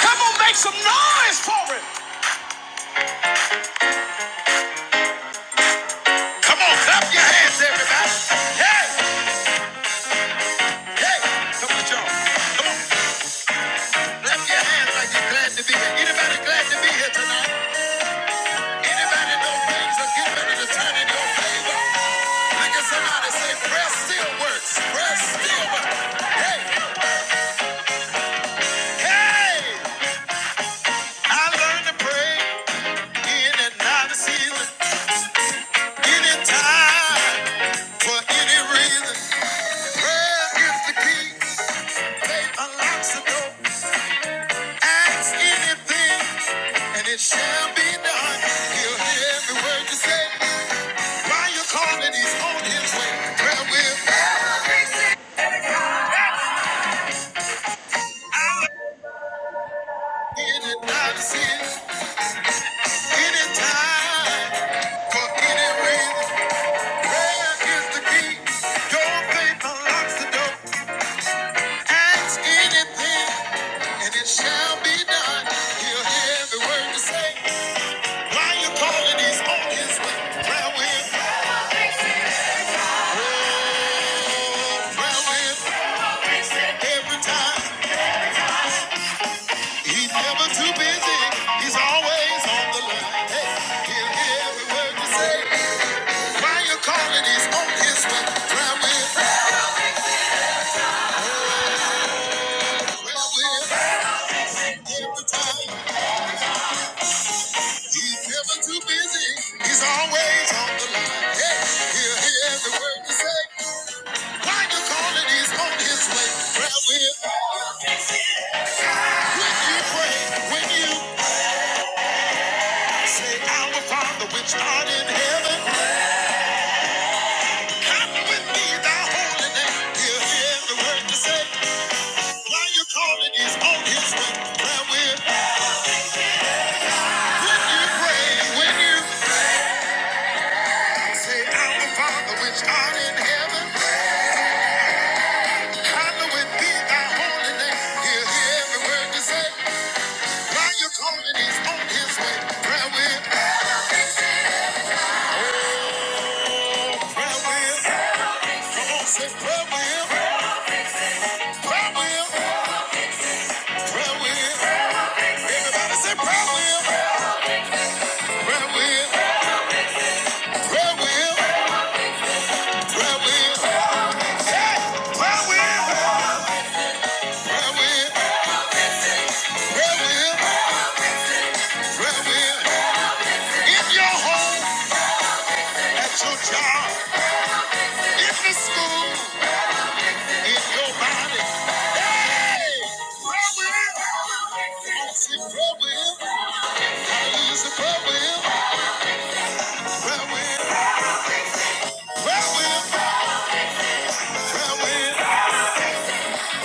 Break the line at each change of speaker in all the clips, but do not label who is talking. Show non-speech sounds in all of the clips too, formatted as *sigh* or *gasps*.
Come on, make some noise for it. Come on, clap your hands, everybody. Hey, hey, come on, y'all. Come on, clap your hands like you're glad to be here. Anybody glad to be here tonight? Anybody know things are getting ready to turn in your favor? Look at somebody say, prayer still works. Prayer still works. Hey, hey, I learned to pray in and out of season, anytime, for any reason. Prayer is the key. They unlocks the door. Ask anything, and it shall be done. He'll hear every word you say. While you're calling, he's on his way. Prayer will be in and out of sin. Anytime, for any reason. Prayer is the key. Your faith unlocks the door. Ask anything, and it shall be done. He'll hear every word you say. Why you calling? He's on his way. Prayer will, prayer will, every time. He's never too busy. He's always on the line. Hey, he'll hear every word you say. Why you calling? He's on his way. Prayer will, prayer will, every time. He's never too busy. He's always on the line. Hey, he'll hear every word you say. When you call he's on his way. Prayer will. When you pray, when you say, Our Father, which art in heaven, hallowed be thy holy name. he hear every word you say. While you call he's on his way. Prayer will. When you pray, when you say, Our Father, which art in heaven, hallowed be thy holy name. he hear every word you say. While you call he's on his way. Prayer will. Prayer will. Say prayer wheel, prayer wheel, prayer wheel. Everybody say prayer wheel, prayer wheel, prayer wheel, prayer wheel. Hey, prayer wheel, prayer wheel, prayer wheel, prayer wheel. In your home, at your job, in the school, in your body. Hey, prayer wheel. I use the prayer wheel, prayer wheel, prayer wheel, prayer wheel,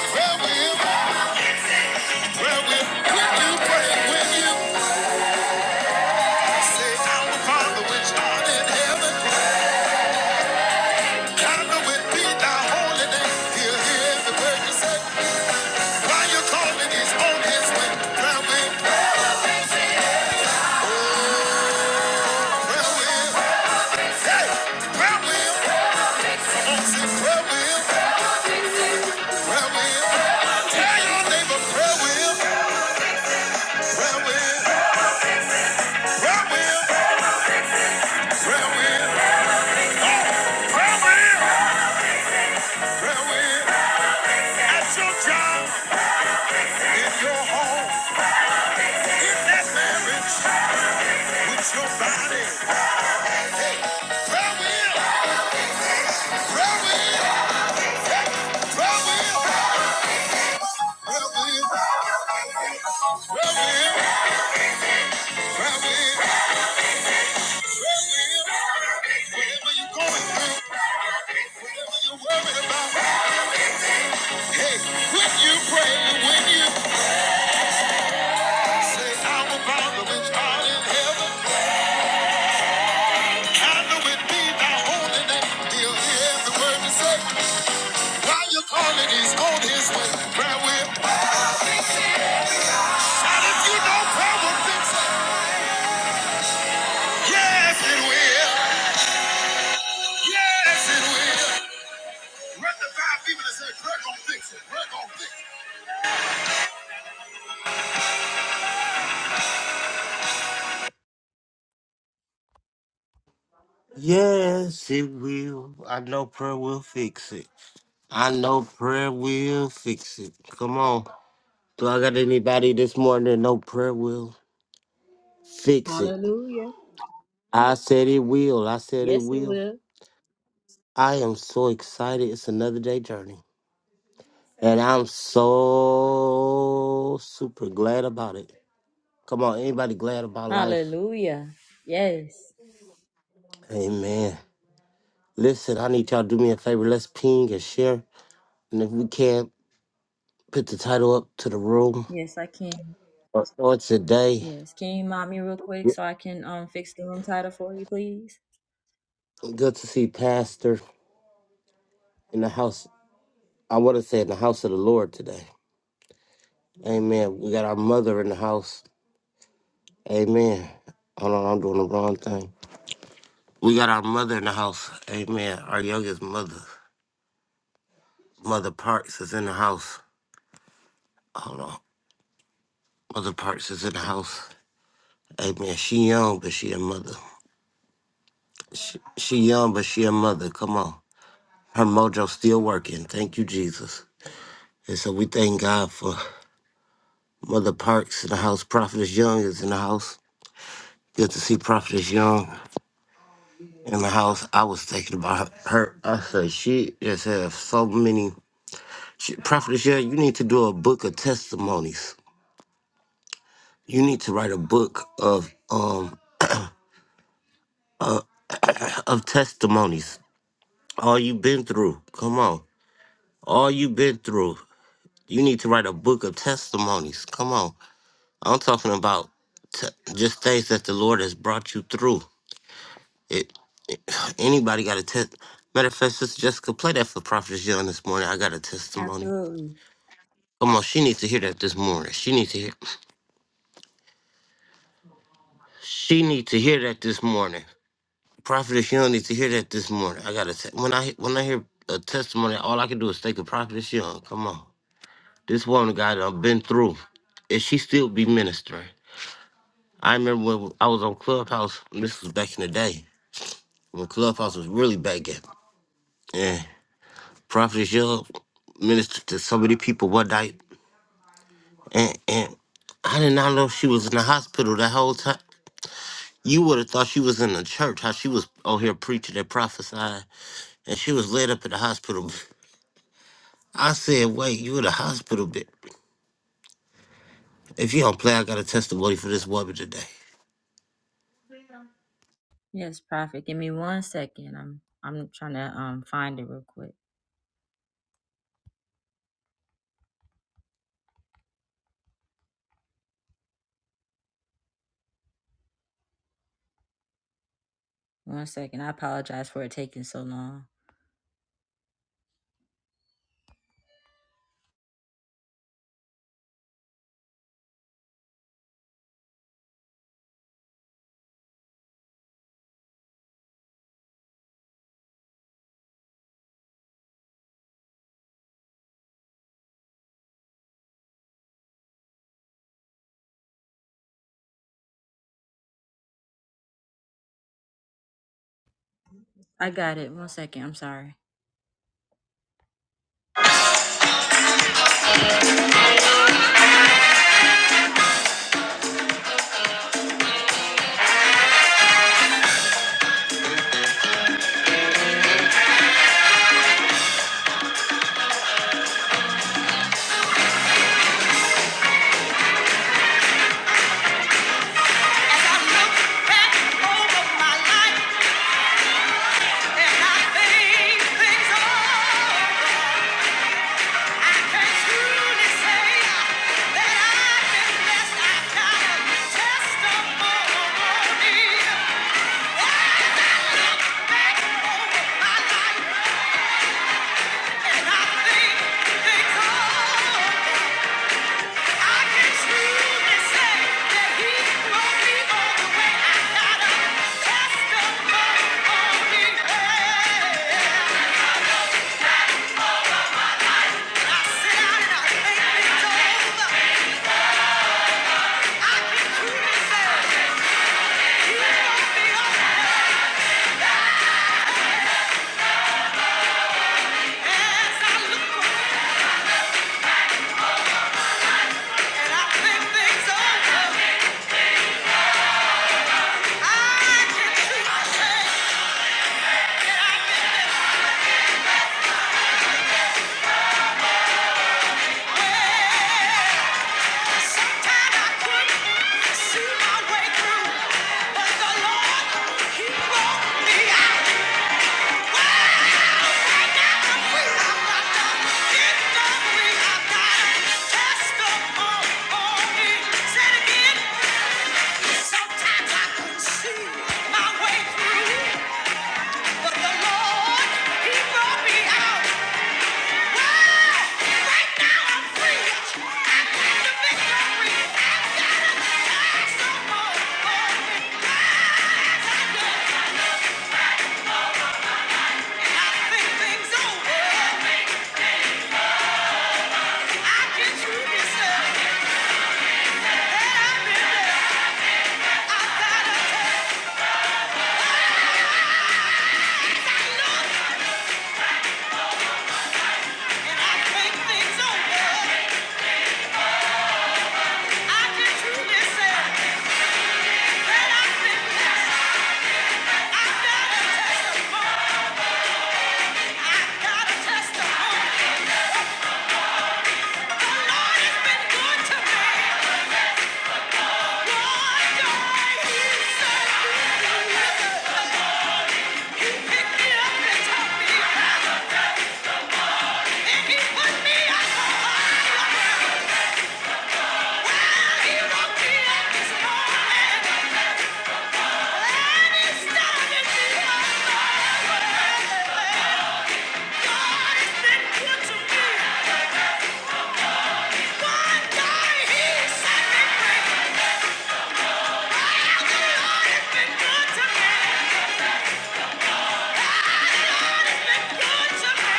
prayer wheel. Prayer will, at your job, in your home, in that marriage. It's your body. Prayer wheel. Prayer wheel. Prayer wheel. Prayer wheel. Prayer wheel. Prayer wheel. Whatever you're going through, whatever you're worried about, hey, when you pray, when you say, Our Father which art in heaven, hallowed be thy holy name. He'll hear every word you say. While you're calling, he's on his way. Prayer will? Shout if you know prayer will fix it. Yes, it will. Yes, it will. Run the five people that say, prayer gonna fix it. Prayer gonna fix it.
Yes, it will. I know prayer will fix it. I know prayer will fix it. Come on. Do I got anybody this morning that know prayer will fix it?
Hallelujah.
I said it will. I said it
Yes, it
will.
will.
I am so excited. It's another day journey. And I'm so super glad about it. Come on, anybody glad about life?
Hallelujah. Yes.
Amen. Listen, I need y'all to do me a favor. Let's ping and share. And if we can, put the title up to the room.
Yes, I can.
What's on today?
Yes. Can you mom me real quick so I can um fix the room title for you, please?
Good to see Pastor in the house. I want to say in the house of the Lord today. Amen. We got our mother in the house. Amen. Hold on, I'm doing the wrong thing. We got our mother in the house. Amen. Our youngest mother, Mother Parks, is in the house. Hold on. Mother Parks is in the house. Amen. She young, but she a mother. She, she young, but she a mother. Come on. Her mojo still working. Thank you, Jesus. And so we thank God for Mother Parks in the house. Prophetess Young is in the house. Good to see Prophetess Young in the house. I was thinking about her. I said, she just has so many. She, Prophetess Young, you need to do a book of testimonies. You need to write a book of um of testimonies. All you've been through. Come on. All you've been through. You need to write a book of testimonies. Come on. I'm talking about t- just things that the Lord has brought you through. It. Anybody got a test? Matter of fact, Sister Jessica, play that for Prophetess Young this morning. I got a testimony.
Absolutely.
Come on, she needs to hear that this morning. She needs to hear. She needs to hear that this morning. Prophetess Young needs to hear that this morning. I got to te- when I when I hear a testimony, all I can do is think of Prophetess Young. Come on, this woman got I've been through, and she still be ministering. I remember when I was on Clubhouse. This was back in the day when Clubhouse was really back in. And Prophetess Young ministered to so many people one night And and I did not know she was in the hospital that whole time. You would have thought she was in the church, how she was out here preaching and prophesying, and she was laid up in the hospital. I said, "Wait, you in the hospital, bitch? If you don't play, I got a testimony for this woman today."
Yes, Prophet. Give me one second. I'm I'm trying to um find it real quick. One second. I apologize for it taking so long. I got it. One second. I'm sorry. over. Testimony, say again. Sometimes I could see my way through, but the Lord, He brought me out. Hey, Right now I'm free. I claim the victory. Time's up and I think things over. I get through this stuff, I've been there. I've got a look, and I think things over. I get through this stuff, I've been there. I've got a testimony. good to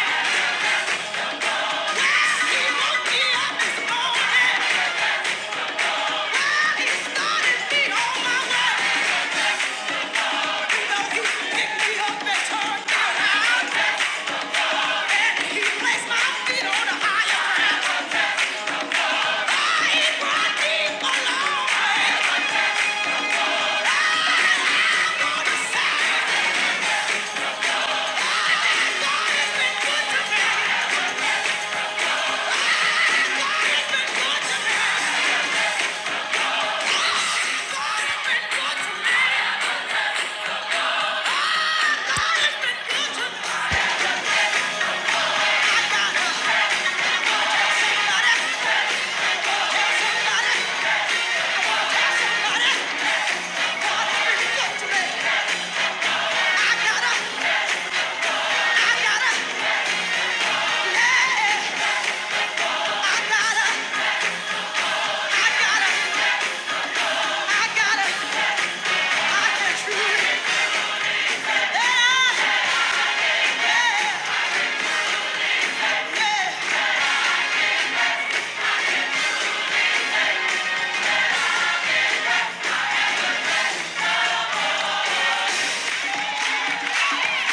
me. Yeah.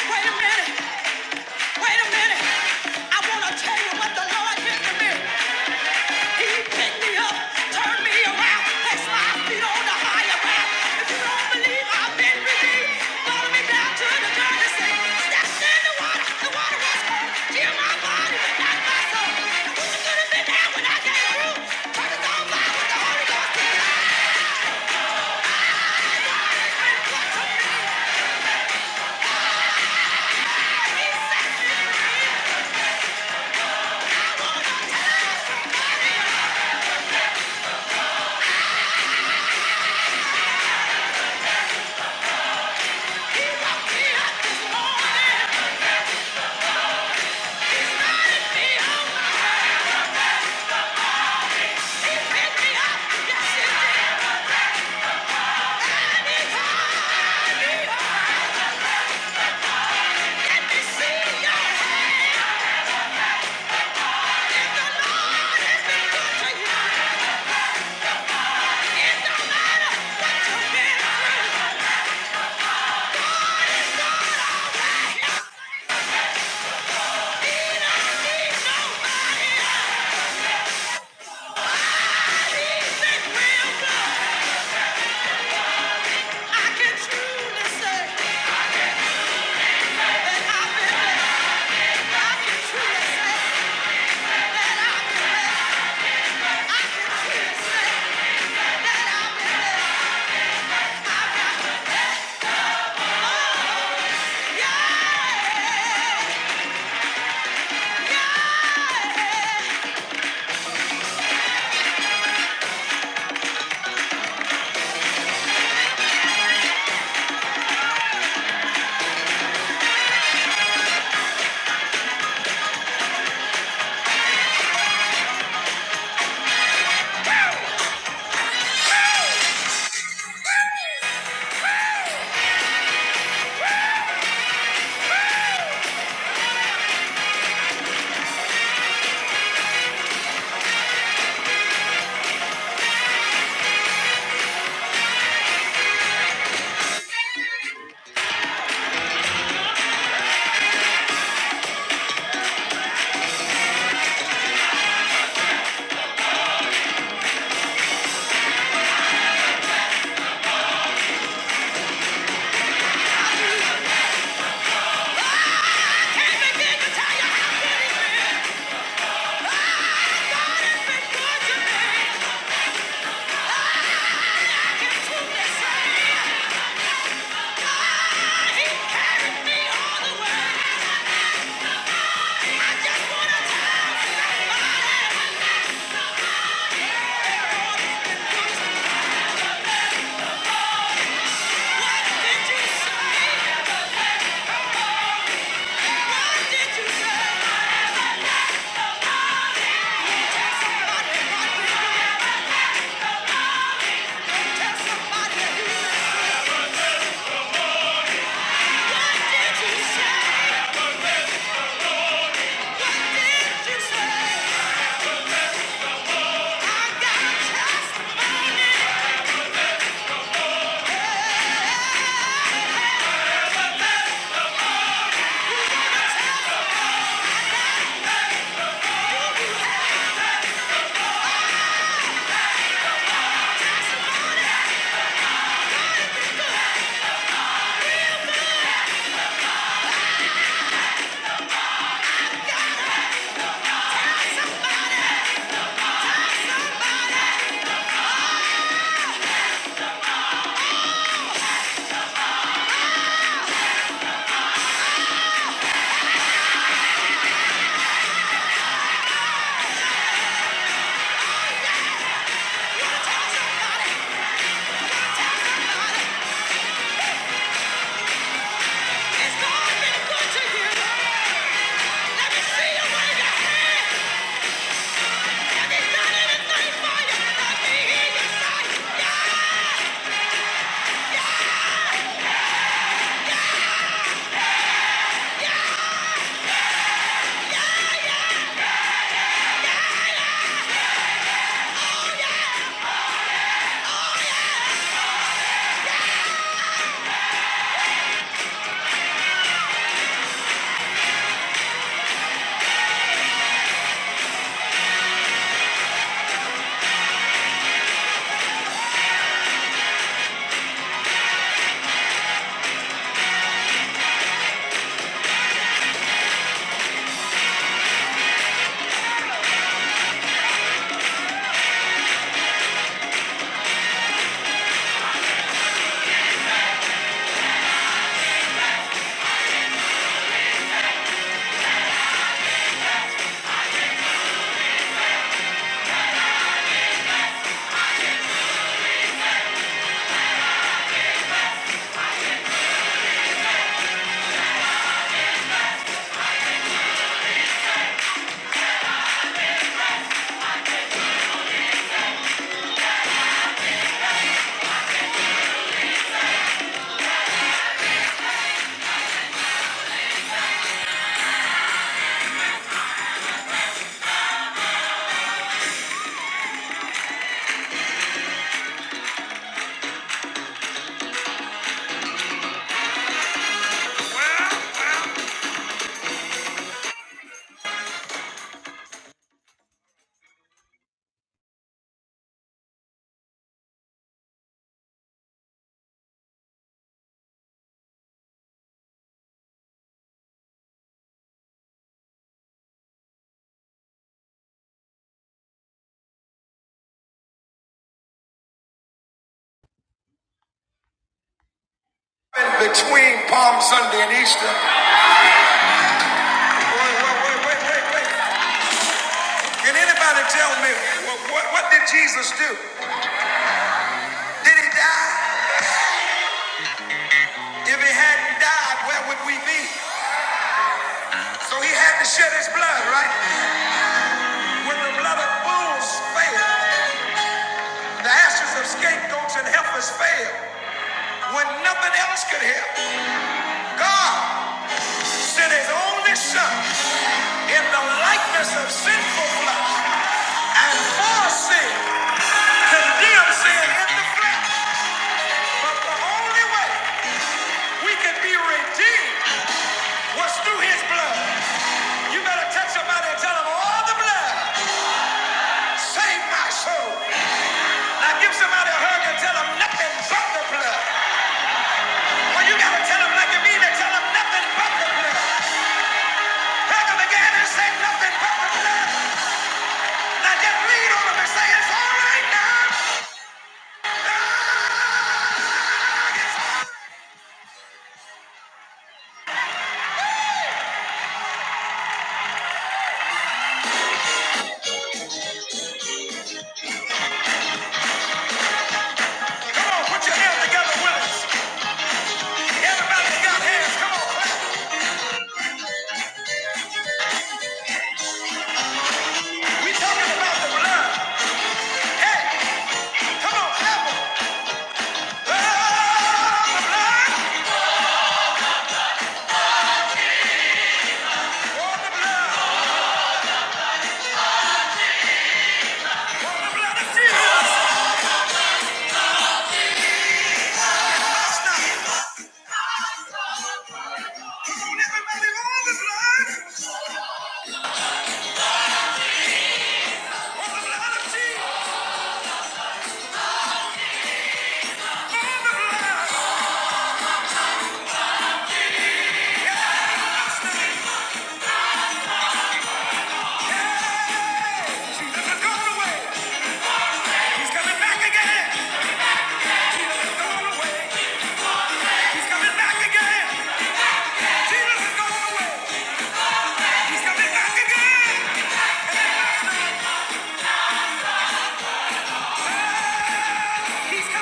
Wait a minute. Wait a minute. I want to tell you what the Lord did to me. He picked me up, turned me around, placed my feet on the higher ground. If you don't believe I've been redeemed, follow me down to the dirty sea. Stepped in the water, the water was cold. Heal my body, but not my soul. And who could have picked me up? Yes, it let me see you. I can truly say that I've been blessed. I can truly say that I've been blessed. I can truly say. Yeah. Between Palm Sunday and Easter. Wait, wait, wait, wait, wait. Can anybody tell me what, what, what did Jesus do? Did he die? If he hadn't died, where would we be? So he had to shed his blood, right? When the blood of bulls failed. The ashes of scapegoats and heifers fail when nothing else could help. God sent his only son in the likeness of sinful flesh and for sin, condemned sin in the flesh. But the only way we could be redeemed was through his blood. You better touch somebody and tell them all the blood. Save my soul. Now give somebody a hug and tell them nothing but the blood. Well, you gotta tell them like you mean it. Tell them nothing but the blood. Hug them again and say nothing but the blood. Now just lean on them and say it's all right now. Dog, it's all right. Come on, put your hands together with us. Everybody that got hands, come on. We talking about the blood. Hey, come on, clap 'em. Love the blood. Oh, the blood. He's coming back again. He's coming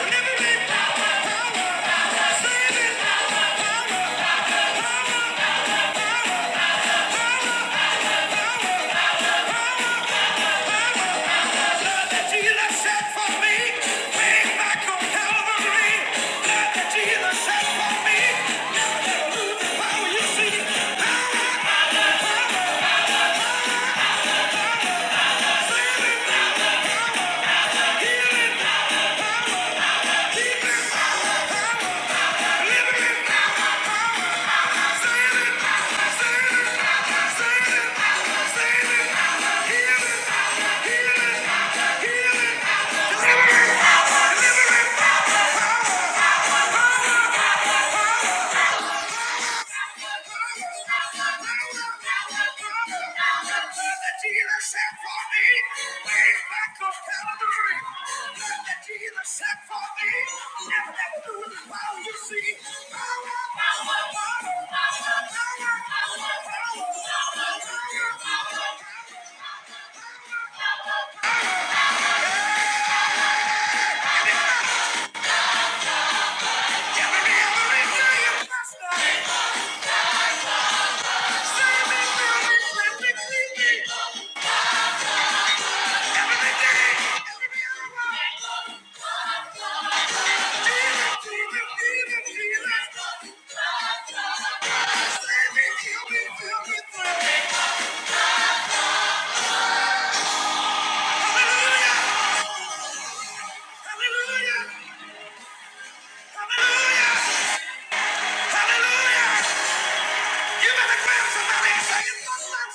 Never been. Thank you. see, power, power, living, in the same. Thank you. like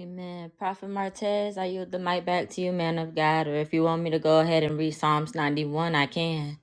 Amen. Prophet Martez, I yield the mic back to you, man of God. Or if you want me to go ahead and read Psalms 91, I can.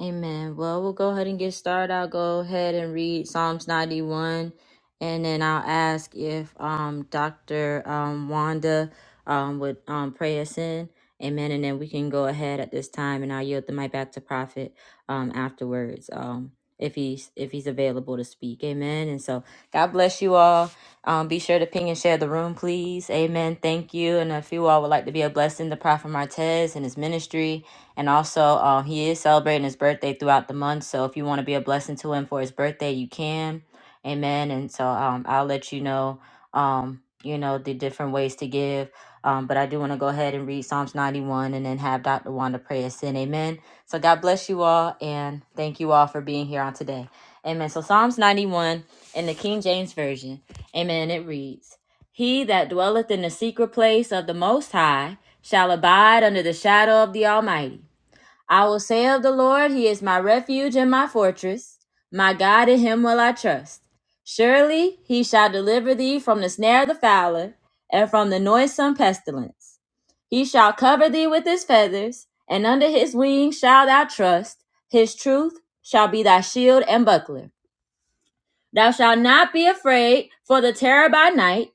Amen. Well, we'll go ahead and get started. I'll go ahead and read Psalms 91, and then I'll ask if um, Dr. Um, Wanda um, would um, pray us in. Amen. And then we can go ahead at this time, and I'll yield the mic back to Prophet um, afterwards. Um, if he's if he's available to speak, Amen. And so, God bless you all. Um, be sure to ping and share the room, please. Amen. Thank you. And if you all would like to be a blessing to Prophet Martez and his ministry, and also, uh, he is celebrating his birthday throughout the month. So if you want to be a blessing to him for his birthday, you can. Amen. And so um, I'll let you know, um, you know, the different ways to give. Um, but I do want to go ahead and read Psalms 91 and then have Dr. Wanda pray us in. Amen. So God bless you all and thank you all for being here on today. Amen. So Psalms 91 in the King James Version. Amen. It reads He that dwelleth in the secret place of the Most High shall abide under the shadow of the Almighty. I will say of the Lord, He is my refuge and my fortress. My God, in Him will I trust. Surely He shall deliver thee from the snare of the fowler and from the noisome pestilence. He shall cover thee with His feathers, and under His wings shalt thou trust. His truth shall be thy shield and buckler. Thou shalt not be afraid for the terror by night,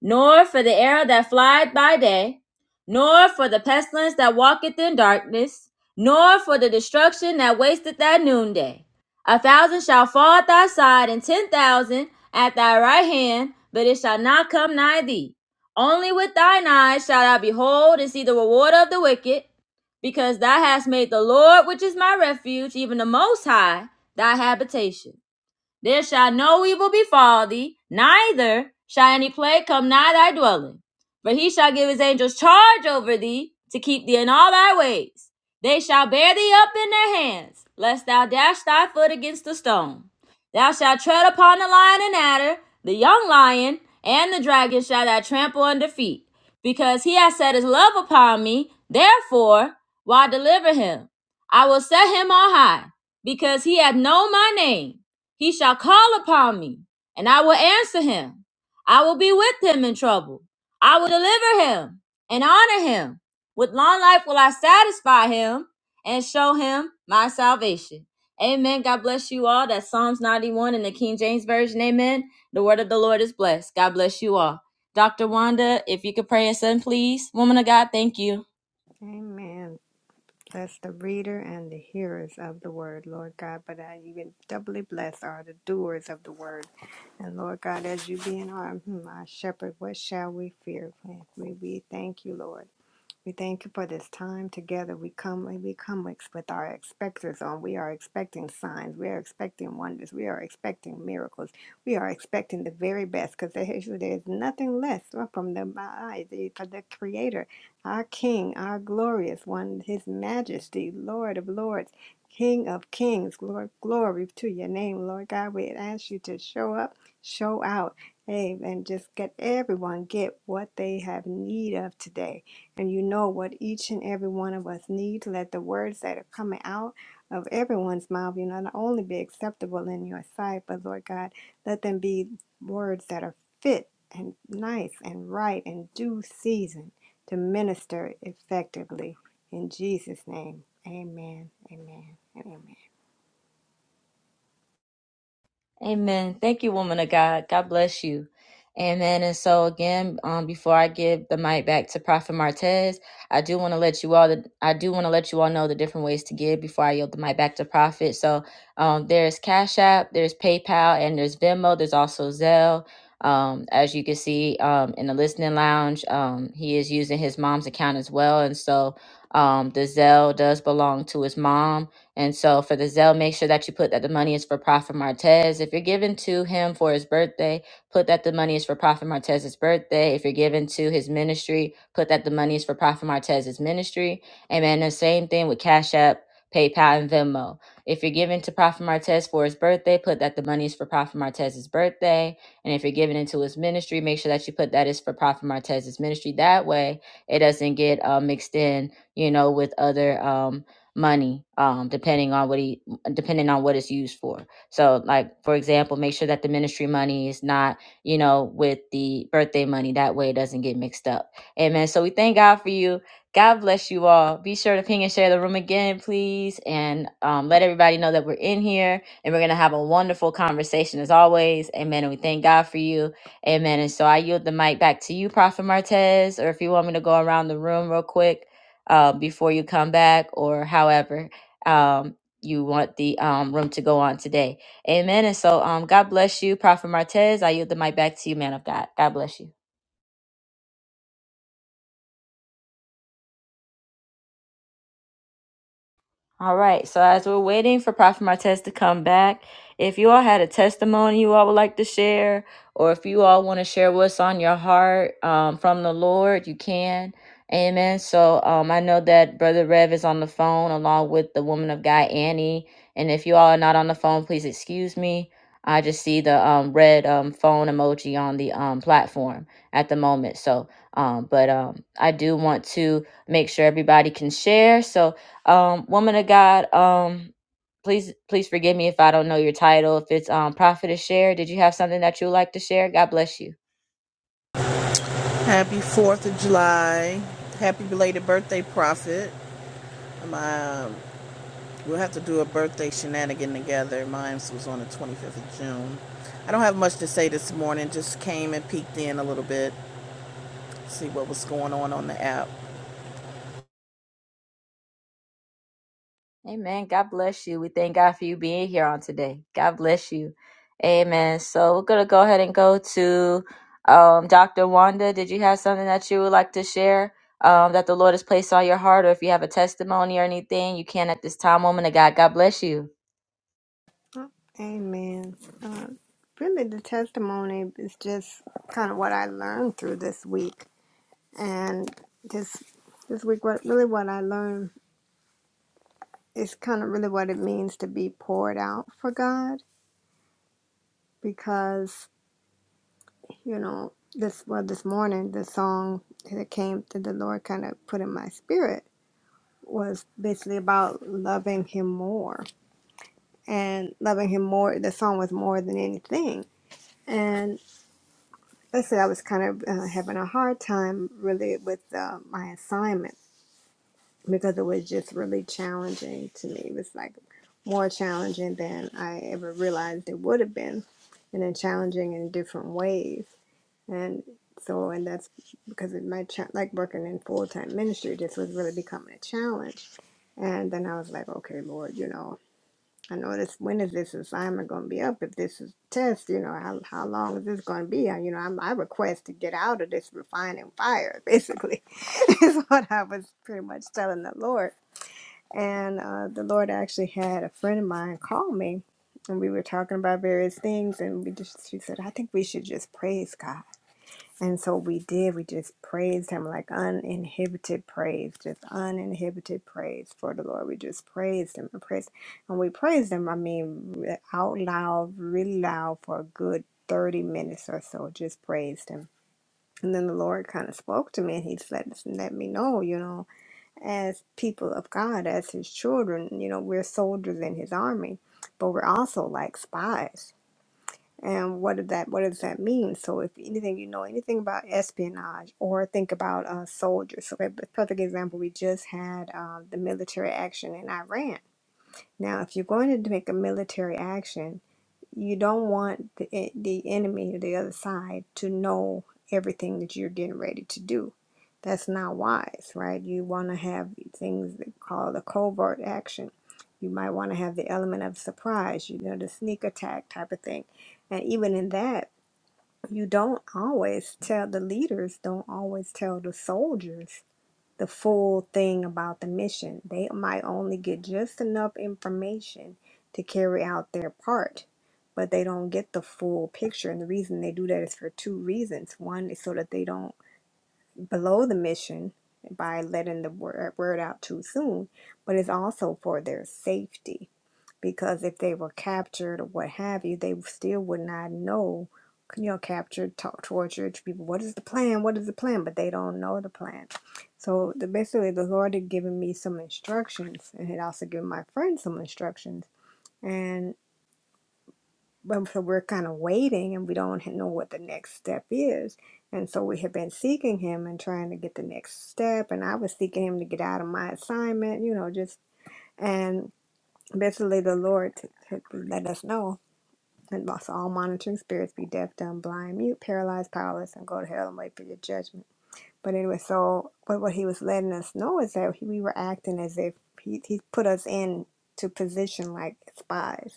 nor for the arrow that flieth by day, nor for the pestilence that walketh in darkness, nor for the destruction that wasteth at noonday. A thousand shall fall at thy side, and ten thousand at thy right hand, but it shall not come nigh thee. Only with thine eyes shalt thou behold and see the reward of the wicked, because thou hast made the Lord, which is my refuge, even the Most High, thy habitation. There shall no evil befall thee, neither shall any plague come nigh thy dwelling. For he shall give his angels charge over thee to keep thee in all thy ways. They shall bear thee up in their hands, lest thou dash thy foot against a stone. Thou shalt tread upon the lion and adder, the young lion, and the dragon shall thou trample under feet. Because he has set his love upon me, therefore will I deliver him. I will set him on high, because he hath known my name. He shall call upon me, and I will answer him. I will be with him in trouble. I will deliver him and honor him. With long life will I satisfy him and show him my salvation. Amen. God bless you all. That's Psalms 91 in the King James Version. Amen. The word of the Lord is blessed. God bless you all. Dr. Wanda, if you could pray us in, please. Woman of God, thank you.
Amen. Bless the reader and the hearers of the word, Lord God, but I even doubly bless are the doers of the word. And Lord God, as you being our, hmm, our shepherd, what shall we fear? We, we thank you, Lord. We thank you for this time together. We come we come ex- with our expectors on. We are expecting signs. We are expecting wonders. We are expecting miracles. We are expecting the very best because there is there is nothing less from the eyes for the Creator, our King, our glorious one, His Majesty, Lord of Lords, King of Kings. Lord, glory to your name, Lord God. We ask you to show up, show out, hey, and just get everyone get what they have need of today and you know what each and every one of us need. Let the words that are coming out of everyone's mouth, you know, not only be acceptable in your sight, but Lord God, let them be words that are fit and nice and right and due season to minister effectively. In Jesus' name, amen, amen, and amen.
Amen. Thank you, woman of God. God bless you. Amen. And so again, um, before I give the mic back to Prophet Martez, I do want to let you all the I do want to let you all know the different ways to give before I yield the mic back to Prophet. So um there's Cash App, there's PayPal, and there's Venmo, there's also Zelle. Um, as you can see um in the listening lounge, um, he is using his mom's account as well. And so um the Zelle does belong to his mom. And so for the Zelle, make sure that you put that the money is for Prophet Martez. If you're giving to him for his birthday, put that the money is for Prophet Martez's birthday. If you're giving to his ministry, put that the money is for Prophet Martez's ministry. Amen. The same thing with Cash App, PayPal, and Venmo. If you're giving to Prophet Martez for his birthday, put that the money is for Prophet Martez's birthday. And if you're giving into his ministry, make sure that you put that is for Prophet Martez's ministry. That way, it doesn't get uh, mixed in, you know, with other. Um, money um depending on what he depending on what it's used for so like for example make sure that the ministry money is not you know with the birthday money that way it doesn't get mixed up amen so we thank god for you god bless you all be sure to ping and share the room again please and um, let everybody know that we're in here and we're gonna have a wonderful conversation as always amen and we thank god for you amen and so i yield the mic back to you prophet martez or if you want me to go around the room real quick uh, before you come back or however um, you want the um, room to go on today. Amen. And so um, God bless you, Prophet Martez. I yield the mic back to you, man of God. God bless you. All right. So as we're waiting for Prophet Martez to come back, if you all had a testimony you all would like to share, or if you all want to share what's on your heart um, from the Lord, you can. Amen. So um, I know that Brother Rev is on the phone along with the woman of God, Annie. And if you all are not on the phone, please excuse me. I just see the um, red um, phone emoji on the um, platform at the moment. So, um, but um, I do want to make sure everybody can share. So, um, woman of God, um, please please forgive me if I don't know your title. If it's um prophetess share, did you have something that you would like to share? God bless you.
Happy 4th of July. Happy belated birthday, Prophet. My, um, we'll have to do a birthday shenanigan together. Mine was on the 25th of June. I don't have much to say this morning. Just came and peeked in a little bit, see what was going on on the app.
Amen. God bless you. We thank God for you being here on today. God bless you. Amen. So we're gonna go ahead and go to um Dr. Wanda. Did you have something that you would like to share? Um, that the Lord has placed on your heart, or if you have a testimony or anything, you can at this time, woman of God. God bless you.
Amen. Uh, really, the testimony is just kind of what I learned through this week and this this week what really what i learned is kind of really what it means to be poured out for god because you know this well this morning the song that came that the lord kind of put in my spirit was basically about loving him more and loving him more the song was more than anything and basically i was kind of uh, having a hard time really with uh, my assignment because it was just really challenging to me. It was like more challenging than I ever realized it would have been, and then challenging in different ways. And so, and that's because of my cha- like working in full time ministry just was really becoming a challenge. And then I was like, okay, Lord, you know, I know this. When is this assignment going to be up? If this is test, you know, how how long is this going to be? And you know, I'm, I request to get out of this refining fire, basically, *laughs* is what I was pretty much telling the Lord and uh, the Lord actually had a friend of mine call me, and we were talking about various things. And we just, she said, I think we should just praise God. And so we did. We just praised Him like uninhibited praise, just uninhibited praise for the Lord. We just praised Him and praised, and we praised Him. I mean, out loud, really loud for a good thirty minutes or so. Just praised Him. And then the Lord kind of spoke to me, and He said, "Let me know, you know." as people of God, as his children, you know, we're soldiers in his army, but we're also like spies. And what does that what does that mean? So if anything you know anything about espionage or think about uh, soldiers. So a perfect example we just had uh, the military action in Iran. Now if you're going to make a military action you don't want the, e- the enemy or the other side to know everything that you're getting ready to do. That's not wise, right? You want to have things that call the covert action. You might want to have the element of surprise, you know, the sneak attack type of thing. And even in that, you don't always tell the leaders, don't always tell the soldiers the full thing about the mission. They might only get just enough information to carry out their part, but they don't get the full picture. And the reason they do that is for two reasons. One is so that they don't blow the mission by letting the word, word out too soon, but it's also for their safety because if they were captured or what have you, they still would not know. You know, captured, talk, tortured people. What is the plan? What is the plan? But they don't know the plan. So the, basically, the Lord had given me some instructions, and had also given my friend some instructions. And but so we're kind of waiting, and we don't know what the next step is. And so we have been seeking Him and trying to get the next step. And I was seeking Him to get out of my assignment, you know, just and basically the Lord had let us know and also all monitoring spirits be deaf, dumb, blind, mute, paralyzed, powerless, and go to hell and wait for your judgment. But anyway, so but what he was letting us know is that he, we were acting as if he, he put us in to position like spies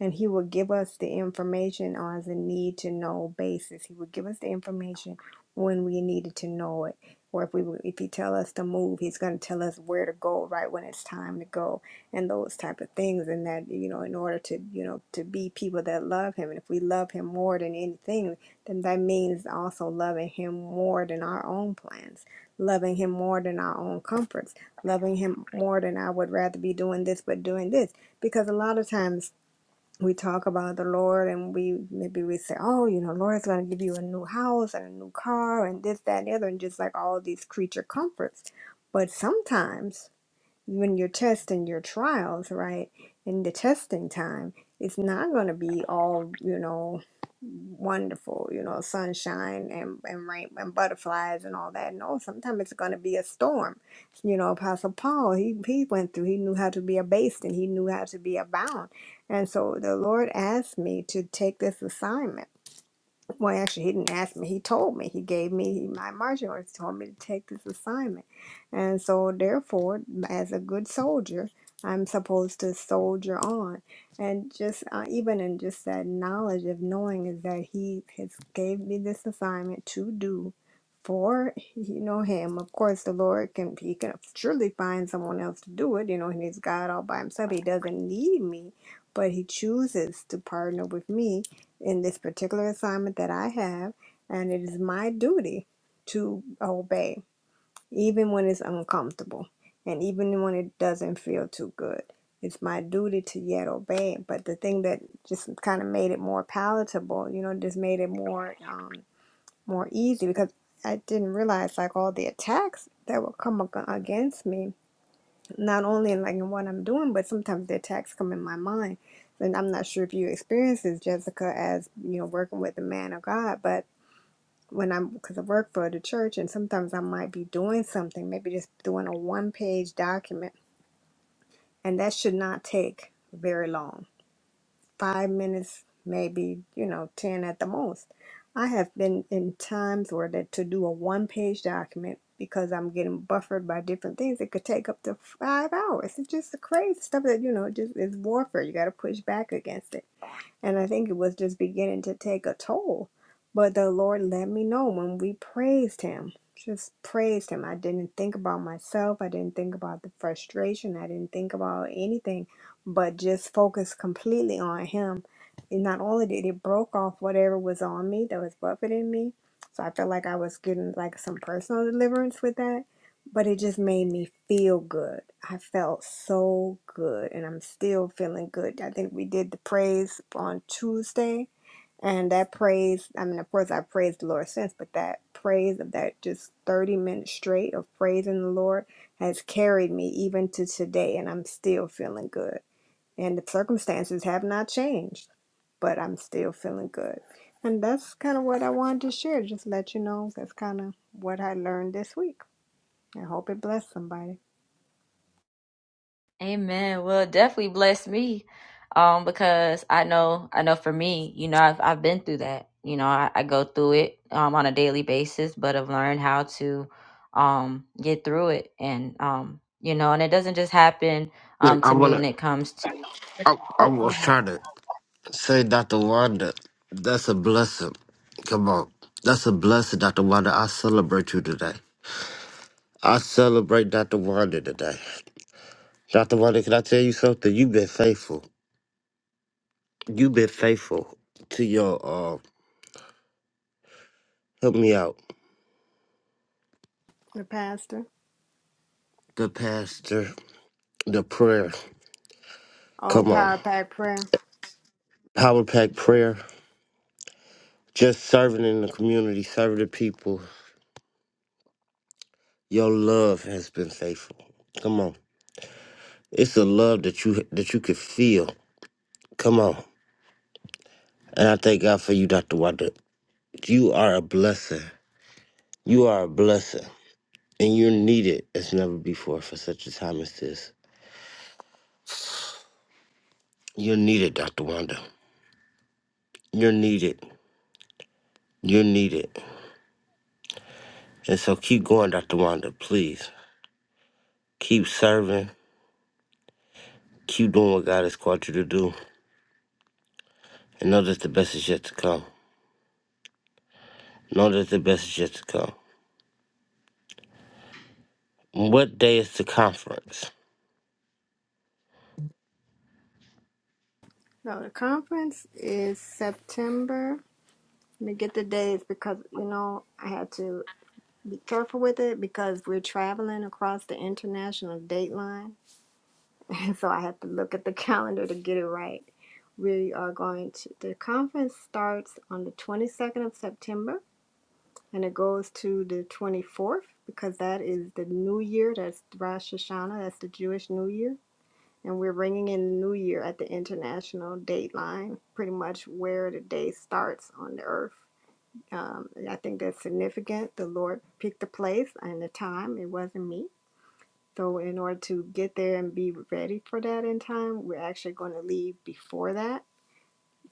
and he will give us the information on the need to know basis. He will give us the information when we needed to know it. Or if we if he tell us to move, he's going to tell us where to go right when it's time to go, and those type of things. And that you know, in order to you know to be people that love him, and if we love him more than anything, then that means also loving him more than our own plans, loving him more than our own comforts, loving him more than I would rather be doing this but doing this. Because a lot of times we talk about the Lord and we maybe we say, Oh, you know, Lord's gonna give you a new house and a new car and this, that, and the other, and just like all these creature comforts. But sometimes when you're testing your trials, right? In the testing time, it's not going to be all, you know, wonderful, you know, sunshine and, and rain and butterflies and all that. No, sometimes it's going to be a storm. You know, Apostle Paul, he, he went through, he knew how to be abased and he knew how to be abound. And so the Lord asked me to take this assignment well, actually, he didn't ask me. He told me. He gave me my marching orders. Told me to take this assignment, and so therefore, as a good soldier, I'm supposed to soldier on. And just uh, even in just that knowledge of knowing is that he has gave me this assignment to do for you know him. Of course, the Lord can he can surely find someone else to do it. You know, and he's God all by himself. He doesn't need me, but he chooses to partner with me in this particular assignment that I have, and it is my duty to obey, even when it's uncomfortable and even when it doesn't feel too good. It's my duty to yet obey. But the thing that just kind of made it more palatable, you know, just made it more um, more easy because I didn't realize like all the attacks that would come ag- against me not only in like in what I'm doing, but sometimes the attacks come in my mind. And I'm not sure if you experience this, Jessica, as you know, working with the man of God. But when I'm, because I work for the church, and sometimes I might be doing something, maybe just doing a one page document, and that should not take very long five minutes, maybe, you know, 10 at the most. I have been in times where that to do a one page document because I'm getting buffered by different things, it could take up to five hours. It's just the crazy stuff that, you know, just is warfare. You got to push back against it. And I think it was just beginning to take a toll. But the Lord let me know when we praised Him, just praised Him. I didn't think about myself. I didn't think about the frustration. I didn't think about anything, but just focused completely on Him. And not only did it broke off whatever was on me that was buffeting me, so I felt like I was getting like some personal deliverance with that but it just made me feel good. I felt so good, and I'm still feeling good. I think we did the praise on Tuesday, and that praise I mean, of course, I've praised the Lord since, but that praise of that just 30 minutes straight of praising the Lord has carried me even to today, and I'm still feeling good. And the circumstances have not changed, but I'm still feeling good. And that's kind of what I wanted to share, just let you know that's kind of what I learned this week. I hope it blessed somebody.
Amen. Well, it definitely bless me, um, because I know, I know for me, you know, I've I've been through that. You know, I, I go through it um, on a daily basis, but I've learned how to um, get through it, and um, you know, and it doesn't just happen
Look,
um,
I
to me
wanna.
when it comes to.
I, I
Oh,
was trying to say, Dr. Wanda, that's a blessing. Come on, that's a blessing, Dr. Wanda. I celebrate you today. I celebrate Dr. Wanda today. Dr. Wanda, can I tell you something? You've been faithful. You've been faithful to your uh help me out.
the pastor.
The pastor, the prayer.
Oh,
Come on.
Power Pack Prayer.
Power pack prayer. Just serving in the community, serving the people. Your love has been faithful. Come on. It's a love that you that you could feel. Come on. And I thank God for you, Dr. Wanda. You are a blessing. You are a blessing. And you're needed as never before for such a time as this. You're needed, Dr. Wanda. You're needed. You're needed. And so keep going, Dr. Wanda, please. Keep serving. Keep doing what God has called you to do. And know that the best is yet to come. Know that the best is yet to come. What day is the conference?
No, the conference is September. Let me get the dates because, you know, I had to be careful with it because we're traveling across the international date line. *laughs* And so I had to look at the calendar to get it right. We are going to, the conference starts on the 22nd of September and it goes to the 24th because that is the new year. That's Rosh Hashanah. That's the Jewish New Year And we're bringing in the new year at the international date line, pretty much where the day starts on the earth. Um, I think that's significant. The Lord picked the place and the time, it wasn't me. So, in order to get there and be ready for that in time, we're actually going to leave before that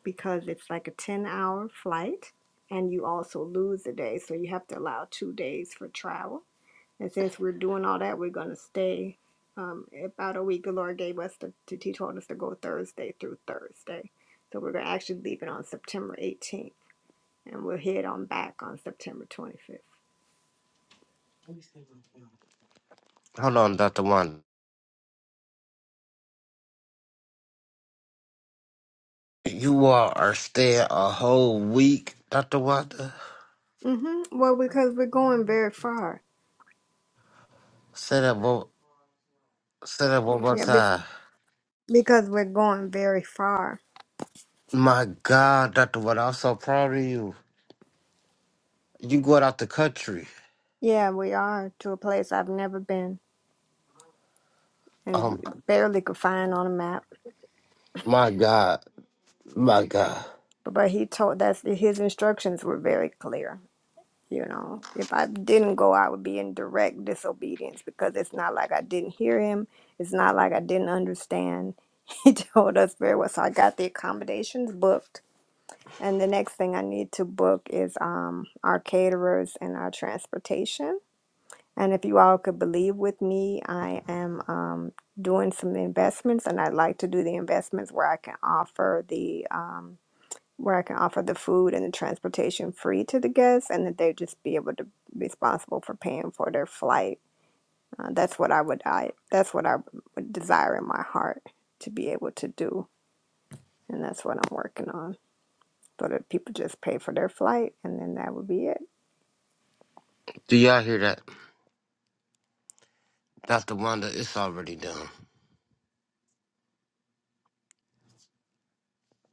because it's like a 10 hour flight and you also lose a day. So, you have to allow two days for travel and since we're doing all that, we're going to stay um, about a week. The Lord gave us to, to, He told us to go Thursday through Thursday. So we're going to actually leave it on September 18th and we'll head on back on September 25th.
Hold on, Dr. Wanda. You all are staying a whole week, Dr. Wanda?
mm hmm Well, because we're going very far.
Say that one, say that one more
Yeah, be-
time.
because we're going very far.
My God, Dr. Wanda, I'm so proud of you. You going out the country.
Yeah, we are to a place I've never been
Um,
and barely could find on a map.
my God. My God.
But, but he told us his instructions were very clear You know, if I didn't go, I would be in direct disobedience because it's not like I didn't hear him. It's not like I didn't understand. *laughs* He told us very well. So I got the accommodations booked. And the next thing I need to book is um, our caterers and our transportation. And if you all could believe with me, I am um, doing some investments and I'd like to do the investments where I can offer the um, where I can offer the food and the transportation free to the guests, and that they just be able to be responsible for paying for their flight. Uh, that's what I would I that's what I would desire in my heart to be able to do, and that's what I'm working on. So that people just pay for their flight, and then that would be it.
Do y'all hear that? Dr. Wanda, it's already done.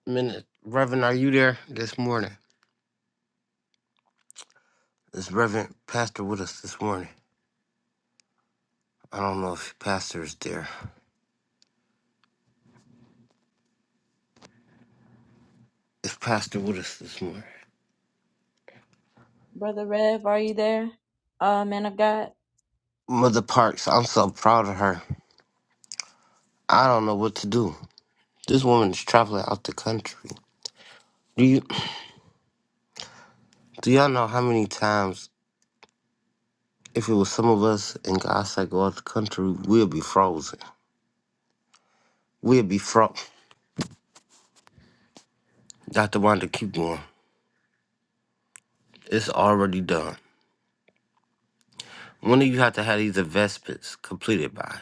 minute. Reverend, are you there this morning? Is Reverend Pastor with us this morning? I don't know if Pastor is there. Is Pastor with us this morning?
brother Rev, are you there, uh, man of God?
Mother Parks, I'm so proud of her. I don't know what to do. This woman is traveling out the country. Do you do y'all know how many times if it was some of us in God said go out the country, we'll be frozen. We'll be fro Dr. Wanda, keep going. It's already done. When do you have to have these investments completed by?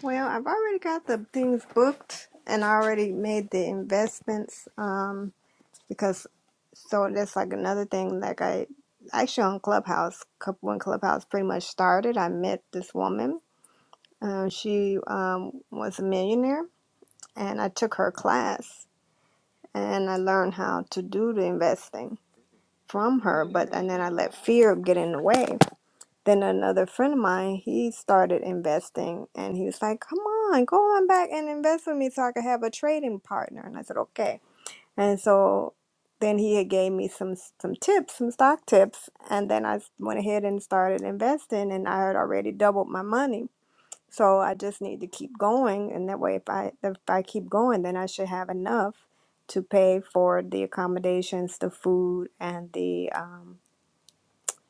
Well, I've already got the things booked, and I already made the investments. Um, because so that's like another thing. Like I actually on Clubhouse, cou- when Clubhouse pretty much started, I met this woman Um, she um, was a millionaire, and I took her class and I learned how to do the investing from her. But and then I let fear get in the way. Then another friend of mine, he started investing, and he was like, "Come on, go on back and invest with me, so I could have a trading partner." And I said, "Okay." And so then he had gave me some some tips, some stock tips, and then I went ahead and started investing, and I had already doubled my money so I just need to keep going, and that way, if I if I keep going, then I should have enough to pay for the accommodations, the food, and the um,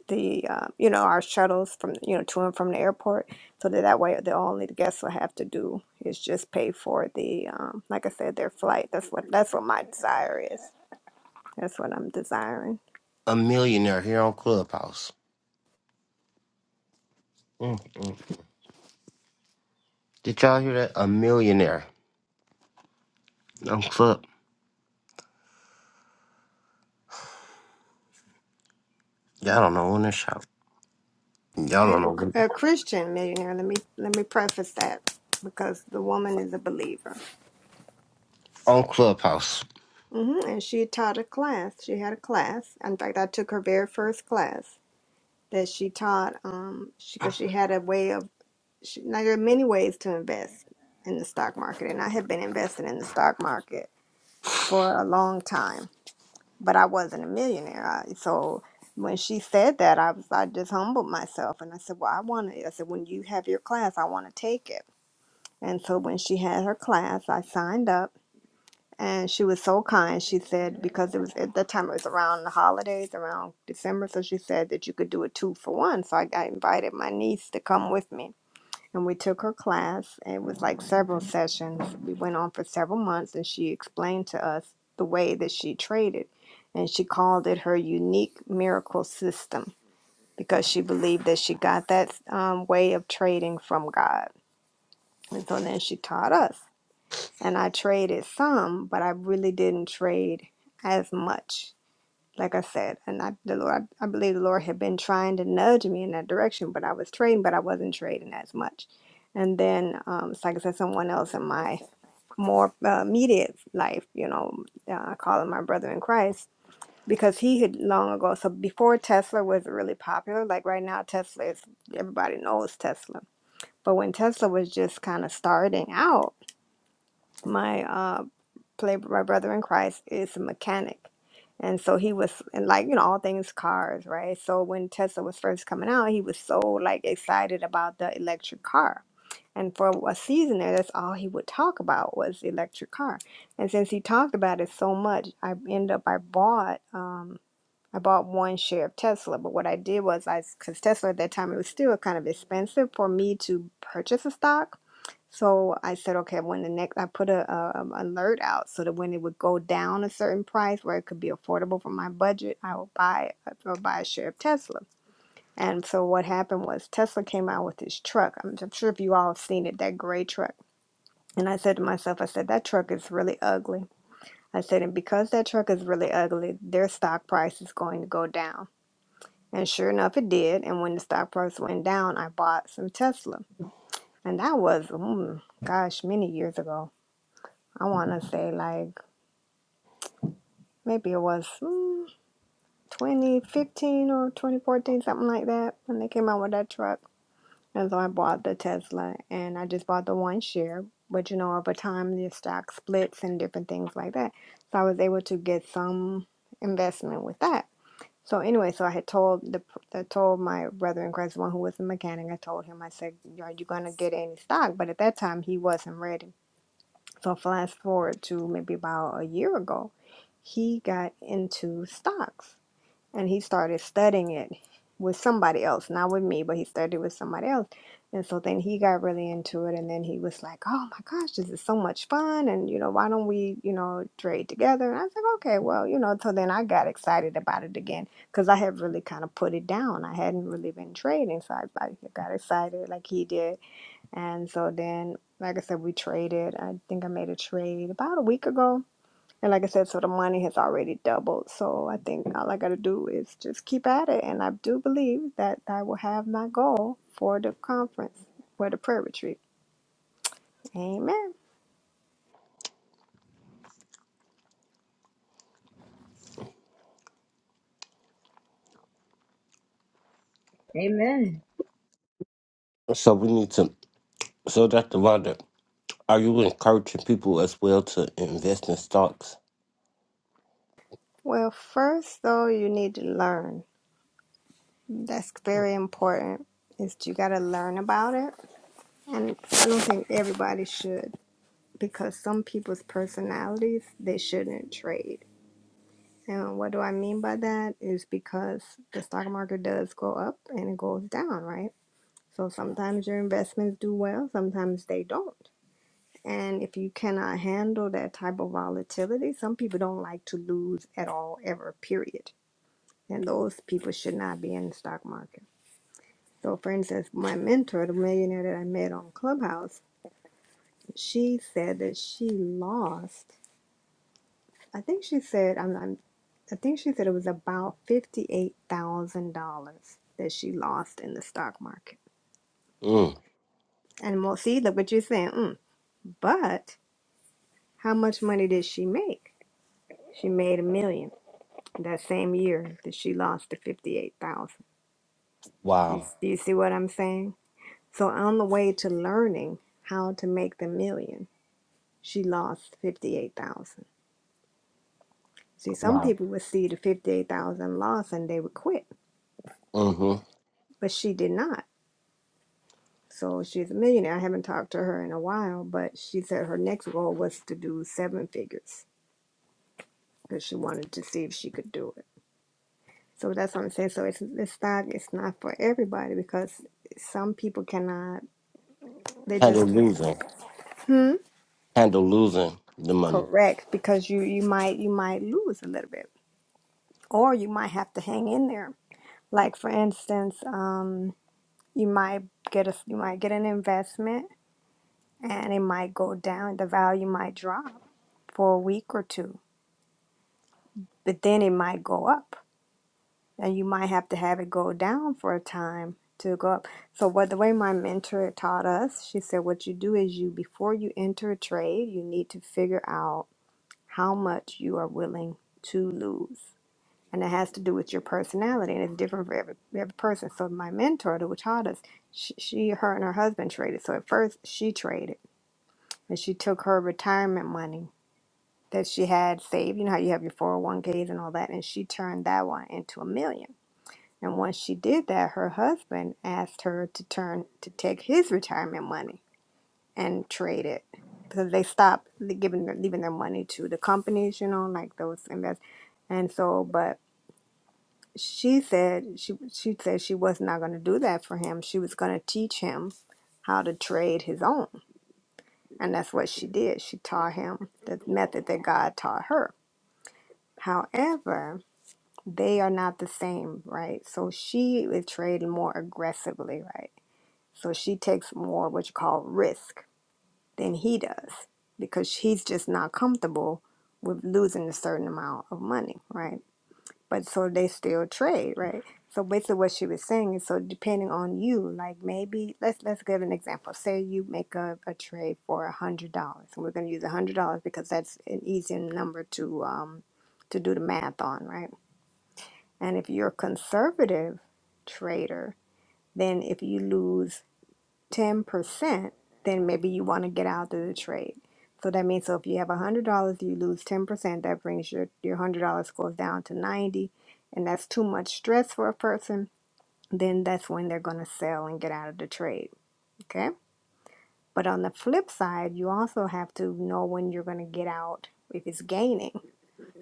the uh, you know our shuttles from you know to and from the airport. So that that way, the only the guests will have to do is just pay for the um, like I said, their flight. That's what that's what my desire is. That's what I'm desiring.
A millionaire here on Clubhouse. Mm, mm. Did y'all hear that? A millionaire on Club. Y'all don't know when to shout. Y'all don't
And
know when
a Christian millionaire. Let me let me preface that because the woman is a believer.
on Clubhouse.
hmm And she taught a class. She had a class. In fact, I took her very first class that she taught. Um, she because she had a way of. She, now there are many ways to invest in the stock market, and I had been investing in the stock market for a long time, but I wasn't a millionaire. I, so when she said that, I was I just humbled myself, and I said, "Well, I want to." I said, "When you have your class, I want to take it." And so when she had her class, I signed up and she was so kind. She said because it was at that time it was around the holidays, around December, so she said that you could do a two for one. So I got invited my niece to come with me, and we took her class. And it was like several sessions. We went on for several months, and she explained to us the way that she traded, and she called it her unique miracle system because she believed that she got that um, way of trading from God. And so then she taught us and I traded some, but I really didn't trade as much. Like I said, and I, the Lord, I believe the Lord had been trying to nudge me in that direction, but I was trading, but I wasn't trading as much. And then, um, it's like I said, someone else in my more uh, immediate life, you know, uh, I call him my brother in Christ because he had long ago. So before Tesla was really popular, like right now, Tesla is everybody knows Tesla. But when Tesla was just kind of starting out, my. uh, play my brother in Christ is a mechanic. And so he was and like, you know, all things cars, right? So when Tesla was first coming out, he was so like excited about the electric car. And for a season there, that's all he would talk about was the electric car. And since he talked about it so much, I end up I bought um I bought one share of Tesla, but what I did was I, because Tesla at that time it was still kind of expensive for me to purchase a stock. So I said, okay, when the next, I put a, a um, alert out so that when it would go down a certain price where it could be affordable for my budget, I will buy I or buy a share of Tesla. And so what happened was Tesla came out with this truck. I'm, I'm sure if you all have seen it, that gray truck. And I said to myself, I said that truck is really ugly. I said, and because that truck is really ugly, their stock price is going to go down. And sure enough, it did. And when the stock price went down, I bought some Tesla, and that was, mm, gosh, many years ago. I want to say like maybe it was mm, 2015 or 2014, something like that, when they came out with that truck. And so I bought the Tesla and I just bought the one share. But you know, over time, the stock splits and different things like that. So I was able to get some investment with that. So anyway, so I had told the I told my brother in Christ, the one who was a mechanic, I told him, I said, "Are you gonna get any stock?" But at that time, he wasn't ready. So flash forward to maybe about a year ago, he got into stocks and he started studying it with somebody else, not with me, but he studied with somebody else. And so then he got really into it and then he was like, "Oh my gosh, this is so much fun and you know, why don't we, you know, trade together?" And I was like, "Okay, well, you know." So then I got excited about it again cuz I had really kind of put it down. I hadn't really been trading, so I, I got excited like he did and so then, like I said, we traded. I think I made a trade about a week ago. And like I said, so the money has already doubled. So I think all I got to do is just keep at it. And I do believe that I will have my goal for the conference, for the prayer retreat. Amen.
Amen.
So we need to. So Dr. Wanda, are you encouraging people as well to invest in stocks?
Well, first, though, you need to learn. That's very important, is you got to learn about it. And I don't think everybody should because some people's personalities, they shouldn't trade And what do I mean by that is because the stock market does go up and it goes down, right? So sometimes your investments do well, sometimes they don't. And if you cannot handle that type of volatility, some people don't like to lose at all, ever, period. And those people should not be in the stock market. So, for instance, my mentor, the millionaire that I met on Clubhouse, she said that she lost. I think she said I'm, I'm I think she said it was about fifty-eight thousand dollars that she lost in the stock market.
Mm.
And well, see, look what you're saying. Mm. But how much money did she make? She made a million that same year that she lost the fifty-eight thousand. Do you,
Wow.
do you see what I'm saying? So on the way to learning how to make the million, she lost fifty-eight thousand. See, some
Wow.
people would see the fifty-eight thousand loss and they would quit,
Mm-hmm.
but she did not So she's a millionaire. I haven't talked to her in a while, but she said her next goal was to do seven figures because she wanted to see if she could do it. So that's what I'm saying. So it's this stock is not for everybody because some people cannot. They just
Handle
can't.
losing.
Hmm.
Handle losing the money.
Correct. Because you you might you might lose a little bit, or you might have to hang in there. Like for instance, um, you might get a you might get an investment and it might go down. The value might drop for a week or two but then it might go up and you might have to have it go down for a time to go up so what the way my mentor taught us she said what you do is you before you enter a trade you need to figure out how much you are willing to lose and it has to do with your personality and it's different for every, every person so my mentor who taught us she, she her and her husband traded so at first she traded and she took her retirement money that she had saved you know how you have your 401ks and all that and she turned that one into a million And once she did that, her husband asked her to turn to take his retirement money and trade it because they stopped giving their, leaving their money to the companies, you know, like those invest. And so, but she said she she said she was not going to do that for him. She was going to teach him how to trade his own, and that's what she did. She taught him the method that God taught her. However, they are not the same, right? So she is trading more aggressively, right? So she takes more what you call risk than he does because he's just not comfortable with losing a certain amount of money, right? But so they still trade, right? So basically what she was saying is so depending on you, like maybe let's let's give an example. Say you make a, a trade for a hundred dollars and we're gonna use a hundred dollars because that's an easier number to um to do the math on, right? And if you're a conservative trader, then if you lose 10%, then maybe you want to get out of the trade. So that means so if you have $100, you lose 10%, that brings your, your $100 goes down to 90 and that's too much stress for a person, then that's when they're going to sell and get out of the trade, okay? But on the flip side, you also have to know when you're going to get out if it's gaining.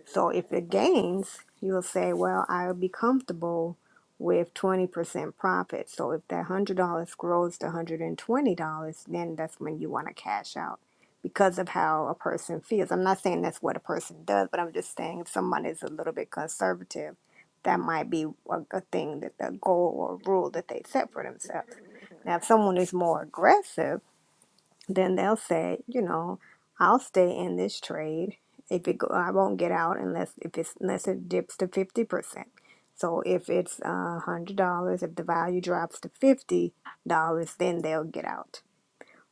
So if it gains, you'll say, well, I'll be comfortable with 20% profit. So if that $100 grows to $120, then that's when you want to cash out because of how a person feels. I'm not saying that's what a person does, but I'm just saying if someone is a little bit conservative, that might be a, a thing that the goal or rule that they set for themselves. Now, if someone is more aggressive, then they'll say, you know, I'll stay in this trade. If it go, I won't get out unless if it's unless it dips to fifty percent. So if it's a hundred dollars, if the value drops to fifty dollars, then they'll get out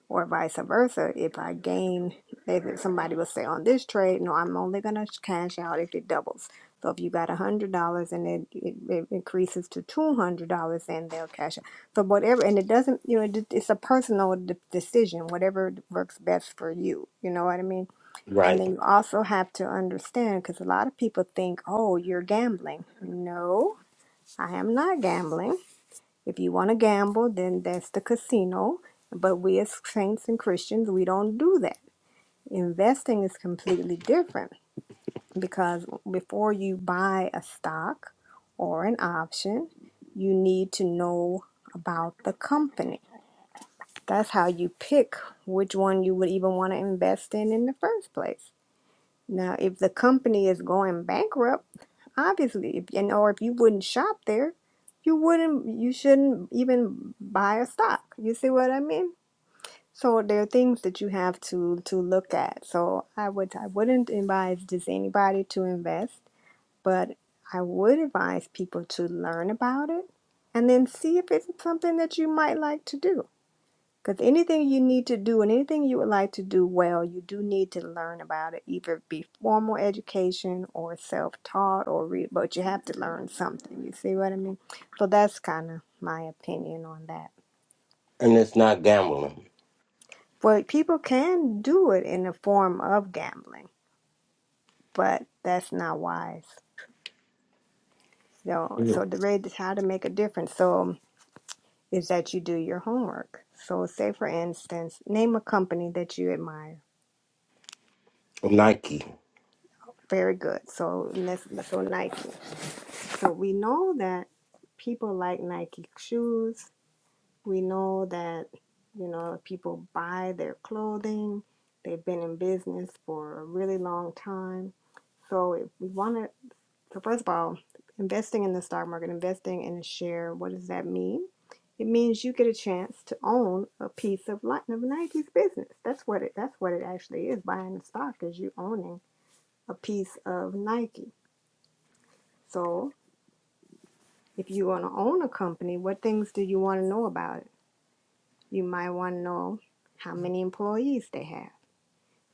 or vice versa. If I gain, if somebody will say on this trade, no, I'm only gonna cash out if it doubles. So if you got a hundred dollars and it, it, it increases to two hundred dollars, then they'll cash out. So whatever, and it doesn't, you know, it, it's a personal de- decision. Whatever works best for you, you know what I mean. And
Right.
then you also have to understand, because a lot of people think, oh, you're gambling. No, I am not gambling. If you want to gamble, then that's the casino. But we as saints and Christians, we don't do that. Investing is completely different because before you buy a stock or an option, you need to know about the company. That's how you pick which one you would even want to invest in in the first place. Now, if the company is going bankrupt, obviously if and or if you wouldn't shop there you wouldn't you shouldn't even buy a stock you see what i mean so there are things that you have to to look at so i would i wouldn't advise just anybody to invest but i would advise people to learn about it and then see if it's something that you might like to do because anything you need to do and anything you would like to do well, you do need to learn about it, either be formal education or self taught or read, but you have to learn something. You see what I mean? So that's kind of my opinion on that.
And it's not gambling.
But people can do it in the form of gambling, but that's not wise. So, so
Mm.
the way is how to make a difference. So is that you do your homework. So say for instance, name a company that you admire.
Nike.
Very good. So let's- so Nike. So we know that people like Nike shoes. We know that, you know, people buy their clothing. They've been in business for a really long time. So if we want to, so first of all, investing in the stock market, investing in a share, what does that mean? It means you get a chance to own a piece of Li- of Nike's business. That's what it that's what it actually is. Buying the stock is you owning a piece of Nike. So If you want to own a company, what things do you want to know about it? You might want to know how many employees they have.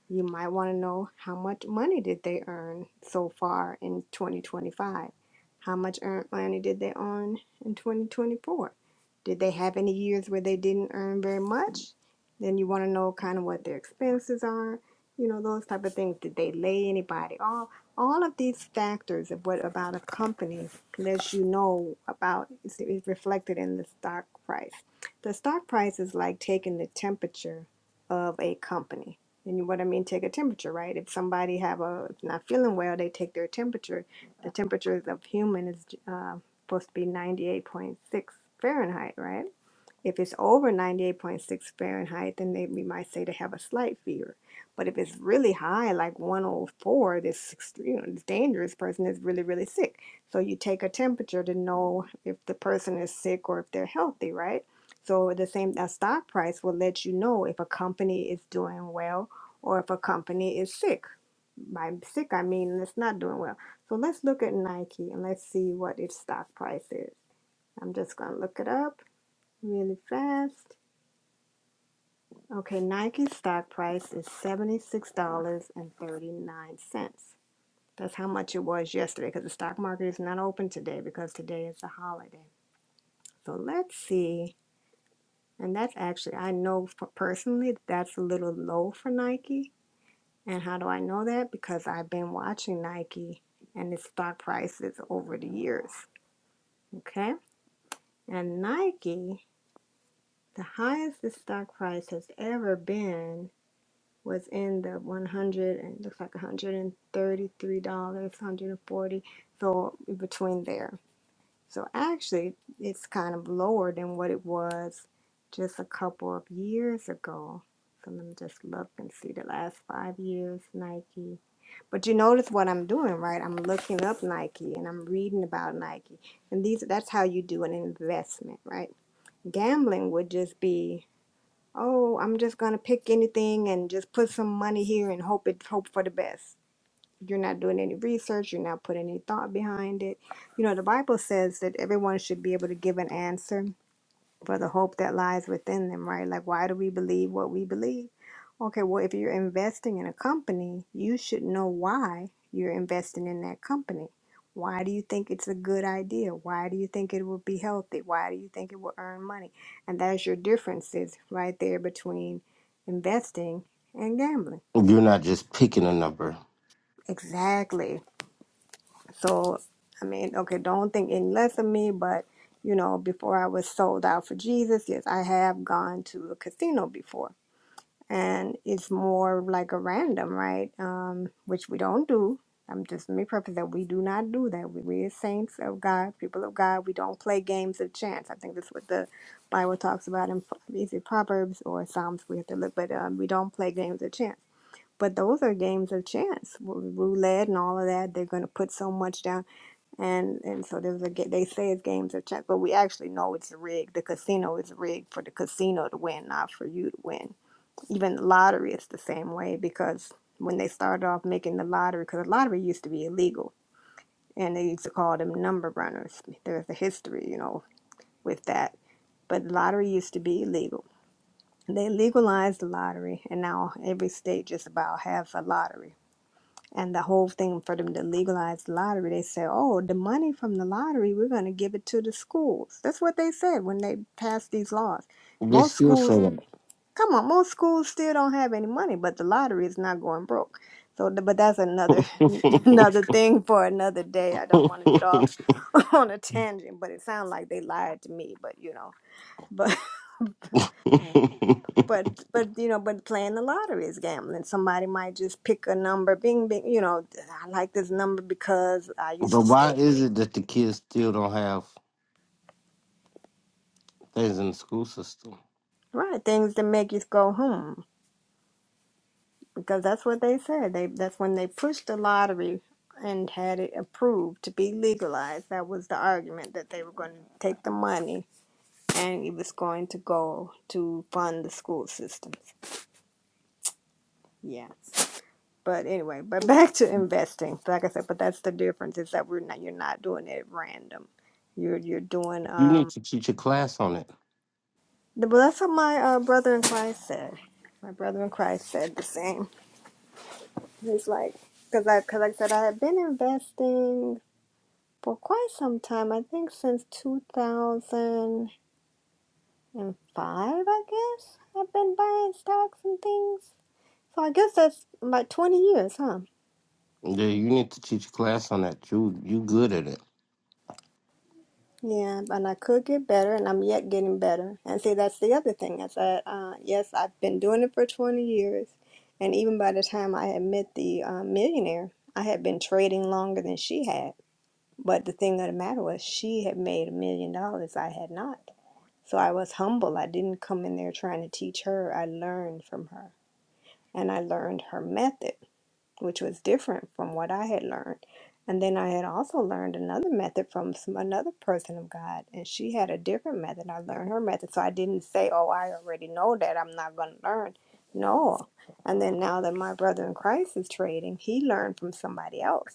You might want to know how much money did they earn so far in 2025? How much earned money did they earn in 2024? Did they have any years where they didn't earn very much? Then you want to know kind of what their expenses are, you know, those type of things. Did they lay anybody off? All of these factors of what about a company lets you know about is is reflected in the stock price. The stock price is like taking the temperature of a company and what I mean, take a temperature, right? If somebody have a not feeling well, they take their temperature. The temperature of human is uh, supposed to be ninety eight point six Fahrenheit, right? If it's over 98.6 Fahrenheit, then they, we might say they have a slight fever. But if it's really high, like 104, this ex- you know this dangerous person is really really sick. So you take a temperature to know if the person is sick or if they're healthy, right? So the same a stock price will let you know if a company is doing well or if a company is sick. By sick, I mean it's not doing well. So let's look at Nike and let's see what its stock price is. I'm just gonna look it up really fast. Okay, Nike stock price is $76.39. That's how much it was yesterday because the stock market is not open today because today is a holiday. So let's see. And that's actually, I know personally that's a little low for Nike. And how do I know that? Because I've been watching Nike and its stock prices over the years. Okay. And Nike, the highest the stock price has ever been was in the 100 and looks like 133 dollars 140 so between there so actually it's kind of lower than what it was just a couple of years ago so let me just look and see the last five years nike but you notice what i'm doing right i'm looking up nike and i'm reading about nike and these that's how you do an investment right gambling would just be oh, I'm just gonna pick anything and just put some money here and hope it hope for the best. You're not doing any research, you're not putting any thought behind it. You know, the Bible says that everyone should be able to give an answer for the hope that lies within them, right? Like, why do we believe what we believe? Okay, well, if you're investing in a company, you should know why you're investing in that company. Why do you think it's a good idea? Why do you think it will be healthy? Why do you think it will earn money? And that's your differences right there between investing and gambling.
You're not just picking a number.
Exactly. So, I mean, okay, don't think any less of me, but you know, before I was sold out for Jesus, yes, I have gone to a casino before. and it's more like a random, right? Um, which we don't do. I'm just let me purpose that we do not do that. We, we're saints of God, people of God. We don't play games of chance. I think that's what the Bible talks about in is it Proverbs or Psalms? We have to look, but um, we don't play games of chance. But those are games of chance, Rou- roulette and all of that. They're going to put so much down, and and so there's a ga- they say it's games of chance, but we actually know it's rigged. The casino is rigged for the casino to win, not for you to win even the lottery it's the same way because when they started off making the lottery because the lottery used to be illegal and they used to call them number runners there's a history you know with that but lottery used to be illegal they legalized the lottery and now every state just about has a lottery and the whole thing for them to legalize the lottery they said oh the money from the lottery we're going to give it to the schools that's what they said when they passed these laws
They
most
still
schools
say
Come on, most schools still don't have any money, but the lottery is not going broke. So, th- but that's another *laughs*
that.
another thing for another day. I don't want to get off *laughs* on a tangent, but it sounds like they lied to me. But you know, but
*laughs*
*laughs* but but you know, but playing the lottery is gambling. Somebody might just pick a number, bing bing. You know, I like this number because I
But
used to
why
stay
is it that the kids still don't have things in the school system?
right things that make you go hmm. because that's what they said. They that's when they pushed the lottery and had it approved to be legalized. That was the argument that they were going to take the money and it was going to go to fund the school systems. Yeah. But anyway, but *laughs* back to investing. Like I said, but that's the difference is that we're not you're not doing it at random. You're you're doing
You need
um
to teach a class on it.
but that's what my uh, brother in Christ said. My brother in Christ said the same. He's like, because I, cause like I said, I had been investing. for quite some time. I think since 2005, I guess, I've been buying stocks and things. So I guess that's about 20 years, huh?
Yeah, you need to teach a class on that. You you good at it.
Yeah, and I could get better, and I'm yet getting better. And see, that's the other thing is that, uh, yes, I've been doing it for 20 years. And even by the time I had met the uh, millionaire, I had been trading longer than she had. But the thing of the matter was, she had made a million dollars, I had not. So I was humble. I didn't come in there trying to teach her. I learned from her. And I learned her method, which was different from what I had learned. And then I had also learned another method from some, another person of God. And she had a different method. I learned her method. So I didn't say, oh, I already know that. I'm not going to learn. No. And then now that my brother in Christ is trading, he learned from somebody else.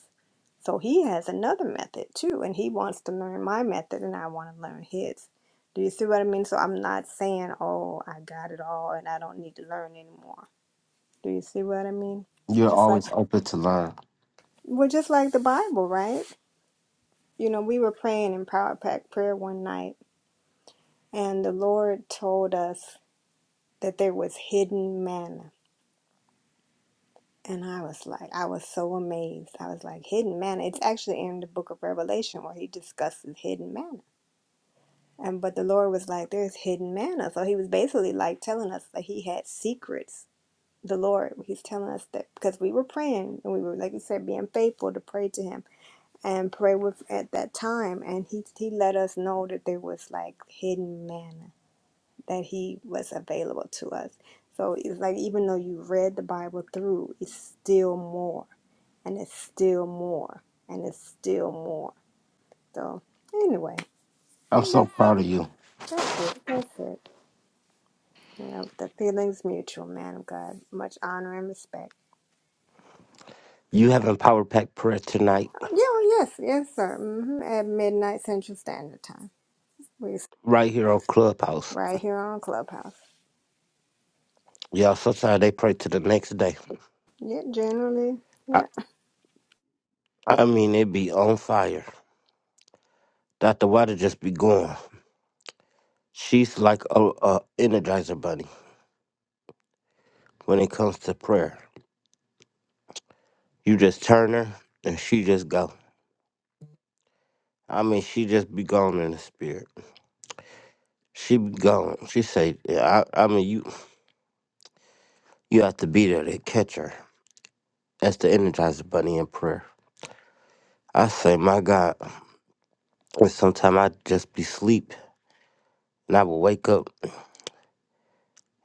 So he has another method too, and he wants to learn my method, and I want to learn his. Do you see what I mean? So I'm not saying, oh, I got it all and I don't need to learn anymore. Do you see what I mean?
You're
Just like,
always open to learn.
well, just like the Bible, right? You know, we were praying in Power Pack prayer one night, and the Lord told us that there was hidden manna. And I was like, I was so amazed. I was like, hidden manna. It's actually in the book of Revelation where he discusses hidden manna And but the Lord was like, there's hidden manna. So he was basically like telling us that he had secrets. The Lord, he's telling us that because we were praying and we were, like you said, being faithful to pray to him and pray with at that time. And he, he let us know that there was like hidden manna that he was available to us. So it's like, even though you read the Bible through, it's still more and it's still more and it's still more. So anyway,
I'm so
that's it.
proud of you.
That's it. That's it. Well, the feeling's mutual, man of God. Much honor and respect.
You having power pack prayer tonight,
Oh, yeah, well, yes, yes, sir. hmm At midnight Central Standard Time. We s-
right here on Clubhouse.
right here on Clubhouse.
Y'all, sometimes they pray to the next day.
Yeah, generally,
I,
yeah.
I mean, it be on fire. Dr. Water just be going. She's like a, a energizer bunny when it comes to prayer. You just turn her and she just go. I mean, she just be gone in the spirit. She be gone. She say, yeah, I, I mean, you you have to be there to catch her. That's the Energizer Bunny in prayer. I say, my God, and sometimes I just be sleep, and I would wake up,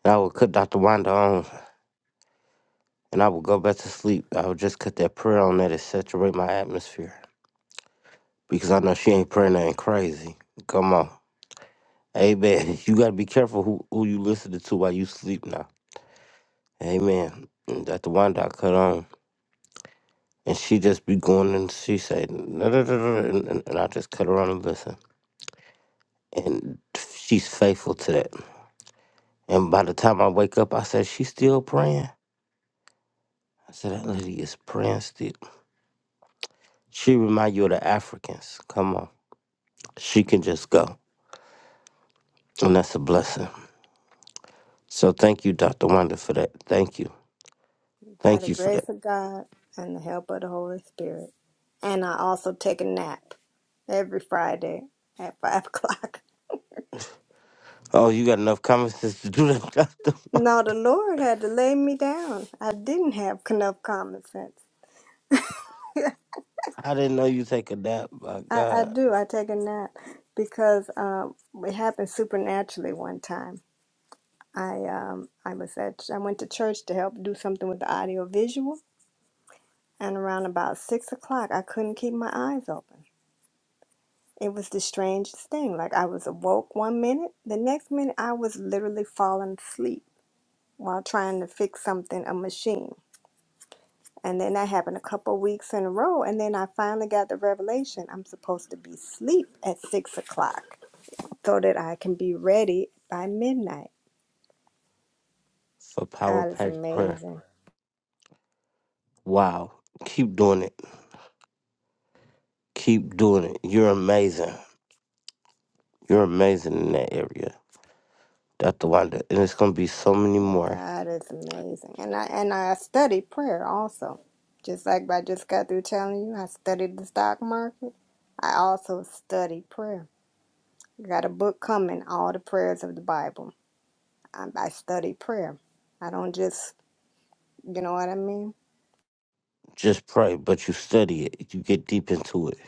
and I would cut Dr. Wanda on, and I would go back to sleep. I would just cut that prayer on that to saturate my atmosphere because I know she ain't praying nothing crazy. Come on, Amen. *laughs* You gotta be careful who who you listening to while you sleep now. Amen. And Dr. Wanda I cut on. and she just be going and she say "Nah, nah, nah, nah," nah," and, and, and I just cut around and listen. And she's faithful to that. And by the time I wake up, I said, She's still praying. I said, That lady is praying still. She remind you of the Africans. Come on. She can just go. And that's a blessing. So thank you, Dr. Wonder, for that. Thank you.
By
Thank
the
you for that.
grace of God and the help of the Holy Spirit. And I also take a nap every Friday at five *laughs* o'clock.
Oh, you got enough common sense *laughs* to do that, *laughs* Dr.
No, the Lord had to lay me down. I didn't have enough common sense. *laughs*
I didn't know you take a nap. My
I, I
God.
do. I take a nap because um, it happened supernaturally one time I um I was at I went to church to help do something with the audio visual, and around about six o'clock, I couldn't keep my eyes open. It was the strangest thing. Like I was awoke one minute, the next minute I was literally falling asleep while trying to fix something a machine. And then that happened a couple of weeks in a row, and then I finally got the revelation I'm supposed to be asleep at six o'clock so that I can be ready by midnight.
For power
God is
pack prayer.
amazing.
Wow. Keep doing it. Keep doing it. You're amazing. You're amazing in that area, Dr. Wanda. And it's going to be so many
Yeah,
more.
God is amazing. And I and I studied prayer also. Just like I just got through telling you, I studied the stock market. I also studied prayer. Got a book coming, All the Prayers of the Bible. I, I study prayer. I don't just, you know what I mean?
Just pray, but you study it. You get deep into it.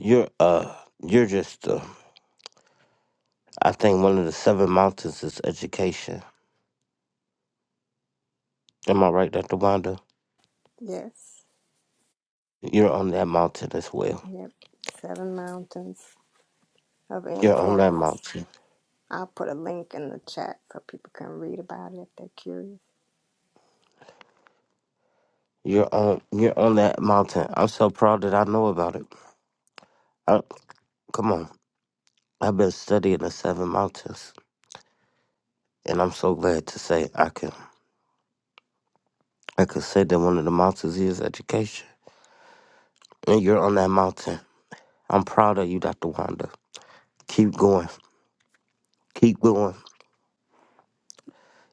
You're uh, you're just uh, I think one of the seven mountains is education. Am I right, Dr. Wanda?
Yes.
You're on that mountain as well.
Yep. Seven Mountains of
You're on that
Influence.
mountain.
I'll put a link in the chat so people can read about it if they're curious.
You're on. You're on that mountain. I'm so proud that I know about it. I, come on. I've been studying the seven mountains, and I'm so glad to say I can. I could say that one of the mountains is education. And you're on that mountain. I'm proud of you, Dr. Wanda. Keep going. Keep going.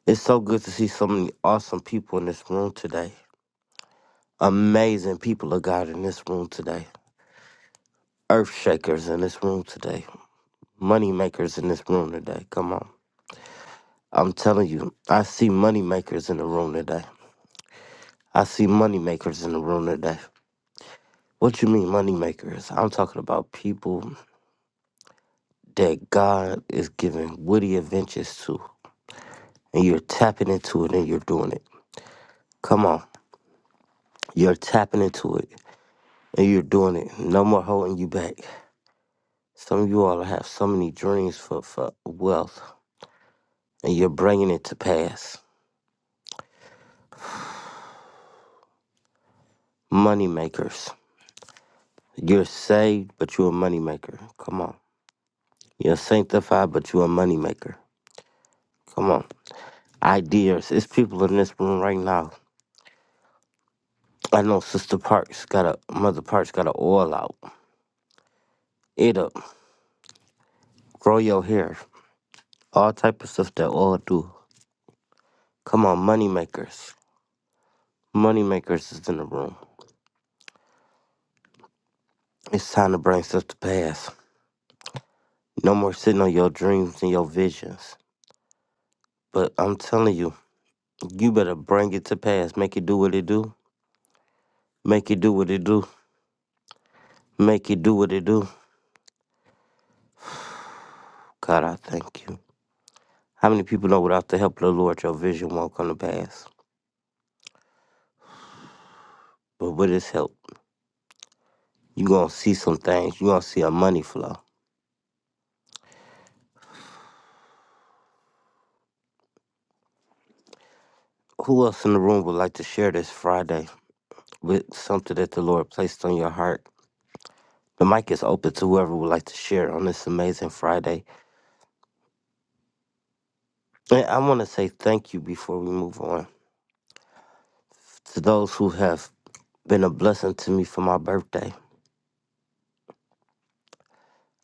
It's so good to see so many awesome people in this room today. Amazing people of God in this room today. Earth shakers in this room today. Money makers in this room today. Come on. I'm telling you, I see money makers in the room today. I see money makers in the room today. What you mean money makers? I'm talking about people that God is giving witty inventions to and you're tapping into it and you're doing it. Come on. You're tapping into it and you're doing it. No more holding you back. Some of you all have so many dreams for, for wealth and you're bringing it to pass. Money makers. You're saved, but you're a money maker. Come on. You're sanctified, but you're a money maker. Come on. Ideas. It's people in this room right now. I know Sister Parks got a Mother Parks got a oil out. It up. Grow your hair. All type of stuff that oil do. Come on, moneymakers. Moneymakers is in the room. It's time to bring stuff to pass. No more sitting on your dreams and your visions. But I'm telling you, you better bring it to pass. Make it do what it do. Make it do what it do. Make it do what it do. God, I thank you. How many people know without the help of the Lord, your vision won't come to pass? But with His help, you going to see some things. you going to see a money flow. Who else in the room would like to share this Friday with something that the Lord placed on your heart? The mic is open to whoever would like to share on this amazing Friday. And I want to say thank you before we move on to those who have been a blessing to me for my birthday.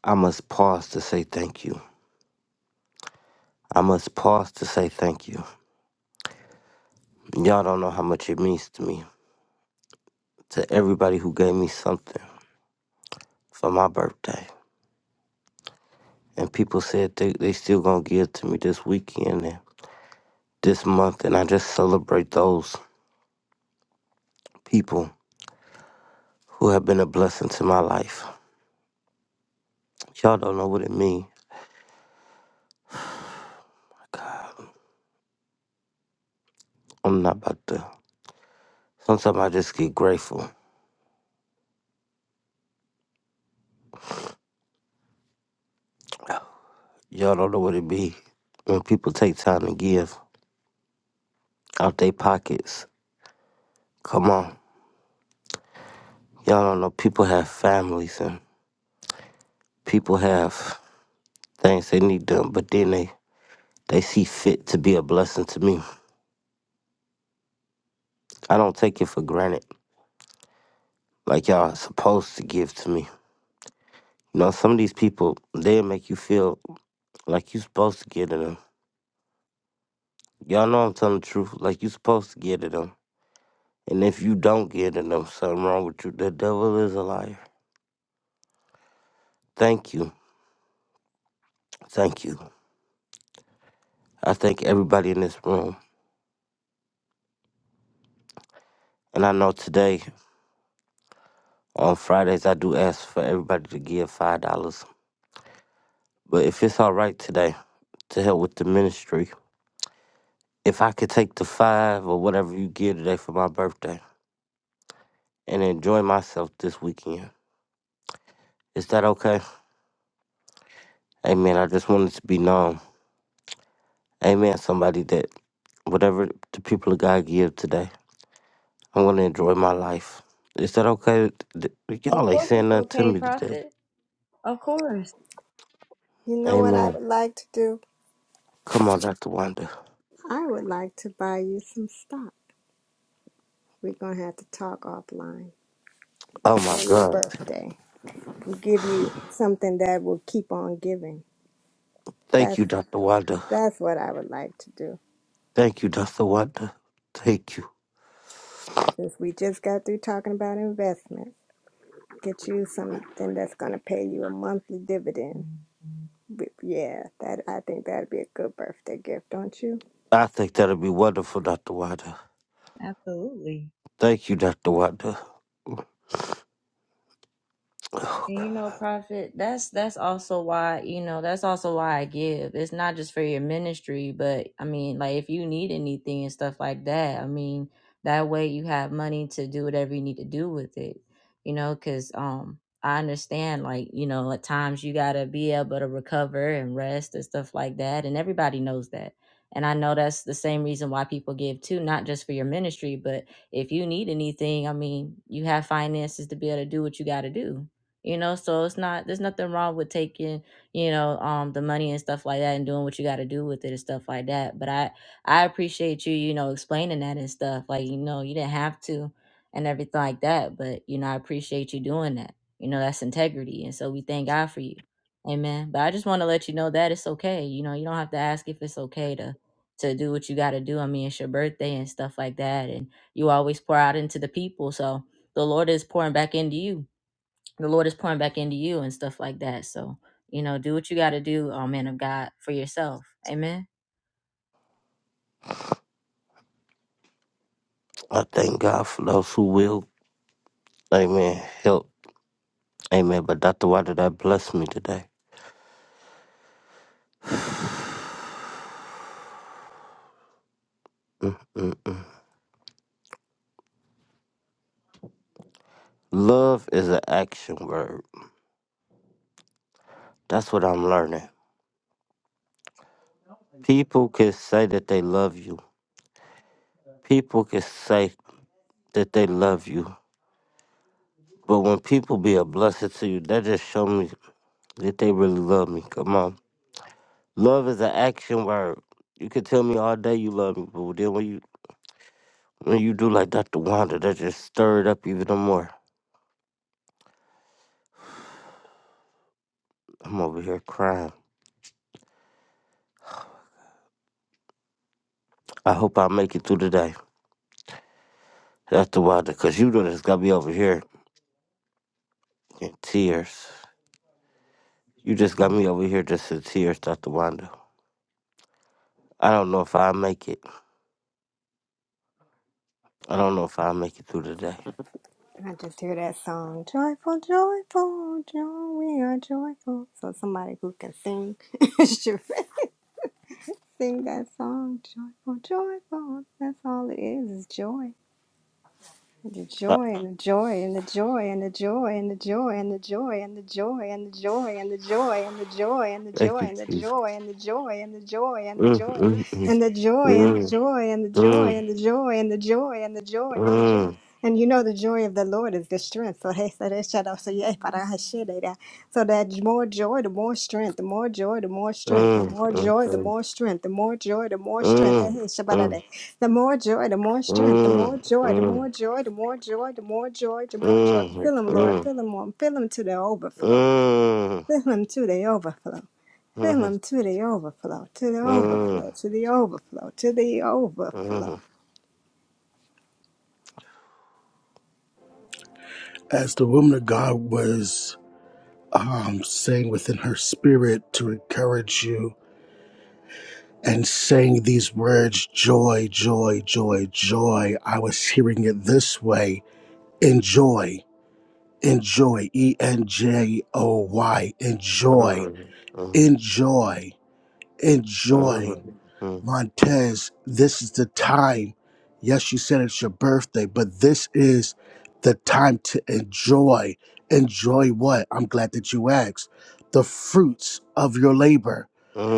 I must pause to say thank you. I must pause to say thank you. Y'all don't know how much it means to me, to everybody who gave me something for my birthday. And people said they, they still gonna give to me this weekend and this month. And I just celebrate those people who have been a blessing to my life. Y'all don't know what it means. I'm not about to. Sometimes I just get grateful. Y'all don't know what it be when people take time to give out their pockets. Come on. Y'all don't know people have families and people have things they need done, but then they, they see fit to be a blessing to me. I don't take it for granted like y'all are supposed to give to me. You know, some of these people, they make you feel like you supposed to get to them. Y'all know I'm telling the truth, like you supposed to get to them. And if you don't get to them, something wrong with you. The devil is a liar. Thank you. Thank you. I thank everybody in this room. And I know today, on Fridays, I do ask for everybody to give $5. But if it's all right today, to help with the ministry, if I could take the five or whatever you give today for my birthday and enjoy myself this weekend, is that okay? Amen. I just wanted to be known. Amen. Somebody that whatever the people of God give today, I want to enjoy my life. Is that okay? Th-
Of
Y'all ain't
course,
saying
it's
nothing to
okay,
me today.
prophet. Of course,
You know what I
Amen.
would like to do?
Come on, Dr. Wanda.
I would like to buy you some stock. We're gonna have to talk offline
Oh my
for your
God.
birthday. We'll give you something that will keep on giving.
Thank
That's
you, Dr. Wanda.
that's what I would like to do.
Thank you, Dr. Wanda. Thank you.
Since we just got through talking about investments, get you something that's gonna pay you a monthly dividend. But yeah, that I think that'd be a good birthday gift, don't you?
I think that'll be wonderful, Dr. Wanda.
absolutely.
Thank you, Dr. Wanda. Oh
And you know,
God.
Prophet, that's that's also why, you know, that's also why I give. It's not just for your ministry, but I mean, like if you need anything and stuff like that, I mean, that way you have money to do whatever you need to do with it. You know, cuz um I understand like, you know, at times you got to be able to recover and rest and stuff like that, and everybody knows that. And I know that's the same reason why people give too, not just for your ministry, but if you need anything, I mean, you have finances to be able to do what you got to do you know so it's not there's nothing wrong with taking you know um the money and stuff like that and doing what you got to do with it and stuff like that but i i appreciate you you know explaining that and stuff like you know you didn't have to and everything like that but you know i appreciate you doing that you know that's integrity and so we thank god for you amen but i just want to let you know that it's okay you know you don't have to ask if it's okay to to do what you got to do i mean it's your birthday and stuff like that and you always pour out into the people so the lord is pouring back into you the Lord is pouring back into you and stuff like that. So, you know, do what you got to do, oh man of God, for yourself. Amen.
I thank God for those who will. Amen. Help. Amen. But Dr. Wanda, that blessed me today. Mm. Love is an action word. That's what I'm learning. People can say that they love you. People can say that they love you. But when people be a blessing to you, that just shows me that they really love me. Come on, love is an action word. You can tell me all day you love me, but then when you when you do like Dr. Wanda, that just stirred up even more. I'm over here crying. I hope I make it through today, Dr. Wanda, cause you done just got me over here in tears. You just got me over here just in tears, Dr. Wanda. I don't know if I make it. I don't know if I make it through today.
And I just hear that song, joyful, joyful, joy, we are joyful. So somebody who can sing *laughs* should. Sing that song, joyful, joyful. That's all it is, is joy.
Uh, Thank you, Jesus. Mm, mm, mm. Mm, mm, mm, mm, mm, mm, mm. Uh, uh,
The more joy, the more
uh, uh,
strength, the
uh,
more
uh, uh, uh, uh, uh,
joy, the more joy, the more joy, the more joy, the
uh, uh, uh, uh, uh, uh, uh,
more
uh, uh,
joy. Fill him,
uh,
Lord,
uh,
fill him on, fill him to the overflow. Fill him to the overflow. Fill him to the overflow, to the overflow, to the overflow, to the overflow.
as the woman of God was um, saying within her spirit to encourage you and saying these words, joy, joy, joy, joy, I was hearing it this way enjoy, enjoy, E N J O Y, enjoy, enjoy,
uh,
enjoy. Montez, this is the time. Yes, you said it's your birthday, but this is the time to enjoy. Enjoy what? I'm glad that you asked. The fruits of your labor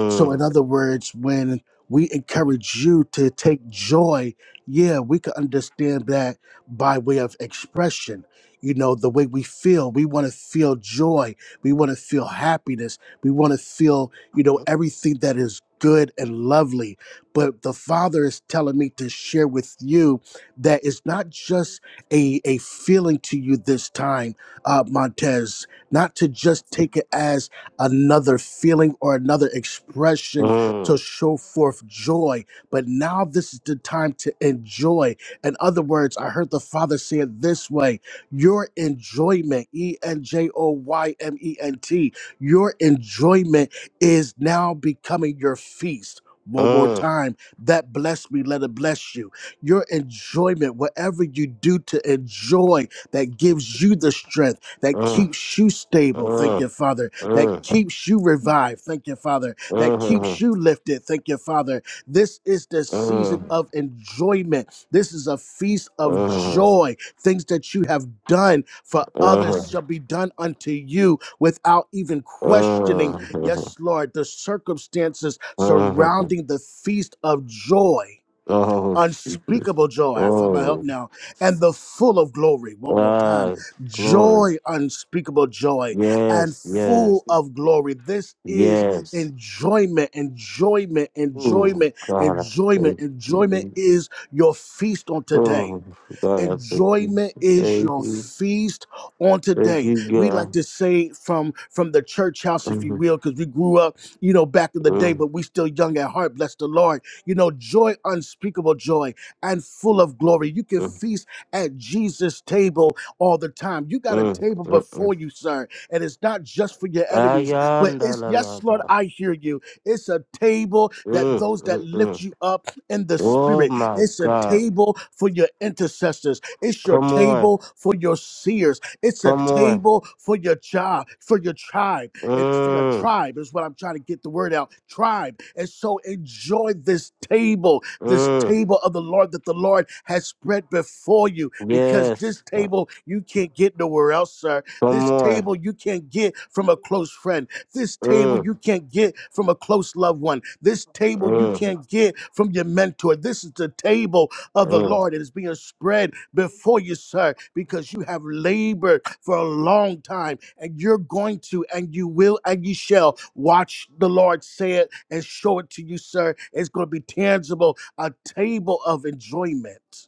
so, in other words, when we encourage you to take joy, yeah, we can understand that by way of expression. You know, the way we feel, we want to feel joy, we want to feel happiness, we want to feel, you know, everything that is good and lovely. But the Father is telling me to share with you that it's not just a, a feeling to you this time, uh, Montez, not to just take it as another feeling or another expression to show forth joy. But now this is the time to enjoy. In other words, I heard the Father say it this way your enjoyment, E N J O Y M E N T, your enjoyment is now becoming your feast. One more time, that bless me, let it bless you. Your enjoyment, whatever you do to enjoy, that gives you the strength, that
uh,
keeps you stable. Thank you, Father that keeps you revived. Thank you, Father. That keeps
uh. uh,
you lifted. Thank you, Father. This is the season of enjoyment. This is a feast of joy. Things that you have done for others shall be done unto you without even questioning. Yes, Lord, the circumstances surrounding the feast of joy
Oh, Jesus.
unspeakable joy. I feel my help
Oh,
now. And the full of glory. One more time.
God. Glory.
Joy, unspeakable joy, and
Yes, yes,
full of glory. This is
yes.
enjoyment, enjoyment,
Oh,
enjoyment,
God, I
enjoyment.
thank
Enjoyment
you.
is your feast on today
Oh, God, I thank you.
enjoyment is
Thank
your
you.
feast on
Thank
today
you,
we like
God.
to say from from the church house if you
Mm,
will because we grew up you know back in the day
mm,
but we still young at heart bless the lord you know joy unspeakable joy and full of glory you can
mm,
feast at jesus table all the time you got a
mm,
table
mm, mm.
before you sir and it's not just for your enemies but
Ayanda
it's
la la
yes lord
ba.
i hear you it's a table that
Mm,
those that
mm,
lift
mm.
you up in the
Oh,
spirit
my
it's a
God.
table for your intercessors. It's your
Come on.
table for your seers. It's a
Come on.
table for your job, for your tribe. It's for your
Mm,
tribe is what I'm trying to get the word out. Tribe. And so enjoy this table, this
mm.
table of the Lord that the Lord has spread before you, because this
Yes.
table you can't get nowhere else, sir.
Come
This
on.
table you can't get from a close friend. This table
Mm,
you can't get from a close loved one. This table you
mm,
can't get from your mentor. This is the table of the
mm.
Lord. It is being spread before you, sir, because you have labored for a long time and you're going to and you will and you shall watch the Lord say it and show it to you, sir. It's going to be tangible, a table of enjoyment.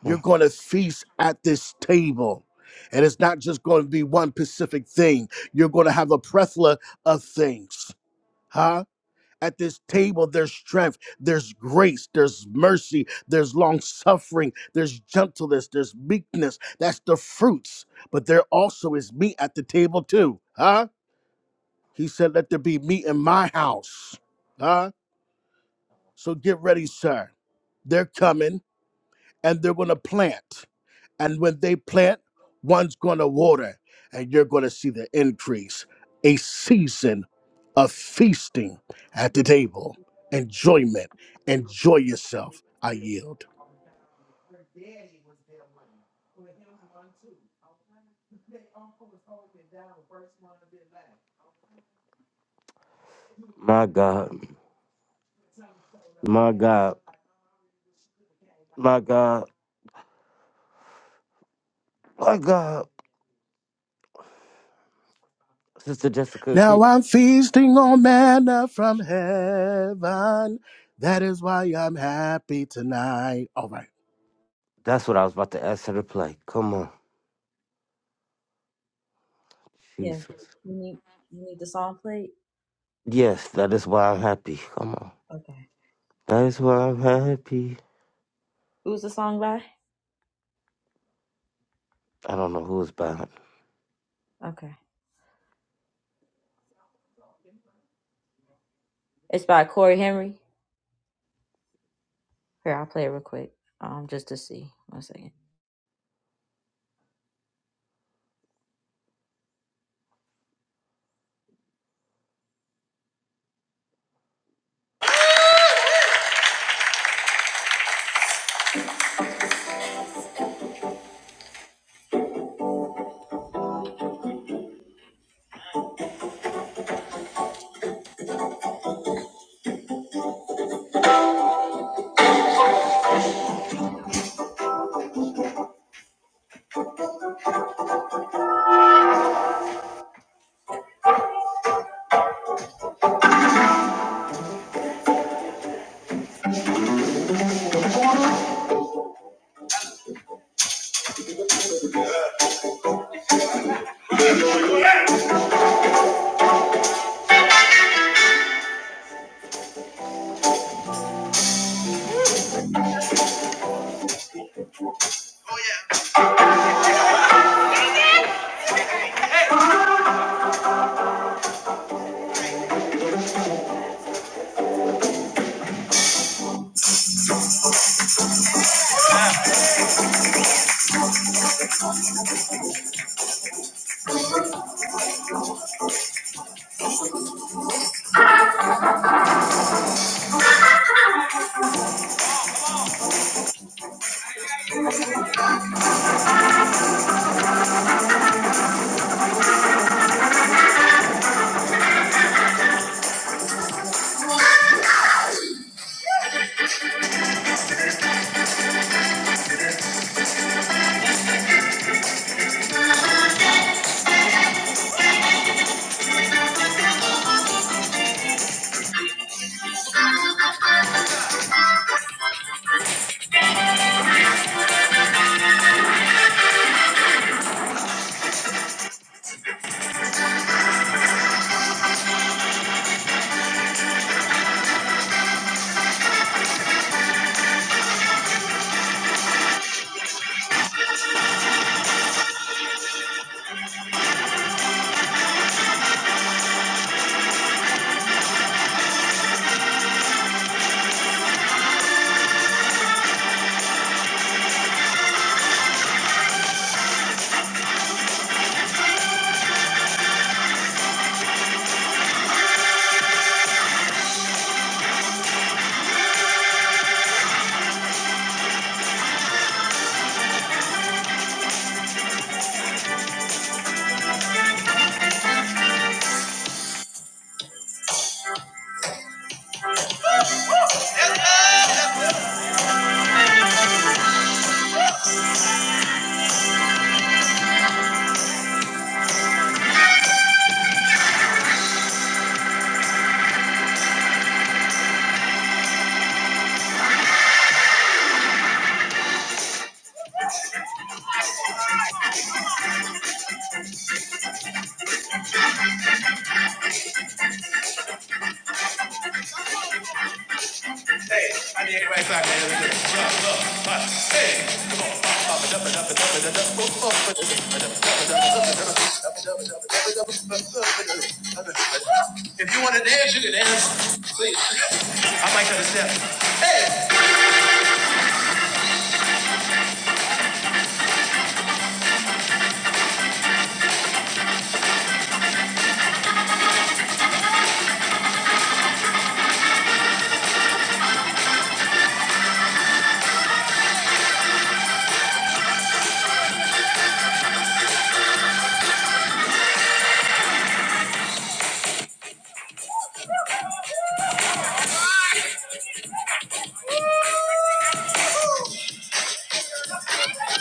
You're going to feast at this table. And it's not just going to be one specific thing. You're going to have a plethora of things. Huh? At this table, there's strength, there's grace, there's mercy, there's long suffering, there's gentleness, there's meekness. That's the fruits. But there also is meat at the table, too. Huh? He said, Let there be meat in my house. Huh? So get ready, sir. They're coming and they're going to plant. And when they plant, one's going to water, and you're going to see the increase. A season of feasting at the table, enjoyment. Enjoy yourself. I yield.
My God. My God. My God. My God. Sister Jessica, keep.
Now I'm feasting on manna from heaven. That is why I'm happy tonight. All right.
That's what I was about to ask her to play. Come on,
Yeah.
Jesus.
You need you need the song played?
Yes, that is why I'm happy. Come on,
Okay.
that is why I'm happy.
Who's the song by?
I don't know who is behind.
Okay. It's by Corey Henry. Here, I'll play it real quick. Um, just to see. One second. Hey, I need everybody to dance. Look, If you want to dance, you can dance. I might have a step.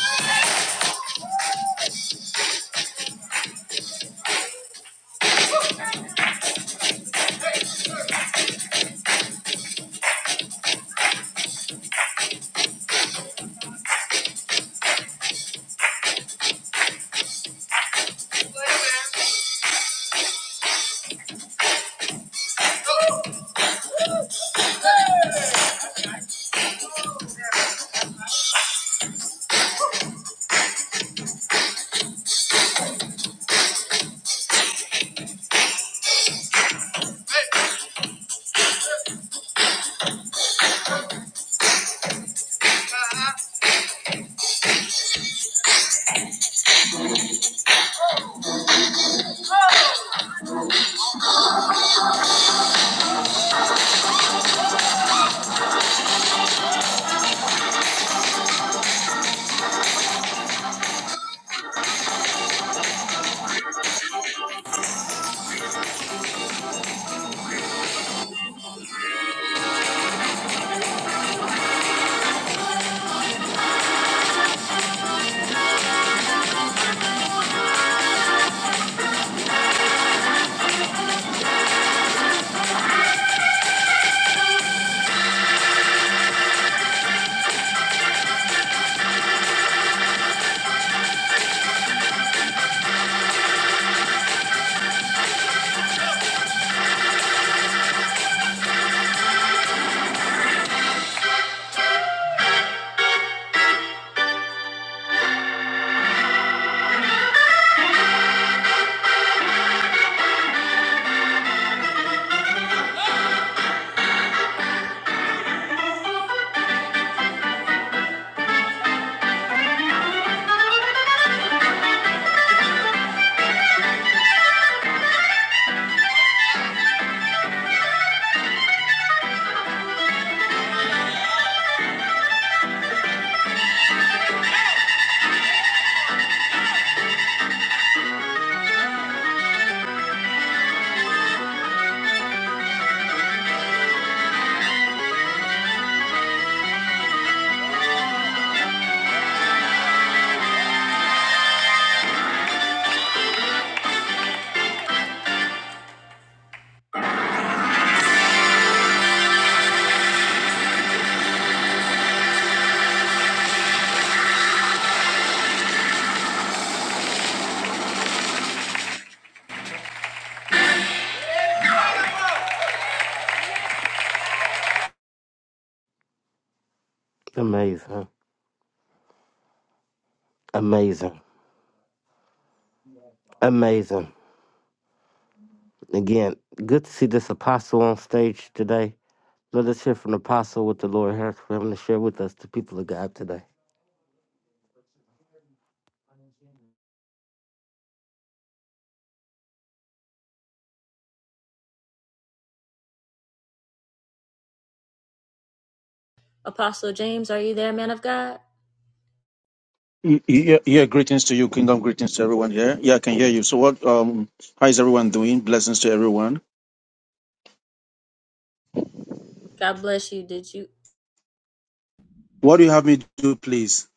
Hey! *laughs*
Amazing, amazing, amazing. Again, good to see this apostle on stage today. Let us hear from the apostle what the Lord has for him to share with us, the people of God today.
Apostle James, are you there, man of God?
Y- Yeah, yeah, greetings to you, kingdom greetings to everyone here. Yeah, I can hear you. So what um how is everyone doing? Blessings to everyone.
God bless you. Did you?
What do you have me do, please?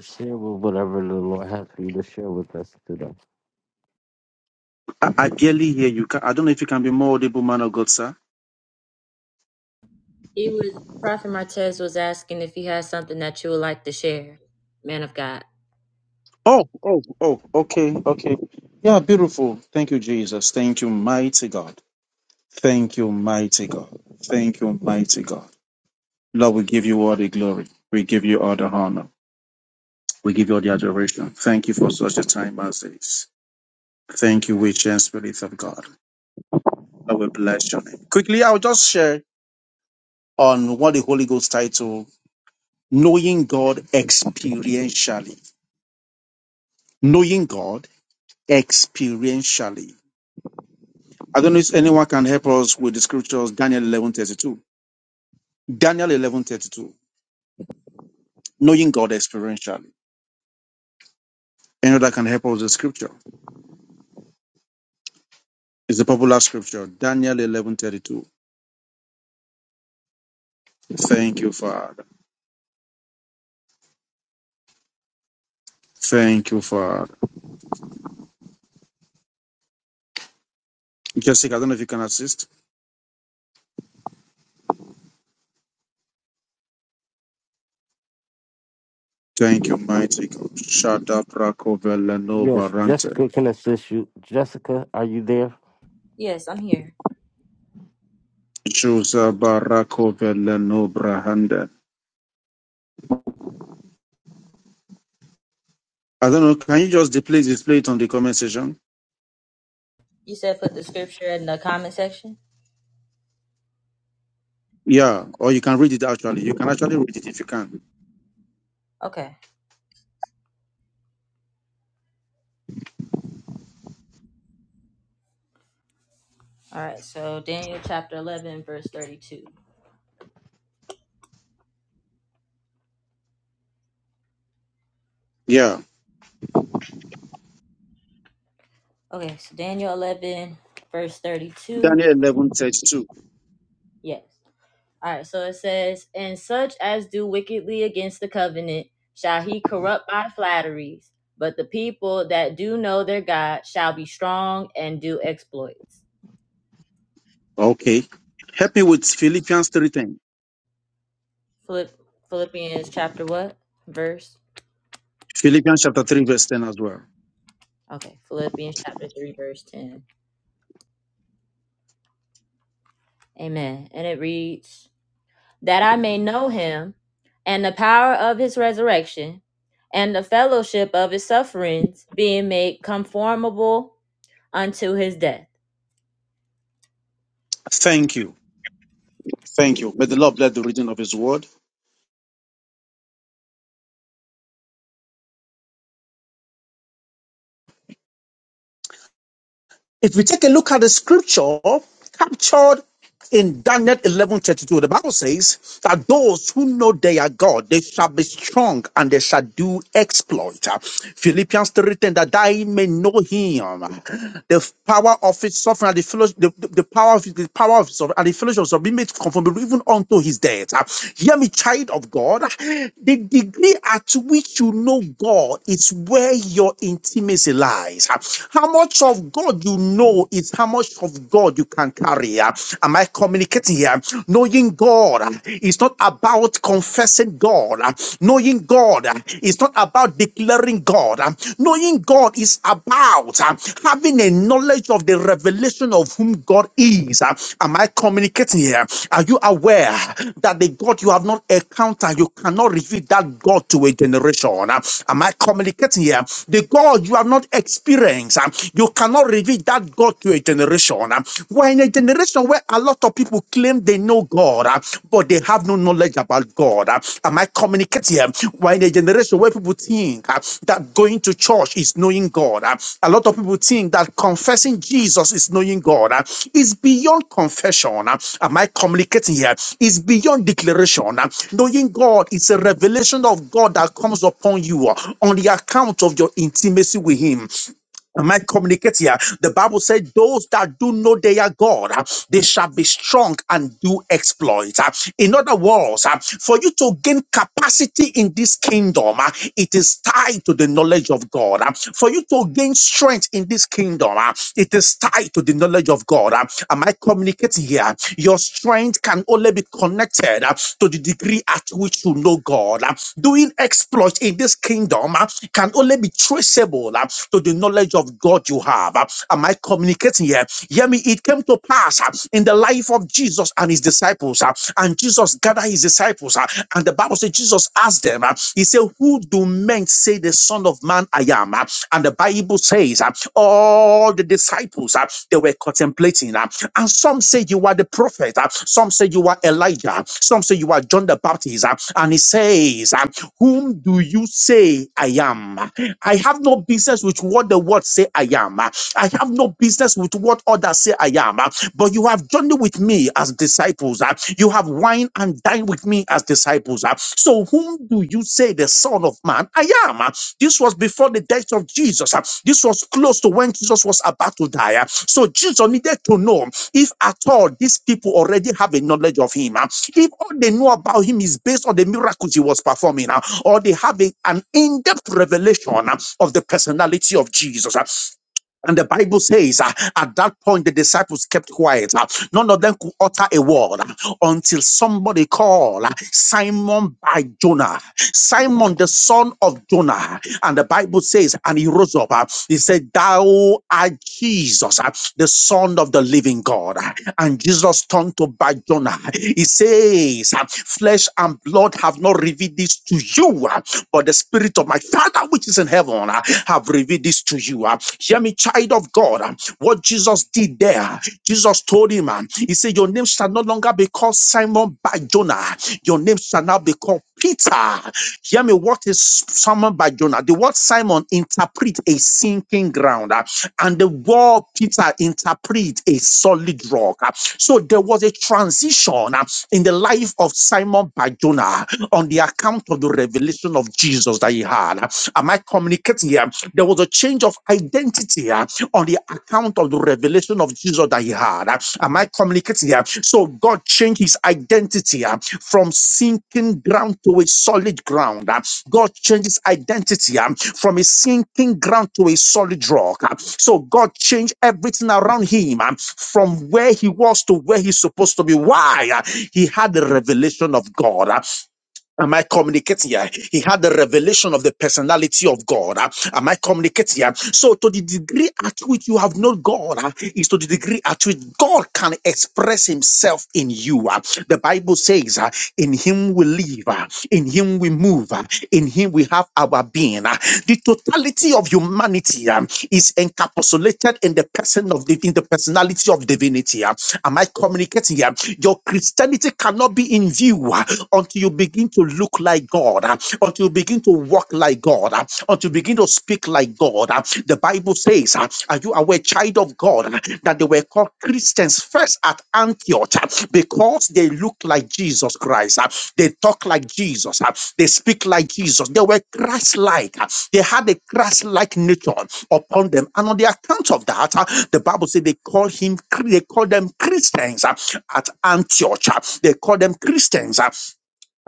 Share with whatever the Lord has for you to share with us today.
I, I barely hear you. Ca- I don't know if you can be more audible, man of God, sir.
He was Prophet Martez was asking if you had something that you would like to share, man of God.
Oh, oh, oh, okay, okay. Yeah, beautiful. Thank you, Jesus. Thank you, mighty God. Thank you, mighty God. Thank you, mighty God. Lord, we give you all the glory. We give you all the honor. We give you all the adoration. Thank you for such a time as this. Thank you, witch and spirit of God. I will bless your name. Quickly, I'll just share on what the Holy Ghost title, Knowing God Experientially. Knowing God Experientially. I don't know if anyone can help us with the scriptures, Daniel eleven thirty two. Daniel eleven thirty two. Knowing God Experientially. Anyone that can help us with the scripture? It's a popular scripture, Daniel eleven thirty two. Thank you, Father. Thank you, Father. Jessica, I don't know if you can assist. Thank you, mighty God. Shada
Yes, Jessica can assist you. Jessica, are you there?
Yes, I'm here.
Chusa Barako Vela no Brahanda. I don't know. Can you just display display it on the comment section?
You said put the scripture in the comment section.
Yeah, or you can read it actually. You can actually read it if you can.
Okay. All right. So Daniel chapter 11 verse 32.
Yeah.
Okay. So Daniel 11 verse 32.
Daniel eleven thirty two.
Yes. All right, so it says, And such as do wickedly against the covenant shall he corrupt by flatteries, but the people that do know their God shall be strong and do exploits.
Okay. Help me with Philippians three ten.
Philipp- Philippians chapter what? Verse?
Philippians chapter three verse ten as well.
Okay, Philippians chapter 3, verse 10. Amen. And it reads, That I may know him and the power of his resurrection and the fellowship of his sufferings, being made conformable unto his death
Thank you. Thank you. May the Lord bless the reading of his word. If we take a look at the scripture captured in Daniel 11:32, the Bible says that those who know they are God, they shall be strong and they shall do exploit. Philippians 3:10, that I may know him the power of his suffering and the fellowship, the, the, the power of his, the power of his suffering and the fellowship of being made conformable even unto his death. Ah, Hear me, child of God. The degree at which you know God is where your intimacy lies. Ah, How much of God you know is how much much of God you can carry. uh, Am I communicating here? Knowing God uh, is not about confessing God. uh, Knowing God uh, is not about declaring God. uh, Knowing God is about uh, having a knowledge of the revelation of whom God is. uh, Am I communicating here? Are you aware that the God you have not encountered, you cannot reveal that God to a generation? uh? Am I communicating here? The God you have not experienced, uh, you cannot reveal that God to a generation. We're in a generation where a lot of people claim they know God, uh, but they have no knowledge about God. uh. Am I communicating? We're in a generation where people think uh, that going to church is knowing God. uh. A lot of people think that confessing Jesus is knowing God. uh. It's beyond confession. uh. Am I communicating here? It's beyond declaration. uh. Knowing God is a revelation of God that comes upon you uh, on the account of your intimacy with Him. Am I communicating here? The Bible said, Those that do know their God, ah, they shall be strong and do exploits. ah. In other words, ah, for you to gain capacity in this kingdom, ah, it is tied to the knowledge of God. ah. For you to gain strength in this kingdom, ah, it is tied to the knowledge of God. ah. Am I communicating here? Your strength can only be connected ah, to the degree at which you know God. ah. Doing exploits in this kingdom uh, can can only be traceable uh, to the knowledge of God you have. Uh, Am I communicating here? Hear me, it came to pass uh, in the life of Jesus and his disciples, uh, and Jesus gathered his disciples, uh, and the Bible says Jesus asked them, uh, He said, Who do men say the Son of Man I am? Uh, And the Bible says, uh, All the disciples uh, they were contemplating, uh, and some say you are the prophet, uh, some say you are Elijah, some say you are John the Baptist, uh, and he says, uh, whom do you say I am? I have no business with what the world say I am. I have no business with what others say I am. But you have journeyed with me as disciples. You have wine and dined with me as disciples. So whom do you say the Son of Man I am? This was before the death of Jesus. This was close to when Jesus was about to die. So Jesus needed to know. If at all these people already have a knowledge of him, ah, if all they know about him is based on the miracles he was performing, ah, or they have a- an in depth revelation ah, of the personality of Jesus, uh, and the Bible says, uh, at that point, the disciples kept quiet. uh, none of them could utter a word uh, until somebody called uh, Simon by Jonah, Simon the son of Jonah. And the Bible says, and he rose up. uh, he said, Thou art Jesus, uh, the son of the living God. Uh, And Jesus turned to by Jonah. He says, uh, Flesh flesh and blood have not revealed this to you, uh, but the Spirit of my Father which is in heaven uh, have revealed this to you. uh. Hear me, child of God, uh, what Jesus did there. Jesus told him, uh, He said, Your name shall no longer be called Simon by Jonah, your name shall now be called Peter. Hear me, what is Simon by Jonah? The word Simon interpret a sinking ground, uh, and the word Peter interpret a solid rock. uh. So there was a transition. uh, in the life of Simon by Jonah on the account of the revelation of Jesus that he had. Am I communicating here? There was a change of identity uh, on the account of the revelation of Jesus that he had. Am I communicating here? So God changed his identity uh, from sinking ground to a solid ground. God changes identity um, from a sinking ground to a solid rock. um. So God changed everything around him um, from where he was to where he's supposed to be. Why? Uh, He had the revelation of God. Uh, Am I communicating here? He had the revelation of the personality of God. Ah, Am I communicating here? So, to the degree at which you have known God ah, is to the degree at which God can express Himself in you. ah. The Bible says, ah, "In Him we live, ah, in Him we move, ah, in Him we have our being." ah. The totality of humanity ah, is encapsulated in the person of div- in the personality of divinity. um, Am I communicating here? Your Christianity cannot be in view uh, until you begin to look like God, uh, until you begin to walk like God, uh, until you begin to speak like God. uh. The Bible says, uh, Are you aware, child of God, uh, that they were called Christians first at Antioch uh, because because they look like Jesus Christ. uh, They talk like Jesus. uh, They speak like Jesus. They were Christ like. They had a Christ like nature upon them. And on the account of that, uh, the Bible said they call him, they call them Christians uh, at Antioch. uh, They call them Christians. uh,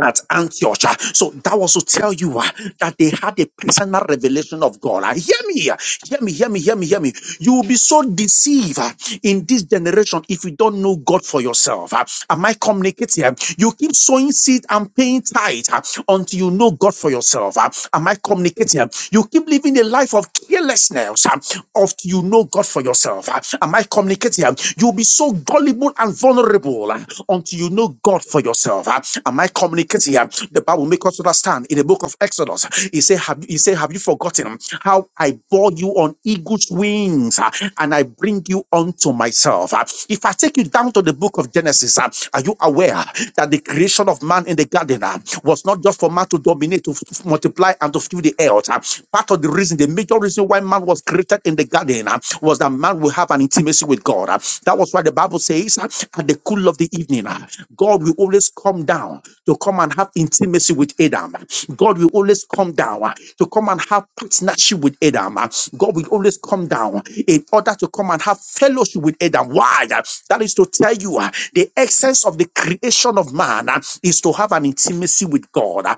at Antioch. ah. So that was to tell you ah, that they had a personal revelation of God. Ah, Hear me, ah. hear me, hear me, hear me, hear me. You will be so deceived ah, in this generation if you don't know God for yourself. ah. Am I communicating? ah? You keep sowing seed and paying tithe ah, until you know God for yourself. ah. Am I communicating? ah? You keep living a life of carelessness. ah of you know God for yourself. Uh, Am I communicating? Um, You'll be so gullible and vulnerable uh, until you know God for yourself. Uh, Am I communicating? Um, The Bible makes us understand in the book of Exodus. He said, Have he said, Have you forgotten how I bore you on eagle's wings uh, and I bring you unto myself? Uh, If I take you down to the book of Genesis, uh, are you aware that the creation of man in the garden uh, was not just for man to dominate, to f- multiply, and to fill the earth. Uh, uh, part of the reason, the major reason why man was created in the garden uh, was that man will have an intimacy with God. uh. That was why the Bible says, uh, at the cool of the evening, uh, God will always come down to come and have intimacy with Adam. God will always come down uh, to come and have partnership with Adam. uh. God will always come down in order to come and have fellowship with Adam. Why? Uh, That is to tell you uh, the essence of the creation of man uh, is to have an intimacy with God. Uh,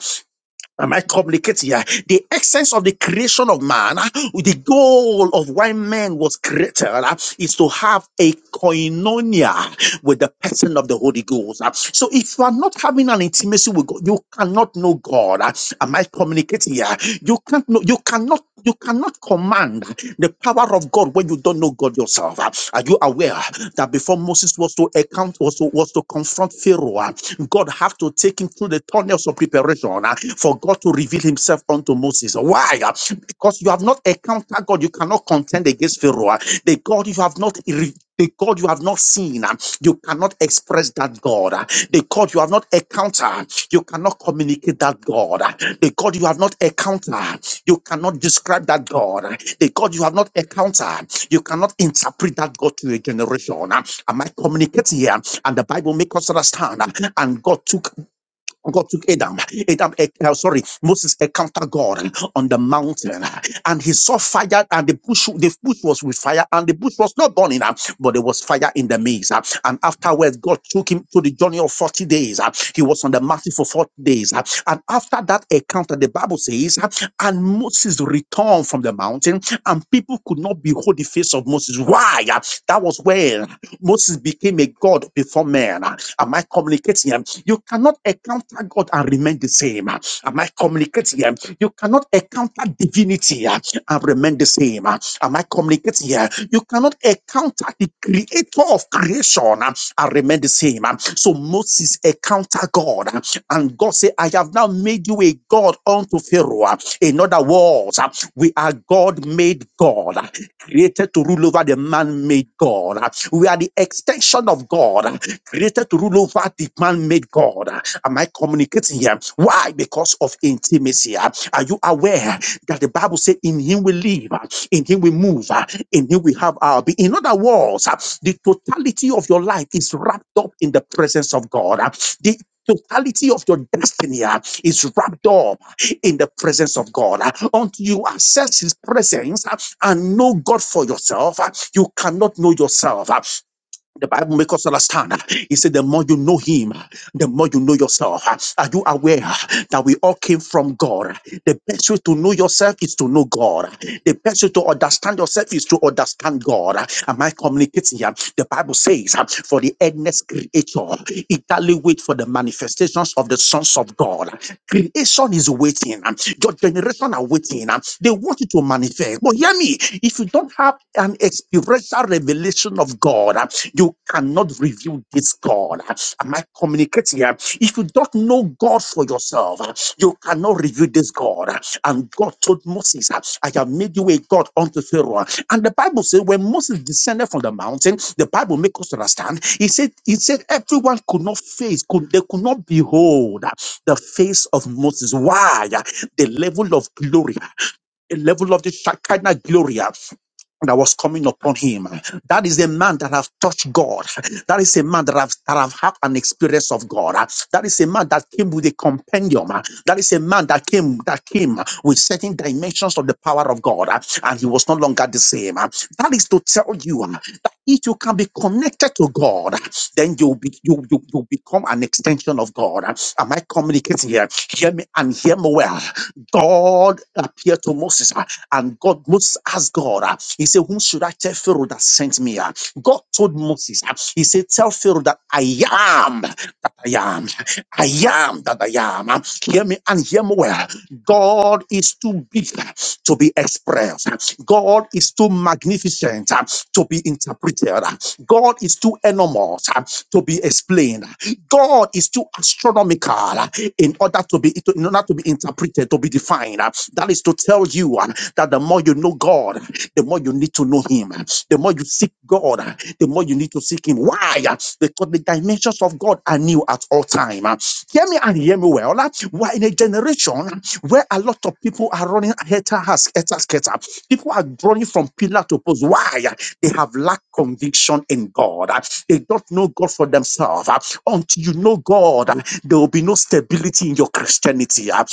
Am I communicating here? The essence of the creation of man, uh, with the goal of why man was created uh, is to have a koinonia with the person of the Holy Ghost. uh. So if you are not having an intimacy with God, you cannot know God. uh. Am I communicating here? uh, You can't know, you cannot, you cannot command the power of God when you don't know God yourself. Uh, Are you aware that before Moses was to account, was to, was to confront Pharaoh, uh, God had to take him through the tunnels of preparation uh, for God to reveal himself unto Moses. Why? Uh, Because you have not encountered God, you cannot contend against Pharaoh. Uh, The God you have not re- the God you have not seen, uh, you cannot express that God. uh. The God you have not encountered, you cannot communicate that God the God you have not encountered. You cannot describe that God. The God you have not encountered. You cannot interpret that God to a generation. Am I communicating here? And the Bible makes us understand. And God took God took Adam. Adam, eh, eh, sorry, Moses encountered God on the mountain, and he saw fire, and the bush, the bush was with fire, and the bush was not burning, ah, but there was fire in the midst. ah. And afterwards, God took him to the journey of forty days. ah. He was on the mountain for forty days, ah. and after that encounter, the Bible says, ah, and Moses returned from the mountain, and people could not behold the face of Moses. Why? Ah, That was when Moses became a God before man. Ah, Am I communicating? You cannot encounter God and remain the same. Am I communicating here? You cannot encounter divinity uh, and remain the same. Am I communicating here? You cannot encounter the creator of creation uh, and remain the same. So Moses encountered God uh, and God said, I have now made you a God unto Pharaoh. Uh, In other words, uh, we are God made God, uh, created to rule over the man made God. Uh, We are the extension of God created to rule over the man-made God. Am I communicating here? Why? Because of intimacy. Are you aware that the Bible says in him we live, in him we move, in him we have our being. In other words, the totality of your life is wrapped up in the presence of God. The totality of your destiny uh, is wrapped up in the presence of God. Uh, Until you access His presence uh, and know God for yourself, uh, you cannot know yourself. Uh, the Bible makes us understand. He said, the more you know him, the more you know yourself. Are you aware that we all came from God? The best way to know yourself is to know God. The best way to understand yourself is to understand God. Am I communicating here? The Bible says, for the endless creator, eagerly wait for the manifestations of the sons of God. Creation is waiting. Your generation are waiting. They want you to manifest. But hear me, if you don't have an experiential revelation of God, you cannot reveal this God. Am I communicating here? If you don't know God for yourself, you cannot reveal this God. And God told Moses, I have made you a God unto Pharaoh. And the Bible says, when Moses descended from the mountain, the Bible makes us understand. He said, He said, everyone could not face, could they could not behold the face of Moses. Why? The level of glory a level of the Shekinah glory uh, that was coming upon him. That is a man that have touched God. That is a man that have, that have had an experience of God. Uh, That is a man that came with a compendium. Uh, That is a man that came that came with certain dimensions of the power of God, uh, and he was no longer the same. Uh, That is to tell you uh, that if you can be connected to God, uh, then you'll be you you you become an extension of God. Uh, Am I communicating here? Hear me and hear me well. God appeared to Moses ah, and God Moses asked God, ah, he said, Whom should I tell Pharaoh that sent me? ah?" God told Moses, ah, he said, Tell Pharaoh that I am that I am. I am that I am. Ah, Hear me and hear me well. God is too big ah, to be expressed. God is too magnificent ah, to be interpreted. God is too enormous ah, to be explained. God is too astronomical uh, in order to be to- in order to be interpreted, to be defined. uh. That is to tell you uh, that the more you know God, the more you need to know Him. The more you seek God, uh, the more you need to seek Him. Why? Uh, Because the dimensions of God are new at all time. uh. Hear me and hear me well. uh. We're in a generation where a lot of people are running heter scatter, scatter. People are running from pillar to post. Why? They have lacked conviction in God. Uh, They don't know God for themselves. Uh, Until you know God, uh, there will be no stability in your Christianity. Uh,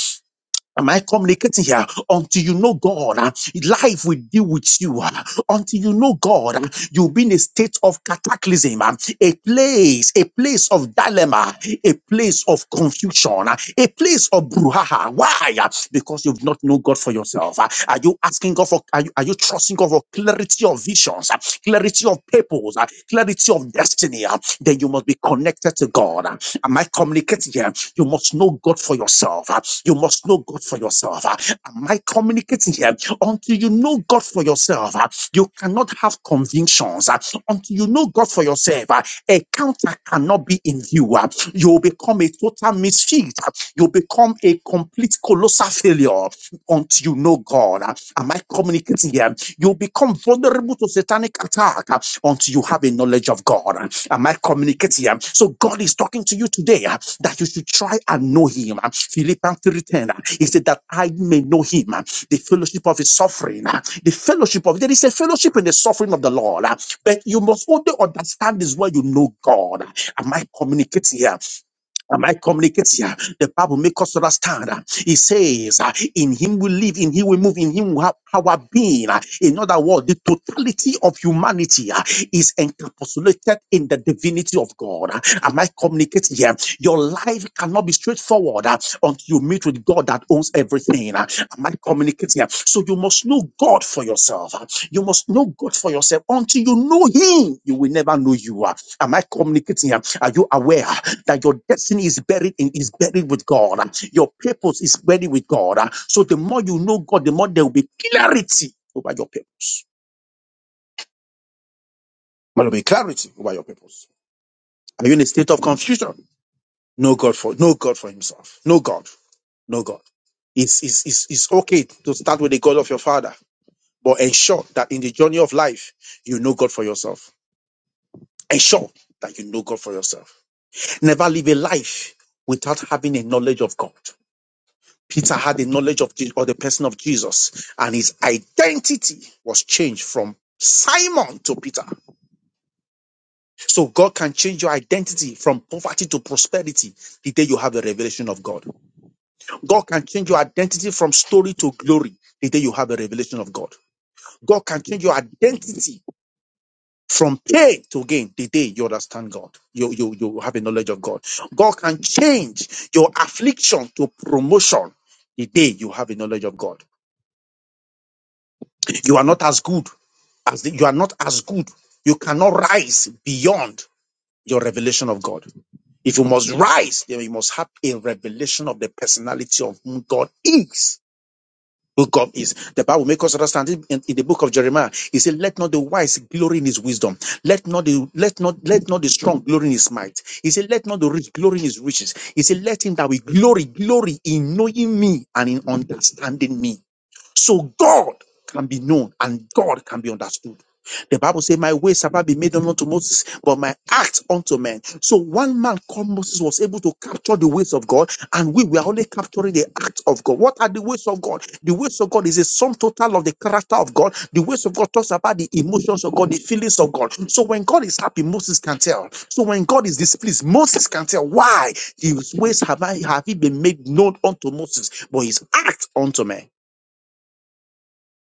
Am I communicating here? Until you know God, ah, life will deal with you. ah. Until you know God, ah, you'll be in a state of cataclysm, ah, a place, a place of dilemma, a place of confusion, ah, a place of brouhaha. Why? Ah, Because you've not known God for yourself. ah. Are you asking God for? Are you, are you trusting God for clarity of visions, ah, clarity of purpose, ah, clarity of destiny? ah? Then you must be connected to God. ah. Am I communicating here? You must know God for yourself. ah. You must know God for yourself. Ah, Am I communicating here? Until you know God for yourself, ah, you cannot have convictions. Ah, Until you know God for yourself, ah, a counter cannot be in view. Ah, You'll become a total misfit. Ah, You'll become a complete colossal failure until you know God. Ah, Am I communicating here? You'll become vulnerable to satanic attack ah, until you have a knowledge of God. Am I communicating? Um, So God is talking to you today uh, that you should try and know Him. Um, Philippians 3:10, uh, He said that I may know Him, uh, the fellowship of His suffering, uh, the fellowship of there is a fellowship in the suffering of the Lord. uh, But you must only understand this when you know God. uh, Am I communicating here? Am I communicating? here? The Bible makes us understand. uh, It says, uh, In him we live, in him we move, in him we have our being. Uh, In other words, the totality of humanity uh, is encapsulated in the divinity of God. Uh, Am I communicating here? Your life cannot be straightforward uh, until you meet with God that owns everything. Uh, Am I communicating here? So you must know God for yourself. Uh, You must know God for yourself. Until you know Him, you will never know you. Uh, Am I communicating here? Are you aware that your destiny is buried in is buried with God. Your purpose is buried with God. So the more you know God, the more there will be clarity over your purpose. There will be clarity over your purpose. Are you in a state of confusion? No God for no God for himself. No God. No God. It's it's it's, it's okay to start with the God of your father, but ensure that in the journey of life you know God for yourself. Ensure that you know God for yourself. Never live a life without having a knowledge of God. Peter had the knowledge of Je- or the person of Jesus, and his identity was changed from Simon to Peter. So God can change your identity from poverty to prosperity the day you have the revelation of God. God can change your identity from story to glory the day you have the revelation of God. God can change your identity from pain to gain the day you understand God. You, you, you have a knowledge of God. God can change your affliction to promotion the day you have a knowledge of God. You are not as good as the, you are not as good. You cannot rise beyond your revelation of God. If you must rise, then you must have a revelation of the personality of whom God is. Who God is. The Bible makes us understand it in, in the book of Jeremiah. He said, Let not the wise glory in his wisdom. Let not the let not let not the strong glory in his might. He said, Let not the rich glory in his riches. He said, Let him that will glory, glory in knowing me and in understanding me. So God can be known and God can be understood. The Bible says, My ways have not been made known to Moses, but my acts unto men. So one man called Moses was able to capture the ways of God, and we were only capturing the acts of God. What are the ways of God? The ways of God is a sum total of the character of God. The ways of God talks about the emotions of God, the feelings of God. So when God is happy, Moses can tell. So when God is displeased, Moses can tell. Why? His ways have I have he been made known unto Moses, but his acts unto men.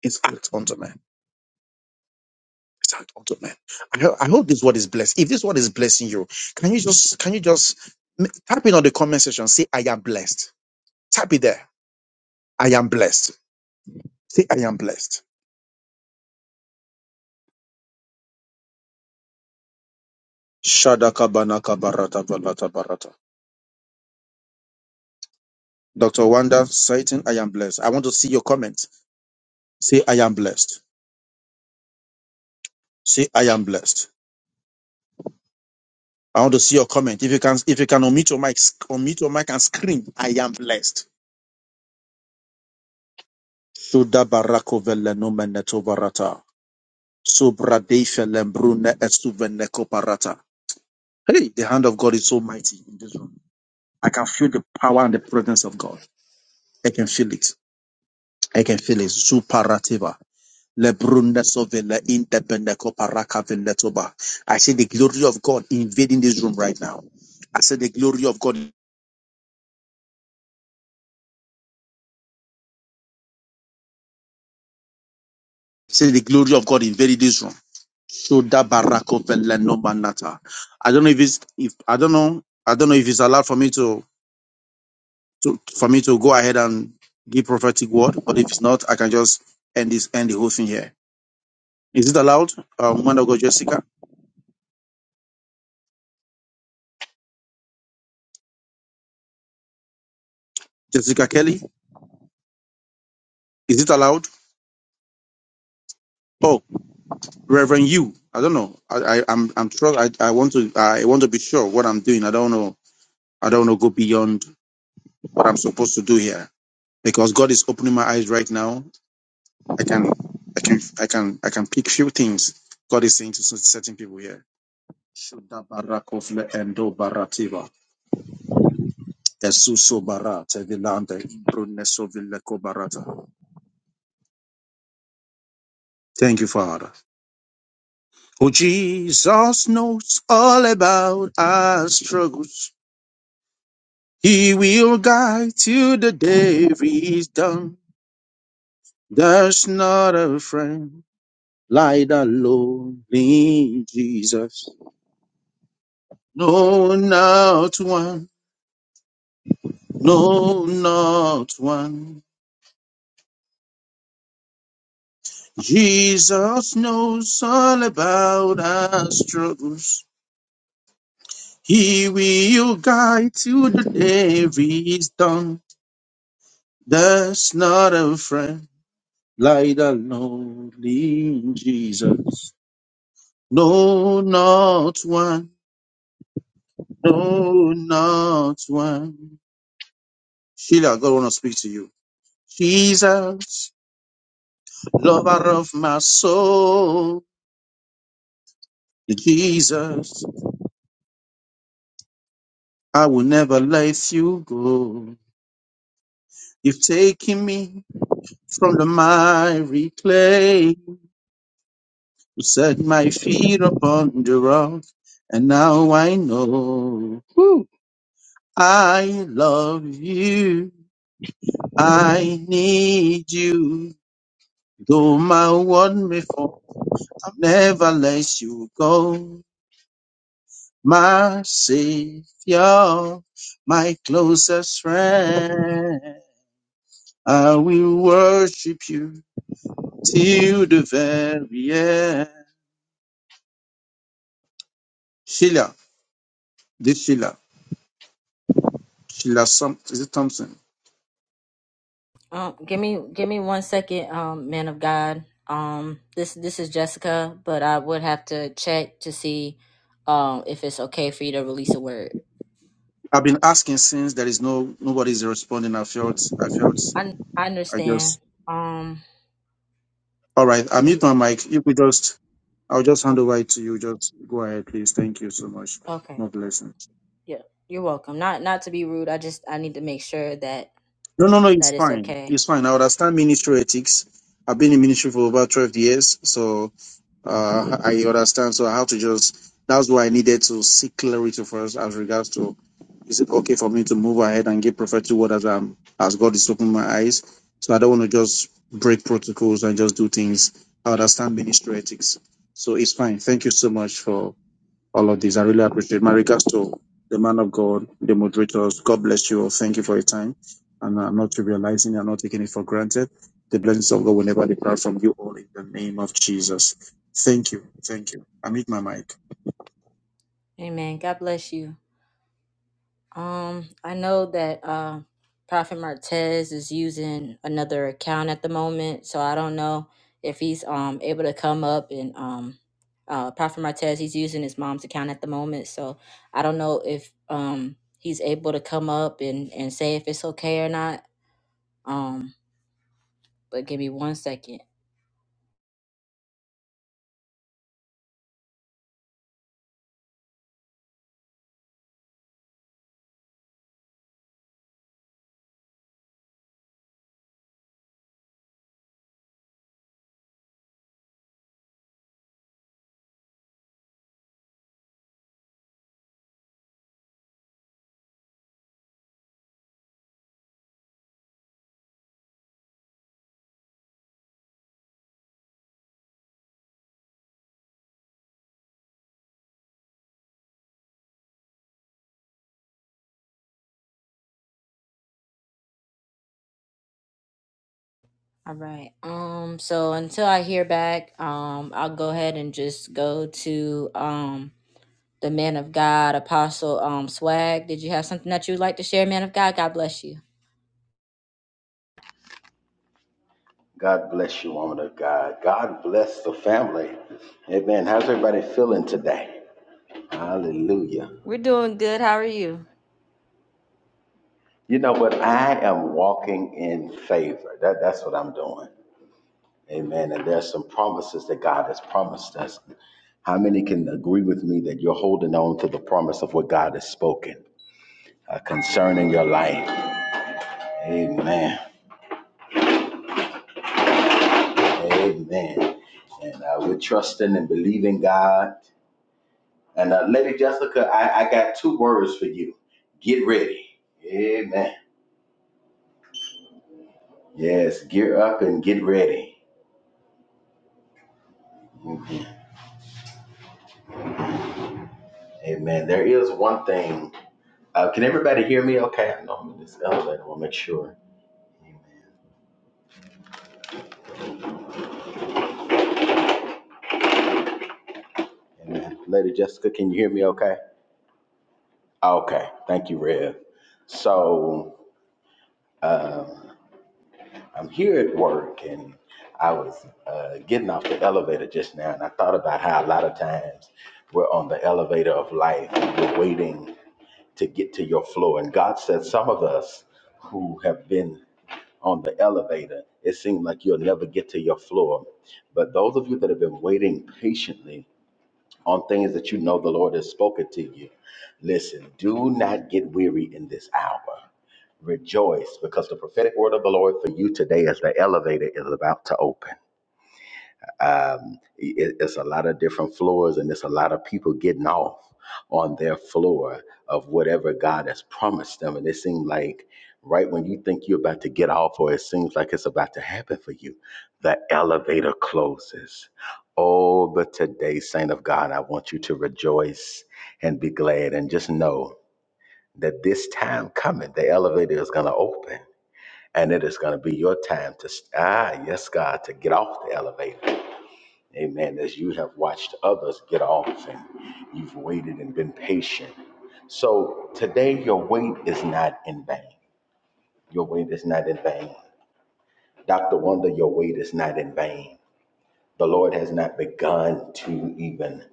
It's act unto man. It's act unto man. I, ho- I hope this word is blessed. If this word is blessing you, can you just can you just m- type in on the comment section? Say I am blessed. Type it there. I am blessed. Say I am blessed. Shadaka banaka barata balata barata. Dr. Wanda Satan, I am blessed. I want to see your comment. Say I am blessed. Say I am blessed. I want to see your comment. If you can if you can unmute your mic, sc- unmute your mic and scream, I am blessed. Shuda barako vele no meneto barata. Sobradesha Lembrune Estuvene Koparata. Hey, the hand of God is so mighty in this room. I can feel the power and the presence of God. I can feel it. I can feel it. Superativa. Lebrune Sovele Intepene Koparaka Veletoba. I see the glory of God invading this room right now. I see the glory of God. I see the glory of God invading this room. Shoda Barako Vele I don't know if it's if I don't know. I don't know if it's allowed for me to. to for me to go ahead and give prophetic word, but if it's not, I can just end this end the whole thing here. Is it allowed? Um, woman of God, Jessica, Jessica Kelly, is it allowed? Oh, Reverend, you, I don't know. I, I I'm I'm sure I, I want to I want to be sure what I'm doing. I don't know. I don't know. Go beyond what I'm supposed to do here because God is opening my eyes right now. I can I can I can I can pick few things God is saying to certain people here. Shodabarakofle endo barativa. Esuso barata vilante bruneso vileco barata. Thank you, Father. Oh, Jesus knows all about our struggles. He will guide till the day is done. There's not a friend like the lonely Jesus. No, not one. No, not one. Jesus knows all about our struggles. He will guide till the day is done. There's not a friend like the lonely Jesus. No, not one. No, not one. Sheila, God want to speak to you. Jesus, lover of my soul. Jesus, I will never let you go. You've taken me from the miry clay. who set my feet upon the rock, and now I know. Woo. I love you. I need you. Though my world may fall, I'll never let you go. My Savior, my closest friend. I will worship you till the very end. Sheila, this Sheila, Sheila, some, is it Thompson?
Um, give me give me one second, um, man of God. Um, this this is Jessica, but I would have to check to see um if it's okay for you to release a word.
I've been asking since there is no nobody's responding. I felt I felt
I I
I
understand.
just
Um,
all right. I
give
mute
me
my mic. You could just I'll just hand
okay,
over it to you. Just go ahead, please. Thank you so much.
okay,
More blessing.
yeah, you're welcome. Not not to be rude. I just I need to make sure that
No, no, no, it's
that it's
fine.
okay.
It's fine. I understand ministry ethics. I've been in ministry for over twelve years, so uh I understand. So I have to just that's why I needed to seek clarity first as regards to Is it okay for me to move ahead and give prophetic word as i as God is opening my eyes? So I don't want to just break protocols and just do things. I understand ministry ethics. So it's fine. Thank you so much for all of this. I really appreciate it. my regards to the man of God, the moderators. God bless you all. Thank you for your time. And I'm not trivializing, I'm not taking it for granted. The blessings of God will never depart from you all in the name of Jesus. Thank you. Thank you. I mute my mic.
Amen. God bless you. Um, I know that uh, Prophet Martez is using another account at the moment, so I don't know if he's um able to come up and um uh Prophet Martez he's using his mom's account at the moment, so I don't know if um he's able to come up and and say if it's okay or not. Um, but give me one second. All right. Um, so until I hear back, um, I'll go ahead and just go to um the man of God, Apostle um, Swag. Did you have something that you'd like to share, man of God? God bless you.
God bless you, woman of God. God bless the family. Amen. How's everybody feeling today? Hallelujah.
We're doing good. How are you?
You know what? I am walking in favor. That, that's what I'm doing. Amen. And there's some promises that God has promised us. How many can agree with me that you're holding on to the promise of what God has spoken uh, concerning your life? Amen. Amen. And uh, we're trusting and believing God And uh, Lady Jessica, I, I got two words for you. Get ready. Amen. Yes, gear up and get ready. Mhm. Amen. There is one thing. Uh, can everybody hear me okay? I know I'm in this elevator. I want to make sure. Amen. Amen. Lady Jessica, can you hear me okay? Okay. Thank you, Rev. So um, I'm here at work and I was uh, getting off the elevator just now and I thought about how a lot of times we're on the elevator of life and we're waiting to get to your floor. And God said, some of us who have been on the elevator, it seemed like you'll never get to your floor. But those of you that have been waiting patiently on things that you know the Lord has spoken to you, listen, do not get weary in this hour. Rejoice because the prophetic word of the Lord for you today as the elevator is about to open um, it- it's a lot of different floors and it's a lot of people getting off on their floor of whatever God has promised them. And it seems like right when you think you're about to get off or it seems like it's about to happen for you, the elevator closes. Oh, but today, saint of God, I want you to rejoice and be glad and just know that this time coming, the elevator is going to open and it is going to be your time to, ah, yes, God, to get off the elevator Amen. As you have watched others get off and you've waited and been patient. So today, your wait is not in vain. Your wait is not in vain. Dr. Wonder, your wait is not in vain. The Lord has not begun to even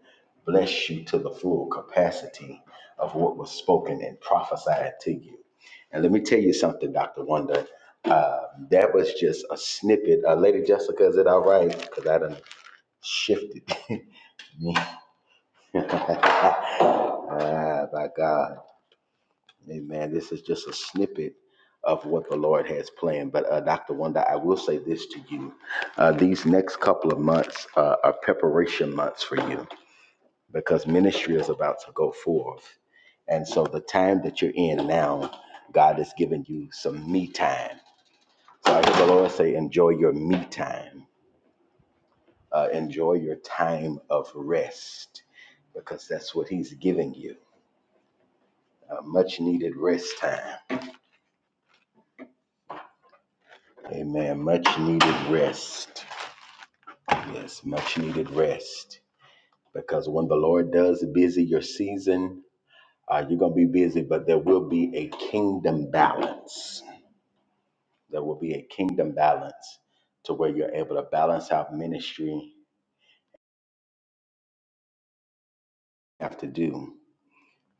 bless you to the full capacity of what was spoken and prophesied to you. And let me tell you something, Dr. Wonder. Uh, that was just a snippet. Uh, Lady Jessica, is it all right? Because I done shifted. *laughs* *laughs* ah, by God. Amen. This is just a snippet of what the Lord has planned. But uh, Dr. Wanda, I will say this to you. Uh, these next couple of months uh, are preparation months for you because ministry is about to go forth. And so the time that you're in now, God is giving you some me time. So I hear the Lord say, enjoy your me time. Uh, enjoy your time of rest because that's what he's giving you Uh, much needed rest time. Amen. Much needed rest. Yes, much needed rest. Because when the Lord does busy your season, uh, you're going to be busy, but there will be a kingdom balance. There will be a kingdom balance to where you're able to balance out ministry have to do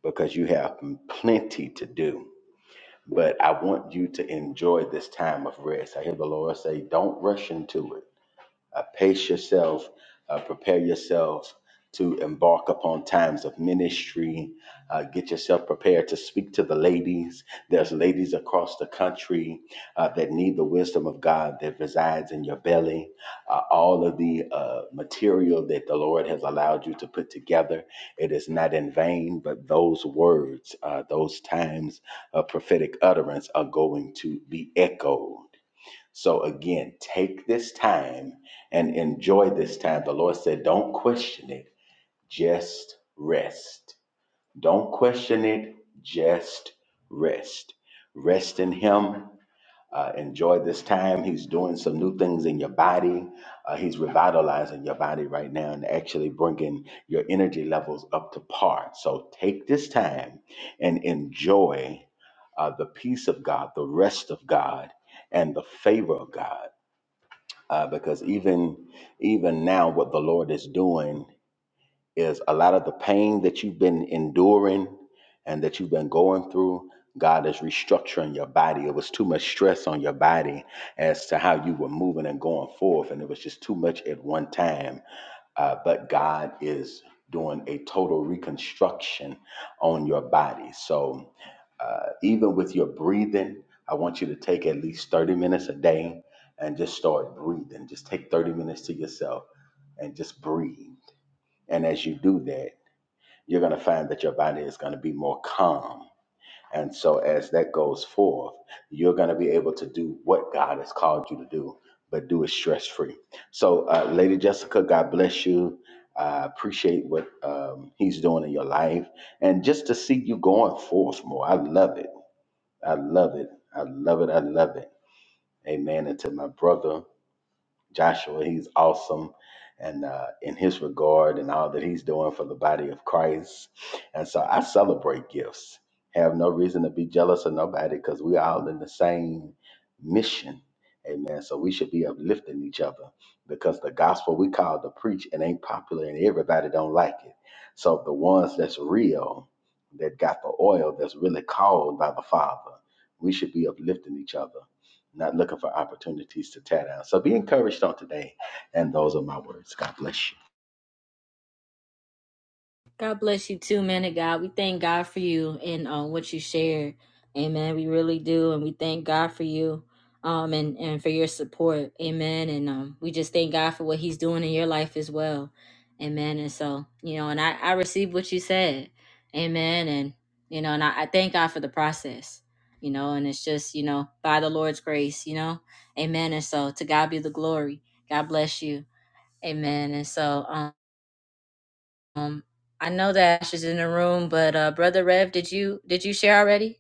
because you have plenty to do. But I want you to enjoy this time of rest. I hear the Lord say, don't rush into it Uh, pace yourself, uh, prepare yourself to embark upon times of ministry. Uh, get yourself prepared to speak to the ladies. There's ladies across the country uh, that need the wisdom of God that resides in your belly. Uh, all of the uh, material that the Lord has allowed you to put together, it is not in vain, but those words, uh, those times of prophetic utterance are going to be echoed. So again, take this time and enjoy this time. The Lord said, don't question it, just rest. Don't question it, just rest. Rest in Him. Uh, enjoy this time. He's doing some new things in your body. Uh, he's revitalizing your body right now and actually bringing your energy levels up to par. So take this time and enjoy uh, the peace of God, the rest of God, and the favor of God uh, because even even now what the lord is doing is a lot of the pain that you've been enduring and that you've been going through god is restructuring your body it was too much stress on your body as to how you were moving and going forth and it was just too much at one time uh, but God is doing a total reconstruction on your body. So, uh, even with your breathing, I want you to take at least 30 minutes a day and just start breathing. Just take 30 minutes to yourself and just breathe. And as you do that, you're going to find that your body is going to be more calm and so, as that goes forth, you're going to be able to do what God has called you to do, but do it stress free. So, uh, Lady Jessica, God bless you. I appreciate what um, He's doing in your life. And just to see you going forth more, I love it. I love it. I love it. I love it. Amen. And to my brother, Joshua. He's awesome and uh, in his regard and all that he's doing for the body of Christ. And so I celebrate gifts. Have no reason to be jealous of nobody because we're all in the same mission. Amen. So we should be uplifting each other because the gospel we call to preach and ain't popular and everybody don't like it. So the ones that's real, that got the oil that's really called by the Father, we should be uplifting each other not looking for opportunities to tear down. So be encouraged on today. And those are my words. God bless you.
God bless you too, man of God. We thank God for you and um, what you shared. Amen. We really do. And we thank God for you um, and, and for your support. Amen. And um, we just thank God for what he's doing in your life as well. Amen. And so, you know, and I, I received what you said. Amen. And, you know, and I, I thank God for the process, you know, and it's just, you know, by the Lord's grace, you know. Amen. And so to God be the glory. God bless you. Amen. And so, um, um, I know that Ash is in the room, but uh, brother Rev, did you did you share already?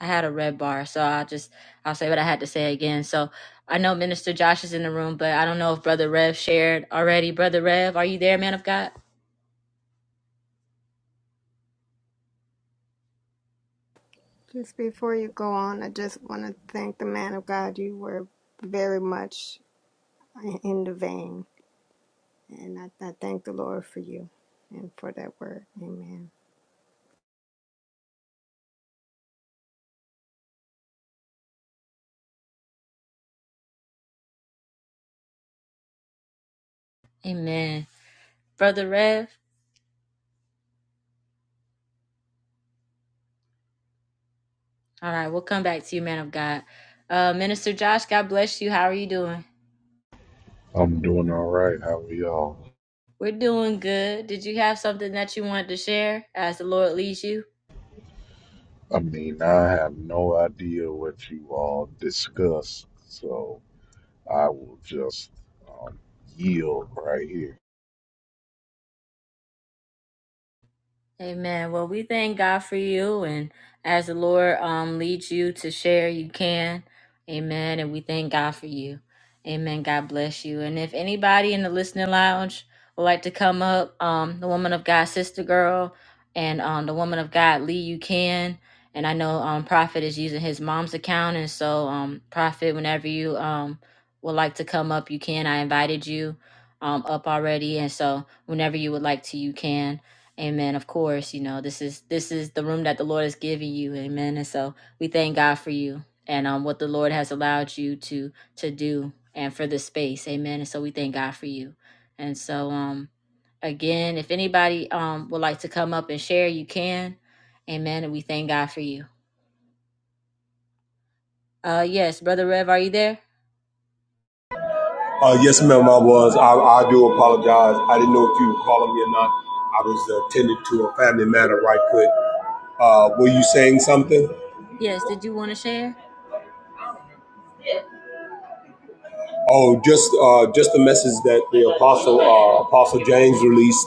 I had a red bar, so I just I'll say what I had to say again. So I know Minister Josh is in the room, but I don't know if brother Rev shared already. Brother Rev, are you there, man of God?
Just before you go on, I just want to thank the man of God. You were very much in the vein, and I, I thank the Lord for you and for that word. Amen.
Amen. Brother Rev, all right, we'll come back to you, man of God. Uh, Minister Josh, God bless you. How are you doing?
I'm doing all right. How are y'all?
We're doing good. Did you have something that you wanted to share as the Lord leads you?
I mean, I have no idea what you all discuss, so I will just um, yield right here.
Amen. Well, we thank God for you, and as the Lord um leads you to share, you can. Amen. And we thank God for you. Amen. God bless you. And if anybody in the listening lounge would like to come up, um, the woman of God, sister girl, and um, the woman of God, Lee, you can. And I know um, Prophet is using his mom's account, and so um, Prophet, whenever you um would like to come up, you can. I invited you um up already, and so whenever you would like to, you can. Amen. Of course, you know, this is this is the room that the Lord has given you. Amen. And so we thank God for you and um what the Lord has allowed you to to do and for the space. Amen. And so we thank God for you. And so um again, if anybody um would like to come up and share, you can. Amen. And we thank God for you. Uh yes, brother Rev, are you there?
Uh, yes, ma'am, I was. I, I do apologize. I didn't know if you were calling me or not. I was attending to a family matter right quick. Uh, were you saying something?
Yes, did you want to share?
Oh, just uh, just the message that the apostle uh, Apostle James released,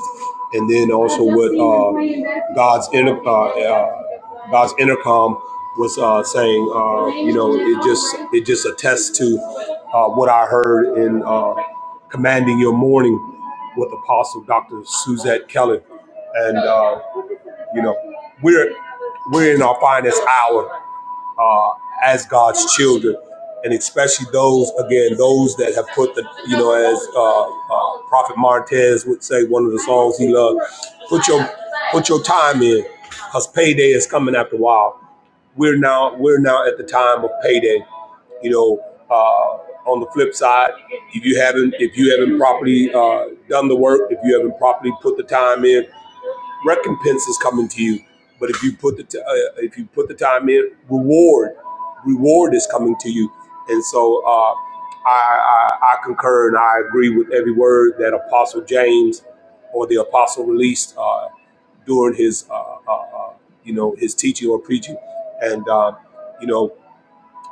and then also what uh, God's inter- uh, uh, God's intercom was uh, saying. Uh, you know, it just it just attests to uh, what I heard in uh, commanding your morning with Apostle Doctor Suzette Kelly, and uh, you know we're we're in our finest hour uh, as God's children, and especially those again those that have put the you know as uh, uh, Prophet Martez would say one of the songs he loved, put your put your time in, cause payday is coming after a while. We're now we're now at the time of payday. You know, uh, on the flip side, if you haven't if you haven't properly uh, done the work, if you haven't properly put the time in recompense is coming to you. But if you put the t- uh, if you put the time in, reward reward is coming to you. And so uh, I, I I concur and I agree with every word that Apostle James or the Apostle released uh, during his uh, uh, uh, you know his teaching or preaching. And uh, you know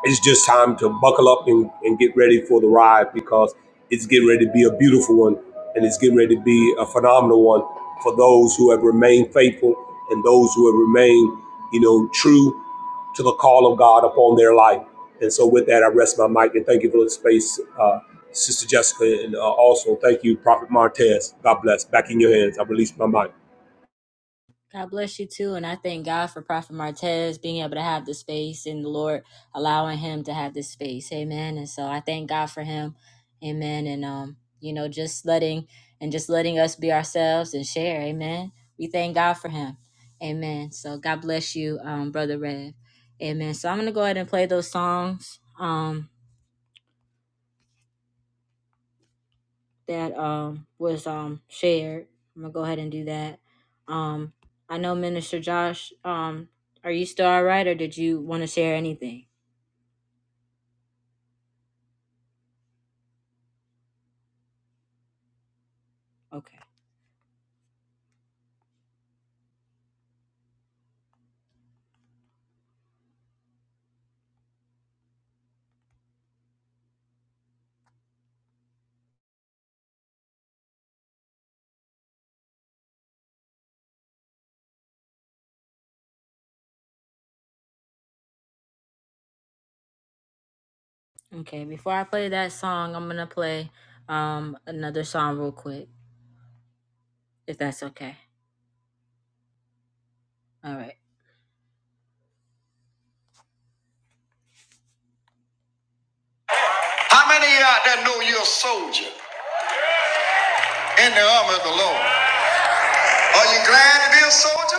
it's just time to buckle up and, and get ready for the ride because it's getting ready to be a beautiful one and it's getting ready to be a phenomenal one for those who have remained faithful and those who have remained, you know, true to the call of God upon their life. And so with that, I rest my mic and thank you for the space, uh, Sister Jessica, and uh, also thank you, Prophet Martez. God bless. Back in your hands. I release my mic.
God bless you too. And I thank God for Prophet Martez being able to have the space and the Lord allowing him to have this space. Amen. And so I thank God for him. Amen. And um, you know, just letting and just letting us be ourselves and share. Amen. We thank God for him. Amen. So God bless you, um, Brother Rev. Amen. So I'm gonna go ahead and play those songs. Um that um was um shared. I'm gonna go ahead and do that. Um, I know Minister Josh. Um, are you still all right, or did you want to share anything? Okay, okay. Before I play that song, I'm gonna play um another song real quick, if that's okay. All right. How many of you out there know you're a soldier in the army of the Lord? Are you glad to be a soldier?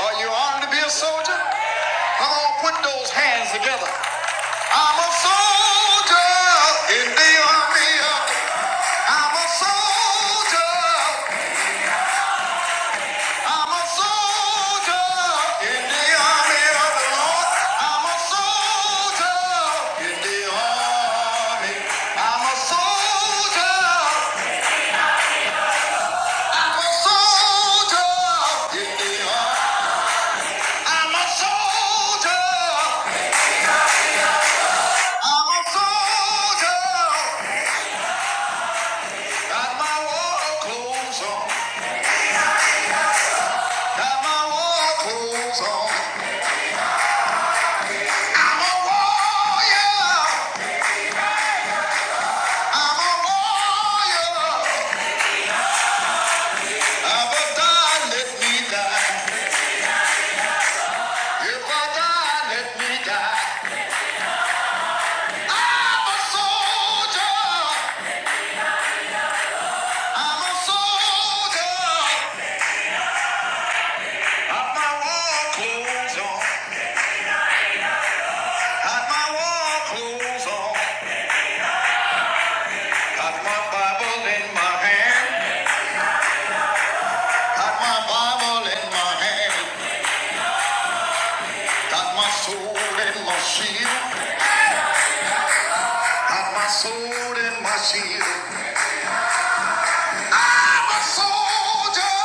Are you armed to be a soldier? Come on, put those hands together. I'm a soldier in the army. of- I'm a soldier. I'm a soldier in the army of the Lord. I'm a soldier in the army. I'm a soldier. I'm a soldier in the army. I'm a soldier. I'm a soldier, got my war clothes on, got my war clothes on. I'm a warrior, I'm a warrior. If I die, let me die. If I die, let me die. I'm a soldier, I'm a soldier. Got my war clothes on, got my war clothes on. Got my Bible in my hand. Got my Bible in my hand, got my sword in my shield, got my sword in my shield. I'm a soldier,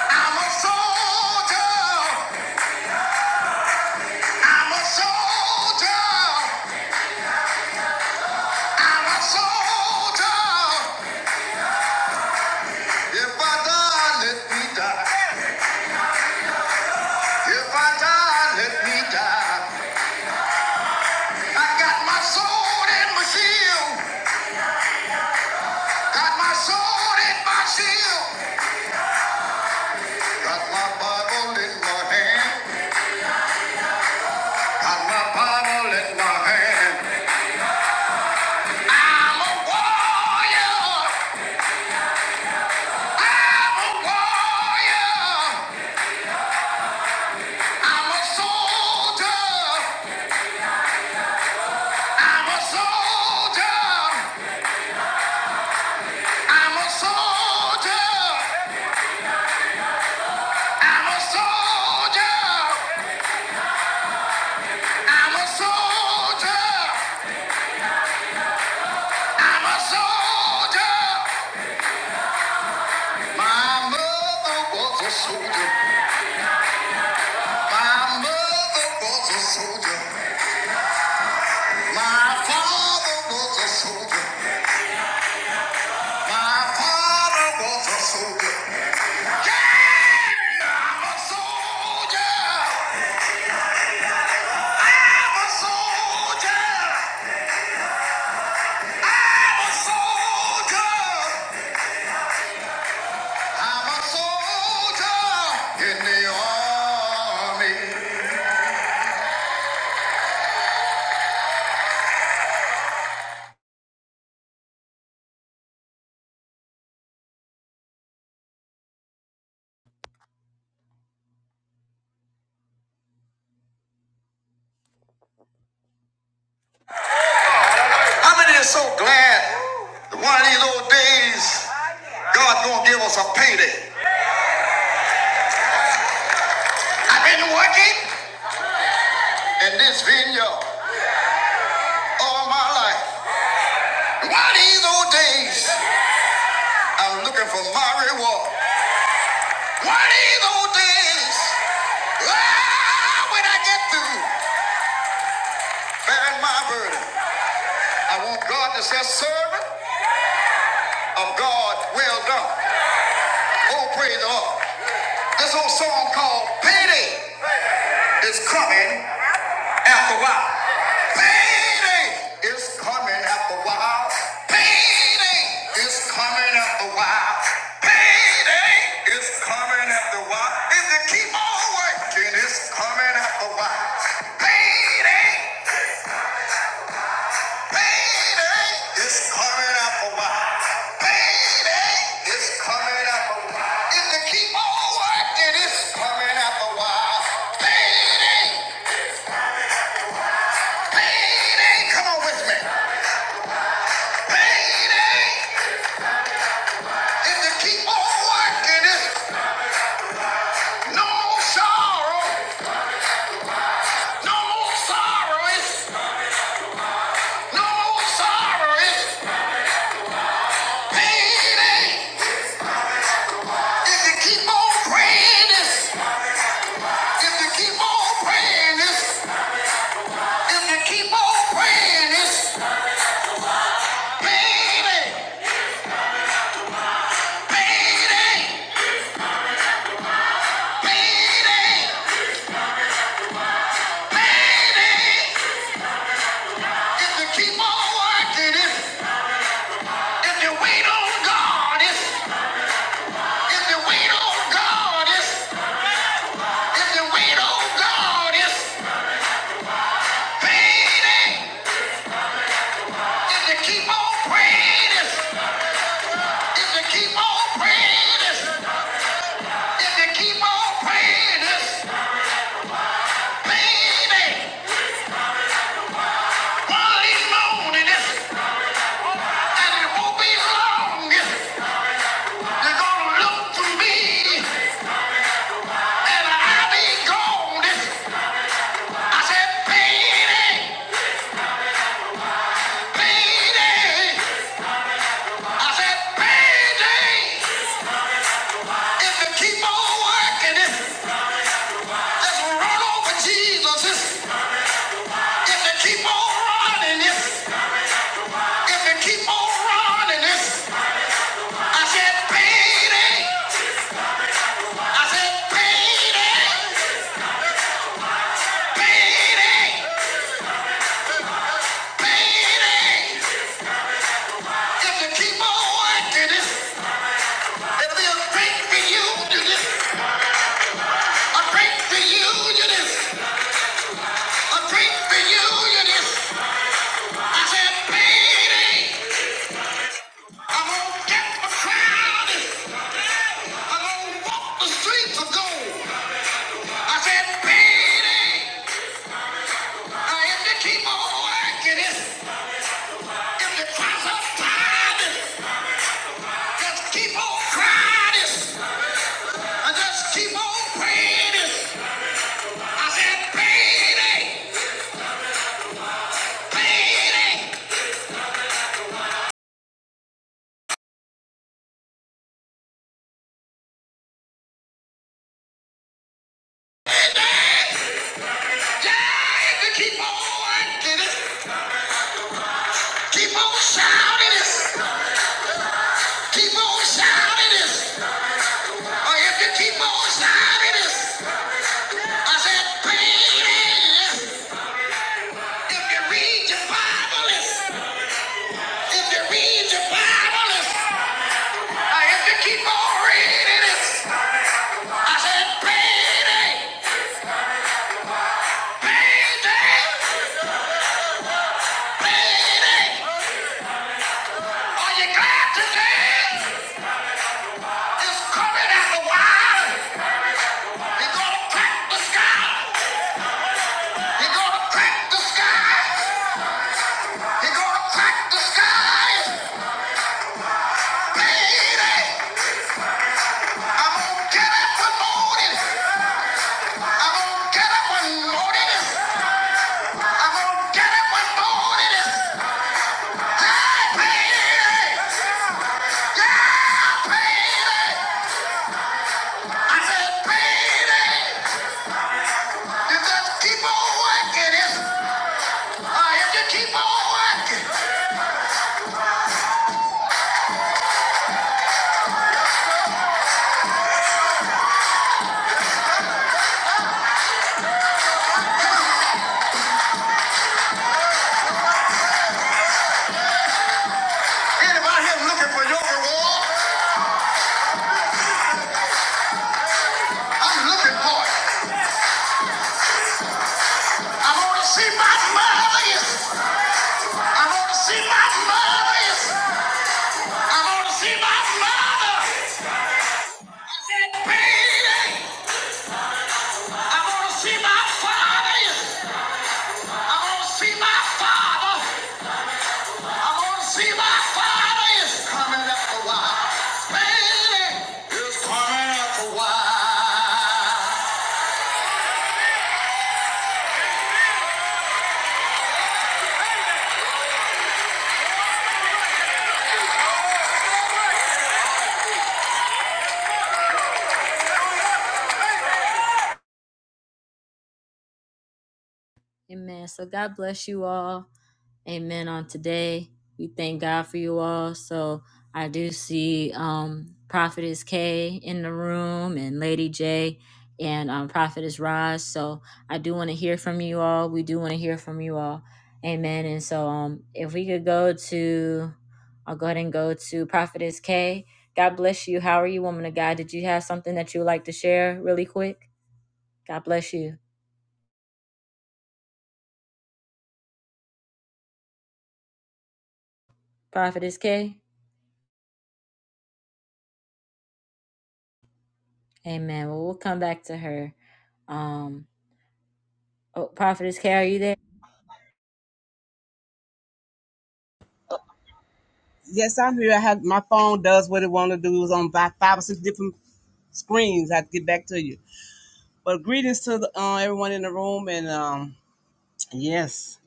I'm a soldier, I'm a soldier, I'm a soldier. If I die, let me die. If I die, let me die. I got my sword in my shield, got my sword in my shield. Got my Bible in my hand. Got my Bible in my hand. I'm a warrior. I'm a warrior. I'm a soldier. I'm a soldier. I'm a soldier. I'm a soldier. I'm a soldier. My mother was a soldier. My mother was a soldier. My father was a soldier. My father was a soldier. Yeah! I'm a soldier. I'm a soldier. a soldier. I'm a soldier in the army. So glad one of these old days God's gonna pay. I've been working all my life. One day, for my reward. I am gonna pay. Hey, It's hard. Payday is coming after a while. If keep on working, it's coming after a while. Payday, payday coming after a while. Payday coming after a while. If keep on working, it's coming after a while. Payday, come on with me. Payday, if you keep on working, it's no more sorrow, no more sorrow. It's No sorrow, pain. If you keep on praying this, if you keep on praying this, if you keep on praying this, baby, baby, baby, baby. If you keep on working it, if you wait on God, if if you wait on God, if if you wait on God, if if you keep on praying. to keep on praying this pain ain't finally known and it won't be long you're gonna look for me and I'll be gone this I said pain eh. I said pain is this just run on this if they keep on running this if they this I said pain eh. I said pain eh. pain eh. eh. If you keep on working it, it'll be a great reunion. it, A great reunion. it, A great reunion. it. I said, baby, I'm gonna get the crowd. I'm gonna walk the streets of gold. I said, baby, now if you keep on working it, if you cross up time, just keep on crying and just keep on praying. I said, baby. Keep on working it. Keep on shouting it. Keep on shouting it. Or if you keep on shouting it, I said, baby, read your Bible. If you read your Bible, or if you keep on reading it, and baby, are you glad today? It's coming out the wild. you gonna crack for your reward. I'm looking for it. I want to see my mother. I want to see my mother. I want to see my mother. Baby, I want to see my father. I want to see my father. I want to see my father. It's coming up a while. Baby, it's coming up a while. Amen. So God bless you all. Amen on today. We thank God for you all. So I do see um Prophetess K in the room and Lady J and um, Prophetess Roz. So I do want to hear from you all. We do want to hear from you all. Amen. And so um if we could go to I'll go ahead and go to Prophetess K. God bless you. How are you, woman of God? Did you have something that you would like to share really quick? God bless you. Prophetess K. Amen. Well, we'll come back to her. Um, Oh, Prophetess Carrie, you there?
Yes, I'm here. I have my phone does what it want to do. It was on about five or six different screens. I have to get back to you. But greetings to the, uh, everyone in the room. And um, yes,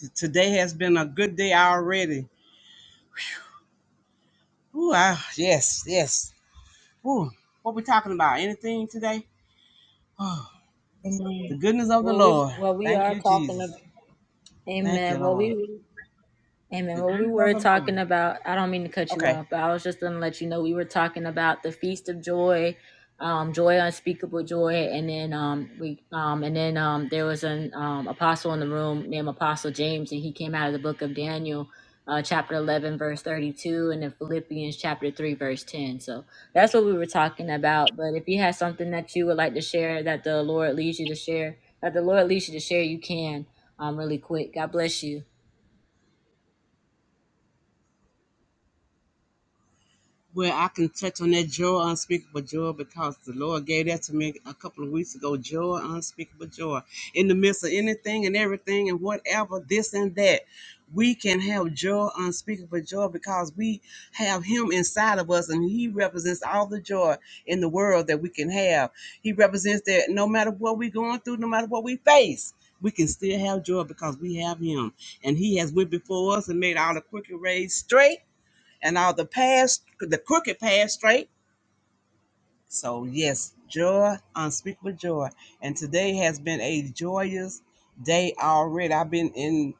t- today has been a good day already. Ooh, I, yes, yes. Ooh, what we talking about? Anything today? *sighs* Oh, the
Amen.
goodness of the
Well, we
Lord.
well we
Thank
are
you,
talking
Jesus.
about
Thank you,
Amen. Well,
Lord.
we Amen.
The
Well, we
goodness of
were
the Lord.
talking about, I don't mean to cut you
Okay.
off, but I was just going to let you know we were talking about the Feast of Joy, um, joy, unspeakable joy. And then, um, we, um, and then, um, there was an, um, apostle in the room named Apostle James, and he came out of the book of Daniel, uh, chapter 11, verse 32, and then Philippians chapter 3, verse 10. So that's what we were talking about. But if you have something that you would like to share that the Lord leads you to share, that the Lord leads you to share, you can, um, really quick. God bless you.
Well, I can touch on that joy, unspeakable joy, because the Lord gave that to me a couple of weeks ago. Joy, unspeakable joy. In the midst of anything and everything and whatever, this and that, we can have joy, unspeakable joy, because we have Him inside of us and He represents all the joy in the world that we can have. He represents that no matter what we're going through, no matter what we face, we can still have joy because we have Him. And He has went before us and made all the crooked ways straight and all the paths, the crooked paths straight. So, yes, joy, unspeakable joy. And today has been a joyous day already. I've been in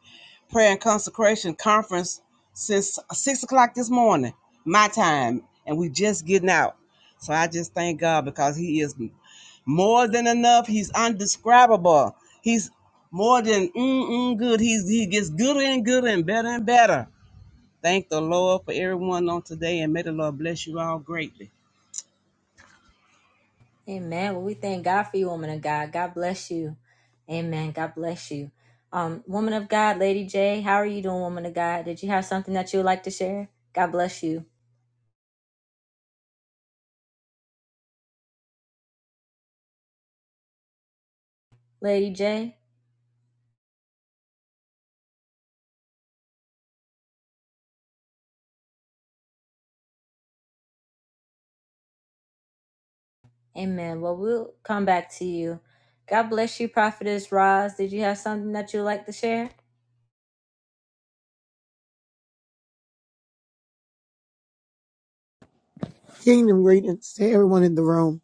prayer and consecration conference since six o'clock this morning, my time, and we just getting out. So I just thank God because He is more than enough. He's undescribable. He's more than mm-mm good. He's, he gets gooder and gooder and better and better. Thank the Lord for everyone on today, and may the Lord bless you all greatly.
Amen. Well, we thank God for you, woman of God. God bless you. Amen. God bless you. Um, woman of God, Lady J, how are you doing, woman of God? Did you have something that you would like to share? God bless you. Lady J, amen. Well, we'll come back to you. God bless you, Prophetess Roz. Did you have something that you would like to share?
Kingdom greetings to everyone in the room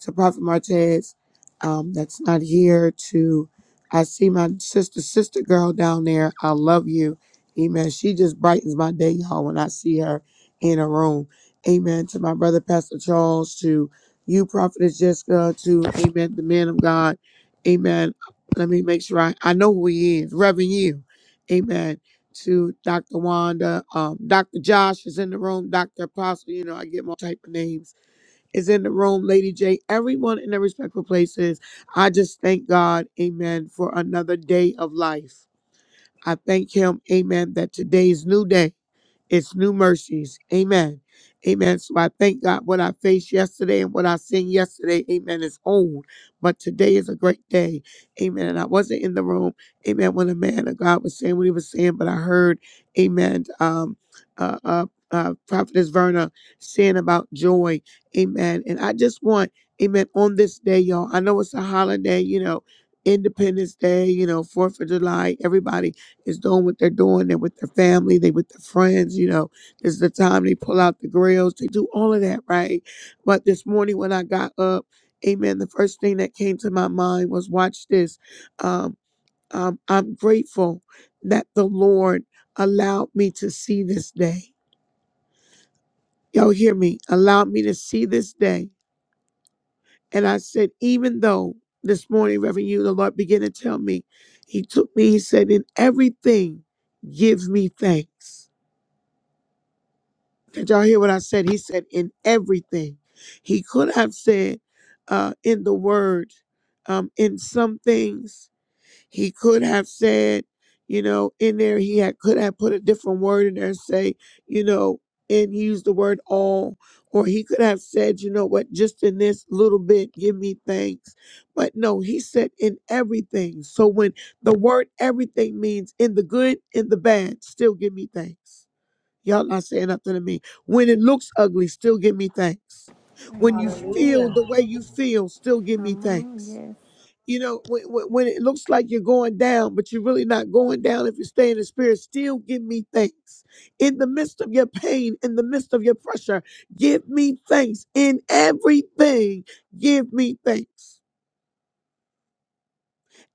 to Prophet Martez um, that's not here. To I see my sister, sister girl down there. I love you. Amen. She just brightens my day, y'all, when I see her in a room. Amen. To my brother, Pastor Charles. To you, Prophetess Jessica. To Amen, the man of God. Amen. Let me make sure I, I know who he is. Reverend you. Amen. To Dr. Wanda. Um, Dr. Josh is in the room. Dr. Apostle. You know, I get more type of names is in the room, Lady J, everyone in their respectful places. I just thank God, amen, for another day of life. I thank Him, amen, that today's new day. It's new mercies. Amen. Amen. So I thank God what I faced yesterday and what I seen yesterday. Amen. Is old. But today is a great day. Amen. And I wasn't in the room. Amen. When the man of God was saying what he was saying, but I heard, Amen. Um, uh, uh, uh, Prophetess Verna saying about joy. Amen. And I just want, Amen, on this day, y'all. I know it's a holiday, you know, Independence Day, you know, Fourth of July, everybody is doing what they're doing. They're with their family, they with their friends, you know. This is the time they pull out the grills, they do all of that, right? But this morning when I got up, amen, the first thing that came to my mind was watch this. Um, um, I'm grateful that the Lord allowed me to see this day. Y'all hear me? Allowed me to see this day. And I said, even though this morning, Reverend you, the Lord began to tell me, He took me, He said, in everything, give me thanks Did y'all hear what I said? He said in everything. He could have said uh, in the word, um, in some things. He could have said, you know, in there he had, could have put a different word in there and say, you know, and he used the word all. Or he could have said, you know what, just in this little bit, give me thanks. But no, he said in everything. So when the word everything means in the good, in the bad, still give me thanks Y'all not saying nothing to me. When it looks ugly, still give me thanks. When you
Amen.
feel the way you feel, still give me
Come on,
thanks.
yes.
You know, when, when when it looks like you're going down, but you're really not going down if you stay in the spirit, still give me thanks. In the midst of your pain, in the midst of your pressure, give me thanks. In everything, give me thanks.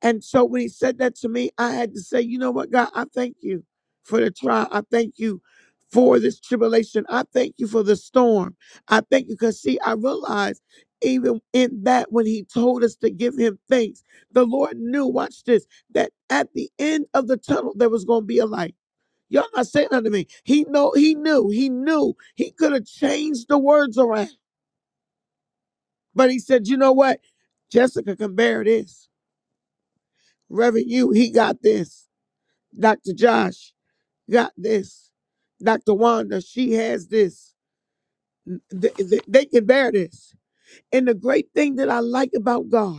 And so when he said that to me, I had to say, you know what, God, I thank you for the trial. I thank you for this tribulation. I thank you for the storm. I thank you because, see, I realized even in that when he told us to give him thanks, the Lord knew, watch this, that at the end of the tunnel, there was going to be a light. Y'all not saying nothing to me. He know he knew. He knew he could have changed the words around. But he said, you know what? Jessica can bear this. Reverend, you, he got this. Dr. Josh got this. Dr. Wanda, she has this. Th- th- They can bear this. And the great thing that I like about God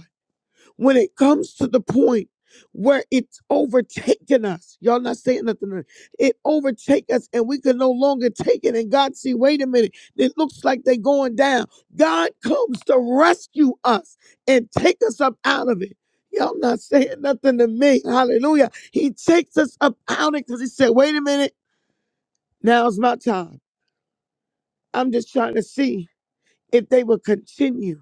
when it comes to the point where it's overtaken us. Y'all not saying nothing. It overtake us and we can no longer take it. And God see, wait a minute, it looks like they going down. God comes to rescue us and take us up out of it. Y'all not saying nothing to me. Hallelujah. He takes us up out of it because he said, wait a minute, now's my time. I'm just trying to see if they will continue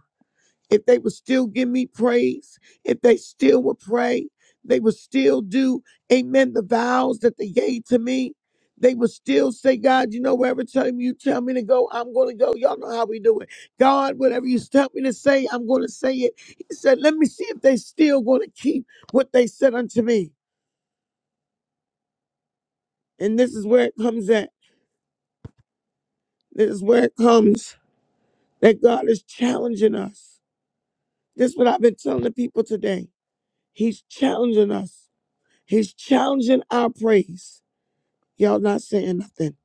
if they would still give me praise, if they still would pray, they would still do, amen, the vows that they gave to me. They would still say, God, you know, wherever time you tell me to go, I'm going to go. Y'all know how we do it. God, whatever you tell me to say, I'm going to say it. He said, let me see if they still going to keep what they said unto me. And this is where it comes at. This is where it comes that God is challenging us. This is what I've been telling the people today. He's challenging us. He's challenging our praise. Y'all not saying nothing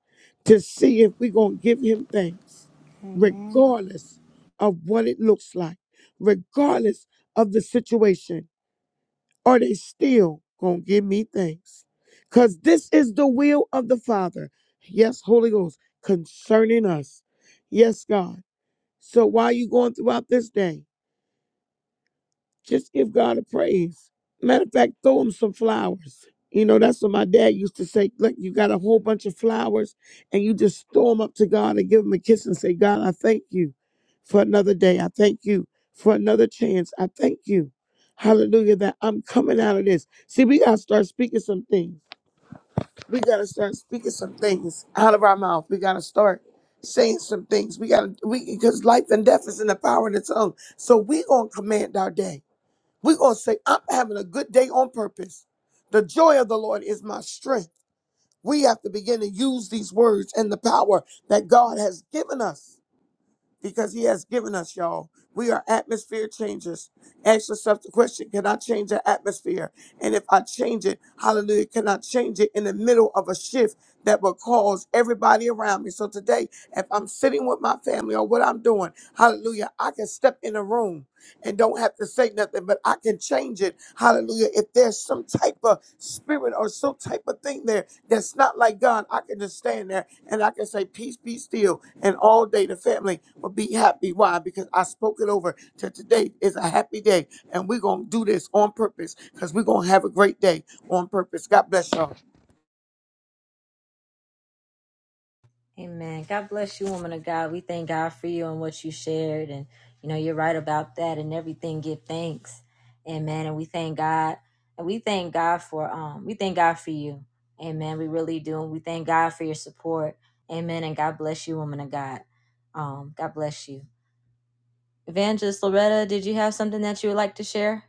to see if we're going to give him thanks,
Amen.
regardless of what it looks like, regardless of the situation. Are they still going to give me thanks? Because this is the will of the Father. Yes, Holy Ghost, concerning us. Yes, God. So while you going throughout this day? Just give God a praise. Matter of fact, throw him some flowers. You know, that's what my dad used to say. Look, you got a whole bunch of flowers and you just throw them up to God and give him a kiss and say, God, I thank you for another day. I thank you for another chance. I thank you. Hallelujah, that I'm coming out of this. See, we got to start speaking some things. We got to start speaking some things out of our mouth. We got to start saying some things. We got to, we because life and death is in the power of the tongue. So we going to command our day. We're going to say, I'm having a good day on purpose. The joy of the Lord is my strength. We have to begin to use these words and the power that God has given us because He has given us, y'all. We are atmosphere changers. Ask yourself the question Can I change the atmosphere? And if I change it, hallelujah, can I change it in the middle of a shift that will cause everybody around me? So today, if I'm sitting with my family or what I'm doing, hallelujah, I can step in a room and don't have to say nothing, but I can change it. Hallelujah. If there's some type of spirit or some type of thing there that's not like God, I can just stand there and I can say, Peace be still. And all day the family will be happy. Why? Because I spoke it over to today is a happy day. And we're going to do this on purpose because we're going to have a great day on purpose. God bless y'all.
Amen. God bless you, woman of God. We thank God for you and what you shared. And, you know, you're right about that and everything. Give thanks. Amen. And we thank God. And we thank God for um we thank God for you. Amen. We really do. And we thank God for your support. Amen. And God bless you, woman of God. Um, God bless you. Evangelist Loretta, did you have something that you would like to share,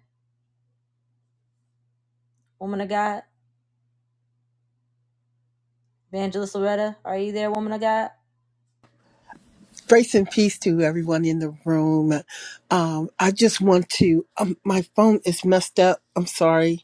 woman of God? Evangelist Loretta, are you there, woman of God?
Grace and peace to everyone in the room. Um, I just want to. Um, my phone is messed up. I'm sorry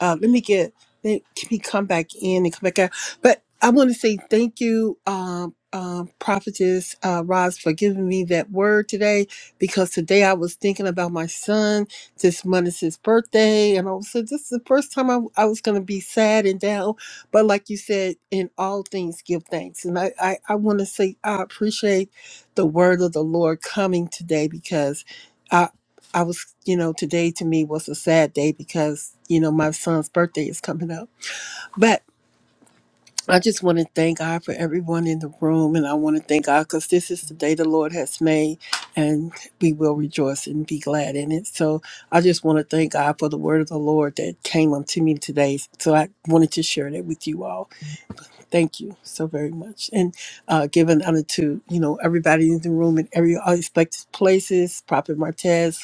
uh, let me get let me come back in and come back out. But I want to say thank you, um, um, prophetess uh, Roz, for giving me that word today because today I was thinking about my son. This month is his birthday, and I said this is the first time I, I was going to be sad and down. But like you said, in all things, give thanks. And I, I, I want to say I appreciate the word of the Lord coming today because I. I was you know, today to me was a sad day because, you know, my son's birthday is coming up. But I just want to thank God for everyone in the room. And I want to thank God because this is the day the Lord has made and we will rejoice and be glad in it. So I just want to thank God for the word of the Lord that came unto me today. So I wanted to share that with you all. Thank you so very much. And uh, giving honor to, you know, everybody in the room and every all expected places, Prophet Martez,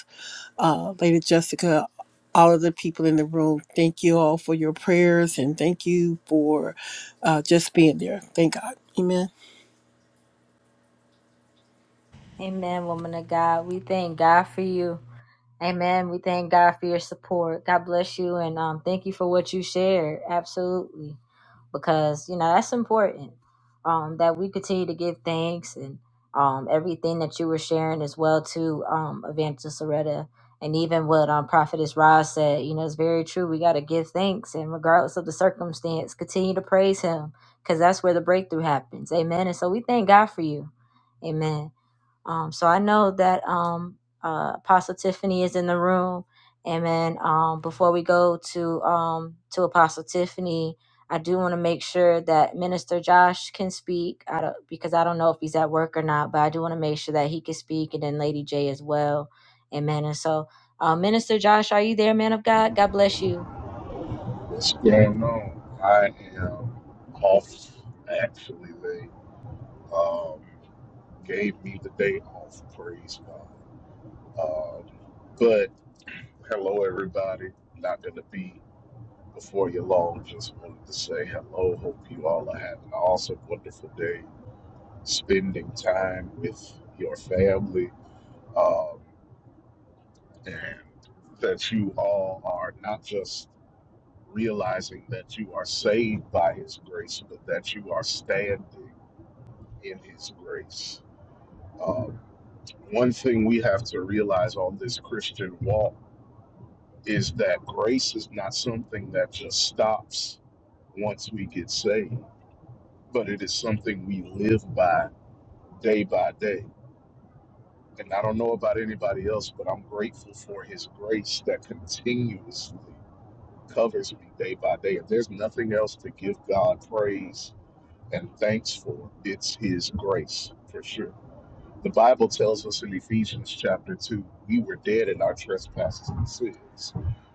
uh, Lady Jessica, all of the people in the room. Thank you all for your prayers and thank you for uh, just being there. Thank God. Amen.
Amen, woman of God. We thank God for you. Amen. We thank God for your support. God bless you and um thank you for what you shared. Absolutely. Because, you know, that's important. Um, that we continue to give thanks and um everything that you were sharing as well to um Evangelist Loretta and even what um Prophetess Roz said, you know, it's very true. We gotta give thanks and regardless of the circumstance, continue to praise him because that's where the breakthrough happens. Amen. And so we thank God for you. Amen. Um, so I know that um, uh, Apostle Tiffany is in the room. Amen. Um, before we go to um, to Apostle Tiffany, I do want to make sure that Minister Josh can speak. I don't, because I don't know if he's at work or not, but I do want to make sure that he can speak, and then Lady J as well. Amen. And so, uh, Minister Josh, are you there, man of God? God bless you.
What's going on? I am off. Actually, they um, gave me the day off. Praise God. Um, but hello, everybody. Not going to be before you long. Just wanted to say hello. Hope you all are having an awesome, wonderful day. spending time with your family, um, and that you all are not just realizing that you are saved by His grace, but that you are standing in His grace. Um, one thing we have to realize on this Christian walk is that grace is not something that just stops once we get saved, but it is something we live by day by day And I don't know about anybody else, but I'm grateful for his grace that continuously covers me day by day. If there's nothing else to give God praise and thanks for, it's his grace for sure. The Bible tells us in Ephesians chapter 2, we were dead in our trespasses and sins.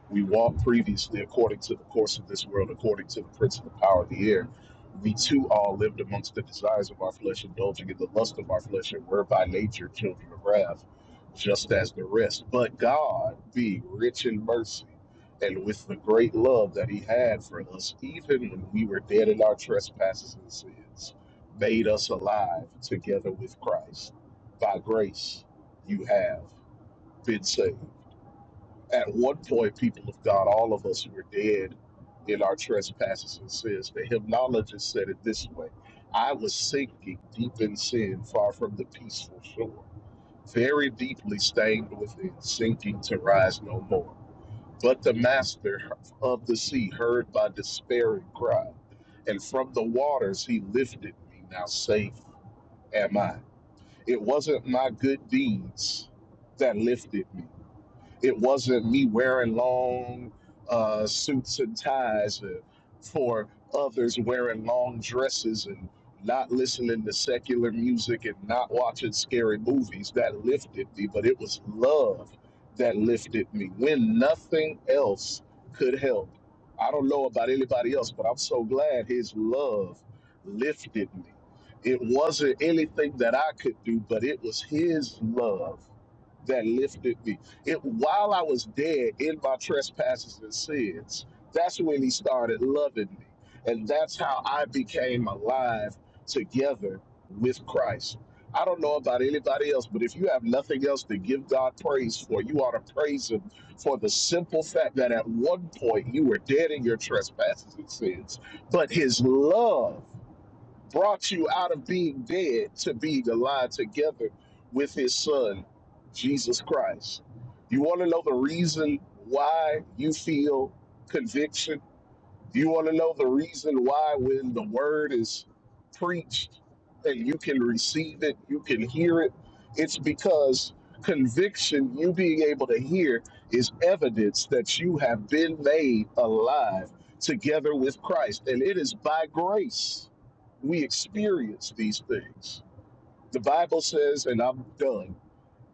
We walked previously according to the course of this world, according to the prince of the power of the air. We too all lived amongst the desires of our flesh, indulging in the lust of our flesh, and were by nature children of wrath, just as the rest. But God, being rich in mercy, and with the great love that He had for us, even when we were dead in our trespasses and sins, made us alive together with Christ by grace, you have been saved. At one point, people of God, all of us were dead in our trespasses and sins, the hymnologist said it this way I was sinking deep in sin, far from the peaceful shore, very deeply stained within, sinking to rise no more. But the master of the sea heard my despairing cry, and from the waters he lifted me. Now safe am I. It wasn't my good deeds that lifted me. It wasn't me wearing long uh, suits and ties uh, for others wearing long dresses and not listening to secular music and not watching scary movies that lifted me, but it was love that lifted me when nothing else could help. I don't know about anybody else, but I'm so glad his love lifted me. It wasn't anything that I could do, but it was his love that lifted me. It while I was dead in my trespasses and sins, that's when he started loving me. And that's how I became alive together with Christ. I don't know about anybody else, but if you have nothing else to give God praise for, you ought to praise Him for the simple fact that at one point you were dead in your trespasses and sins. But His love brought you out of being dead to being alive together with his son, Jesus Christ. You want to know the reason why you feel conviction? Do you want to know the reason why when the word is preached and you can receive it, you can hear it? It's because conviction, you being able to hear, is evidence that you have been made alive together with Christ. And it is by grace we experience these things. The Bible says, and I'm done,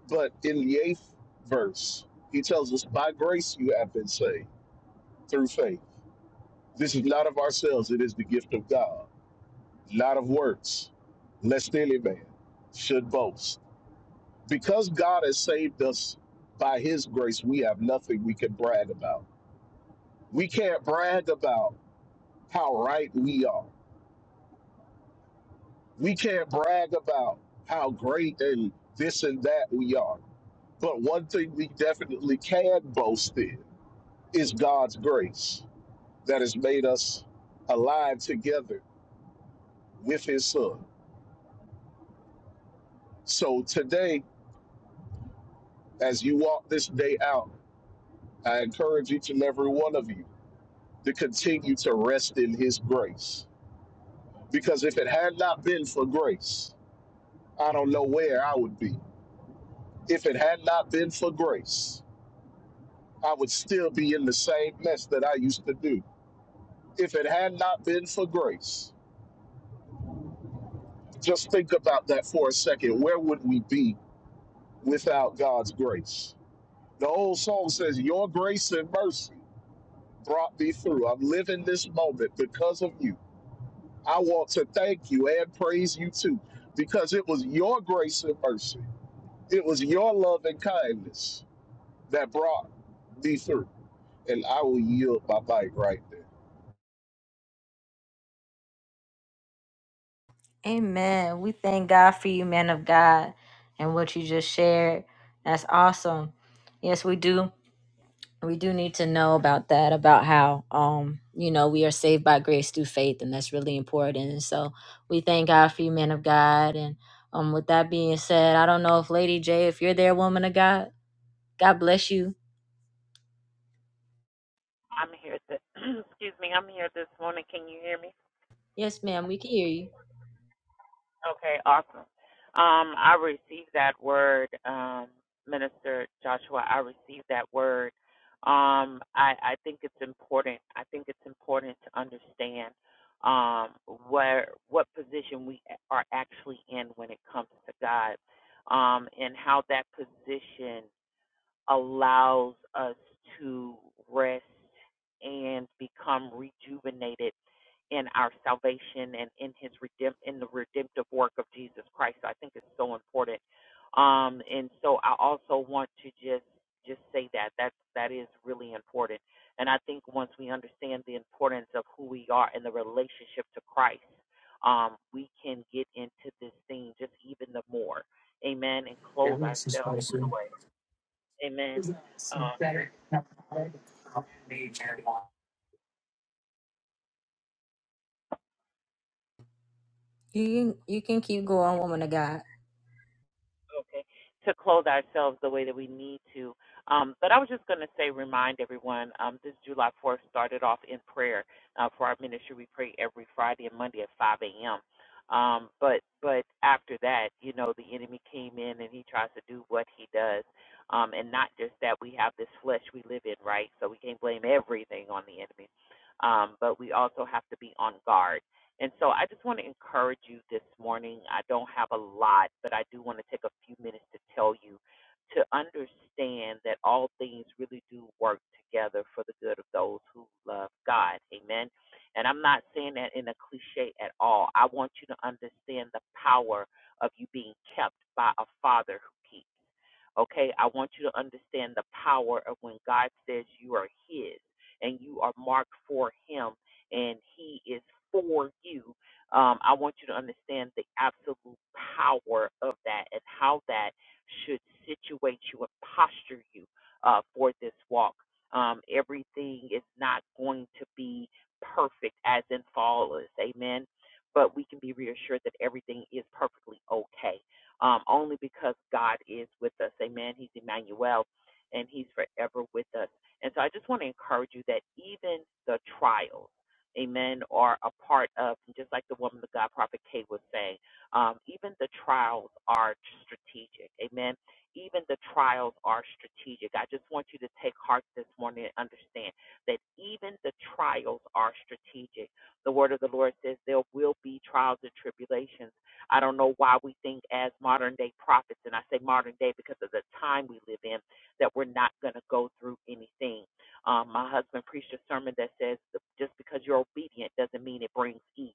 but in the eighth verse, he tells us, by grace you have been saved through faith this is not of ourselves, it is the gift of God. Not of works, lest any man should boast. Because God has saved us by his grace, we have nothing we can brag about. We can't brag about how right we are. We can't brag about how great and this and that we are. But one thing we definitely can boast in is God's grace that has made us alive together with his son. So today, As you walk this day out, I encourage each and every one of you to continue to rest in His grace. Because if it had not been for grace, I don't know where I would be. If it had not been for grace, I would still be in the same mess that I used to do. If it had not been for grace, just think about that for a second. Where would we be without God's grace? The old song says, Your grace and mercy brought me through. I'm living this moment because of you I want to thank you and praise you too, because it was your grace and mercy. It was your love and kindness that brought me through. And I will yield my mic right there.
Amen. We thank God for you, man of God, and what you just shared. That's awesome. Yes, we do. we do need to know about that about how um you know we are saved by grace through faith and that's really important and so we thank god for you men of god and um with that being said i don't know if lady j if you're there woman of god god bless you
I'm here. Th- *clears throat* excuse me. I'm here this morning. Can you hear me?
yes ma'am we can hear you
Okay. Awesome. Um, I received that word, um, Minister Joshua. I received that word. Um, I, I think it's important. I think it's important to understand um, where what position we are actually in when it comes to God, um, and how that position allows us to rest and become rejuvenated in our salvation and in his redemp in the redemptive work of Jesus Christ. So, I think it's so important. Um and so I also want to just just say that that that is really important. And I think once we understand the importance of who we are and the relationship to Christ, um, we can get into this thing just even the more. Amen. And clothe ourselves. Amen Um.
you can, you can keep going woman of god
okay, to clothe ourselves the way that we need to. Um, but I was just going to say, remind everyone, um, this July 4th started off in prayer uh, for our ministry. We pray every Friday and Monday at 5 a.m. Um, but but after that, you know, the enemy came in and he tries to do what he does. Um, and not just that, we have this flesh we live in, right? So we can't blame everything on the enemy. Um, but we also have to be on guard and so I just want to encourage you this morning. I don't have a lot, but I do want to take a few minutes to tell you to understand that all things really do work together for the good of those who love God. Amen. And I'm not saying that in a cliche at all. I want you to understand the power of you being kept by a father who keeps. Okay, I want you to understand the power of when God says you are His and you are marked for Him and He is for you. Um, I want you to understand the absolute power of that and how that should situate you and posture you uh, for this walk. Um, everything is not going to be perfect as in flawless. Amen. But we can be reassured that everything is perfectly okay um, only because God is with us. Amen. He's Emmanuel and He's forever with us. And so I just want to encourage you that even the trials, amen, are a part of, just like the woman of God, Prophet Kay was saying, um, even the trials are strategic. Amen. Even the trials are strategic. I just want you to take heart this morning and understand that even the trials are strategic. The word of the Lord says there will be trials and tribulations I don't know why we think as modern day prophets, and I say modern day because of the time we live in, that we're not going to go through anything. Um, my husband preached a sermon that says just because you're obedient doesn't mean it brings ease.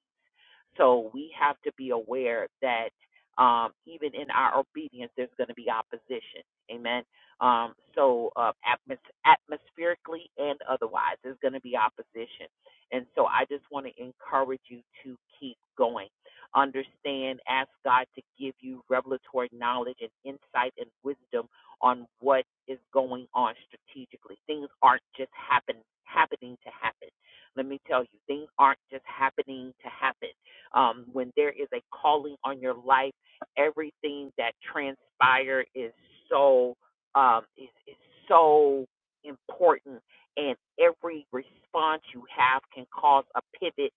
So we have to be aware that um, even in our obedience, there's going to be opposition. Amen. Um, so uh, atmos- atmospherically and otherwise, there's going to be opposition. And so I just want to encourage you to keep going. Understand, ask God to give you revelatory knowledge and insight and wisdom on what is going on strategically. Things aren't just happen happening to happen. Let me tell you, things aren't just happening to happen. Um, when there is a calling on your life, everything that transpires is so um, is, is so important, and every response you have can cause a pivot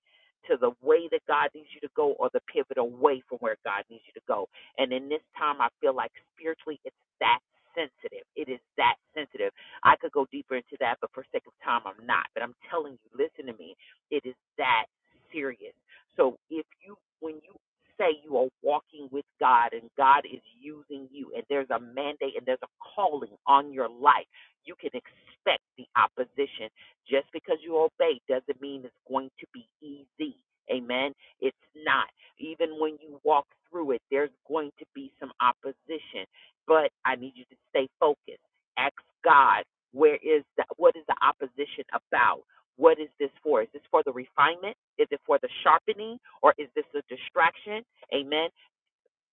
to the way that God needs you to go, or the pivot away from where God needs you to go. And in this time, I feel like spiritually, it's that sensitive. It is that sensitive. I could go deeper into that, but for sake of time, I'm not. But I'm telling you, listen to me. It is that serious. So if you, when you say you are walking with God and God is using you and there's a mandate and there's a calling on your life, you can expect the opposition. Just because you obey doesn't mean it's going to be easy. Amen. It's not. Even when you walk through it, there's going to be some opposition. But I need you to stay focused. Ask God, where is the, what is the opposition about? What is this for? Is this for the refinement? Is it for the sharpening? Or is this a distraction? Amen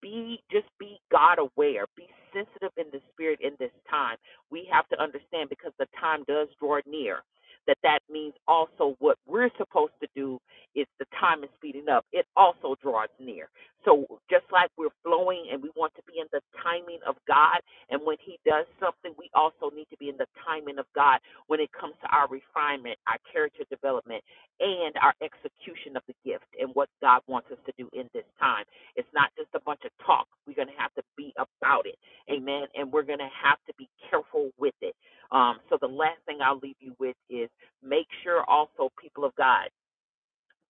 be just be God aware, be sensitive in the spirit in this time. We have to understand because the time does draw near. That that means also what we're supposed to do is the time is speeding up. It also draws near. So just like we're flowing and we want to be in the timing of God, and when He does something, we also need to be in the timing of God when it comes to our refinement, our character development, and our execution of the gift and what God wants us to do in this time. It's not just a bunch of talk. We're going to have to be about it. Amen. And we're going to have to be careful with it. Um, so the last thing I'll leave you with is make sure also, people of God,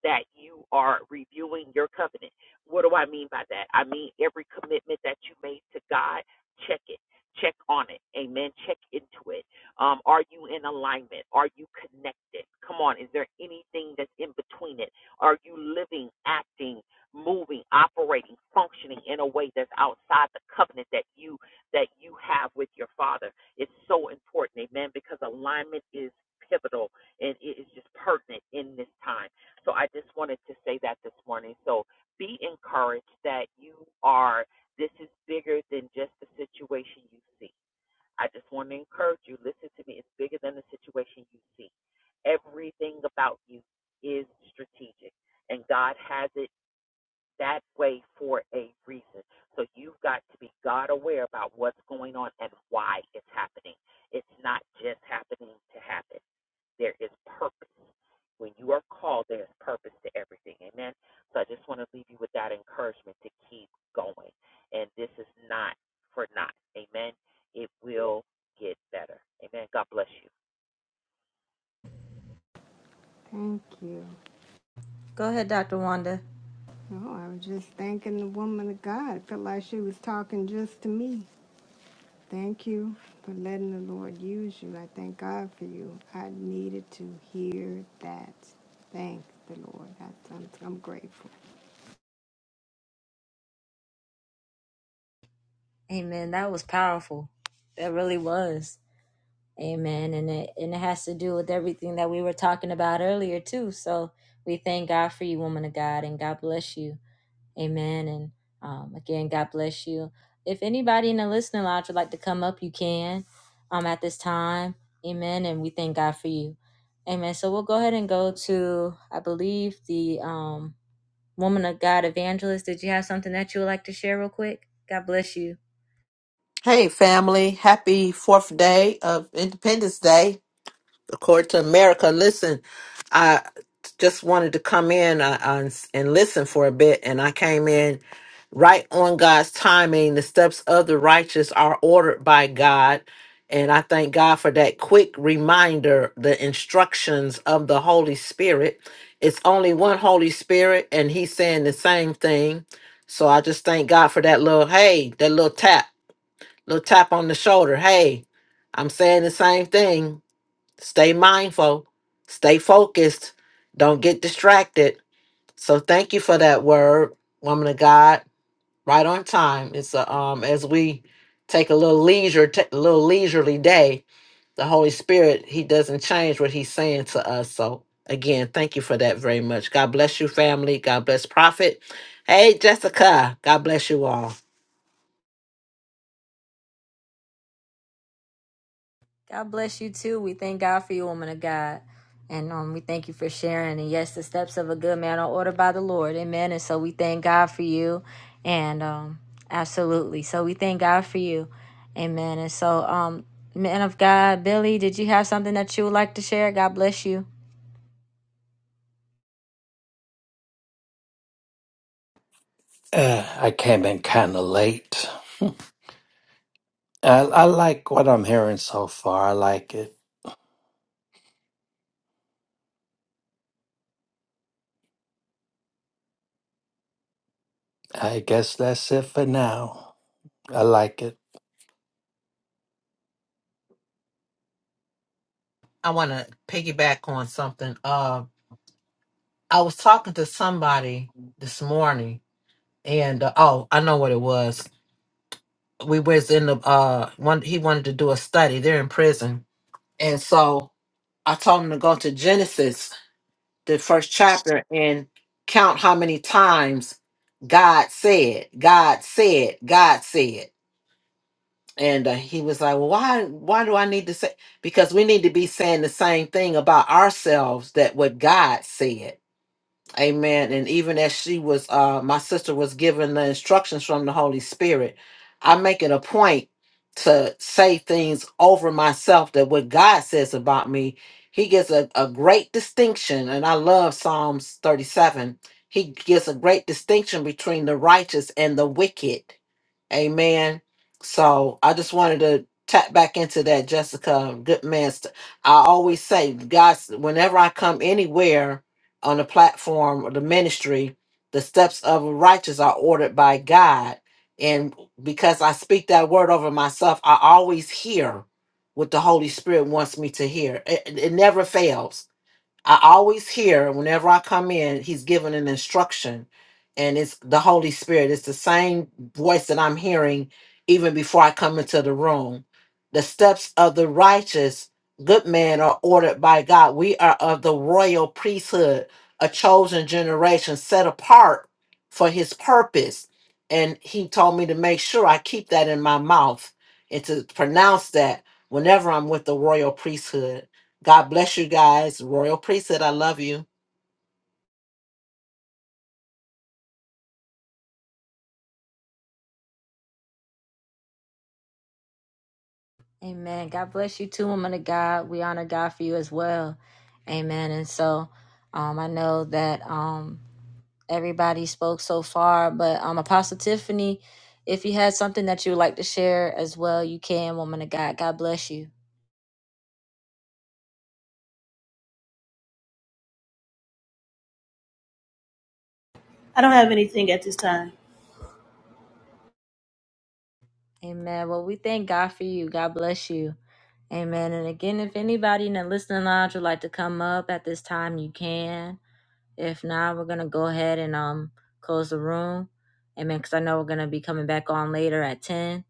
that you are reviewing your covenant. What do I mean by that? I mean every commitment that you made to God, check it. Check on it. Amen. Check into it. Um, are you in alignment? Are you connected? Come on. Is there anything that's in between it? Are you living, acting, moving, operating, functioning in a way that's outside the covenant that you that you have with your father? It's so important, amen, because alignment is pivotal and it is just pertinent in this time. So I just wanted to say that this morning. So be encouraged that you are, this is bigger than just the situation you see. I just want to encourage you, listen to me, it's bigger than the situation you see. Everything about you is strategic, and God has it that way for a reason. So you've got to be God aware about what's going on and why it's happening. It's not just happening to happen. There is purpose. When you are called, there is purpose to everything. Amen. So I just want to leave you with that encouragement to keep going. And this is not for naught. Amen. It will get better. Amen. God bless you.
Thank you. No, I was just thanking the woman of God. I Felt like she was talking just to me. Thank you for letting the Lord use you. I thank God for you. I needed to hear that. Thank the Lord. I, I'm, I'm grateful.
amen that was powerful that really was Amen. And it and it has to do with everything that we were talking about earlier too. So we thank God for you, woman of God, and God bless you. Amen. And um, again, God bless you. If anybody in the listening lounge would like to come up, you can um at this time. Amen. And we thank God for you. Amen. So we'll go ahead and go to I believe the um woman of God evangelist. Did you have something that you would like to share real quick? God bless you.
Hey, family. Happy fourth day of Independence Day, according to America. Listen, I just wanted to come in uh, uh, and listen for a bit, and I came in right on God's timing. The steps of the righteous are ordered by God. And I thank God for that quick reminder, the instructions of the Holy Spirit. It's only one Holy Spirit, and He's saying the same thing. So I just thank God for that little, hey, that little tap little tap on the shoulder. Hey, I'm saying the same thing. Stay mindful, stay focused, don't get distracted. So thank you for that word, woman of God. Right on time. It's a, um as we take a little leisure, ta- a little leisurely day. The Holy Spirit, He doesn't change what He's saying to us. So again, thank you for that very much. God bless you, family. God bless Prophet. Hey, Jessica. God bless you all.
God bless you too. We thank God for you, woman of God. And um, we thank you for sharing. And yes, the steps of a good man are ordered by the Lord. Amen. And so we thank God for you. And um, absolutely. So we thank God for you. Amen. And so, um, man of God, Billy, did you have something that you would like to share? God bless you.
Uh, I came in kind of late. I, I like what I'm hearing so far. I like it. I guess that's it for now. I like it.
I want to piggyback on something. Um, I was talking to somebody this morning, and uh, oh, I know what it was. We was in the uh, one. He wanted to do a study. They're in prison, and so I told him to go to Genesis, the first chapter, and count how many times God said, God said, God said. And uh, he was like, "Well, why? Why do I need to say? Because we need to be saying the same thing about ourselves that what God said." Amen. And even as she was, uh, my sister was given the instructions from the Holy Spirit, I make it a point to say things over myself that what God says about me, He gives a, a great distinction. And I love Psalms 37. He gives a great distinction between the righteous and the wicked. Amen. So I just wanted to tap back into that, Jessica. Good man. st- I always say, guys, whenever I come anywhere on the platform or the ministry, the steps of a righteous are ordered by God. And because I speak that word over myself, I always hear what the Holy Spirit wants me to hear. It, it it never fails I always hear whenever I come in, he's given an instruction, and it's the Holy Spirit. It's the same voice that I'm hearing even before I come into the room. The steps of the righteous, good man, are ordered by God. We are of the royal priesthood, a chosen generation set apart for his purpose. And he told me to make sure I keep that in my mouth and to pronounce that whenever I'm with the royal priesthood. God bless you guys. Royal Priesthood, I love you.
Amen. God bless you too, woman of God. We honor God for you as well. Amen. And so um, I know that. Um, everybody spoke so far. But um, Apostle Tiffany, if you had something that you would like to share as well, you can, woman of God. God bless you.
I don't have anything at this time.
Amen. Well, we thank God for you. God bless you. Amen. And again, if anybody in the listening lounge would like to come up at this time, you can. If not, we're gonna go ahead and um close the room. Amen. Because I know we're gonna be coming back on later at ten.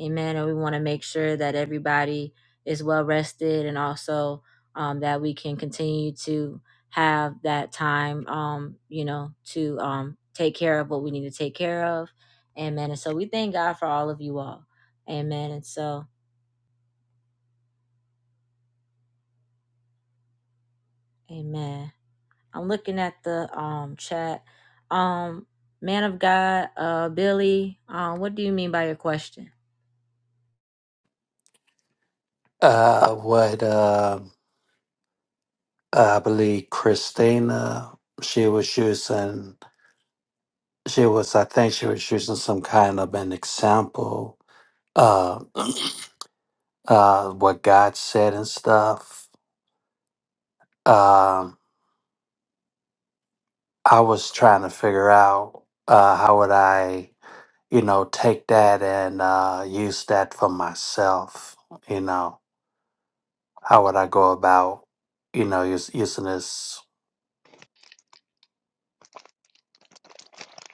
Amen. And we want to make sure that everybody is well rested and also um, that we can continue to have that time, um, you know, to um, take care of what we need to take care of. Amen. And so we thank God for all of you all. Amen. And so, amen. I'm looking at the um chat. Um, man of God, uh, Billy, um, what do you mean by your question?
Uh, what uh, I believe Christina, she was using, she was, I think she was using some kind of an example, uh, uh, what God said and stuff. Um, I was trying to figure out uh, how would I. you know, take that and uh, use that for myself. You know, how would I go about, you know, us using this?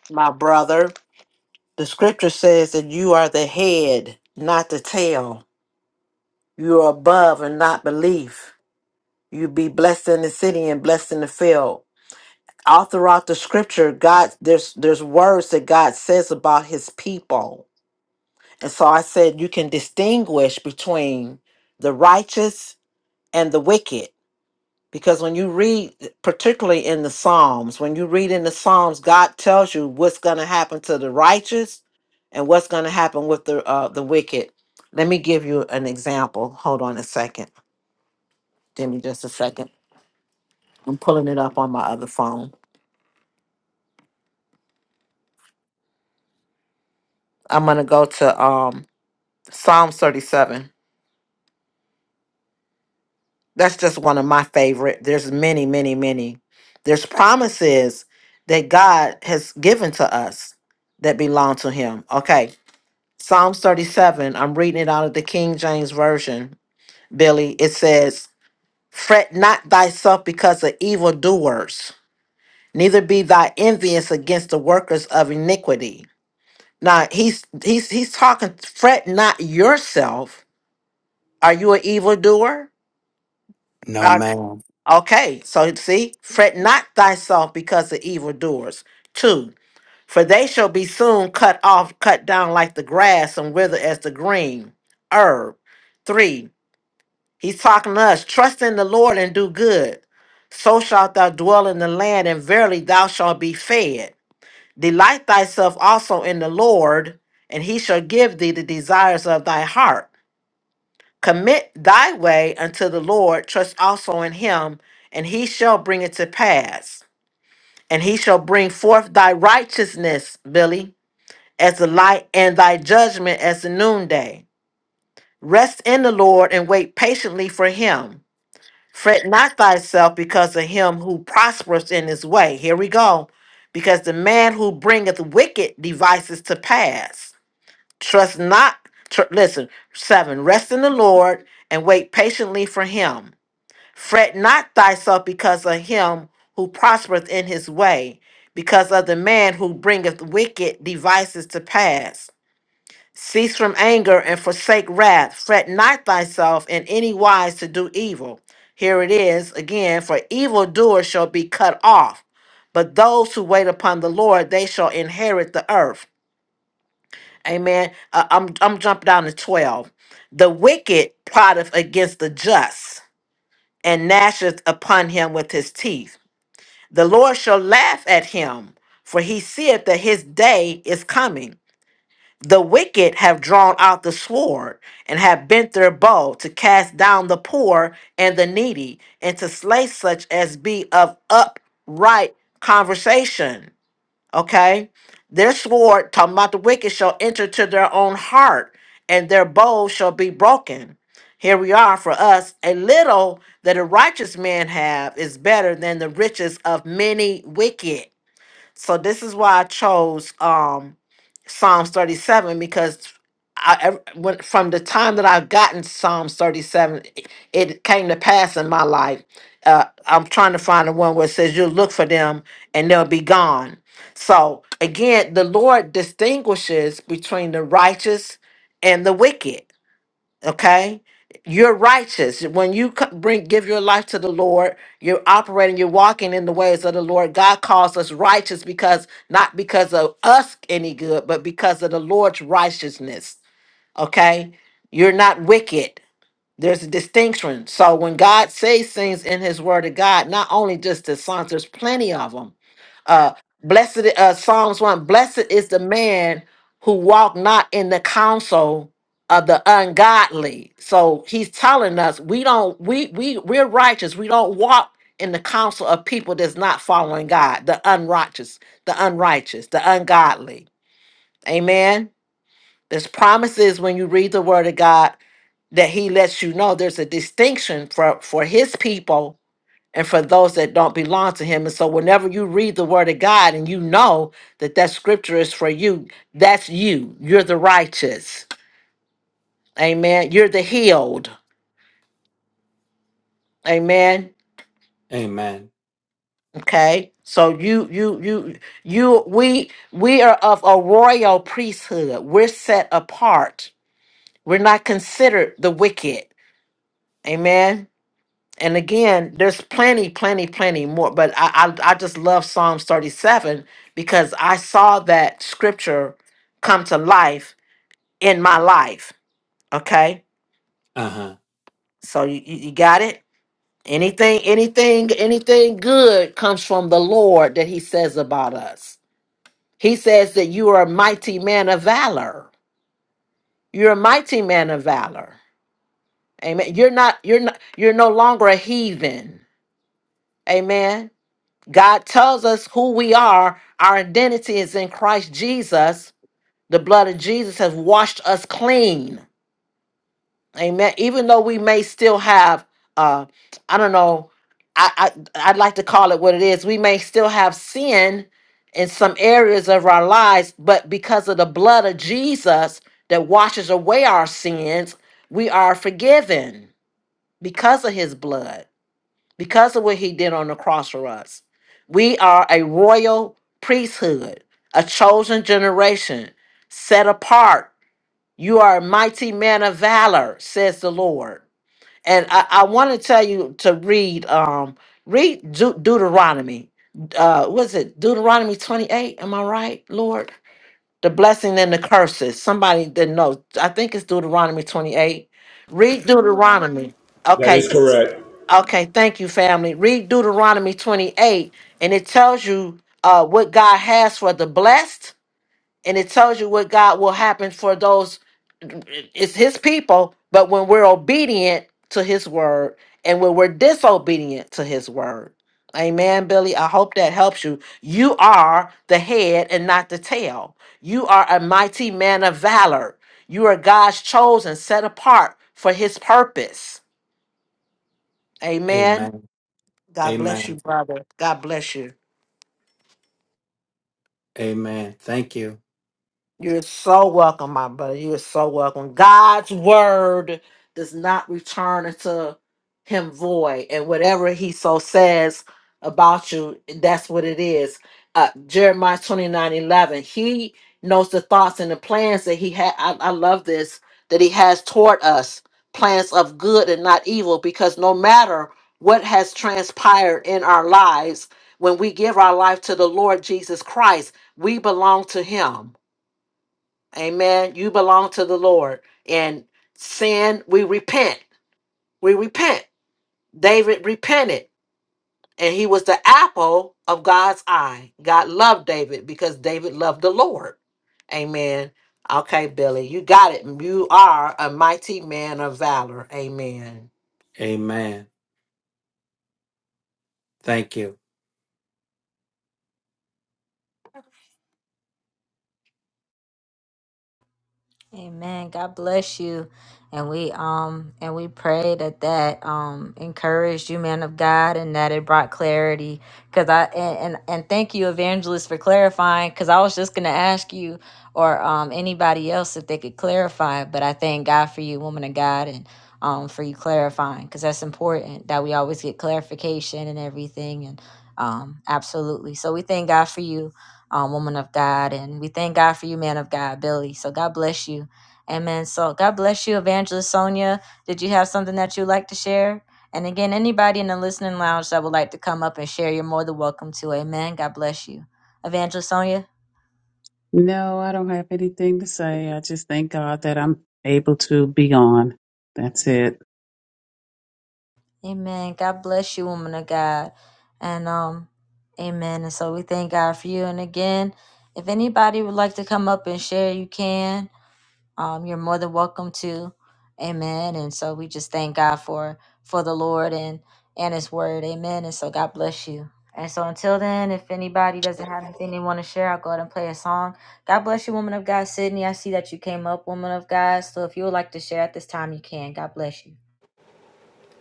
My brother, the scripture says that you are the head, not the tail. You are above and not beneath. You be blessed in the city and blessed in the field. All throughout the scripture, God, there's there's words that God says about his people. And so I said you can distinguish between the righteous and the wicked Because when you read, particularly in the Psalms, when you read in the Psalms, God tells you what's going to happen to the righteous and what's going to happen with the uh, the wicked. Let me give you an example. Hold on a second. Give me just a second. I'm pulling it up on my other phone. I'm going to go to um, Psalms 37. That's just one of my favorite. There's many, many, many. There's promises that God has given to us that belong to Him. Okay. Psalms 37, I'm reading it out of the King James Version, Billy. It says, Fret not thyself because of evildoers, neither be thy envious against the workers of iniquity. Now he's he's he's talking, fret not yourself. Are you an evildoer?
No,
Are-
man.
Okay, so you see, fret not thyself because of evildoers. Two, for they shall be soon cut off, cut down like the grass, and wither as the green herb. Three, He's talking to us. Trust in the Lord and do good. So shalt thou dwell in the land, and verily thou shalt be fed. Delight thyself also in the Lord, and he shall give thee the desires of thy heart. Commit thy way unto the Lord, trust also in him, and he shall bring it to pass. And he shall bring forth thy righteousness, Billy, as the light, and thy judgment as the noonday. Rest in the Lord and wait patiently for him. Fret not thyself because of him who prospereth in his way. Here we go. Because the man who bringeth wicked devices to pass. Trust not, tr- listen, seven, rest in the Lord and wait patiently for him. Fret not thyself because of him who prospereth in his way, because of the man who bringeth wicked devices to pass. Cease from anger and forsake wrath. Fret not thyself in any wise to do evil. Here it is again for evildoers shall be cut off, but those who wait upon the Lord, they shall inherit the earth. Amen. Uh, I'm, I'm jumping down to 12. The wicked plotteth against the just and gnasheth upon him with his teeth. The Lord shall laugh at him, for he seeth that his day is coming. The wicked have drawn out the sword and have bent their bow to cast down the poor and the needy and to slay such as be of upright conversation. Okay? Their sword, talking about the wicked, shall enter to their own heart and their bow shall be broken. Here we are for us. A little that a righteous man have is better than the riches of many wicked. So this is why I chose um Psalms 37 because I ev- when, from the time that I've gotten Psalms 37, it it came to pass in my life. Uh, I'm trying to find the one where it says you'll look for them and they'll be gone. So again, the Lord distinguishes between the righteous and the wicked okay you're righteous when you c- bring give your life to the lord you're operating you're walking in the ways of the lord god calls us righteous because not because of us any good but because of the lord's righteousness okay you're not wicked there's a distinction so when god says things in his word of god not only just the sons there's plenty of them uh blessed uh psalms 1 blessed is the man who walk not in the counsel of the ungodly so he's telling us we don't we we we're righteous we don't walk in the counsel of people that's not following god the unrighteous the unrighteous the ungodly amen there's promises when you read the word of god that he lets you know there's a distinction for for his people and for those that don't belong to him. And so, whenever you read the word of God and you know that that scripture is for you, that's you. You're the righteous. Amen. You're the healed. Amen.
Amen.
Okay. So you you you you we we are of a royal priesthood. We're set apart. We're not considered the wicked. Amen And again, there's plenty, plenty, plenty more. But I, I, I just love Psalms 37 because I saw that scripture come to life in my life. Okay,
Uh huh.
so you, you you got it. Anything, anything, anything good comes from the Lord that He says about us. He says that you are a mighty man of valor. You're a mighty man of valor. Amen. You're not. You're not. You're no longer a heathen. Amen. God tells us who we are. Our identity is in Christ Jesus. The blood of Jesus has washed us clean. Amen. Even though we may still have, uh, I don't know, I, I I'd like to call it what it is. We may still have sin in some areas of our lives, but because of the blood of Jesus that washes away our sins, we are forgiven because of His blood because of what he did on the cross for us. We are a royal priesthood, a chosen generation, set apart. You are a mighty man of valor, says the Lord. And I, I want to tell you to read um read Deut- Deuteronomy. Uh was it Deuteronomy 28? Am I right, Lord? The blessing and the curses. Somebody didn't know. I think it's Deuteronomy 28. Read
You're right.
Deuteronomy.
That
Okay,
is correct.
Okay, thank you, family. Read Deuteronomy 28, and it tells you uh, what God has for the blessed, and it tells you what God will happen for those. It's His people, but when we're obedient to His word, and when we're disobedient to His word. Amen, Billy. I hope that helps you. You are the head and not the tail. You are a mighty man of valor. You are God's chosen, set apart for His purpose. Amen.
Amen.
God bless you,
Amen.
brother. God bless you.
Amen. Thank you.
You're so welcome, my brother. You are so welcome. God's word does not return unto him void, and whatever he so says about you, that's what it is. Uh, Jeremiah 29 11. He knows the thoughts and the plans that he had. I, I love this that he has toward us plans of good and not evil, because no matter what has transpired in our lives, when we give our life to the Lord Jesus Christ, we belong to him Amen. You belong to the Lord. And sin, we repent. We repent. David repented, and he was the apple of God's eye. God loved David because David loved the Lord. Amen. Okay, Billy, you got it. You are a mighty man of valor. Amen.
Amen. Thank you.
Amen. God bless you. And we um and we pray that that um encouraged you, man of God, and that it brought clarity. Cause I and and, and thank you, evangelist, for clarifying. Cause I was just gonna ask you or um anybody else if they could clarify, but I thank God for you, woman of God, and um for you clarifying, cause that's important that we always get clarification and everything. And um absolutely. So we thank God for you um, woman of God. And we thank God for you, man of God, Billy. So God bless you. Amen. So God bless you, Evangelist Sonia. Did you have something that you'd like to share? And again, anybody in the listening lounge that would like to come up and share, you're more than welcome to. Amen. God bless you. Evangelist Sonia.
No, I don't have anything to say. I just thank God that I'm able to be on. That's it.
Amen. God bless you, woman of God. And um, Amen. And so we thank God for you. And again, if anybody would like to come up and share, you can. um, you're more than welcome to amen and so we just thank god for for the lord and and his word amen and so god bless you and so until then if anybody doesn't have anything they want to share i'll go ahead and play a song god bless you woman of god sydney i see that you came up woman of god so if you would like to share at this time you can god bless you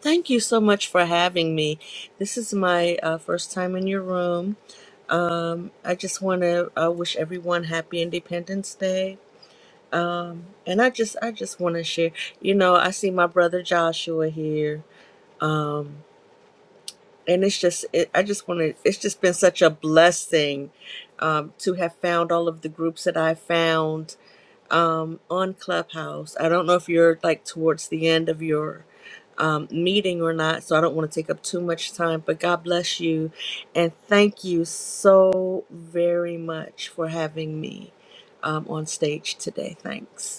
Thank you so much for having me. This is my uh, first time in your room. I just want to uh, wish everyone happy Independence Day, and I just I just want to share. You know, I see my brother Joshua here, and it's just it, I just want to. It's just been such a blessing um, to have found all of the groups that I found. um, on Clubhouse. I don't know if you're like towards the end of your um, meeting or not, so I don't want to take up too much time, but God bless you. And thank you so very much for having me um, on stage today. Thanks.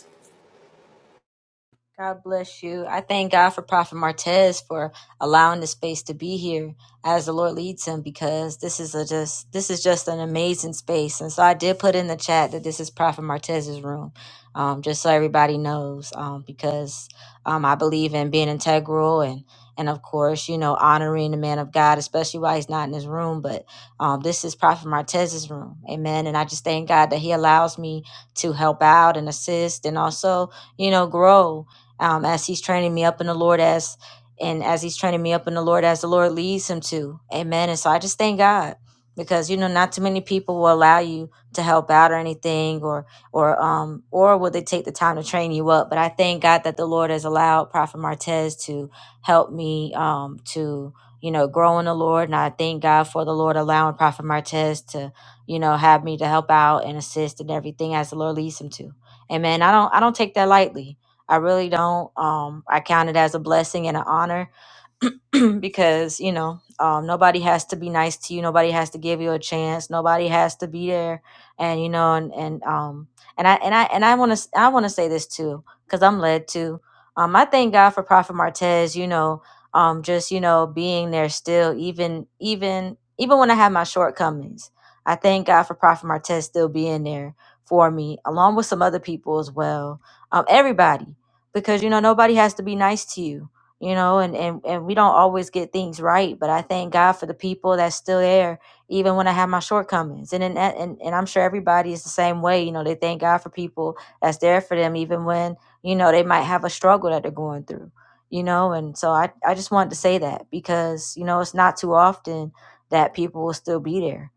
God bless you. I thank God for Prophet Martez for allowing the space to be here as the Lord leads him because this is a just this is just an amazing space. And so I did put in the chat that this is Prophet Martez's room, um, just so everybody knows, um, because um, I believe in being integral and and of course you know honoring the man of God, especially while he's not in his room. But um, this is Prophet Martez's room, Amen. And I just thank God that He allows me to help out and assist and also you know grow um, as he's training me up in the Lord as and as he's training me up in the Lord as the Lord leads him to. Amen. And so I just thank God because you know not too many people will allow you to help out or anything or or um or will they take the time to train you up. But I thank God that the Lord has allowed Prophet Martez to help me um to you know grow in the Lord and I thank God for the Lord allowing Prophet Martez to you know have me to help out and assist and everything as the Lord leads him to. Amen. I don't I don't take that lightly I really don't. Um, I count it as a blessing and an honor *clears throat* because you know um, nobody has to be nice to you nobody has to give you a chance nobody has to be there and you know and and um and i and i and i want to i want to say this too because i'm led to um i thank god for prophet martez you know um just you know being there still even even even when i have my shortcomings i thank god for prophet martez still being there for me along with some other people as well um everybody because you know nobody has to be nice to you you know and, and and we don't always get things right but i thank god for the people that's still there even when i have my shortcomings and, and and and i'm sure everybody is the same way you know they thank god for people that's there for them even when you know they might have a struggle that they're going through you know and so i i just wanted to say that because you know it's not too often that people will still be there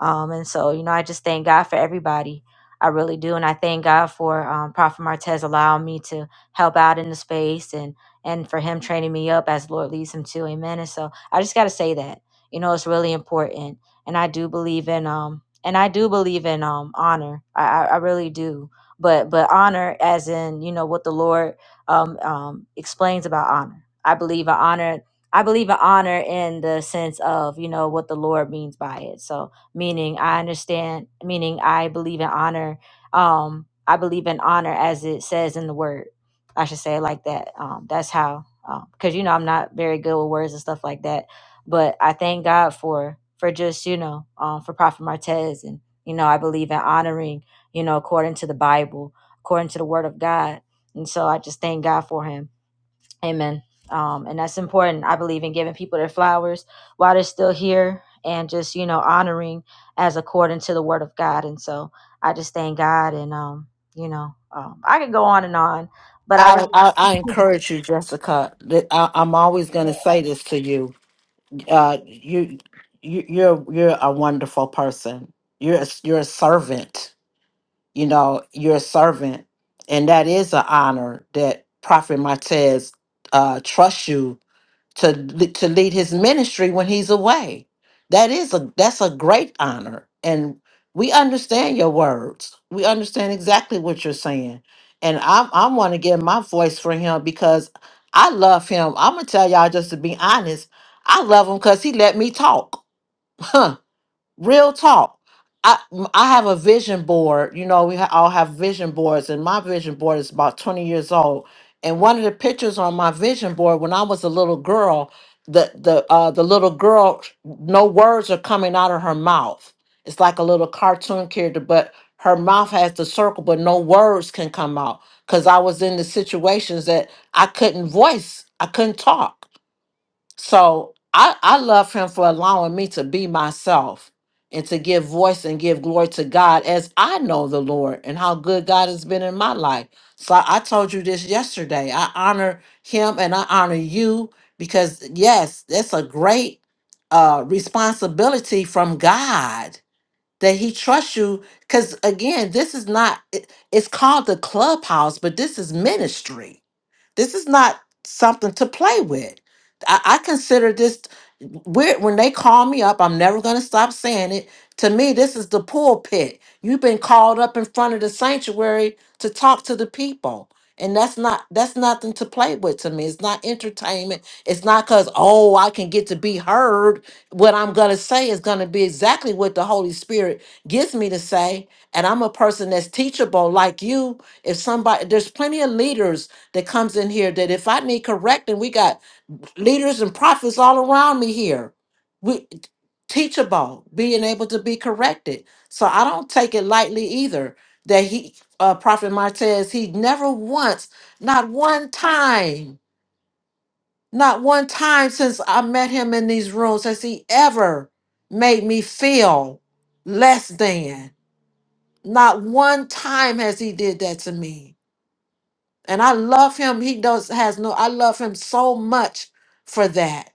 um and so you know i just thank god for everybody i really do and i thank god for um, prophet martez allowing me to help out in the space and and for him training me up as the Lord leads him to. Amen. And so I just got to say that, you know, it's really important. And I do believe in, um, and I do believe in, um, honor. I, I, I really do. But, but honor as in, you know, what the Lord, um, um, explains about honor. I believe in honor. I believe in honor in the sense of, you know, what the Lord means by it. So meaning I understand, meaning I believe in honor. Um, I believe in honor as it says in the word I should say it like that. Um, that's how, because you know I'm not very good with words and stuff like that. But I thank God for for just you know um, for Prophet Martez, and you know I believe in honoring you know according to the Bible, according to the Word of God, and so I just thank God for him. Amen. Um, and that's important. I believe in giving people their flowers while they're still here, and just you know honoring as according to the Word of God. And so I just thank God, and um, you know um, I could go on and on but I
I,
really
I, I encourage you, Jessica. that I, I'm always going to say this to you. Uh, you, you, you're, you're a wonderful person. You're, a, you're a servant. you know, you're a servant. And that is an honor that Prophet Martez uh, trusts you to le- to lead his ministry when he's away. That is a that's a great honor. And we understand your words. We understand exactly what you're saying. And I I want to give my voice for him because I love him. I'm gonna tell y'all just to be honest. I love him because he let me talk. *laughs* Real talk. I I have a vision board. You know, we ha- all have vision boards, and my vision board is about twenty years old. And one of the pictures on my vision board when I was a little girl, the the uh, the little girl, no words are coming out of her mouth. It's like a little cartoon character, but her mouth has the circle, but no words can come out. Cause I was in the situations that I couldn't voice, I couldn't talk so I, I love him for allowing me to be myself and to give voice and give glory to God as I know the Lord and how good God has been in my life. So I I told you this yesterday. I honor him and I honor you because, yes, that's a great uh, responsibility from God that he trusts you. Because again, this is not, it- it's called the clubhouse, but this is ministry this is not something to play with. I, I consider this weird when they call me up, I'm never gonna stop saying it. To me, this is the pulpit. You've been called up in front of the sanctuary to talk to the people. And that's not that's nothing to play with to me. It's not entertainment. It's not because, oh, I can get to be heard. What I'm gonna say is gonna be exactly what the Holy Spirit gives me to say. And I'm a person that's teachable like you. If somebody there's plenty of leaders that comes in here that if I need correcting, we got leaders and prophets all around me here. We teachable, being able to be corrected. So I don't take it lightly either that he uh Prophet Martez, he never once, not one time, not one time since I met him in these rooms has he ever made me feel less than. Not one time has he did that to me and I love him. He does has no I love him so much for that.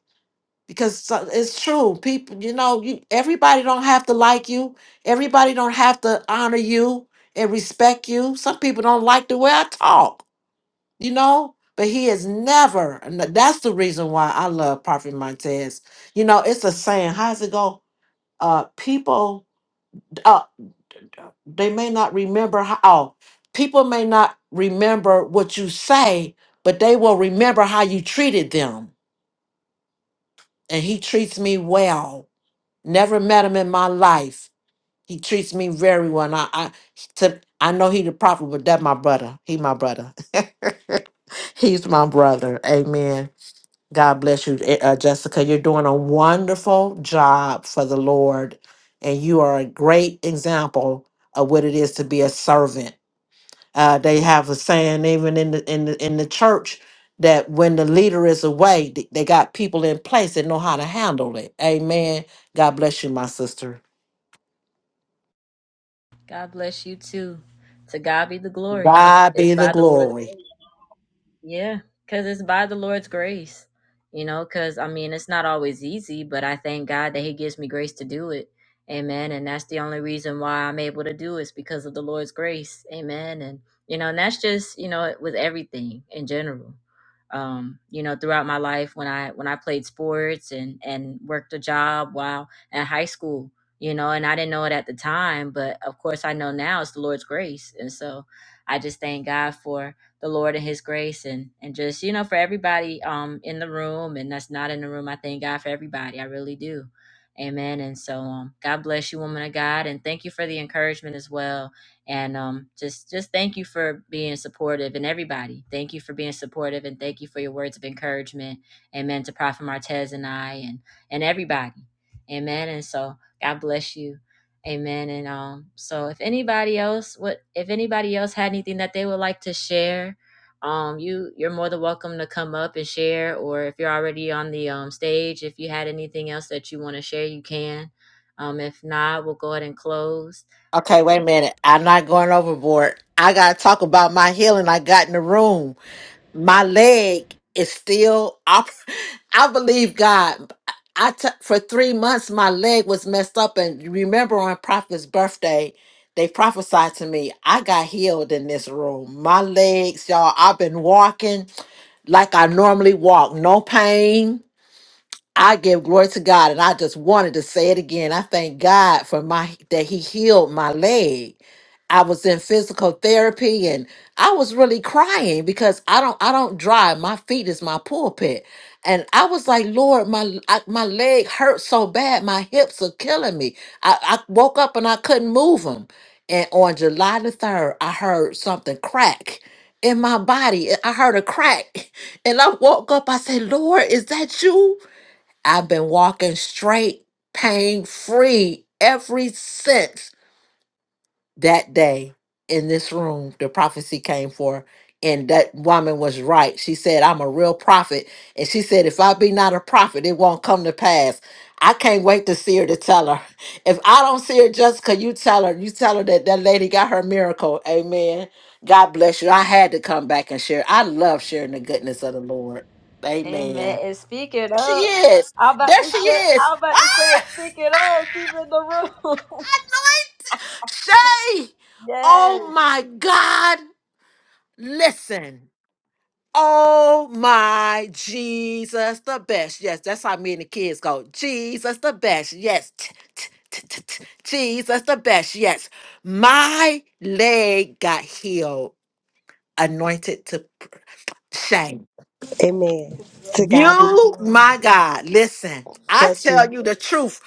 Because so- it's true. People, you know, you everybody don't have to like you. Everybody don't have to honor you and respect you. Some people don't like the way I talk, you know? But he is never, and tha- that's the reason why I love Prophet Montez. You know, it's a saying. How's it go? Uh people. uh, they may not remember how people may not remember what you say but they will remember how you treated them and he treats me well never met him in my life he treats me very well and i i, to, I know he the prophet but that my brother he my brother *laughs* he's my brother amen god bless you Eh, uh, jessica you're doing a wonderful job for the lord and you are a great example of what it is to be a servant Uh, they have a saying even in the in the in the church that when the leader is away, th- they got people in place that know how to handle it. Amen. God bless you, my sister.
God bless you too. To God be the glory.
God
It's
be the
by the Lord's
glory.
yeah, because it's by the Lord's grace, you know, because I mean, it's not always easy, but I thank God that He gives me grace to do it. Amen. And that's the only reason why I'm able to do it is because of the Lord's grace. Amen. And, you know, and that's just, you know, with everything in general. Um, you know, throughout my life when I when I played sports and and worked a job while at high school, you know, and I didn't know it at the time, but of course I know now it's the Lord's grace. And so I just thank God for the Lord and His grace and and just you know for everybody um in the room and that's not in the room. I thank God for everybody. I really do. Amen. And so um God bless you, woman of God, and thank you for the encouragement as well. And um just just thank you for being supportive and everybody. Thank you for being supportive and thank you for your words of encouragement. Amen to Prophet Martez and I and and everybody. Amen. And so God bless you. Amen. And um, so if anybody else would if anybody else had anything that they would like to share, um, you you're more than welcome to come up and share, or if you're already on the um stage, if you had anything else that you want to share, you can. Um, if not, we'll go ahead and close.
Okay, wait a minute. I'm not going overboard. I gotta talk about my healing I got in the room. my leg is still op- *laughs* i believe god i t- for three months my leg was messed up and you remember on prophet's birthday they prophesied to me i got healed in this room my legs y'all i've been walking like i normally walk no pain i give glory to god and i just wanted to say it again i thank god for my that he healed my leg I was in physical therapy and I was really crying because I don't I don't drive. My feet is my pulpit. And I was like, Lord, my I, my leg hurts so bad. My hips are killing me. I, I woke up and I couldn't move them. And on July the 3rd, I heard something crack in my body. I heard a crack. *laughs* And I woke up. I said, Lord, is that you? I've been walking straight, pain free ever since that day in this room the prophecy came for and that woman was right she said i'm a real prophet and she said if i be not a prophet it won't come to pass i can't wait to see her to tell her *laughs* if i don't see her jessica you tell her you tell her that that lady got her miracle amen god bless you i had to come back and share i love sharing the goodness of the lord amen
Amen. And speak it
there she
up.
is
I'm about
there
to
she
say,
is
I'm
*laughs*
about
ah,
to say, speak it up. She's in the room.
shay oh my god listen Oh my Jesus, the best. Yes, that's how me and the kids go. Jesus, the best. Yes. T- t- t- t- t- Jesus, the best. Yes. My leg got healed, anointed to shame.
Amen. To God be the
You,
glory.
my God, listen, I
Bless
tell
you.
you the truth.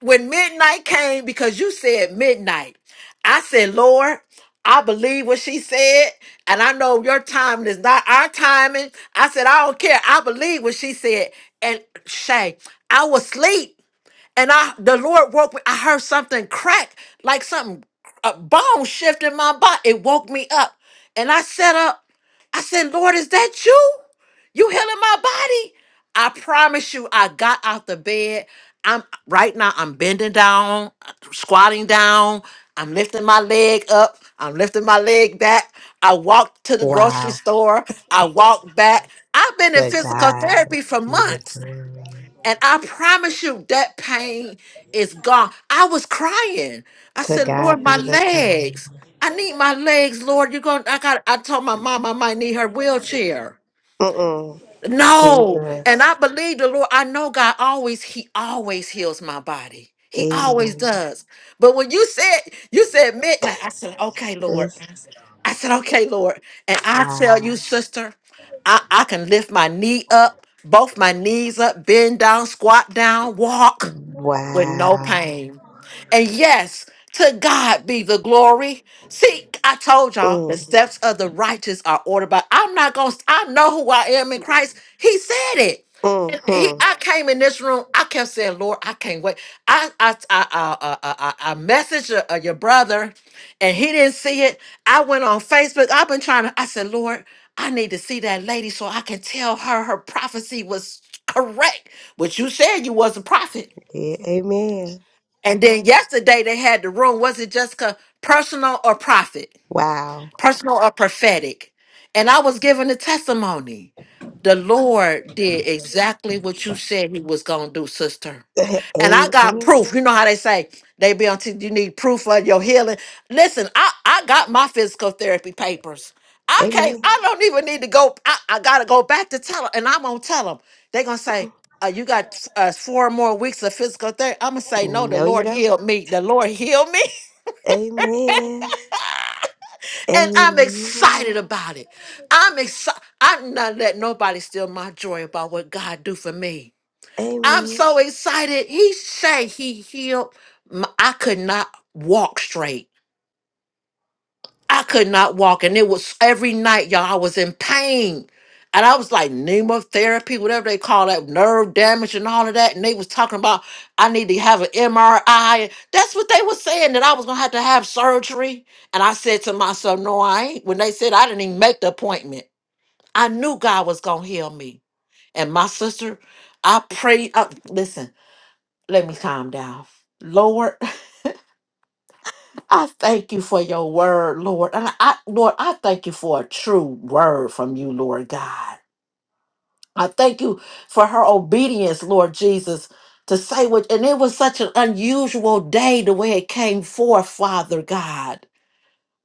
When midnight came, because you said midnight, I said, Lord, I believe what she said, and I know your timing is not our timing. I said, I don't care. I believe what she said. And Shay, I was asleep and I the Lord woke me. I heard something crack, like something a bone shift in my body. It woke me up, and I sat up. I said, "Lord, is that you? You healing my body?" I promise you, I got out the bed. I'm right now. I'm bending down, squatting down. I'm lifting my leg up. I'm lifting my leg back. I walked to the grocery
Wow.
store. I walked back. I've been in
To
physical
God
therapy for
be the
months.
glory.
And I promise you, that pain is gone. I was crying. I
To
said, Lord,
God
my
be the glory.
legs. I need my legs, Lord. You're going, to I got, I told my mom I might need her wheelchair.
Mm-mm.
No. And
Jesus.
I believe the Lord. I know God always, He always heals my body. He always
Amen.
does. But when you said, you said midnight, I said, okay, Lord.
Bless.
I said, okay, Lord. And I tell
Wow.
you, sister, I, I can lift my knee up, both my knees up, bend down, squat down, walk with no
Wow.
pain. And yes, to God be the glory. See, I told y'all the
Mm.
steps of the righteous are ordered by. I'm not gonna. I know who I am in Christ. He said it. And he,
Mm-hmm.
I came in this room. I kept saying, "Lord, I can't wait." I, I, I, I, I, I, I messaged your, uh, your brother, and he didn't see it. I went on Facebook. I've been trying to. I said, "Lord, I need to see that lady so I can tell her her prophecy was correct." Which you said you was a prophet.
Yeah, amen.
And then yesterday they had the room. Was it Jessica personal or profit?
Wow.
personal or prophetic. And I was given a testimony. The Lord did exactly what you said He was going to do, sister.
*laughs*
And I got
amen.
proof. You know how they say they be until you need proof of your healing. Listen, I, I got my physical therapy papers. I can't,
Amen.
I don't even need to go. I, I got to go back to tell them. And I'm going to tell them. they going to say, uh, you got uh, four more weeks of physical therapy. I'm going to say, no, the
No, you
Lord
don't.
healed me. The Lord healed me.
Amen.
And I'm
Amen.
excited about it. I'm excited. I'm not letting nobody steal my joy about what God do for me. I'm
Amen.
so excited. He say he healed. My- I could not walk straight. I could not walk. And it was every night, y'all, I was in pain. And I was like pneumotherapy, whatever they call that, nerve damage and all of that. And they was talking about I need to have an MRI. That's what they was saying, that I was gonna have to have surgery. And I said to myself, No, I ain't. When they said I didn't even make the appointment, I knew God was gonna heal me. And my sister, I prayed. Uh, listen, let me calm down. Lord, *laughs* I thank you for your word, Lord. And I, Lord, I thank you for a true word from you, Lord God. I thank you for her obedience, Lord Jesus, to say what, and it was such an unusual day the way it came forth, Father God.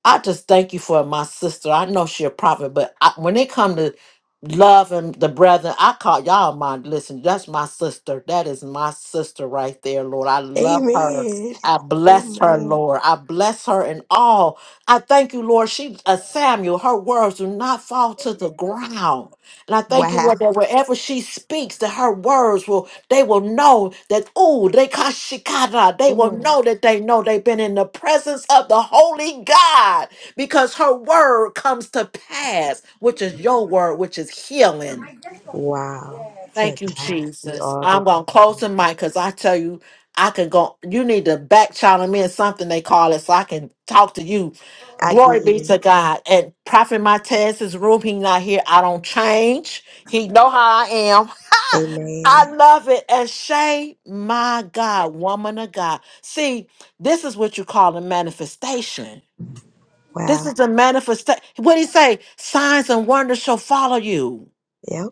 I just thank you for my sister. I know she a prophet, but I, when it come to love and the brethren, I call y'all my listen. That's my sister. That is my sister right there, Lord. I love her.
Amen.
I
*laughs*
bless her,
Amen.
Lord. I bless her in all. I thank you, Lord. She, uh, Samuel, her words do not fall to the ground. And I thank you,
Wow.
Lord, that wherever she speaks, that her words will, they will know that, ooh, they kashikana. They will
Mm.
know that they know they've been in the presence of the Holy God because her word comes to pass, which is your word, which is healing.
Wow. To
Thank you,
God be
Jesus.
all the
I'm gonna close the
glory.
mic because I tell you, I can go. You need to back channel me or something they call it, so I can talk to you.
I
Glory be to
did.
God. And Prophet Montez's room, he not here. I don't change. He know how I am. *laughs* I
Amen.
love it. And Shay, my God, woman of God. See, this is what you call a manifestation. This
Wow.
is a manifestation. What he say? Signs and wonders shall follow you.
Yep.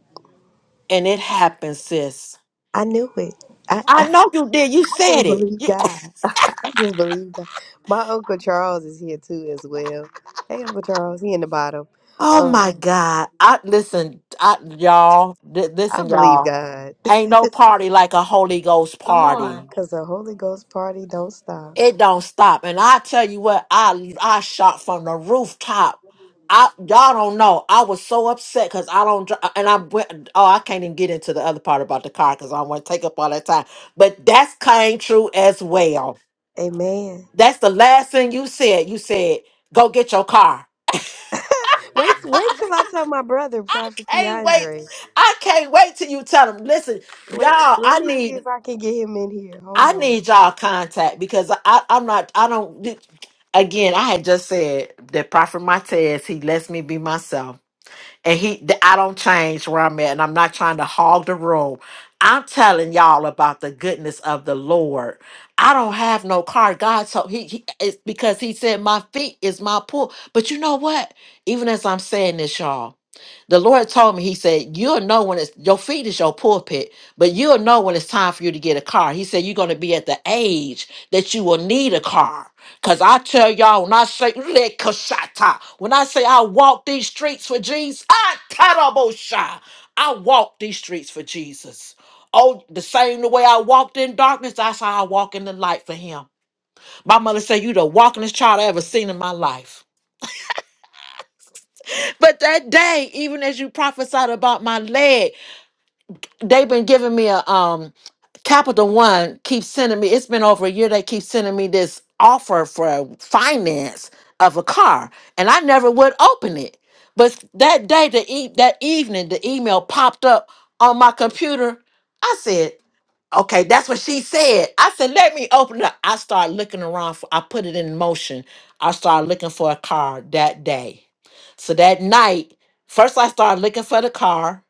And it happens, sis.
I knew it. I, *laughs*
I
I
know you did. You said
just
it.
believe
You-
God. *laughs* I just believe God. My Uncle Charles is here too as well. Hey Uncle Charles, he in the bottom.
oh
Um
my God. I listen, I, y'all. li-
I
listen,
believe
y'all.
God.
Ain't
*laughs*
no party like a Holy Ghost party.
Cause the Holy Ghost party don't stop.
It don't stop. And I tell you what, I I shot from the rooftop. I y'all don't know. I was so upset because I don't dri- and I went oh I can't even get into the other part about the car because I don't want to take up all that time. But that's came true as well.
Amen.
That's the last thing you said. You said, go get your car.
Wait wait till I tell my brother, Prophet
can wait.
Keandre.
I can't wait till you tell them. Listen,
Wait,
y'all.
let
I
me see
need
if I can get him in here. Hold
I
on.
need y'all contact because I I'm not I don't. Again, I had just said that Prophet Martez he lets me be myself, and he that I don't change where I'm at, and I'm not trying to hog the room. I'm telling y'all about the goodness of the Lord. I don't have no car. God told he, he it's because he said my feet is my pool. But you know what? Even as I'm saying this, y'all. The Lord told me, He said, You'll know when it's your feet is your pulpit, but you'll know when it's time for you to get a car. He said, You're going to be at the age that you will need a car. Because I tell y'all, when I say, "Lekashata," when I say I walk these streets for Jesus, I tarabosha. I walk these streets for Jesus. Oh, the same the way I walked in darkness, that's how I walk in the light for Him. My mother said, You the walkingest child I ever seen in my life. But that day, even as you prophesied about my leg, they've been giving me a um Capital One keeps sending me. It's been over a year. They keep sending me this offer for finance of a car, and I never would open it. But that day, the e- that evening, the email popped up on my computer. I said, "Okay, that's what she said." I said, "Let me open it." up. I started looking around. For, I put it in motion. I started looking for a car that day. So that night, first I started looking for the car.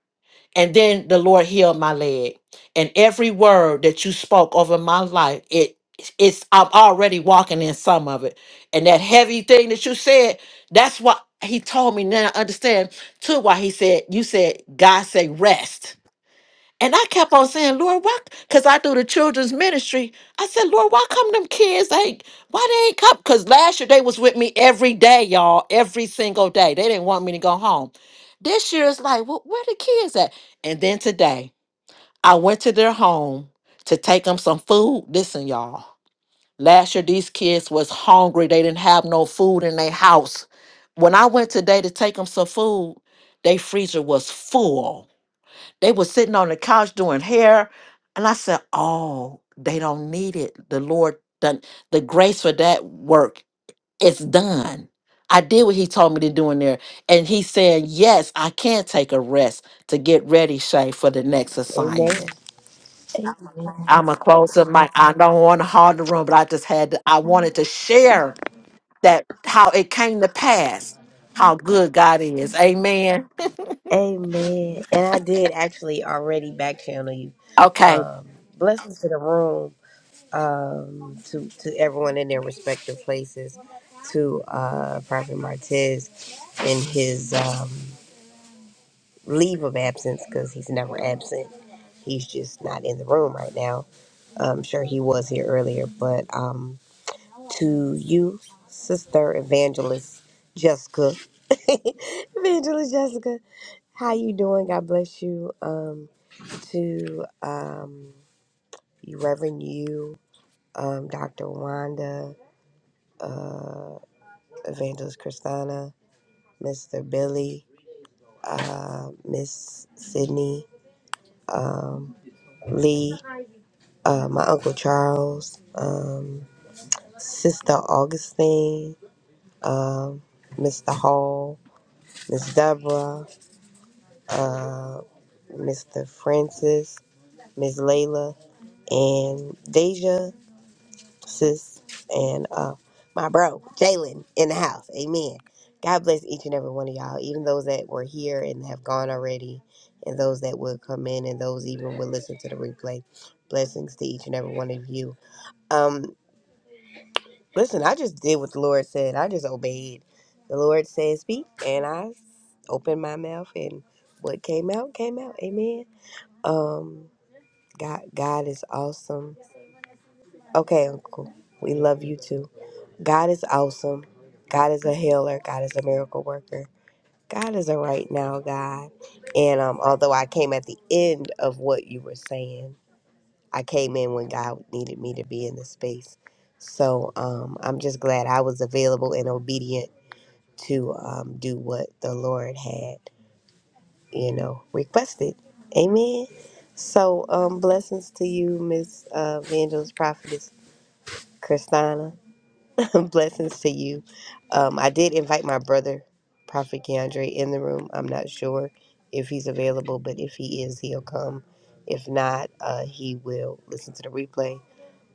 And then the Lord healed my leg. And every word that you spoke over my life, it it's I'm already walking in some of it. And that heavy thing that you said, that's what he told me. Now I understand too why he said, you said God say rest. And I kept on saying, Lord, why? Because I do the children's ministry. I said, Lord, why come them kids ain't, why they ain't come? Because last year they was with me every day, y'all, every single day. They didn't want me to go home. This year it's like, well, where the kids at? And then today, I went to their home to take them some food. Listen, y'all, last year these kids was hungry. They didn't have no food in their house. When I went today to take them some food, their freezer was full they were sitting on the couch doing hair. And I said, Oh, they don't need it. The Lord done the grace for that work. It's done. I did what he told me to do in there. And he said, Yes, I can take a rest to get ready, Shay, for the next
Amen.
assignment. I'm a close up mic. I don't want to hog the room, but I just had to, I wanted to share that how it came to pass, how good God is. Amen.
Amen. And I did actually already back channel you.
Okay.
Um, blessings to the room, um, to, to everyone in their respective places, to uh, Prophet Martez in his um, leave of absence because he's never absent. He's just not in the room right now. I'm sure he was here earlier, but um, to you, Sister Evangelist Jessica, *laughs* Evangelist Jessica, how you doing? God bless you. Um, to um, Reverend You, um, Dr. Wanda, uh, Evangelist Christina, Mr. Billy, uh, Miss Sydney, um, Lee, uh, my Uncle Charles, um, Sister Augustine, um, Mr. Hall, Miss Deborah, uh, Mr. Francis, Miss Layla, and Deja. sis, and uh, my bro, Jalen, in the house. Amen. God bless each and every one of y'all, even those that were here and have gone already, and those that will come in, and those even will listen to the replay. Blessings to each and every one of you. Um, listen, I just did what the Lord said. I just obeyed. The Lord said, "Speak," and I opened my mouth, and what came out came out. Amen. Um, God, God is awesome. Okay, Uncle, we love you too. God is awesome. God is a healer. God is a miracle worker. God is a right now God. And um, although I came at the end of what you were saying, I came in when God needed me to be in the space. So um, I'm just glad I was available and obedient to um, do what the Lord had, you know, requested. Amen. So um, blessings to you, Miss uh, Evangelist Prophetess Christina. *laughs* Blessings to you. Um, I did invite my brother, Prophet Keandre, in the room. I'm not sure if he's available, but if he is, he'll come. If not, uh, he will listen to the replay,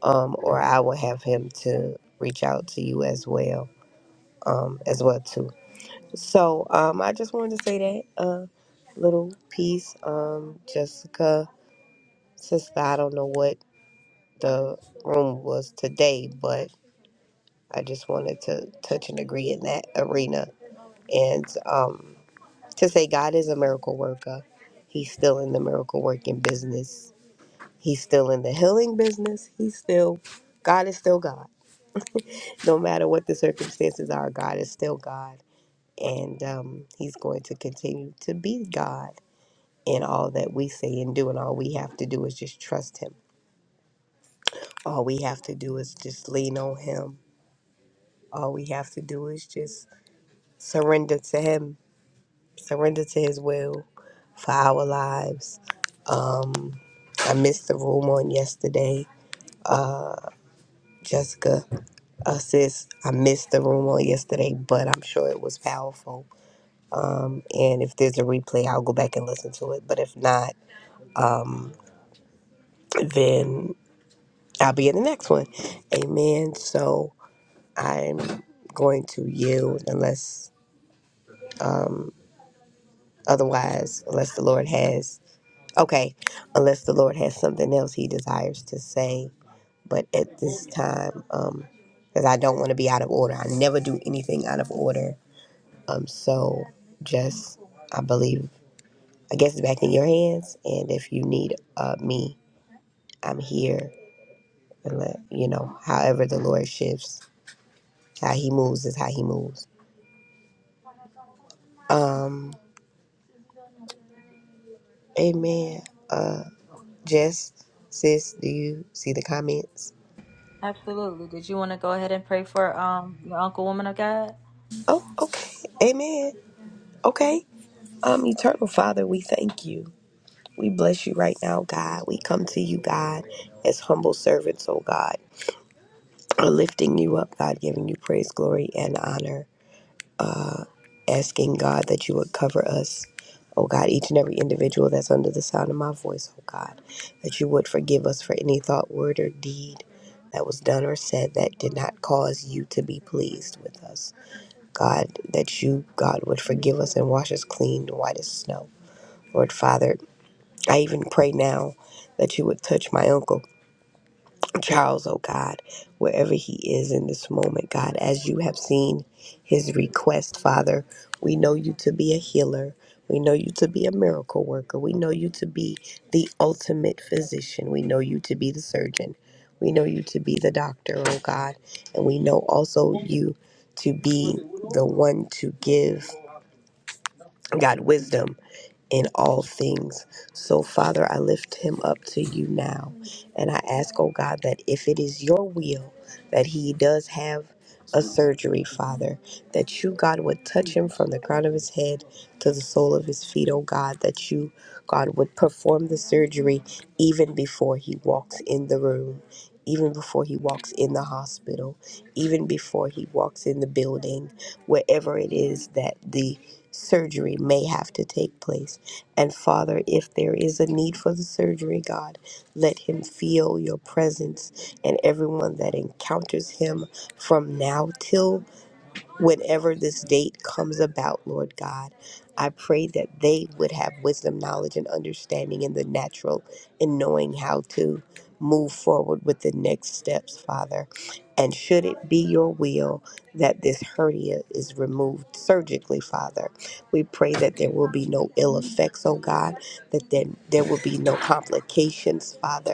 um, or I will have him to reach out to you as well, um, as well too. So um, I just wanted to say that uh, little piece, um, Jessica, sister. I don't know what the room was today, but I just wanted to touch and agree in that arena and um, to say God is a miracle worker. He's still in the miracle working business. He's still in the healing business. He's still, God is still God. No matter what the circumstances are, God is still God. And um, He's going to continue to be God in all that we say and do. And all we have to do is just trust Him. All we have to do is just lean on Him. All we have to do is just surrender to Him surrender to his will for our lives. Um, I missed the room on yesterday. Jessica, uh, sis, I missed the room on yesterday, but I'm sure it was powerful. Um, and if there's a replay, I'll go back and listen to it. But if not, um, then I'll be in the next one. Amen. So I'm going to yield unless um, otherwise, unless the Lord has, okay, unless the Lord has something else he desires to say but at this time, um, because I don't want to be out of order. I never do anything out of order. Um, so just, I believe, I guess it's back in your hands. And if you need uh, me, I'm here. And let you know, however the Lord shifts, how He moves is how He moves. Um, Amen. Uh, Jess, sis, do you see the comments?
Absolutely. Did you want to go ahead and pray for um your uncle, woman of God?
Oh, okay. Amen. Okay. Um, Eternal Father, we thank you. We bless you right now, God. We come to you, God, as humble servants, oh God, *clears throat* lifting you up, God, giving you praise, glory, and honor, asking God that you would cover us. Oh God, each and every individual that's under the sound of my voice, oh God, that you would forgive us for any thought, word, or deed that was done or said that did not cause you to be pleased with us. God, that you, God, would forgive us and wash us clean, white as snow. Lord Father, I even pray now that you would touch my uncle Charles, oh God, wherever he is in this moment, God, as you have seen his request, Father, we know you to be a healer. We know you to be a miracle worker. We know you to be the ultimate physician. We know you to be the surgeon. We know you to be the doctor, oh God. And we know also you to be the one to give, God, wisdom in all things. So, Father, I lift him up to you now. And I ask, oh God, that if it is your will that he does have a
Absolutely.
surgery, Father, that you, God, would touch him from the crown of his head to the sole of his feet, oh God, that you, God, would perform the surgery even before he walks in the room. Even before he walks in the hospital, even before he walks in the building, wherever it is that the surgery may have to take place. And Father, if there is a need for the surgery, God, let him feel your presence and everyone that encounters him from now till whenever this date comes about, Lord God. I pray that they would have wisdom, knowledge, and understanding in the natural in knowing how to move forward with the next steps, Father. And should it be your will that this hernia is removed surgically, Father, we pray that there will be no ill effects, oh God, that then there will be no complications, Father,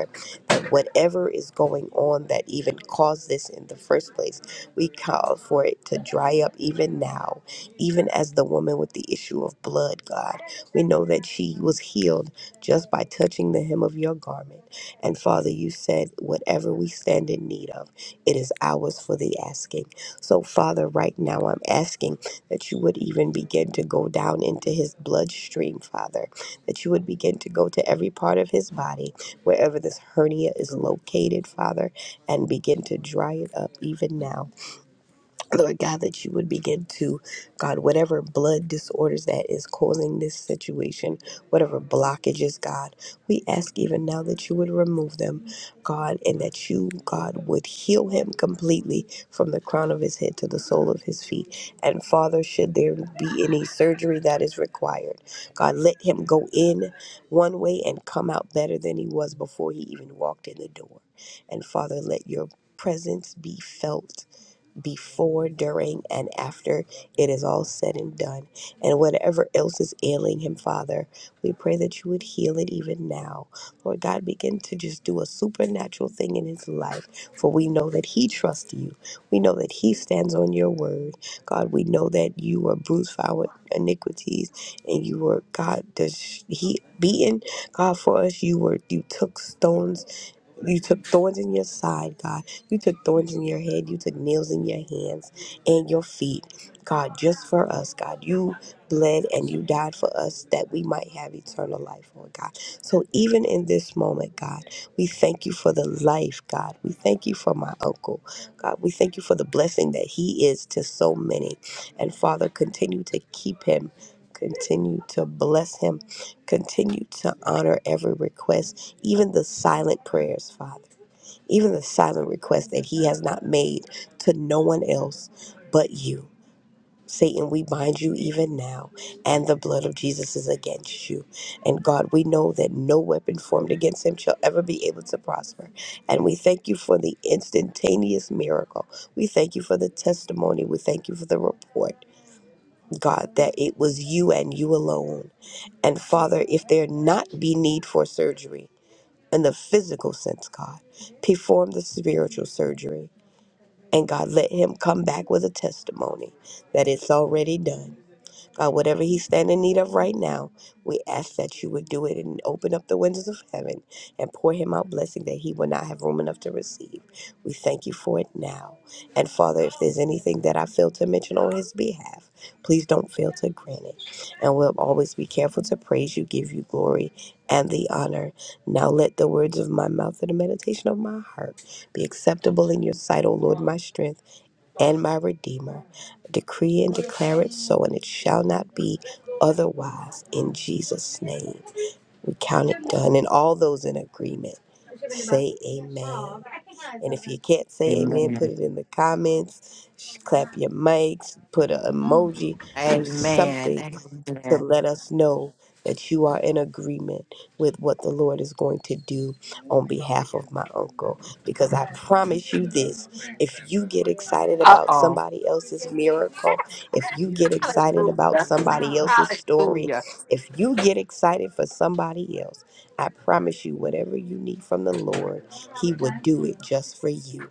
whatever is going on that even caused this in the first place. We call for it to dry up even now, even as the woman with the issue of blood, God. We know that she was healed just by touching the hem of your garment. And Father, you said, whatever we stand in need of, it is ours for the asking. So, Father, right now I'm asking that you would even begin to go down into his bloodstream, Father, that you would begin to go to every part of his body wherever this hernia is located, Father, and begin to dry it up even now. Lord God, that you would begin to, God, whatever blood disorders that is causing this situation, whatever blockages, God, we ask even now that you would remove them, God, and that you, God, would heal him completely from the crown of his head to the sole of his feet. And Father, should there be any surgery that is required, God, let him go in one way and come out better than he was before he even walked in the door. And Father, let your presence be felt before, during, and after it is all said and done. And whatever else is ailing him, Father, we pray that you would heal it even now. Lord God, begin to just do a supernatural thing in his life, for we know that he trusts you. We know that he stands on your word. God, we know that you were bruised for our iniquities and you were, God, the sh- he beaten. God, for us, you were, you took stones. You took thorns in your side, God. You took thorns in your head. You took nails in your hands and your feet, God, just for us, God. You bled and you died for us that we might have eternal life, Lord God. So even in this moment, God, we thank you for the life, God. We thank you for my uncle, God. We thank you for the blessing that he is to so many. And Father, continue to keep him. Continue to bless him. Continue to honor every request even the silent prayers, Father, even the silent requests that he has not made to no one else but you. Satan, we bind you even now, and the blood of Jesus is against you. And God, we know that no weapon formed against him shall ever be able to prosper. And we thank you for the instantaneous miracle. We thank you for the testimony. We thank you for the report, God, that it was you and you alone. And Father, if there not be need for surgery, in the physical sense, God. Perform the spiritual surgery. And God, let him come back with a testimony that it's already done God, whatever he's standing in need of right now, we ask that you would do it and open up the windows of heaven and pour him out blessing that he will not have room enough to receive. We thank you for it now. And Father, if there's anything that I fail to mention on his behalf, please don't fail to grant it. And we'll always be careful to praise you, give you glory and the honor. Now let the words of my mouth and the meditation of my heart be acceptable in your sight, O Lord, my strength and my Redeemer. Decree and declare it so, and it shall not be otherwise. In Jesus' name, we count it done. And all those in agreement, say amen. If you can't say amen, put
Amen.
it in the comments, sh- clap your mics, put an emoji, do
Amen.
something to
Amen.
let us know that you are in agreement with what the Lord is going to do on behalf of my uncle. Because I promise you this if you get excited
Uh
about
oh.
somebody else's miracle, if you get excited about
Hallelujah.
somebody else's story,
Hallelujah.
if you get excited for somebody else, I promise you, whatever you need from the Lord, He will do it just for you.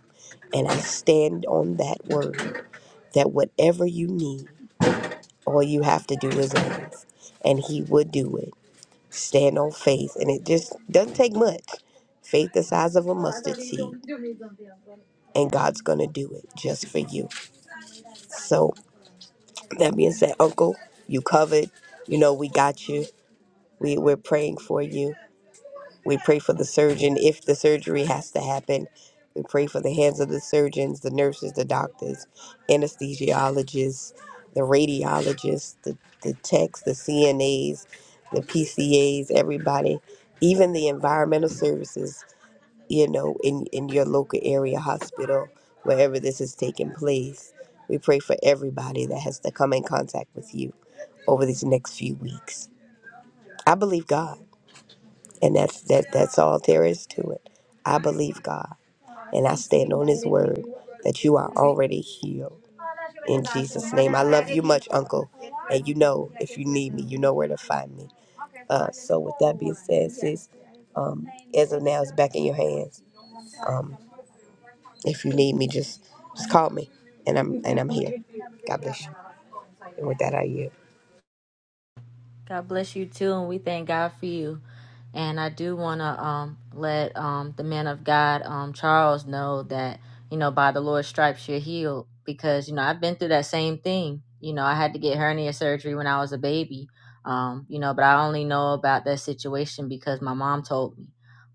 And I stand on that word that whatever you need, all you have to do is ask, and He would do it. Stand on faith, and it just doesn't take much. Faith the size of a mud, and God's gonna do it just for you. So that being said, Uncle, you covered. You know we got you. We we're praying for you, We pray for the surgeon if the surgery has to happen. We pray for the hands of the surgeons, the nurses, the doctors, anesthesiologists, the radiologists, the, the techs, the CNAs, the PCAs, everybody, even the environmental services, you know, in, in your local area hospital, wherever this is taking place. We pray for everybody that has to come in contact with you over these next few weeks. I believe God. And that's that that's all there is to it. I believe God and I stand on his word that you are already healed in Jesus. Love you much, Uncle. And you know if you need me, you know where to find me. Uh so with that being said, sis, um as of now it's back in your hands. Um if you need me just just call me and I'm and I'm here. God bless you. And with that I yield.
God bless you too, and we thank God for you. And I do want to um, let um, the man of God, um, Charles, know that you know by the Lord's stripes you're healed. Because you know I've been through that same thing. You know I had to get hernia surgery when I was a baby. Um, you know, but I only know about that situation because my mom told me.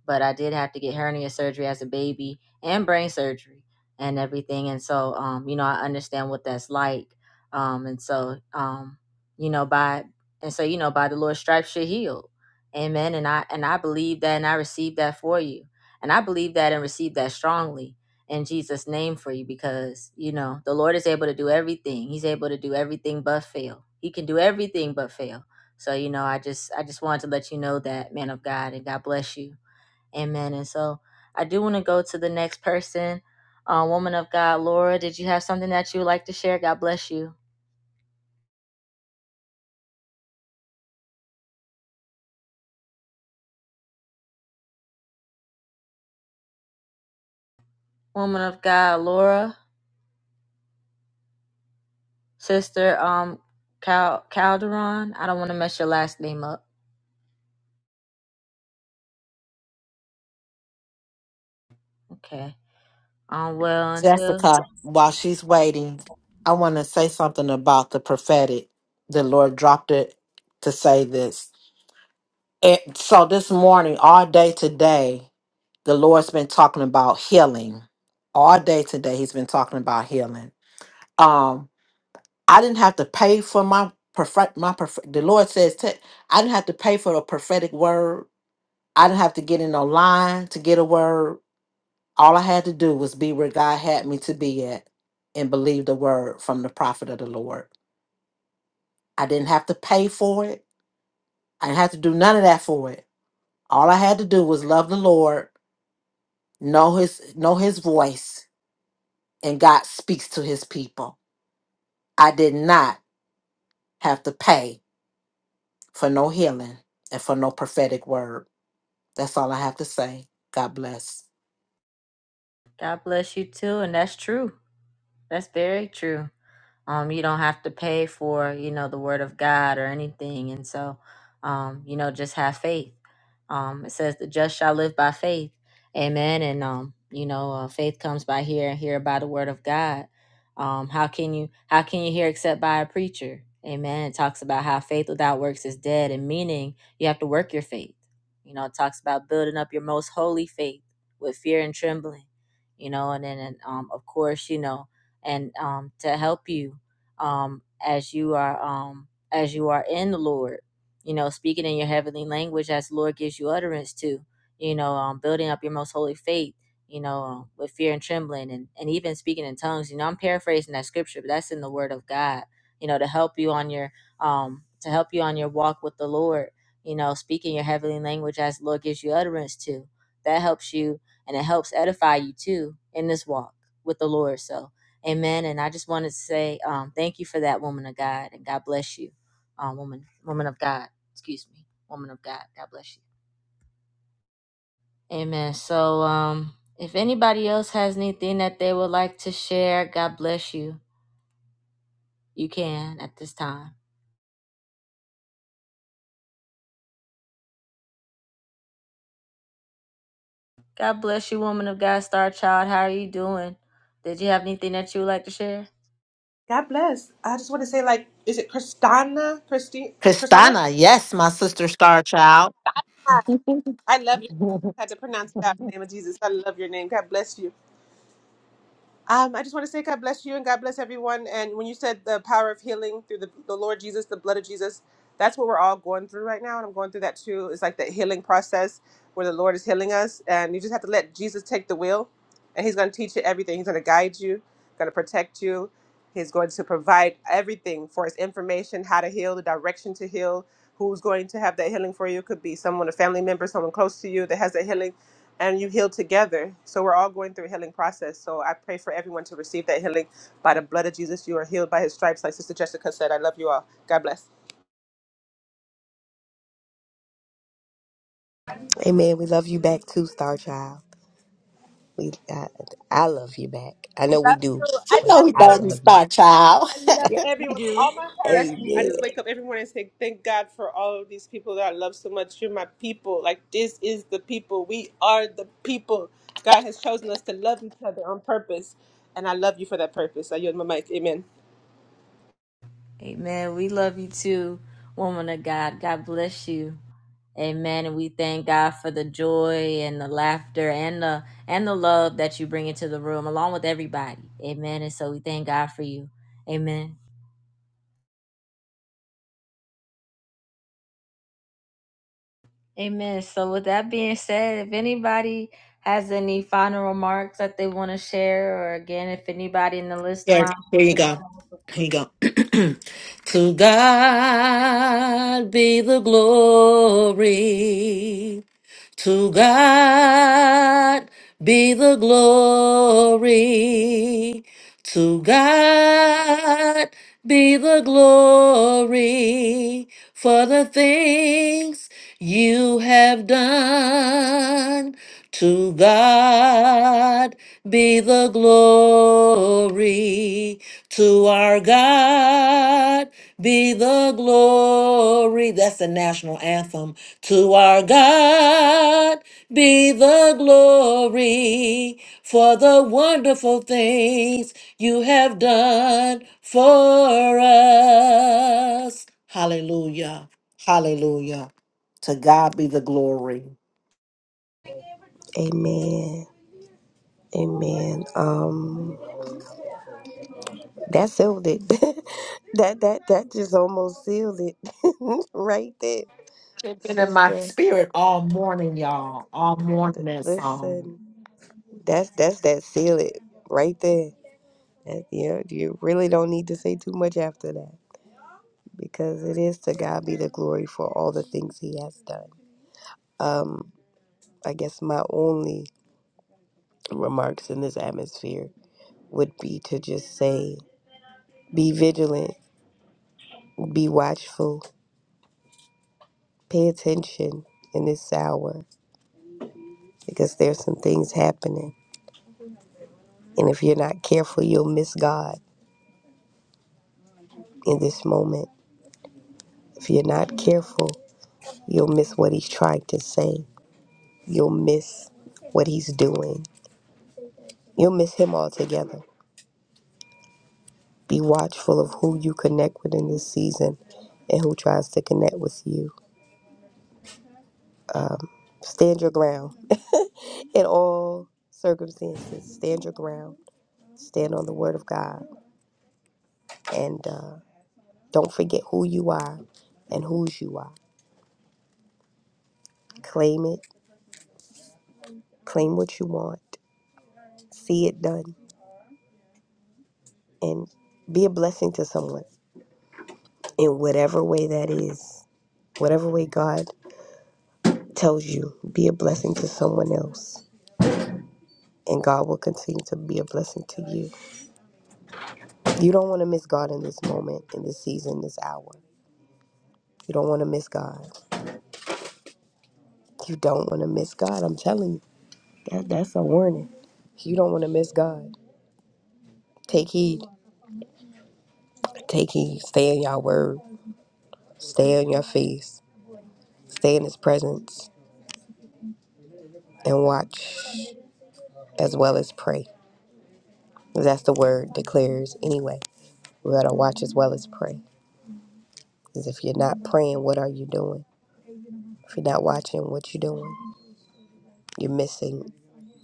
But I did have to get hernia surgery as a baby and brain surgery and everything. And so, um, you know, I understand what that's like. Um, and so, um, you know, by and so you know by the lord's stripes you're healed amen and i and i believe that and i receive that for you and i believe that and receive that strongly in jesus name for you because you know the lord is able to do everything he's able to do everything but fail he can do everything but fail so you know i just i just wanted to let you know that man of god and god bless you amen and so i do want to go to the next person uh, woman of god laura did you have something that you would like to share god bless you woman of god laura Sister um Cal- Calderon. I don't want to mess your last name up. Okay. Um well until
Jessica, while she's waiting, I want to say something about the prophetic. The Lord dropped it to say this. And so this morning, all day today, the Lord's been talking about healing. All day today, He's been talking about healing. Um, I didn't have to pay for my prophet. My prophet. The Lord says, I I didn't have to pay for a prophetic word. I didn't have to get in a line to get a word. All I had to do was be where God had me to be at and believe the word from the prophet of the Lord. I didn't have to pay for it. I didn't have to do none of that for it. All I had to do was love the Lord, know his know his voice, and God speaks to his people. I did not have to pay for no healing and for no prophetic word. That's all I have to say. God bless.
God bless you too and that's true. That's very true. Um, you don't have to pay for, you know, the word of God or anything. And so, um, you know, just have faith. Um, it says the just shall live by faith. Amen. And, um, you know, uh, faith comes by hearing, and hear by the word of God. Um, how can you, how can you hear except by a preacher? Amen. It talks about how faith without works is dead and meaning you have to work your faith. You know, it talks about building up your most holy faith with fear and trembling you know and then and, um, of course you know and um, to help you um, as you are um, as you are in the Lord. You know, speaking in your heavenly language as the Lord gives you utterance to. You know, um, building up your most holy faith. You know, um, with fear and trembling, and and even speaking in tongues. You know, I'm paraphrasing that scripture, but that's in the Word of God. You know, to help you on your um, to help you on your walk with the Lord. You know, speaking your heavenly language as the Lord gives you utterance to. That helps you, and it helps edify you too in this walk with the Lord. So, Amen. And I just wanted to say um, thank you for that, woman of God, and God bless you, um, woman, woman of God. Excuse me, woman of God. God bless you. Amen. So, um, if anybody else has anything that they would like to share, God bless you. You can at this time. God bless you, woman of God, star child. How are you doing? Did you have anything that you would like to share?
God bless. I just want to say, like, is it Christina? Christine? Christina?
Christina, yes, my sister star child.
Ah, I love you. I had to pronounce that in the name of Jesus. I love your name. God bless you. Um, I just want to say God bless you and God bless everyone. And when you said the power of healing through the, the Lord Jesus, the blood of Jesus, that's what we're all going through right now. And I'm going through that too. It's like that healing process where the Lord is healing us. And you just have to let Jesus take the wheel. And He's going to teach you everything. He's going to guide you, going to protect you. He's going to provide everything for His information, how to heal, the direction to heal, who's going to have that healing for you. Could be someone, a family member, someone close to you that has that healing and you heal together. So we're all going through a healing process. So I pray for everyone to receive that healing by the blood of Jesus. You are healed by his stripes, like Sister Jessica said. I love you all. God bless.
Amen. We love you back too, Star Child. We I, I love you back. I
Love
know we do,
you.
She
I
but
know
love
he
I
doesn't
love
you.
you.
start, child.
I love
Yes, we
everyone with
do.
all my
Yes,
heart.
we
I
Amen.
just
do.
wake up every morning and say, Thank God for all of these people that I love so much. You're my people. Like, this is the people. We are the people. God has chosen us to love each other on purpose. And I love you for that purpose. I yield my mic. Amen.
Amen. We love you too, woman of God. God bless you. Amen. And we thank God for the joy and the laughter and the and the love that you bring into the room along with everybody. Amen. And so we thank God for you. Amen. Amen. So with that being said, if anybody has any final remarks that they want to share, or again, if anybody in the listening line
Yes, here
wants
you
to
go.
come up,
Here you go. *clears throat* to God be the glory. To God be the glory. To God be the glory for the things you have done. To God be the glory, to our God be the glory. That's the national anthem. To our God be the glory for the wonderful things you have done for us. Hallelujah. Hallelujah. To God be the glory.
Amen. Amen. Um, that sealed it. *laughs* that that that just almost sealed it *laughs* right there,
It's been in my
sister.
spirit all morning, y'all. All morning
th-
that song.
Listen, that's that's that seal it right there. That, yeah, you really don't need to say too much after that because it is to God be the glory for all the things He has done. Um, I guess my only remarks in this atmosphere would be to just say, be vigilant, be watchful, Pay attention in this hour because there's some things happening. And if you're not careful, you'll miss God in this moment. If you're not careful, you'll miss what He's trying to say. You'll miss what He's doing. You'll miss Him altogether. Be watchful of who you connect with in this season and who tries to connect with you. Um, stand your ground *laughs* in all circumstances. Stand your ground. Stand on the Word of God. And, uh, Don't forget who you are and whose you are. Claim it, claim what you want, see it done, and be a blessing to someone in whatever way that is. Whatever way God tells you, be a blessing to someone else. And God will continue to be a blessing to you. You don't want to miss God in this moment, in this season, this hour. You don't want to miss God. You don't want to miss God. I'm telling you, that, that's a warning. You don't want to miss God. Take heed. Take heed. Stay in your word Stay on your face, stay in his presence, and watch as well as pray. That's the word declares anyway. We gotta watch as well as pray. Because if you're not praying, what are you doing? If you're not watching, what you doing? You're missing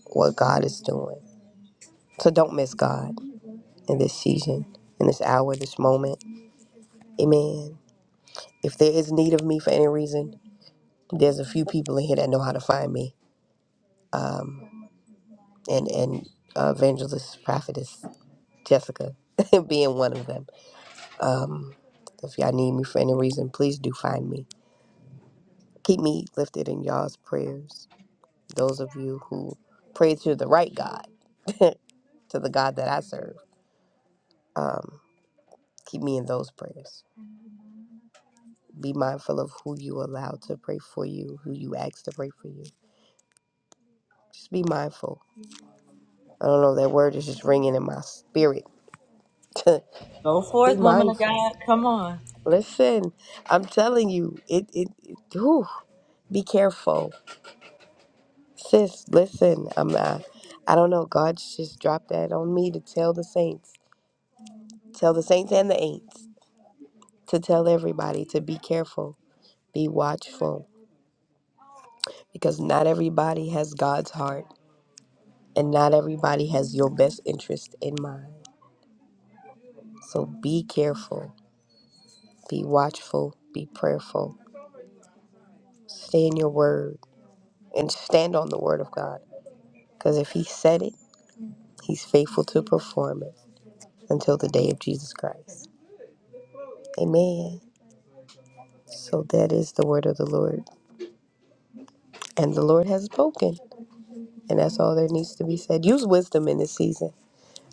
what God is doing. So don't miss God in this season, in this hour, this moment. Amen. If there is need of me for any reason, there's a few people in here that know how to find me. Um, and and uh, evangelist prophetess Jessica *laughs* being one of them. Um, if y'all need me for any reason, please do find me. Keep me lifted in y'all's prayers. Those of you who pray to the right God, to the God that I serve, um, keep me in those prayers. Be mindful of who you allow to pray for you, who you ask to pray for you. Just be mindful. I don't know, that word is just ringing in my spirit. *laughs* be
go forth, woman of
mindful.
God. Come on.
Listen, I'm telling you, it, it, it whew, be careful Sis, listen, I'm not, I don't know. God just dropped that on me to tell the saints, tell the saints and the ain'ts, to tell everybody to be careful, be watchful, because not everybody has God's heart and not everybody has your best interest in mind. So be careful, be watchful, be prayerful, stay in your word and stand on the word of God, because if He said it, He's faithful to perform it until the day of Jesus Christ. Amen. So that is the word of the Lord. And the Lord has spoken. And that's all there needs to be said. Use wisdom in this season.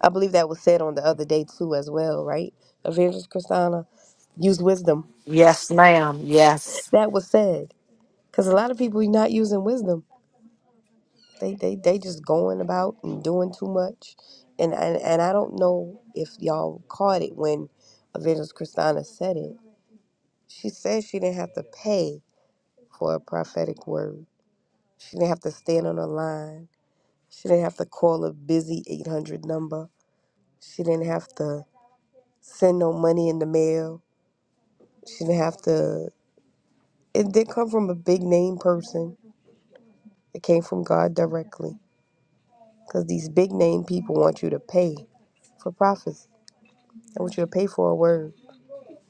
I believe that was said on the other day too as well, right? Evangelist Christina, use wisdom.
Yes, ma'am. Yes.
That was said. Because a lot of people are not using wisdom. They they they just going about and doing too much. And and, and I don't know if y'all caught it when Evangelist Christina said it. She said she didn't have to pay for a prophetic word. She didn't have to stand on the line She didn't have to call a busy 800 number. She didn't have to send no money in the mail. She didn't have to. It did come from a big name person. It came from God directly. Because these big name people want you to pay for prophecy. They want you to pay for a word.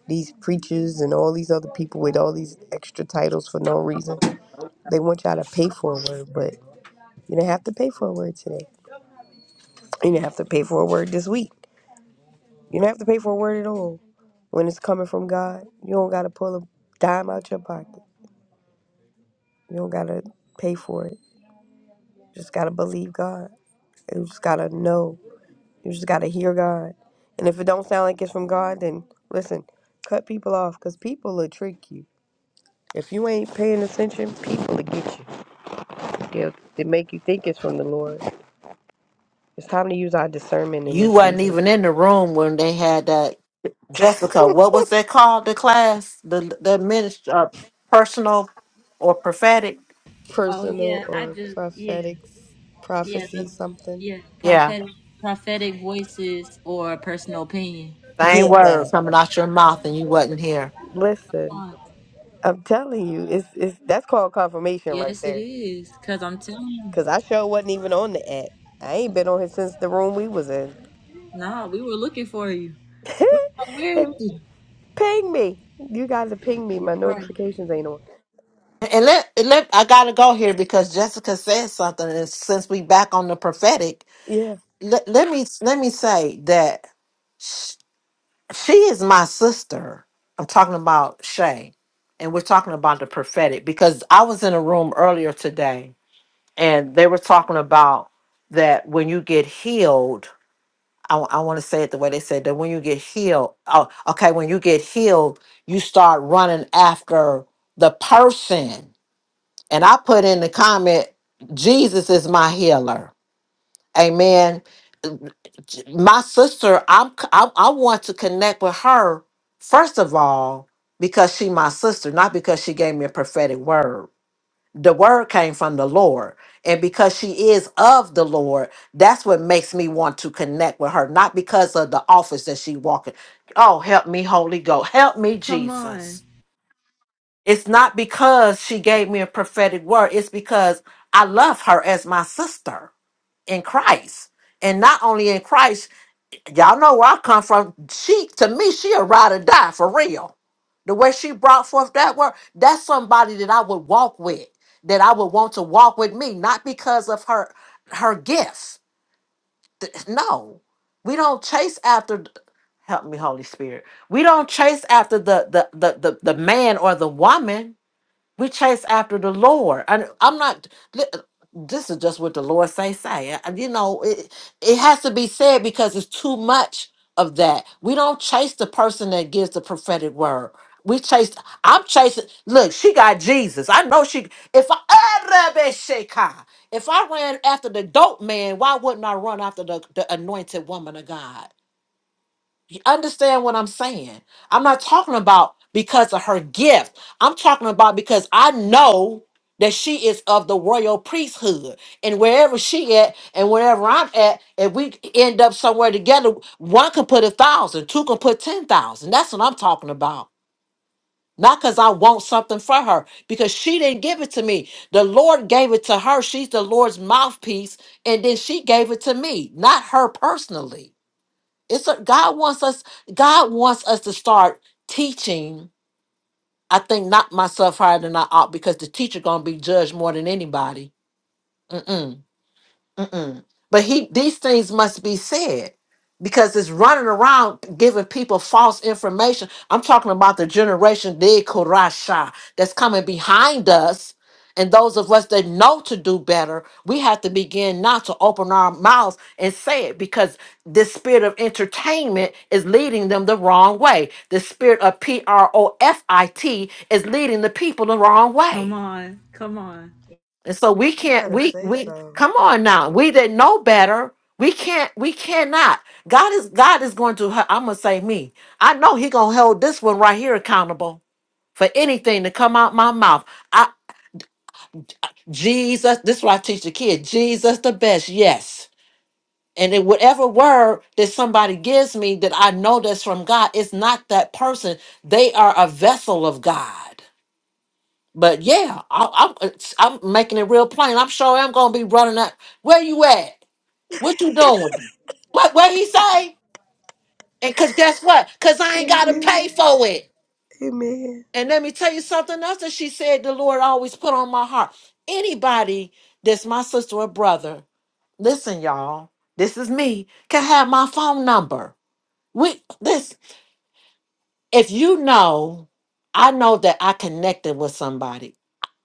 These preachers and all these other people with all these extra titles for no reason.
Hello? Hello?
They want y'all to pay for a word, but you didn't have to pay for a word today. You didn't have to pay for a word this week. You didn't have to pay for a word at all. When it's coming from God, you don't gotta pull a dime out your pocket. You don't gotta pay for it. You just gotta believe God. You just gotta know. You just gotta hear God. And if it don't sound like it's from God, then listen, cut people off because people will trick you. If you ain't paying attention, people will get you. They'll, they make you think it's from the Lord. It's time to use our discernment in
You
this
wasn't even
season.
in the room when they had that Jessica. What was that called? The class, the the ministry, uh, personal or prophetic?
Oh
Personal
yeah, I
or
just yeah
prophetic
yeah the
prophecy, something.
yeah
Yeah,
prophetic prophetic voices or personal opinion.
same
Yeah,
words
that.
coming out your mouth, and you wasn't here.
Listen. I'm telling you, it's it's that's called confirmation right
Yes, it
there.
is. Cause I'm telling you,
Cause I sure wasn't even on the app. I ain't been on here since the room we was in.
nah, we were looking for you. Oh, Where is
And
he?
ping me. You guys are ping me.
You're
My
right.
notifications ain't on.
And let, and let I gotta go here because Jessica said something, and since we back on the prophetic,
Yeah.
let, let me let me say that sh- she is my sister. I'm talking about Shay, and we're talking about the prophetic because I was in a room earlier today and they were talking about that when you get healed i, want to say it the way they said that when you get healed oh okay when you get healed you start running after the person and i put in the comment jesus is my healer amen my sister i'm c- i, I want to connect with her first of all because she my sister not because she gave me a prophetic word the word came from the Lord. And because she is of the Lord, that's what makes me want to connect with her, not because of the office that she walking. Oh, help me, Holy Ghost. Help me,
Come on,
Jesus. It's not because she gave me a prophetic word. It's because I love her as my sister in Christ. And not only in Christ, y'all know where I come from. She to me, she a ride or die for real. The way she brought forth that word, that's somebody that I would walk with, that I would want to walk with me, not because of her her gifts. Th- No, we don't chase after. Help me, Holy Spirit. We don't chase after the the the the, the man or the woman. We chase after the Lord. And I'm not li- this is just what the Lord say say. And you know, it it has to be said because it's too much of that. We don't chase the person that gives the prophetic word. We chase I'm chasing look, she got Jesus. I know she if I Arabeshaka. if I ran after the dope man, why wouldn't I run after the, the anointed woman of God? understand what I'm saying. I'm not talking about because of her gift. I'm talking about because I know that she is of the royal priesthood. And wherever she at and wherever I'm at, if we end up somewhere together, one can put a thousand, two can put ten thousand. That's what I'm talking about. Not because I want something for her, because she didn't give it to me. The Lord gave it to her. She's the Lord's mouthpiece. And then she gave it to me, not her personally. It's a, God wants us. God wants us to start teaching. I think not myself higher than I ought because the teacher gonna be judged more than anybody. Mm-mm. Mm-mm. But he these things must be said because it's running around giving people false information. I'm talking about the generation de Korasha that's coming behind us. And those of us that know to do better, we have to begin not to open our mouths and say it because this spirit of entertainment is leading them the wrong way. The spirit of P R O F I T is leading the people the wrong
come
way.
on, come on.
And so we
You
can't,
better
we,
say
we,
so.
come on now. We didn't know better. We can't, we cannot. God is, God is going to, I'm going to say me. I know he going to hold this one right here accountable for anything to come out my mouth. I, Jesus, this is what I teach the kid. Jesus the best. Yes. And then whatever word that somebody gives me that I know that's from God, it's not that person. They are a vessel of God. But yeah, I, I'm I'm making it real plain. I'm sure I'm gonna be running up. Where you at? What you doing? What what he say? And cause guess what? Cause I ain't gotta
Amen.
pay for it.
Amen.
And let me tell you something else that she said the Lord always put on my heart. Anybody that's my sister or brother, listen, y'all, this is me, can have my phone number. We this if you know, I know that I connected with somebody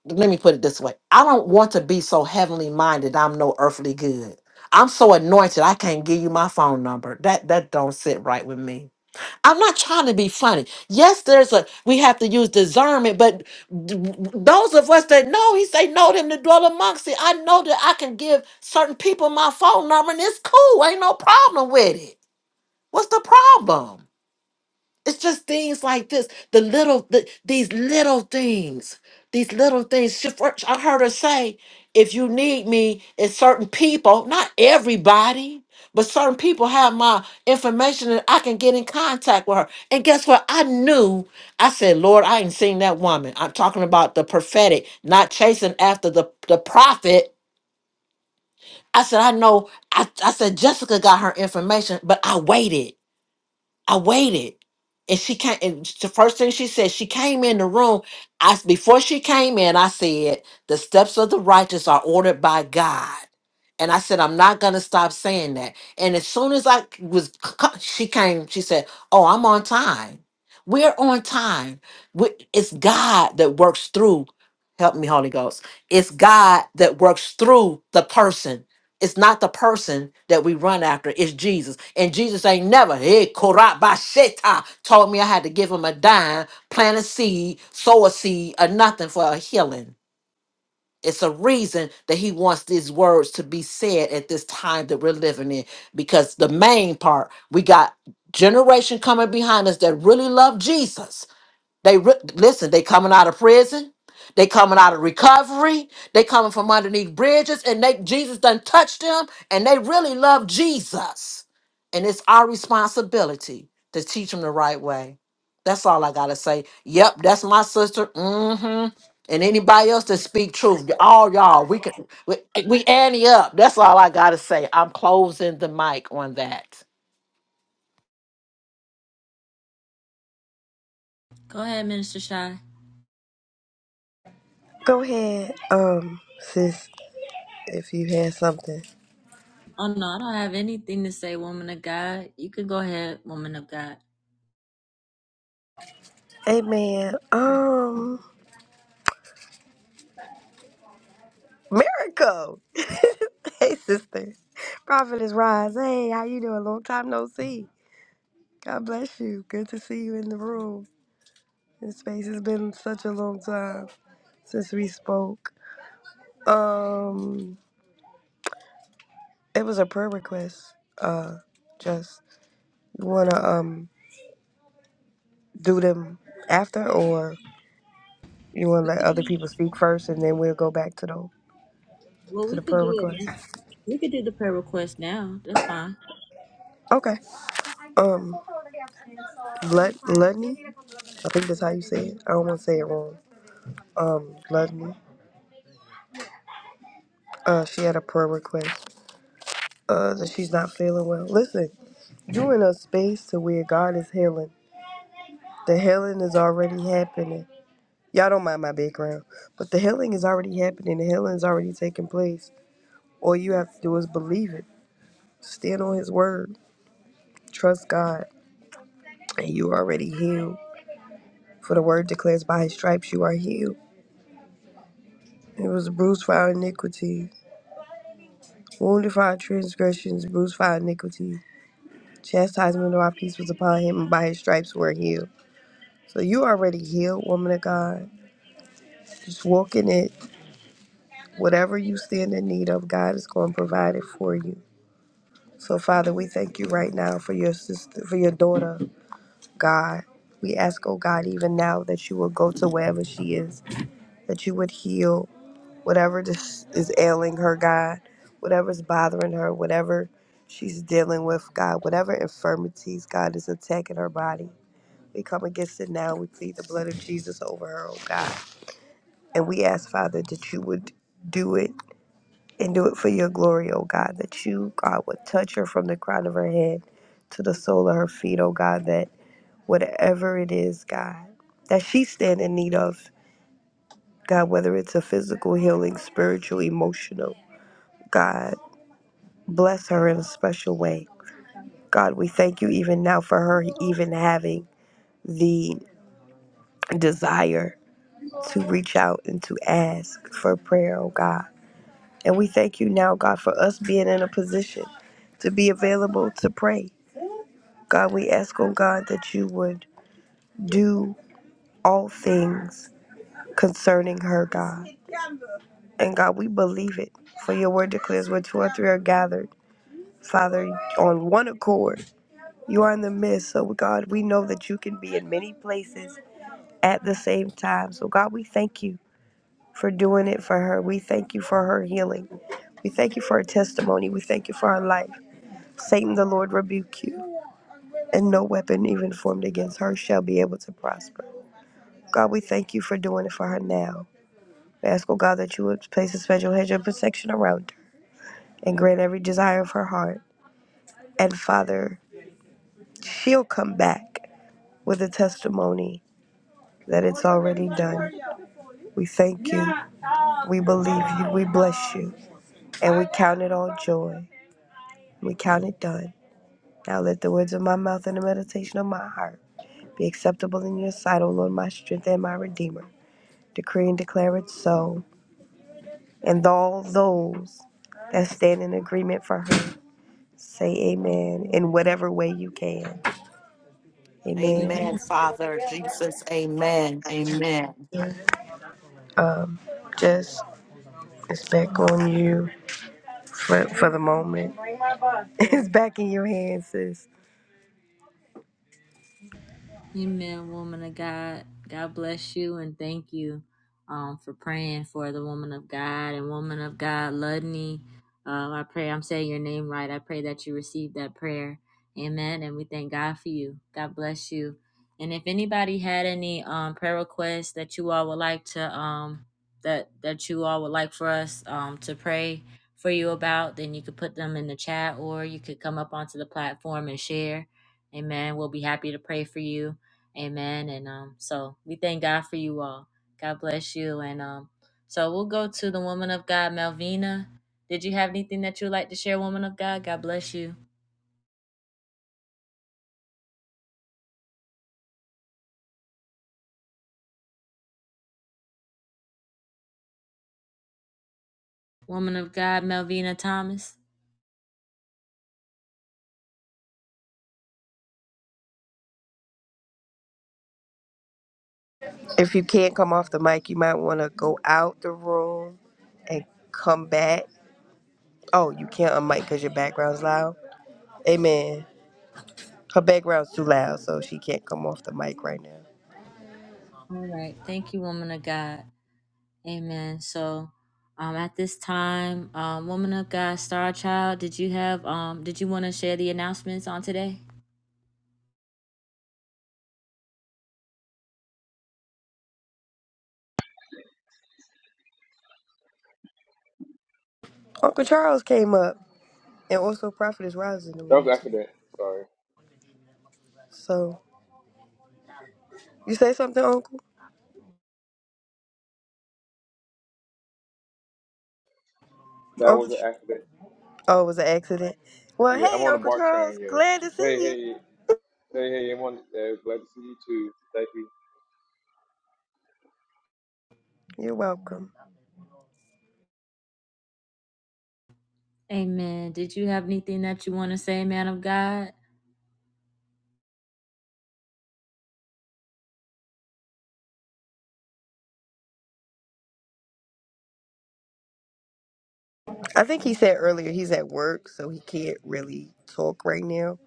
let me put it this way i don't want to be so heavenly minded i'm no earthly good i'm so anointed i can't give you my phone number that that don't sit right with me i'm not trying to be funny yes there's a we have to use discernment but d- those of us that know he say know them to dwell amongst it i know that i can give certain people my phone number and it's cool ain't no problem with it what's the problem it's just things like this. The little, the, these little things, these little things. She first- I heard her say, if you need me, it's certain people, not everybody, but certain people have my information and I can get in contact with her. And guess what? I knew, I said, Lord, I ain't seen that woman. I'm talking about the prophetic, not chasing after the, the prophet. I said, I know. I, I said, Jessica got her information, but I waited. I waited. And she came and the first thing she said, she came in the room. I before she came in, I said, the steps of the righteous are ordered by God. And I said, I'm not gonna stop saying that. And as soon as I was c- she came, she said, Oh, I'm on time. We're on time. We- It's God that works through. Help me, Holy Ghost. It's God that works through the person it's not the person that we run after, it's Jesus. And Jesus ain't never, hey, Korabasheta, told me I had to give him a dime, plant a seed, sow a seed, or nothing for a healing. It's a reason that he wants these words to be said at this time that we're living in. Because the main part, we got generation coming behind us that really love Jesus they re- listen, they coming out of prison, they coming out of recovery, they coming from underneath bridges, and they Jesus done touched them, and they really love Jesus. And it's our responsibility to teach them the right way. That's all I gotta say. Yep, that's my sister. Mm-hmm. And anybody else that speak truth, y- all y'all, we can we, we ante up. That's all I gotta say. I'm closing the mic on that.
Go ahead, Minister Shy.
Go ahead, um, sis, if you had something.
Oh no, I don't have anything to say, woman of God. You can go ahead, woman of God.
Amen. Um, Miracle. *laughs* hey, sister. Prophet is Rise. Hey, how you doing? Long time no see. God bless you. Good to see you in the room. This space has been such a long time since we spoke. Um, it was a prayer request. Uh, just you wanna um do them after, or you wanna let other people speak first, and then we'll go back to the
Well,
to
we
the
could
prayer
do it.
request.
man. We could do the prayer request now. That's fine.
Okay. Um, let Ludney. I think that's how you say it. I don't want to say it wrong. Um, Ludney. Uh, she had a prayer request. Uh, that she's not feeling well. Listen, you in a space to where God is healing. The healing is already happening Y'all don't mind my background, but the healing is already happening. The healing is already taking place. All you have to do is believe it. Stand on His word. Trust God, and you are already healed. For the word declares, by His stripes you are healed. It was bruised for our iniquity, wounded for our transgressions, bruised for our iniquity. Chastisement of our peace was upon Him, and by His stripes we're healed. So you already healed, woman of God. Just walk in it. Whatever you stand in need of, God is going to provide it for you. So, Father, we thank you right now for your sister, for your daughter, God. We ask, oh God, even now that you will go to wherever she is, that you would heal whatever this is ailing her, God, whatever's bothering her, whatever she's dealing with, God, whatever infirmities, God, is attacking her body. We come against it now. We plead the blood of Jesus over her, oh God. And we ask, Father, that you would do it and do it for your glory, O God, that you, God, would touch her from the crown of her head to the sole of her feet, O God, that whatever it is, God, that she stand in need of, God, whether it's a physical healing, spiritual, emotional, God, bless her in a special way. God, we thank you even now for her even having the desire to reach out and to ask for prayer, oh God. And we thank you now, God, for us being in a position to be available to pray. God, we ask, oh God, that you would do all things concerning her, God. And God, we believe it. For your word declares where two or three are gathered, Father, on one accord. You are in the midst. So, God, we know that you can be in many places at the same time. So, God, we thank you for doing it for her. We thank you for her healing. We thank you for her testimony. We thank you for her life. Satan, the Lord, rebuke you. And no weapon even formed against her shall be able to prosper. God, we thank you for doing it for her now. We ask, oh God, that you would place a special hedge of protection around her and grant every desire of her heart. And Father, she'll come back with a testimony that it's already done. We thank you. We believe you. We bless you. And we count it all joy. We count it done. Now let the words of my mouth and the meditation of my heart be acceptable in your sight, O Lord, my strength and my redeemer. Decree and declare it so. And all those that stand in agreement for her. Say amen in whatever way you can. Amen.
Amen, Father Jesus. Amen. Amen.
Um, just it's back on you for, for the moment. *laughs* It's back in your hands, sis.
Amen, woman of God. God bless you and thank you um, for praying for the woman of God and woman of God, Ludney. Uh, I pray I'm saying your name right. I pray that you receive that prayer. Amen. And we thank God for you. God bless you. And if anybody had any um, prayer requests that you all would like to um, that that you all would like for us um, to pray for you about, then you could put them in the chat or you could come up onto the platform and share. Amen. We'll be happy to pray for you Amen. And um, so we thank God for you all. God bless you. And um, so we'll go to the woman of God, Melvina. Did you have anything that you'd like to share, woman of God? God bless you. Woman of God, Melvina Thomas.
If you can't come off the mic, you might want to go out the room and come back. Oh, you can't unmic because your background's loud. Amen. Her background's too loud, so she can't come off the mic right now.
All right. Thank you, woman of God. Amen. So um, at this time, um, woman of God, Star Child, did you have um, did you want to share the announcements on today?
Uncle Charles came up, and also Prophet is rising in the
That was
room
an
too.
accident. Sorry.
So you say something, Uncle?
That was
Uncle?
an accident.
Oh, it was an accident. Well,
Yeah, I'm
hey,
on the
Uncle
BART
Charles,
train, yes.
glad to see
Hey,
you.
hey, hey, hey, I'm on, uh, glad to see you too. Thank you.
You're welcome.
Amen. Did you have anything that you want to say, man of God?
I think he said earlier he's at work, so he can't really talk right now.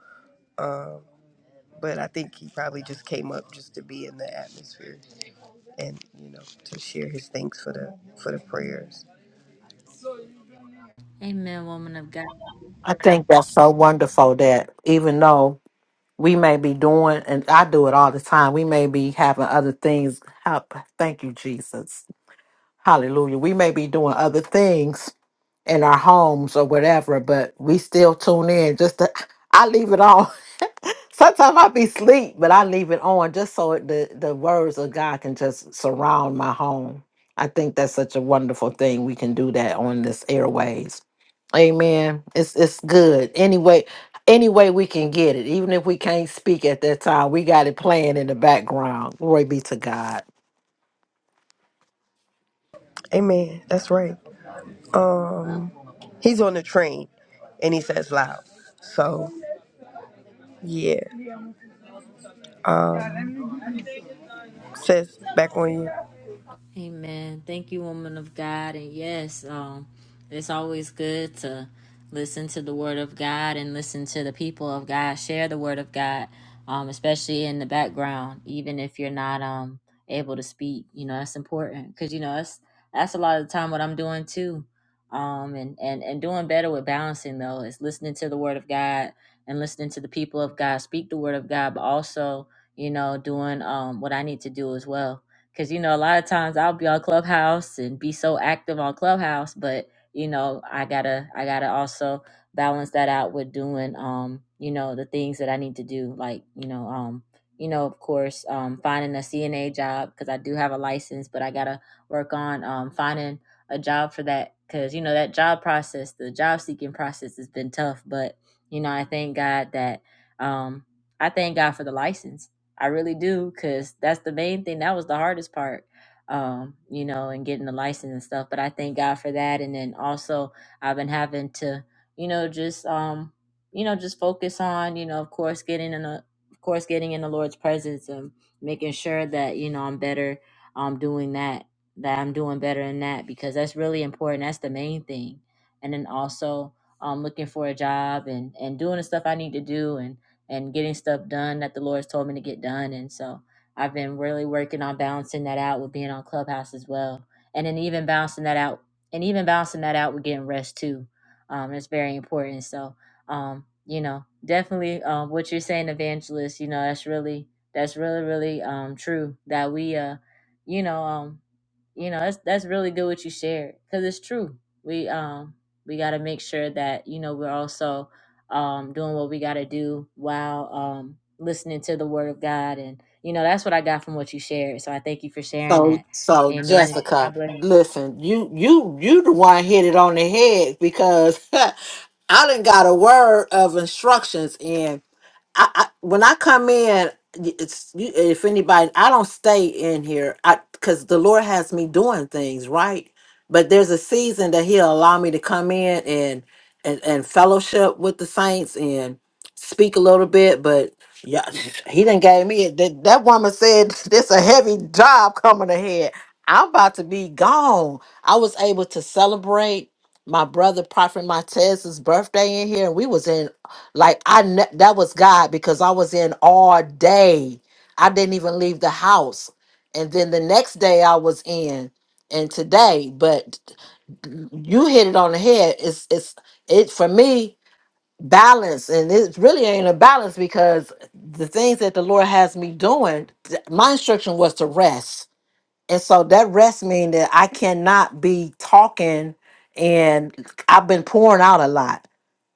But I think he probably just came up just to be in the atmosphere and you know to share his thanks for the for the prayers.
Amen, woman of God.
I think that's so wonderful that even though we may be doing, and I do it all the time, we may be having other things. Help. Thank you, Jesus. Hallelujah. We may be doing other things in our homes or whatever, but we still tune in just to. I leave it on. Sometimes I be sleep, but I leave it on just so it- the the words of God can just surround my home. I think that's such a wonderful thing. We can do that on this airways. Amen. It's it's good. Anyway, any way we can get it, even if we can't speak at that time, we got it playing in the background. Glory be to God.
Amen. That's right. Um, he's on the train, and he says loud. So yeah. Um, says back on you.
Amen. Thank you, woman of God. And yes, um, it's always good to listen to the word of God and listen to the people of God share the word of God, um, especially in the background, even if you're not um able to speak. You know, that's important because you know that's that's a lot of the time what I'm doing too. Um, and and and doing better with balancing though is listening to the word of God and listening to the people of God speak the word of God, but also you know doing um what I need to do as well Cause you know, a lot of times I'll be on Clubhouse and be so active on Clubhouse, but you know, I gotta I gotta also balance that out with doing um, you know, the things that I need to do, like, you know, um, you know, of course, um finding a CNA job because I do have a license, but I gotta work on um finding a job for that because you know that job process, the job seeking process has been tough, but you know, I thank God that um I thank God for the license I really do, cause that's the main thing. That was the hardest part, um, you know, and getting the license and stuff. But I thank God for that. And then also, I've been having to, you know, just, um, you know, just focus on, you know, of course, getting in the, of course, getting in the Lord's presence and making sure that you know I'm better, um, doing that, that I'm doing better in that because that's really important. That's the main thing. And then also, um, looking for a job and and doing the stuff I need to do and and getting stuff done that the Lord's told me to get done. And so I've been really working on balancing that out with being on Clubhouse as well. And then even balancing that out and even balancing that out with getting rest too. Um, it's very important. So, um, you know, definitely um, what you're saying, evangelist, you know, that's really, that's really, really um, true that we, uh, you know, um, you know, that's, that's really good what you shared because it's true. We, um, we got to make sure that, you know, we're also, um, doing what we got to do while um, listening to the Word of God. And, you know, that's what I got from what you shared. So I thank you for sharing
So
that.
so
Amen.
Jessica,
God bless you.
listen, you you you the one hit it on the head because *laughs* I done got a word of instructions in. I, I when I come in, y- it's you, if anybody, I don't stay in here. I because the Lord has me doing things right, but there's a season that He'll allow me to come in and and and fellowship with the saints and speak a little bit. But yeah, He didn't gave me it. That, that woman said *laughs* this a heavy job coming ahead. I'm about to be gone. I was able to celebrate my brother Prophet Montez's birthday in here, and we was in like I ne- that was God because I was in all day. I didn't even leave the house. And then the next day I was in and today, but you hit it on the head. It's it's it for me balance and it really ain't a balance because the things that the Lord has me doing, th- my instruction was to rest. And so that rest means that I cannot be talking and I've been pouring out a lot.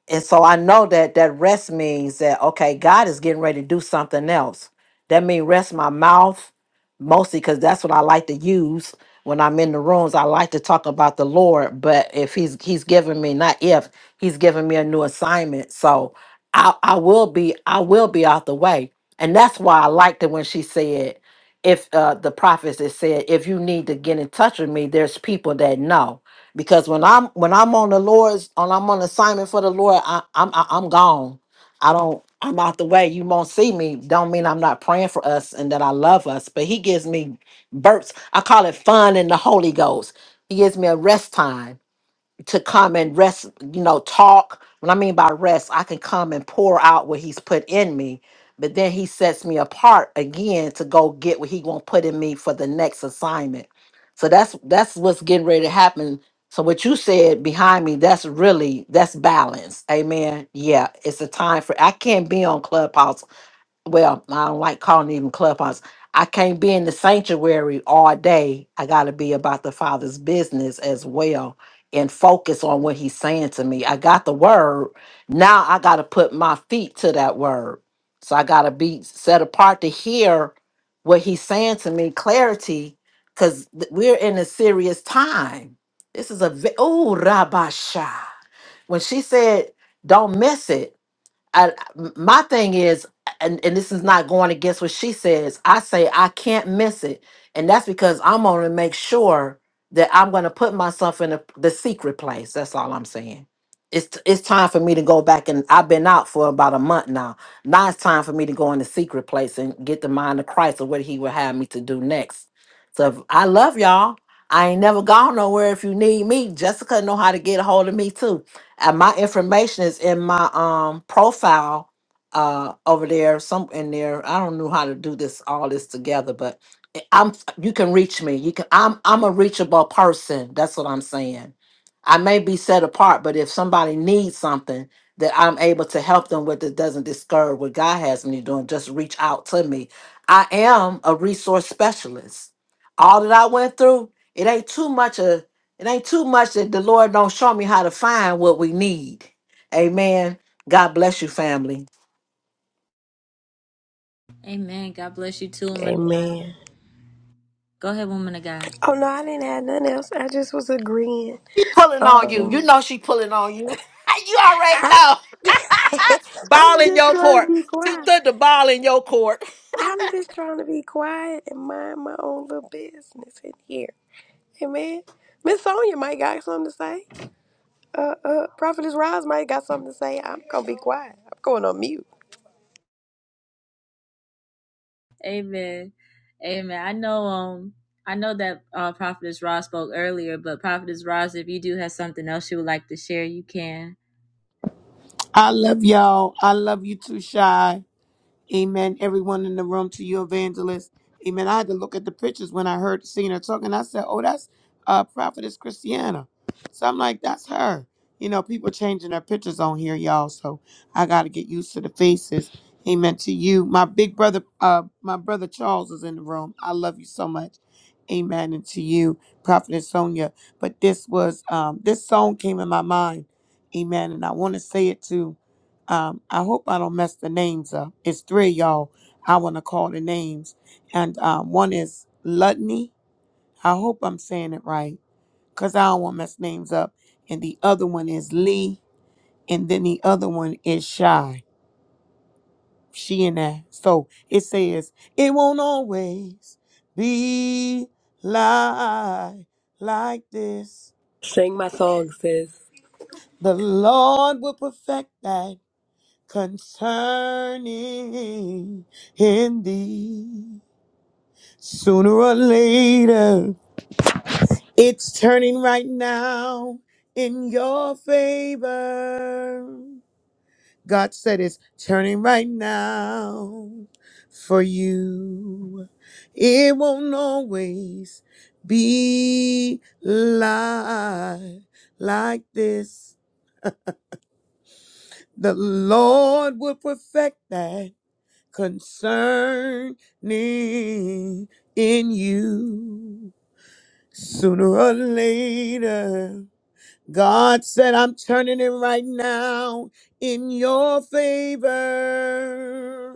And so I know that that rest means that okay, God is getting ready to do something else. That means rest my mouth mostly because that's what I like to use when I'm in the rooms. I like to talk about the Lord, but if He's He's giving me not if He's giving me a new assignment, so I I will be I will be out the way, and that's why I liked it when she said if uh, the prophets it said if you need to get in touch with me, there's people that know because when I'm when I'm on the Lord's on I'm on assignment for the Lord, I, I'm I, I'm gone. I don't I'm out the way. You won't see me. Don't mean I'm not praying for us and that I love us, but He gives me burps. I call it fun in the Holy Ghost. He gives me a rest time to come and rest, you know, talk. What I mean by rest, I can come and pour out what he's put in me, but then he sets me apart again to go get what he gonna put in me for the next assignment. So that's that's what's getting ready to happen. So what you said behind me, that's really that's balance. Amen. Yeah, it's a time for I can't be on Clubhouse well, I don't like calling it even clubhouse. I can't be in the sanctuary all day. I got to be about the Father's business as well and focus on what He's saying to me. I got the word. Now I got to put my feet to that word. So I got to be set apart to hear what He's saying to me, clarity, because we're in a serious time. This is a, oh, Rabasha. When she said, don't miss it, I, m- my thing is, and, and this is not going against what she says, I say I can't miss it. And that's because I'm going to make sure that I'm going to put myself in a, the secret place. That's all I'm saying. It's, t- it's time for me to go back and I've been out for about a month now. Now it's time for me to go in the secret place and get the mind of Christ of what he would have me to do next. So if- I love y'all. I ain't never gone nowhere. If you need me, Jessica know how to get a hold of me too. And my information is in my um profile uh over there, some in there. I don't know how to do this all this together, but I- I'm you can reach me. You can I'm I'm a reachable person. That's what I'm saying. I may be set apart, but if somebody needs something that I'm able to help them with that doesn't discourage what God has me doing, just reach out to me. I am a resource specialist. All that I went through, it ain't too much it ain't too much that the Lord don't show me how to find what we need. Amen. God bless you, family.
Amen. God bless you too, woman of God.
Amen.
Go ahead, woman of God.
Oh no, I didn't have nothing else. I just was agreeing.
Pulling on you. You
Um.
know she pulling on you. *laughs* You already
I,
know.
*laughs*
Ball
I'm
in
just
your
trying to
court. *laughs*
be
She
quiet.
put the ball in your court.
I'm just trying to be quiet and mind my own little business in here. Amen. Miss Sonia might got something to say. Uh, uh, Prophetess Rise might got something to say. I'm gonna be quiet. I'm going on mute.
Amen. Amen. I know um I know that uh Prophetess Ross spoke earlier, but Prophetess Ross, if you do have something else you would like to share, you can.
I love y'all. I love you too, Shy. Amen. Everyone in the room to you, evangelist. Amen. I had to look at the pictures when I heard seeing her talking. I said, "Oh, that's uh, prophetess Christiana." So I'm like, "That's her." You know, people changing their pictures on here, y'all. So I got to get used to the faces. Amen to you, my big brother. Uh, my brother Charles is in the room. I love you so much. Amen. And to you, prophetess Sonia. But this was um, this song came in my mind. Amen. And I want to say it too. Um, I hope I don't mess the names up. It's three of y'all. I want to call the names, and um, one is Lutney. I hope I'm saying it right, cause I don't want to mess names up. And the other one is Lee, and then the other one is Shy. She and that. So it says it won't always be like like this.
Sing my song, sis.
The Lord will perfect that. concerning in thee. Sooner or later, it's turning right now in your favor. God said it's turning right now for you. It won't always be like, like this. The Lord will perfect that concerning in you. Sooner or later, God said, I'm turning it right now in your favor.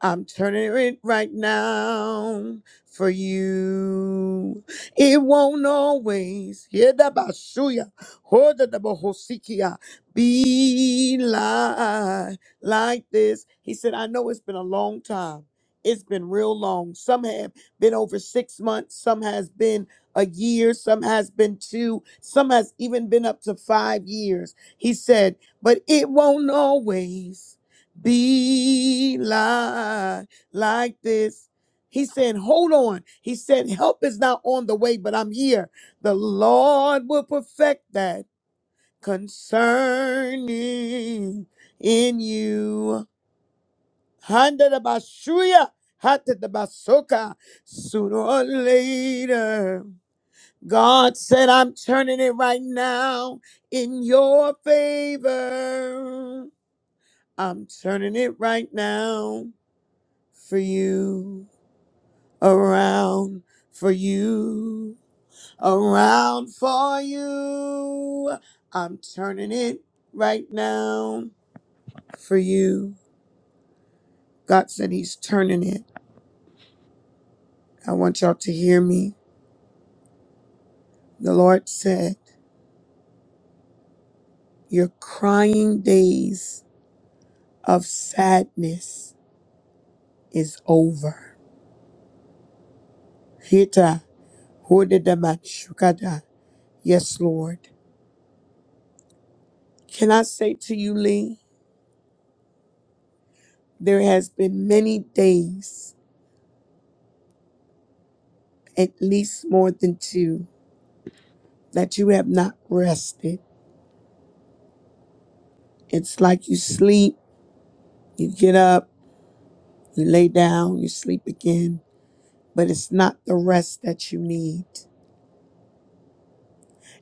I'm turning it right now for you. It won't always hear the bashuya, hold the bohosikia, be like like this. He said, I know it's been a long time. It's been real long. Some have been over six months. Some has been a year. Some has been two. Some has even been up to five years. He said, but it won't always be like like this. He said, Hold on. He said, Help is not on the way, but I'm here. The Lord will perfect that concerning in you. Handa da bashuya, hata da basoka. Sooner or later, God said, I'm turning it right now in your favor. I'm turning it right now for you, around for you, around for you. I'm turning it right now for you. God said He's turning it. I want y'all to hear me. The Lord said, Your crying days of sadness is over. Hita, hodedamachukada. Yes, Lord. Can I say to you, Lee, there has been many days at least more than two, that you have not rested. It's like you sleep, you get up, you lay down, you sleep again, but it's not the rest that you need.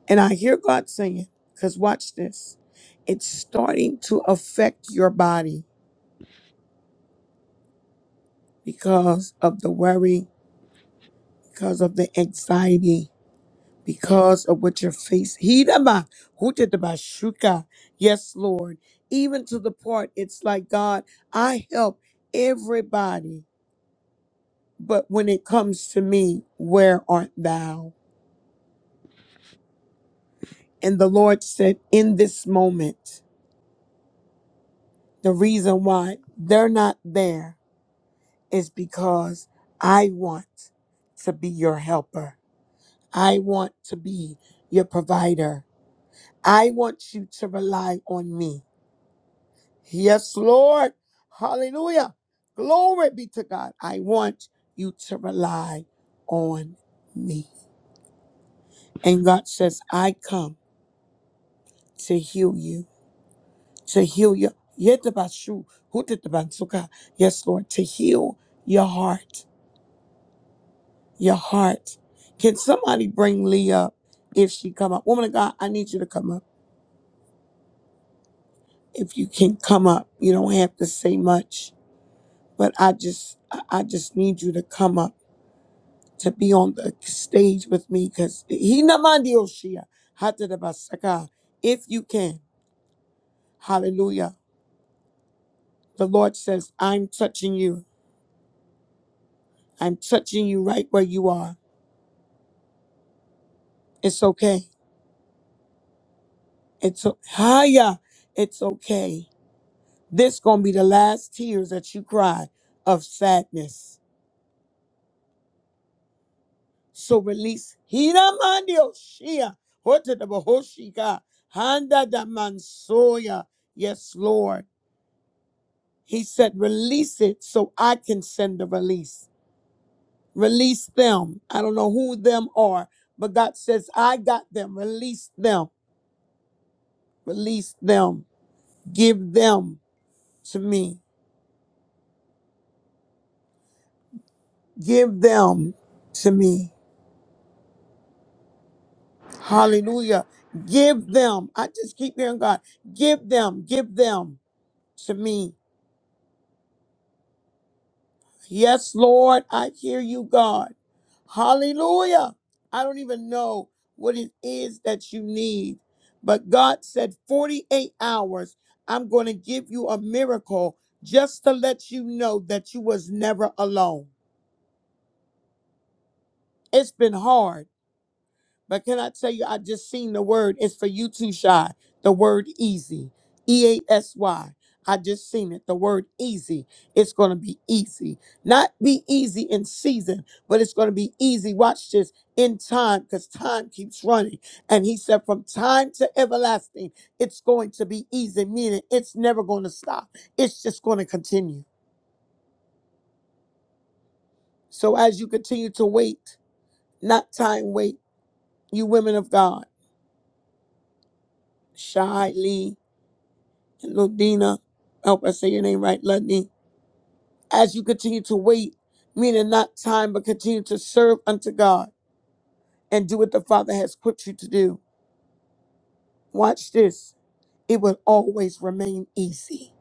And I hear God saying, because watch this, it's starting to affect your body because of the worry, because of the anxiety, because of what your face Hidama Hutadabashuka. Yes, Lord. Even to the part it's like God, I help everybody, but when it comes to me, where art thou? And the Lord said, In this moment, the reason why they're not there is because I want to be your helper. I want to be your provider. I want you to rely on me. Yes, Lord. Hallelujah. Glory be to God. I want you to rely on me. And God says, I come to heal you, to heal you. Yetabashu, hutatabasuka. Yes, Lord, to heal your heart, your heart. Can somebody bring Lee up if she come up? Woman of God, I need you to come up. If you can come up, you don't have to say much, but I just, I I just need you to come up to be on the stage with me because he namandioshia hatadabasaka if you can hallelujah the lord says i'm touching you i'm touching you right where you are it's okay it's o- haya it's okay this gonna be the last tears that you cry of sadness so release he namandioshia hotadabahoshika handa damansoya yes lord He said, Release it so I can send the release. Release them. I don't know who them are, but God says, I got them. Release them. Release them. Give them to me. Give them to me. Hallelujah. Give them. I just keep hearing God. Give them. Give them to me. Yes, Lord, I hear you, God. Hallelujah. I don't even know what it is that you need, but God said 48 hours, I'm going to give you a miracle just to let you know that you was never alone. It's been hard. But can I tell you, I just seen the word. It's for you too, Shy. The word easy. E A S Y. I just seen it. The word easy. It's going to be easy. Not be easy in season, but it's going to be easy. Watch this in time because time keeps running. And he said, from time to everlasting, it's going to be easy, meaning it's never going to stop. It's just going to continue. So as you continue to wait, not time wait, you women of God, shyly. Ludina, I hope I say your name right, Ludney, as you continue to wait, meaning not time, but continue to serve unto God and do what the Father has equipped you to do. Watch this. It will always remain easy,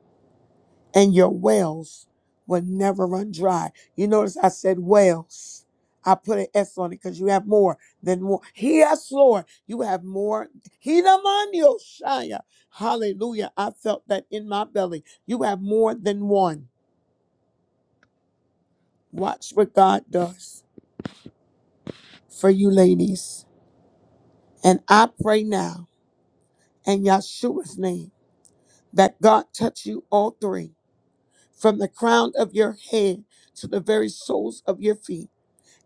and your wells will never run dry. You notice I said wells. I put an S on it because you have more than one. Yes, Lord, you have more. Hidamanioshaya. Hallelujah. I felt that in my belly. You have more than one. Watch what God does for you ladies. And I pray now in Yahshua's name that God touch you all three from the crown of your head to the very soles of your feet.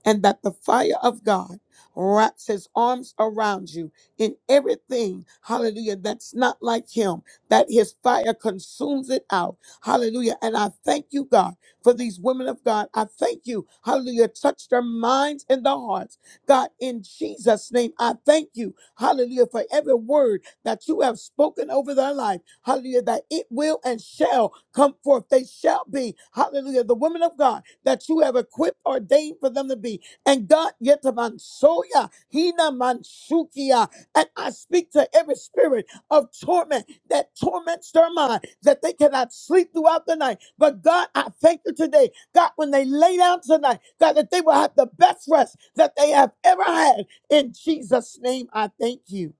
and that the fire of God wraps his arms around you in everything, hallelujah, that's not like him, that his fire consumes it out, hallelujah. And I thank you, God, for these women of God. I thank you, hallelujah, touch their minds and their hearts. God, in Jesus' name, I thank you, hallelujah, for every word that you have spoken over their life, hallelujah, that it will and shall come forth. They shall be, hallelujah, the women of God that you have equipped, ordained for them to be. And God, yetamansoya, hina mansukia. And I speak to every spirit of torment that torments their mind, that they cannot sleep throughout the night. But God, I thank you today. God, when they lay down tonight, God, that they will have the best rest that they have ever had. In Jesus' name, I thank you.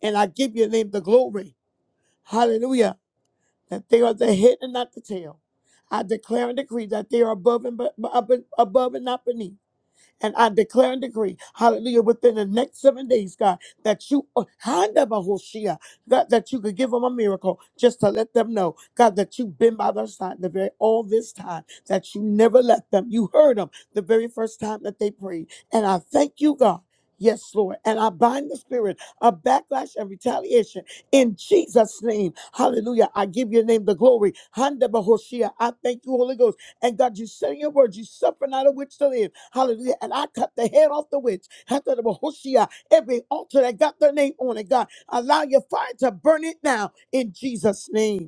And I give your name the glory. Hallelujah that they are the head and not the tail. I declare and decree that they are above and be- above above and not beneath. And I declare and decree, hallelujah, within the next seven days, God, that you, uh, Handa Bahoshia, God, that you could give them a miracle just to let them know, God, that you've been by their side the very all this time, that you never let them. You heard them the very first time that they prayed. And I thank you, God. Yes, Lord. And I bind the spirit of backlash and retaliation in Jesus' name. Hallelujah. I give your name the glory. Handa Bahoshia. I thank you, Holy Ghost. And God, you said in your word, you suffer not a witch to live. Hallelujah. And I cut the head off the witch. After the Bahoshia, every altar that got their name on it, God, allow your fire to burn it now in Jesus' name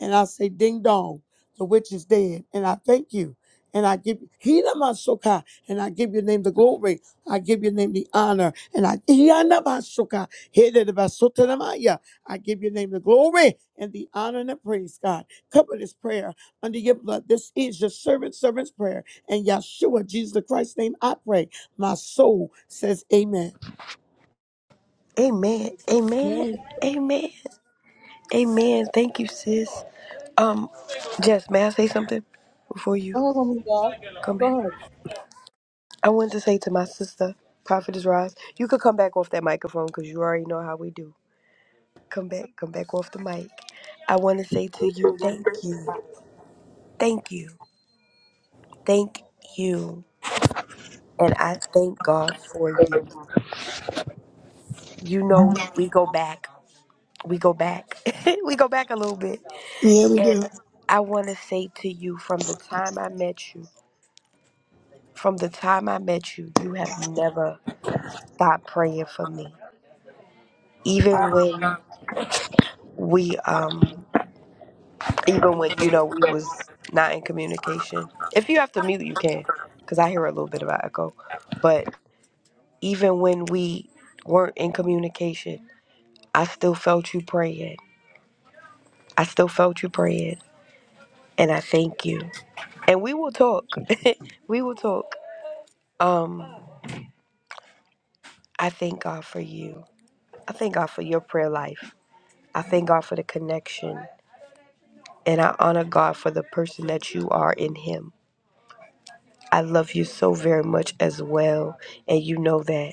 and I say, Ding dong, the witch is dead. And I thank you. And I give Hina Masoka. And I give your name the glory. I give your name the honor. And I Hina Masoka. Hina de Basota de Maya. I give your name the glory and the honor and the praise, God. Cover this prayer under your blood. This is your servant, servant's prayer. And Yeshua, Jesus the Christ's name, I pray. My soul says amen.
Amen. Amen. Amen. Amen. Thank you, sis. Um, Jess, may I say something before you
Woman of God,
come back?
go ahead.
I wanted to say to my sister, Prophetess Ross, you could come back off that microphone because you already know how we do. Come back, come back off the mic. I want to say to you, thank you, thank you, thank you. And I thank God for you. You know, we, we go back, we go back, *laughs* we go back a little bit.
Yeah, we
And
do.
I want to say to you, from the time I met you, from the time I met you, you have never stopped praying for me. Even when we, um, even when you know we was not in communication. If you have to mute, you can, because I hear a little bit of an echo. But even when we weren't in communication, I still felt you praying. I still felt you praying, and I thank you. And we will talk. *laughs* we will talk. Um, I thank God for you. I thank God for your prayer life. I thank God for the connection, and I honor God for the person that you are in Him. I love you so very much as well, and you know that.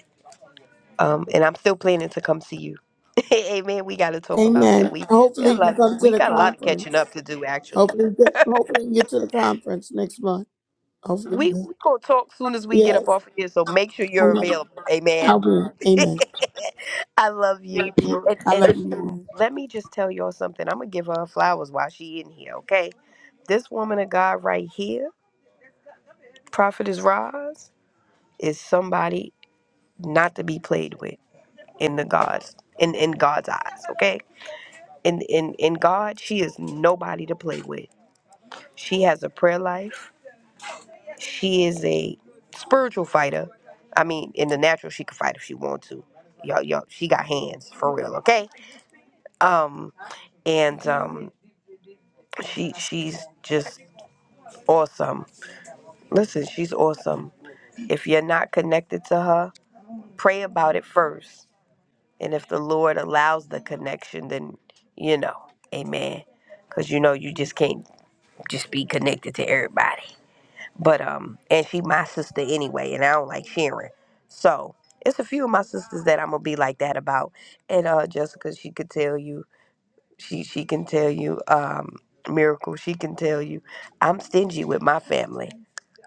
um, and I'm still planning to come see you. *laughs* hey, man, we got to talk about that.
Amen.
We we
Hopefully
got
you
a
can
lot.
come to
We
the
got a lot of catching
conference.
up to do. Actually,
Hopefully, we get, hopefully we can get to the conference next month. Hopefully,
we
we get-
we gonna talk soon as we get
yes,
up off of here. So make sure
I
you're
love you.
available.
I'll
Amen.
be. Amen.
*laughs* I love you. And,
I
and
love you,
and
Lord.
let me just tell y'all something. I'm gonna give her her flowers while she in here. Okay, this woman of God right here, Prophetess Roz, is somebody not to be played with in the God's in in God's eyes. Okay in in in God, she is nobody to play with. She has a prayer life. She is a spiritual fighter. I mean, in the natural, she can fight if she want to. Y'all, y'all, she got hands for real, okay? Um, and um, she she's just awesome. Listen, she's awesome. If you're not connected to her, pray about it first, and if the Lord allows the connection, then you know, Amen. Cause you know you just can't just be connected to everybody. But um, and she my sister anyway, and I don't like sharing. So it's a few of my sisters that I'm gonna be like that about. And uh, Jessica, she could tell you, she she can tell you, um, Miracle, she can tell you, I'm stingy with my family.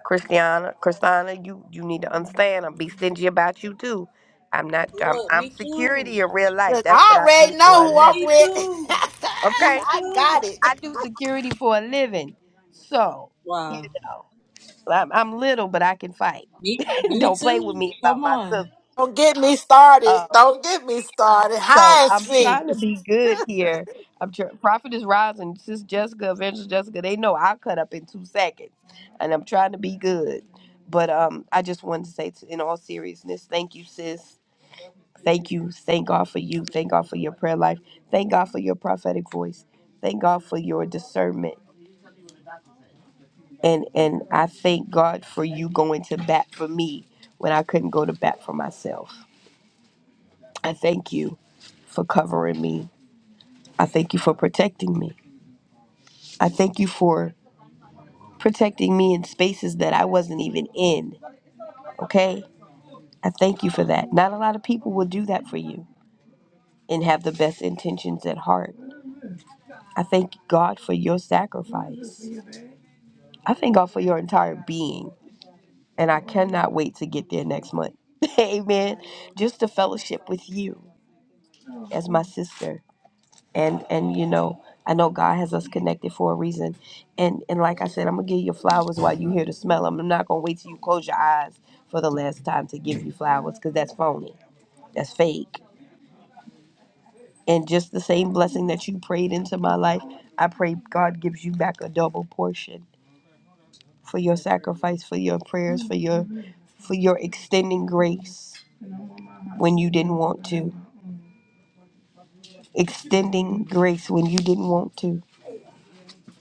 Christiana, Christina, you you need to understand, I'm be stingy about you too. I'm not, I'm,
Look,
I'm
me too.
security in real life.
Look,
That's what
I
I do
already
for
know
a
who I'm
living.
Me
with. *laughs*
too. Me
Okay,
I
too.
got
I
it.
do security for a living. So you
Wow.
know. I'm, I'm little, but I can fight.
Me,
*laughs*
me
Don't play with
too.
me about
Come
my
on.
sister.
Don't get me started.
Um,
Don't get me started.
so
Hind's
I'm
feet.
trying to be good here. I'm tr- Prophet is rising. Sis Jessica, Evangelist Jessica, they know I'll cut up in two seconds, and I'm trying to be good. But um, I just wanted to say, t in all seriousness, thank you, sis. Thank you. Thank God for you. Thank God for your prayer life. Thank God for your prophetic voice. Thank God for your discernment. And and I thank God for you going to bat for me when I couldn't go to bat for myself. I thank you for covering me. I thank you for protecting me. I thank you for protecting me in spaces that I wasn't even in. Okay? I thank you for that. Not a lot of people will do that for you and have the best intentions at heart. I thank God for your sacrifice. I thank God for your entire being. And I cannot wait to get there next month. *laughs* Amen. Just to fellowship with you as my sister and and you know i know god has us connected for a reason and and like i said i'm gonna give you flowers while you hear the smell i'm not gonna wait till you close your eyes for the last time to give you flowers because that's phony that's fake and just the same blessing that you prayed into my life i pray god gives you back a double portion for your sacrifice for your prayers for your for your extending grace when you didn't want to extending grace when you didn't want to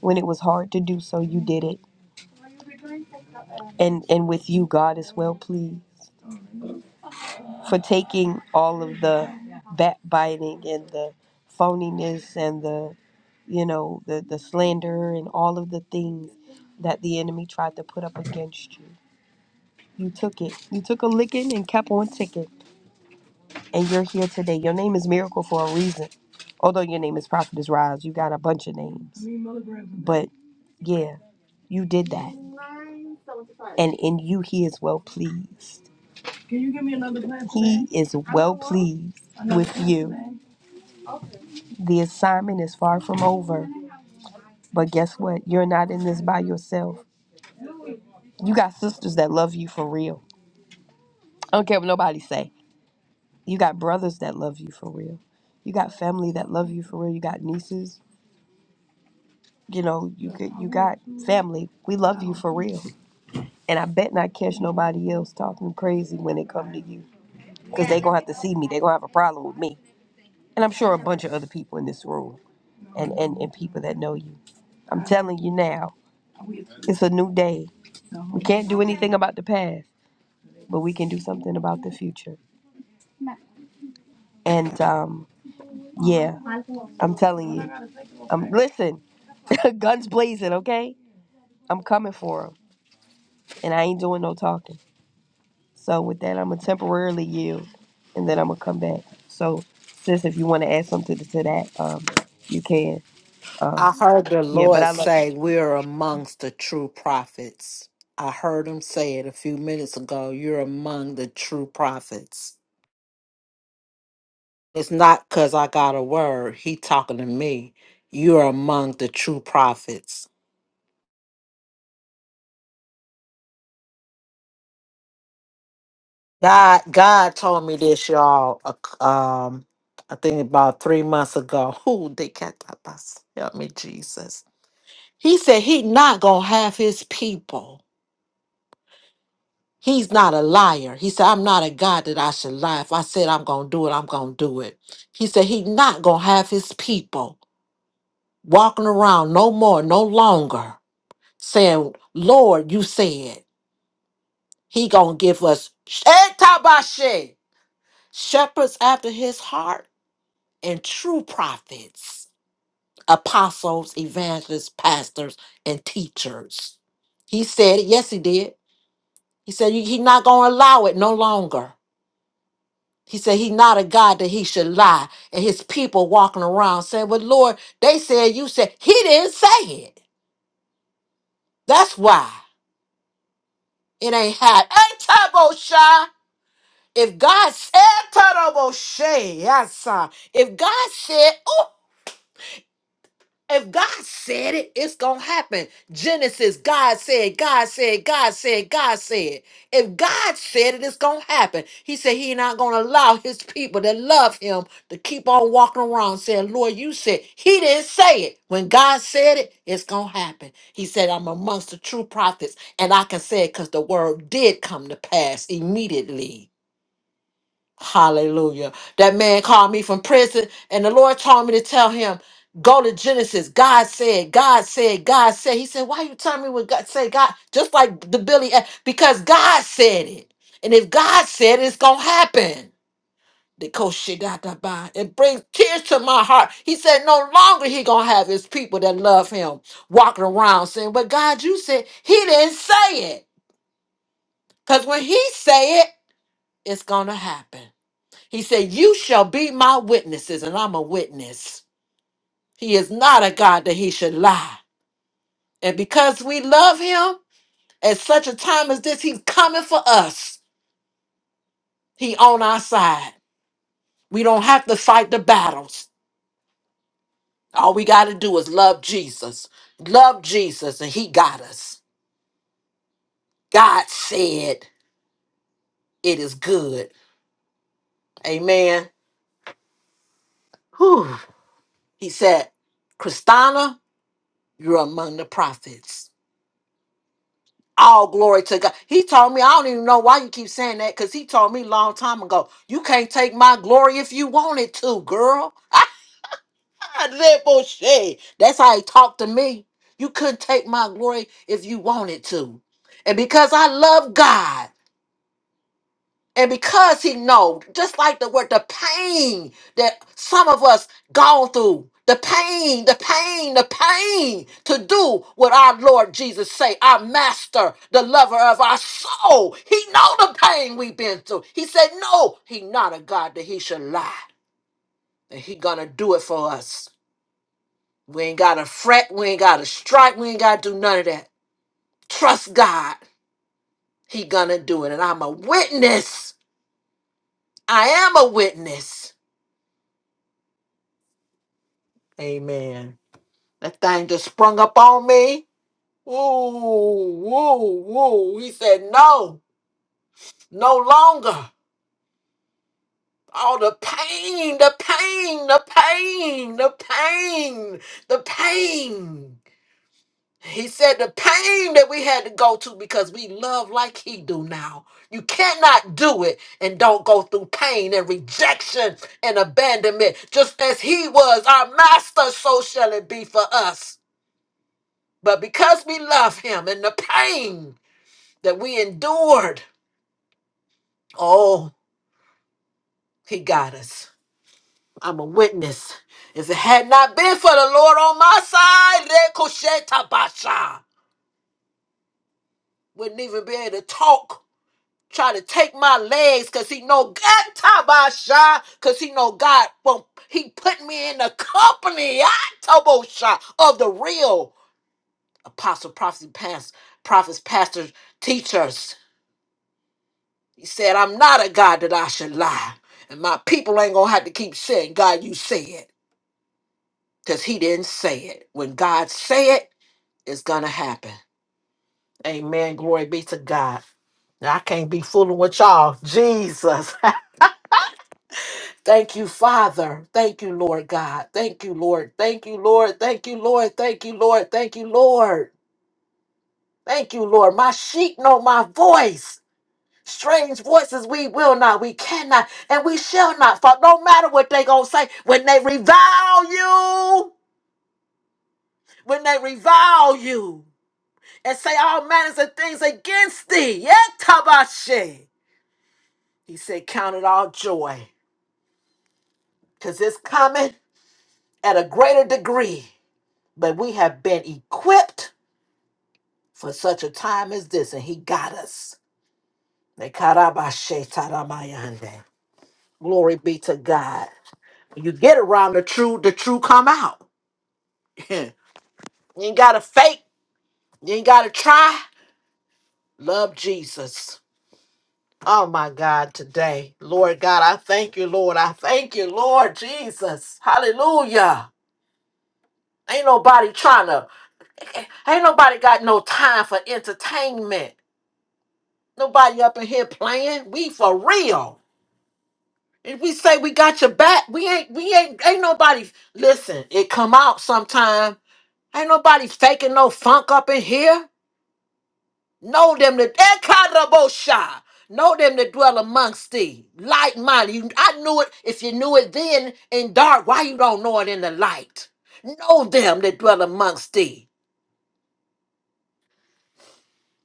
when it was hard to do so you did it and and with you god is well pleased for taking all of the backbiting and the phoniness and the you know the the slander and all of the things that the enemy tried to put up against you you took it you took a licking and kept on ticking and you're here today your name is miracle for a reason although your name is prophetess rise you got a bunch of names but yeah you did that and in you he is well pleased Can you give me another glass He is well pleased with you. The assignment is far from over. But guess what? You're not in this by yourself. You got sisters that love you for real. I don't care what nobody say. You got brothers that love you for real. You got family that love you for real. You got nieces. You know, you could you got family. We love you for real. And I bet not catch nobody else talking crazy when it come to you. Because they gonna have to see me. they gonna have a problem with me. And I'm sure a bunch of other people in this room and, and, and people that know you. I'm telling you now, it's a new day. We can't do anything about the past, but we can do something about the future. And um, yeah, I'm telling you. Um, listen, *laughs* guns blazing, okay? I'm coming for them, and I ain't doing no talking. So with that, I'm gonna temporarily yield, and then I'm gonna come back. So, sis, if you want to add something to, to that, um, you can.
I heard the
Yeah, but
Lord
I love.
say, We're amongst the true prophets. I heard him say it a few minutes ago. You're among the true prophets. It's not because I got a word. He talking to me. You're among the true prophets. God, God told me this, y'all. a c- Um, I think about three months ago. *laughs* Who they got that bus? Help me, Jesus. He said he not gonna have his people. He's not a liar. He said, I'm not a God that I should lie. If I said I'm going to do it, I'm going to do it. He said, He's not going to have his people walking around no more, no longer saying, Lord, you said he going to give us shetabashe, shepherds after his heart and true prophets, apostles, evangelists, pastors, and teachers. He said it. Yes, he did. He said, He's not going to allow it no longer. He said he not a God that he should lie. And his people walking around saying, Well, Lord, they said you said he didn't say it. That's why it ain't had ain't turbo shy. If God said turbo shy, yes, sir. If God said, If God said it, it's going to happen. Genesis, God said, God said, God said, God said. If God said it, it's going to happen. He said he not going to allow his people that love him to keep on walking around saying, Lord, you said. He didn't say it. When God said it, it's going to happen. He said, I'm amongst the true prophets, and I can say it because the word did come to pass immediately. Hallelujah. That man called me from prison, and the Lord told me to tell him, go to Genesis. God said, God said, God said. He said, Why you telling me what God say? God, just like the Billy, A- because God said it. And if God said it, it's gonna happen. The coach shit got that by it brings tears to my heart. He said, No longer he gonna have his people that love him walking around saying, But God, you said he didn't say it. Because when he say it, it's gonna happen. He said, You shall be my witnesses, and I'm a witness. He is not a God that he should lie. And because we love him at such a time as this, he's coming for us. He on our side. We don't have to fight the battles. All we got to do is love Jesus. Love Jesus, and he got us. God said, It is good. Amen. Whew. He said, Christina, you're among the prophets. All glory to God. He told me, I don't even know why you keep saying that because he told me a long time ago, you can't take my glory if you wanted to, girl. *laughs* I live for shit. That's how he talked to me. You couldn't take my glory if you wanted to. And because I love God. And because he know, just like the word, the pain that some of us gone through, the pain, the pain, the pain to do what our Lord Jesus say, our master, the lover of our soul. He know the pain we've been through. He said, no, he not a God that he should lie. And he gonna do it for us. We ain't gotta fret, we ain't gotta strike, we ain't gotta do none of that. Trust God. He gonna do it. And I'm a witness. I am a witness Amen. That thing just sprung up on me. Woo, woo, woo. He said, No, no longer. All the pain, the pain, the pain, the pain, the pain. He said the pain that we had to go to because we love like he do now. You cannot do it and don't go through pain and rejection and abandonment. Just as he was our master, so shall it be for us. But because we love him and the pain that we endured, oh, he got us. I'm a witness. If it had not been for the Lord on my side, Rekushetabasha, wouldn't even be able to talk. Try to take my legs because he know God Tabasha, because he know God won't- he put me in the company Atabosha, of the real apostle, prophecy, past, prophets, pastors, teachers. He said, I'm not a God that I should lie. And my people ain't going to have to keep saying, God, you said," Because he didn't say it. When God say it, it's going to happen. Amen. Glory be to God. Now, I can't be fooling with y'all. Jesus. *laughs* Thank you, Father. Thank you, Lord God. Thank you, Lord. Thank you, Lord. Thank you, Lord. Thank you, Lord. Thank you, Lord. Thank you, Lord. My sheep know my voice. Strange voices we will not, we cannot, and we shall not fall. No matter what they gonna say, when they revile you, when they revile you, and say all manners of things against thee, yet tabashe. He said, count it all joy, cause it's coming at a greater degree. But we have been equipped for such a time as this, and he got us. Nekarabashe taramayande. Glory be to God. When you get around the true, the true come out. *laughs* you ain't gotta fake. You ain't gotta try. Love Jesus. Oh my God, today. Lord God, I thank you, Lord. I thank you, Lord Jesus. Hallelujah. Ain't nobody trying to, ain't nobody got no time for entertainment. Nobody up in here playing. We for real. If we say we got your back, we ain't, we ain't, ain't nobody, listen, it come out sometime. Ain't nobody faking no funk up in here. Know them that Ekarabosha. Know them that dwell amongst thee. Light minded. You- I knew it. If you knew it then in dark, why you don't know it in the light? Know them that dwell amongst thee.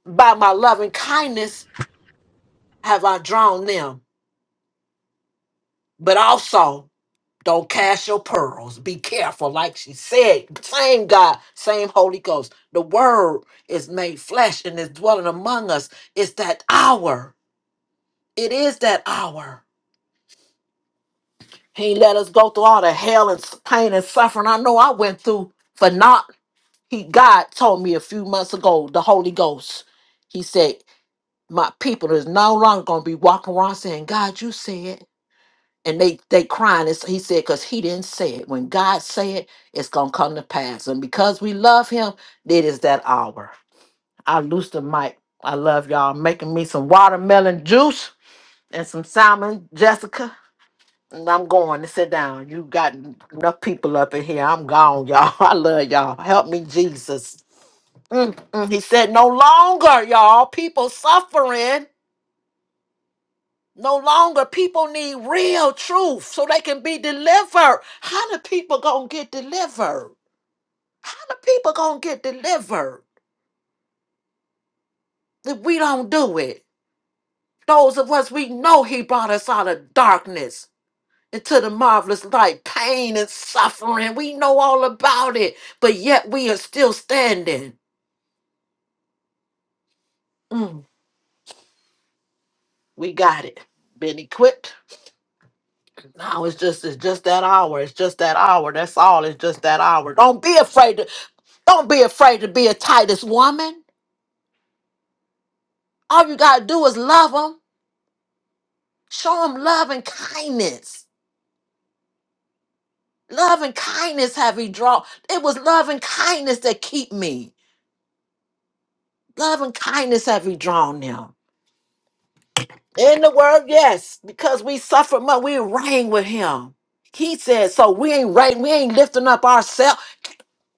By my loving kindness have I drawn them. But also don't cast your pearls. Be careful, like she said. Same God, same Holy Ghost. The word is made flesh and is dwelling among us. It's that hour. It is that hour. He let us go through all the hell and s- pain and suffering I know I went through for not. He God told me a few months ago, the Holy Ghost. He said, My people is no longer gonna be walking around saying, God, you said. And they they crying. It's, he said, because he didn't say it. When God say it, it's gonna come to pass. And because we love him, it is that hour. I loose the mic. I love y'all. Making me some watermelon juice and some salmon, Jessica. I'm going to sit down. You got enough people up in here. I'm gone, y'all. *laughs* I love y'all. Help me, Jesus. Mm, mm. He said, No longer, y'all, people suffering. No longer, people need real truth so they can be delivered. How the people gonna get delivered? How the people gonna get delivered if we don't do it? Those of us we know He brought us out of darkness. into the marvelous light, pain and suffering. We know all about it, but yet we are still standing. Mm, we got it. Been equipped. Now it's just it's just that hour. It's just that hour. That's all. It's just that hour. Don't be afraid to don't be afraid to be a Titus woman. All you gotta do is love them. Show them love and kindness. Love and kindness have he drawn. It was love and kindness that keep me. Love and kindness have he drawn them. In the word, yes, because we suffered much, we reign with him. He said, so we ain't right, we ain't lifting up ourselves.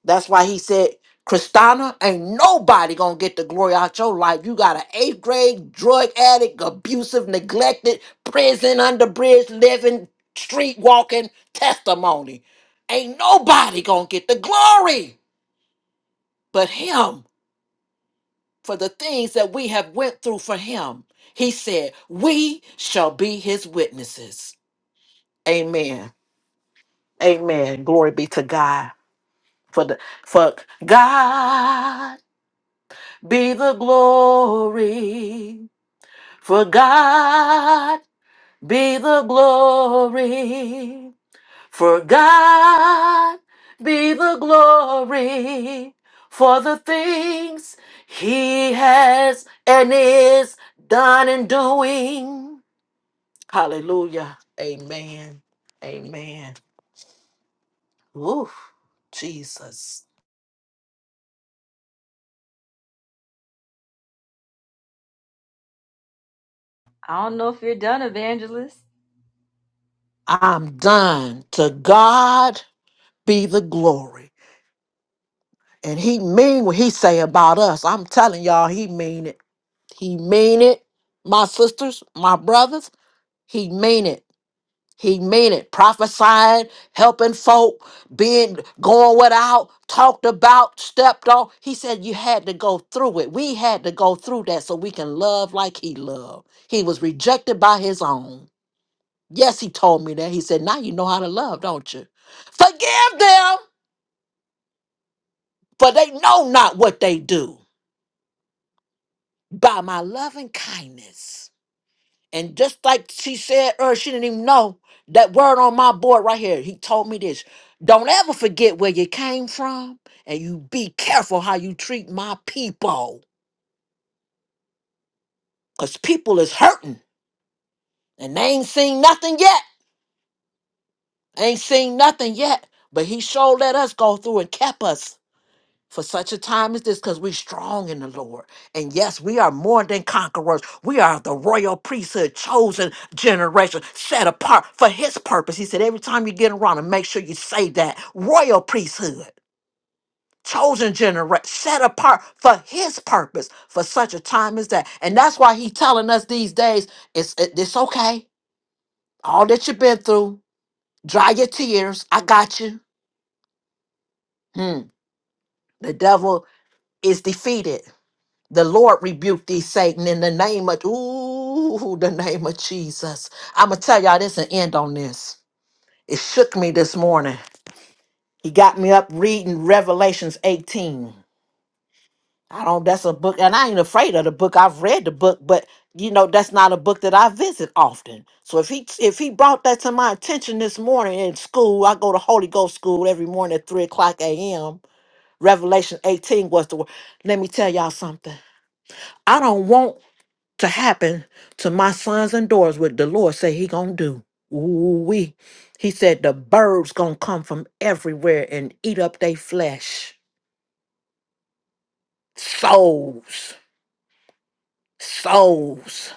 That's why he said, Christina, ain't nobody gonna get the glory out your life. You got an eighth grade drug addict, abusive, neglected, prison under bridge living, street walking testimony. Ain't nobody gonna get the glory but him for the things that we have went through for him. He said, We shall be his witnesses. Amen. Amen. Glory be to God for the for God be the glory. For God be the glory. For God be the glory for the things he has and is done and doing. Hallelujah. Amen. Amen. Oof. Jesus.
I don't know if you're done, evangelist.
I'm done. To God be the glory. And he mean what he say about us. I'm telling y'all, he mean it. He mean it. My sisters, my brothers, he mean it. He mean it. Prophesying, helping folk, being going without, talked about, stepped on. He said you had to go through it. We had to go through that so we can love like he loved. He was rejected by his own. Yes, he told me that. He said, Now you know how to love, don't you? Forgive them, for they know not what they do by my loving kindness. And just like she said earlier, she didn't even know that word on my board right here. He told me this Don't ever forget where you came from, and you be careful how you treat my people. Because people is hurting, and they ain't seen nothing yet. Ain't seen nothing yet. But he sure let us go through and kept us for such a time as this because we're strong in the Lord. And yes, we are more than conquerors. We are the royal priesthood, chosen generation, set apart for his purpose. He said, every time you get around and make sure you say that royal priesthood. Chosen generation, set apart for his purpose for such a time as that. And that's why He's telling us these days it's it- it's okay. All that you've been through, dry your tears. I got you. Hmm. The devil is defeated The Lord rebuked thee, Satan, in the name of ooh, the name of Jesus. I'ma tell y'all this and end on this. It shook me this morning. He got me up reading Revelations 18. I don't that's a book, and I ain't afraid of the book. I've read the book, but you know, that's not a book that I visit often. So if he if he brought that to my attention this morning in school, I go to Holy Ghost school every morning at 3 o'clock a.m. Revelation 18 was the word. Let me tell y'all something. I don't want to happen to my sons and daughters what the Lord say he gonna do. Ooh wee. He said the birds gonna come from everywhere and eat up their flesh. Souls. Souls.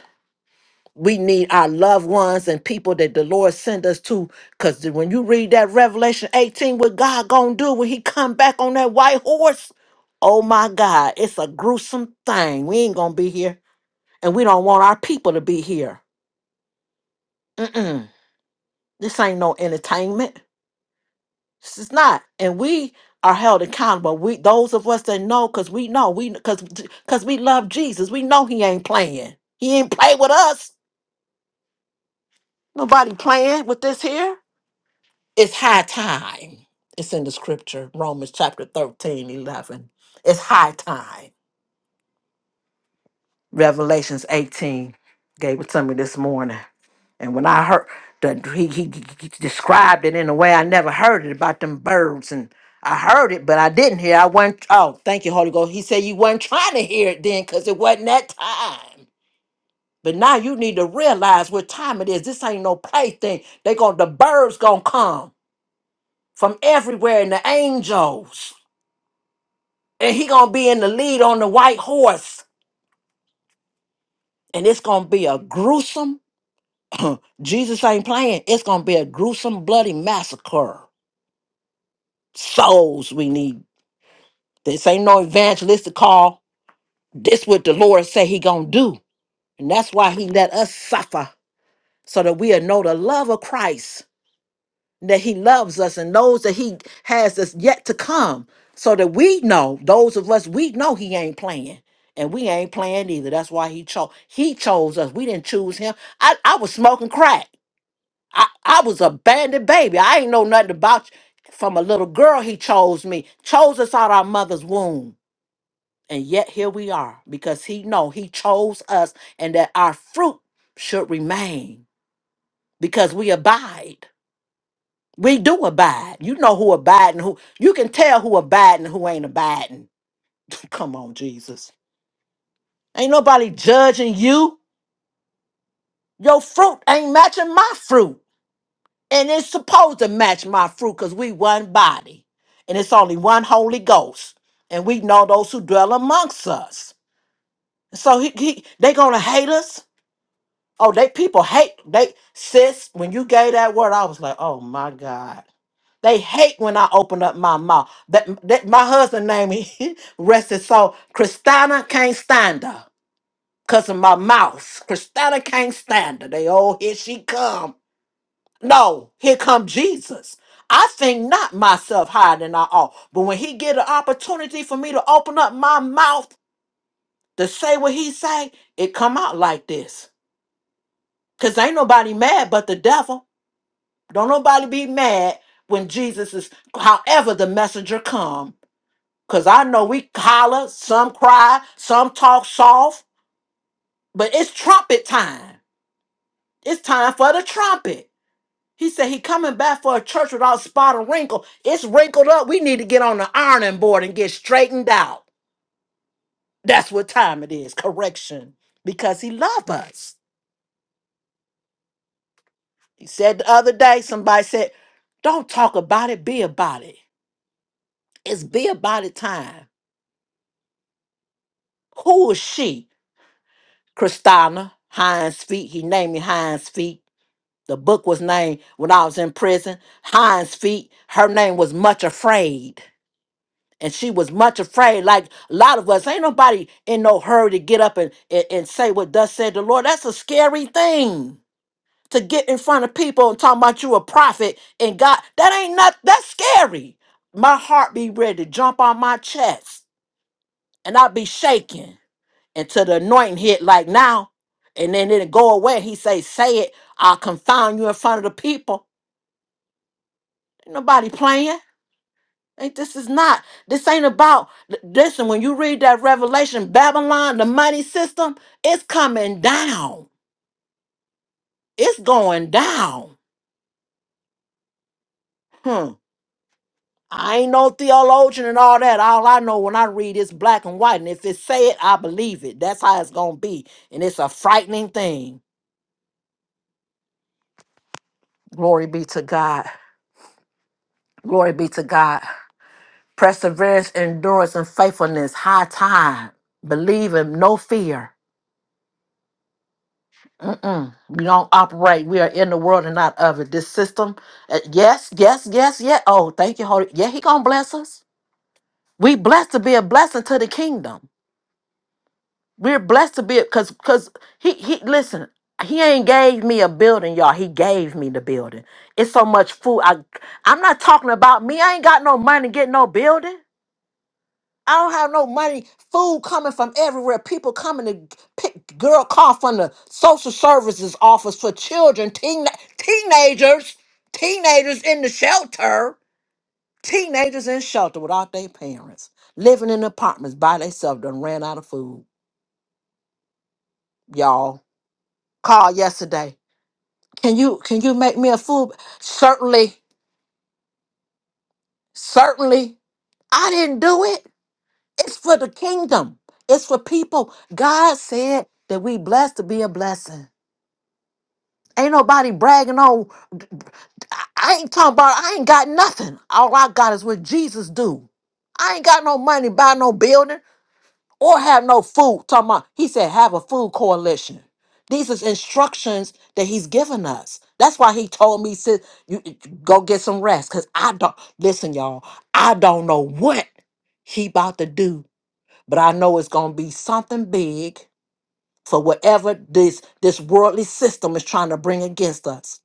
We need our loved ones and people that the Lord send us to. Cause the- when you read that Revelation 18, what God gonna do when he come back on that white horse? Oh my God, it's a gruesome thing. We ain't gonna be here. And we don't want our people to be here. Mm-mm. This ain't no entertainment. It's not, and we are held accountable. We those of us that know, cause we know, we cause cause we love Jesus. We know He ain't playing. He ain't play with us. Nobody playing with this here. It's high time. It's in the scripture, Romans chapter 13, 11. It's high time. Revelations 18 gave it to me this morning. And when I heard that he, he, he described it in a way I never heard it about them birds, and I heard it, but I didn't hear. I wasn't. Oh, thank you, Holy Ghost. He said you weren't trying to hear it then, cause it wasn't that time. But now you need to realize what time it is. This ain't no plaything. They going to the birds gonna come from everywhere, and the angels, and he gonna be in the lead on the white horse, and it's gonna be a gruesome *clears throat* Jesus ain't playing. It's gonna be a gruesome, bloody massacre. Souls we need. This ain't no evangelistic call. This what the Lord say He gonna do, and that's why He let us suffer so that we'll know the love of Christ, that He loves us and knows that He has us yet to come, so that we know those of us we know He ain't playing. And we ain't playing either. That's why he chose. He chose us. We didn't choose him. I, I was smoking crack. I, I was a bandit baby. I ain't know nothing about you. From a little girl, he chose me, chose us out our mother's womb. And yet here we are because he know he chose us and that our fruit should remain because we abide. We do abide. You know who abide and who you can tell who abide and who ain't abiding. *laughs* Come on, Jesus. Ain't nobody judging you. Your fruit ain't matching my fruit. And it's supposed to match my fruit because we one body. And it's only one Holy Ghost. And we know those who dwell amongst us. So he, he they gonna hate us. Oh, they people hate they sis. When you gave that word, I was like, oh my God. They hate when I open up my mouth. That, that my husband name he *laughs* rested so Christina can't stand her. Cause of my mouth. Christina can't stand her. They oh here she come. No, here come Jesus. I think not myself higher than I ought. But when he get an opportunity for me to open up my mouth to say what he say, it come out like this. Cause ain't nobody mad but the devil. Don't nobody be mad when Jesus is however the messenger come. Cause I know we holler, some cry, some talk soft, but it's trumpet time. It's time for the trumpet. He said he coming back for a church without spot or wrinkle. It's wrinkled up. We need to get on the ironing board and get straightened out. That's what time it is. Correction. Because he loves us. He said the other day, somebody said, Don't talk about it, be about it. It's be about it time. Who is she? Christina Hines Feet. He named me Hines Feet. The book was named when I was in prison. Hines Feet. Her name was Much Afraid. and she was much afraid like a lot of us ain't nobody in no hurry to get up and, and, and say what thus said the lord that's a scary thing to get in front of people and talk about you a prophet and god that ain't not that's scary my heart be ready to jump on my chest and i be shaking until the anointing hit like now and then it'll go away he say say it i'll confound you in front of the people ain't nobody playing Ain't this is not this ain't about l- listen when you read that revelation Babylon the money system it's coming down it's going down hmm I ain't no theologian and all that all I know when I read is black and white and if it say it I believe it that's how it's going to be and it's a frightening thing glory be to God glory be to God perseverance endurance and faithfulness high time believe in no fear Mm-mm. We don't operate. We are in the world and not of it. This system, uh, yes, yes, yes, yeah. Oh, thank you, Holy. Yeah, He gonna bless us. We blessed to be a blessing to the kingdom. We're blessed to be because because he he listen. He ain't gave me a building, y'all. He gave me the building. It's so much food. I I'm not talking about me. I ain't got no money to get no building. I don't have no money. Food coming from everywhere. People coming to pick girl call from the social services office for children, teen, teenagers, teenagers in the shelter, teenagers in shelter without their parents, living in apartments by themselves. Done ran out of food. Y'all called yesterday. Can you can you make me a food? Certainly, certainly. I didn't do it. It's for the kingdom. It's for people. God said that we blessed to be a blessing. Ain't nobody bragging on. I I ain't talking about. I ain't got nothing. All I got is what Jesus do. I ain't got no money to buy no building or have no food. Talking about. He said have a food coalition. These is instructions that he's given us. That's why he told me, "Sis, you you go get some rest." Cause I don't listen, y'all. I don't know what he about to do but I know it's going to be something big for whatever this this worldly system is trying to bring against us.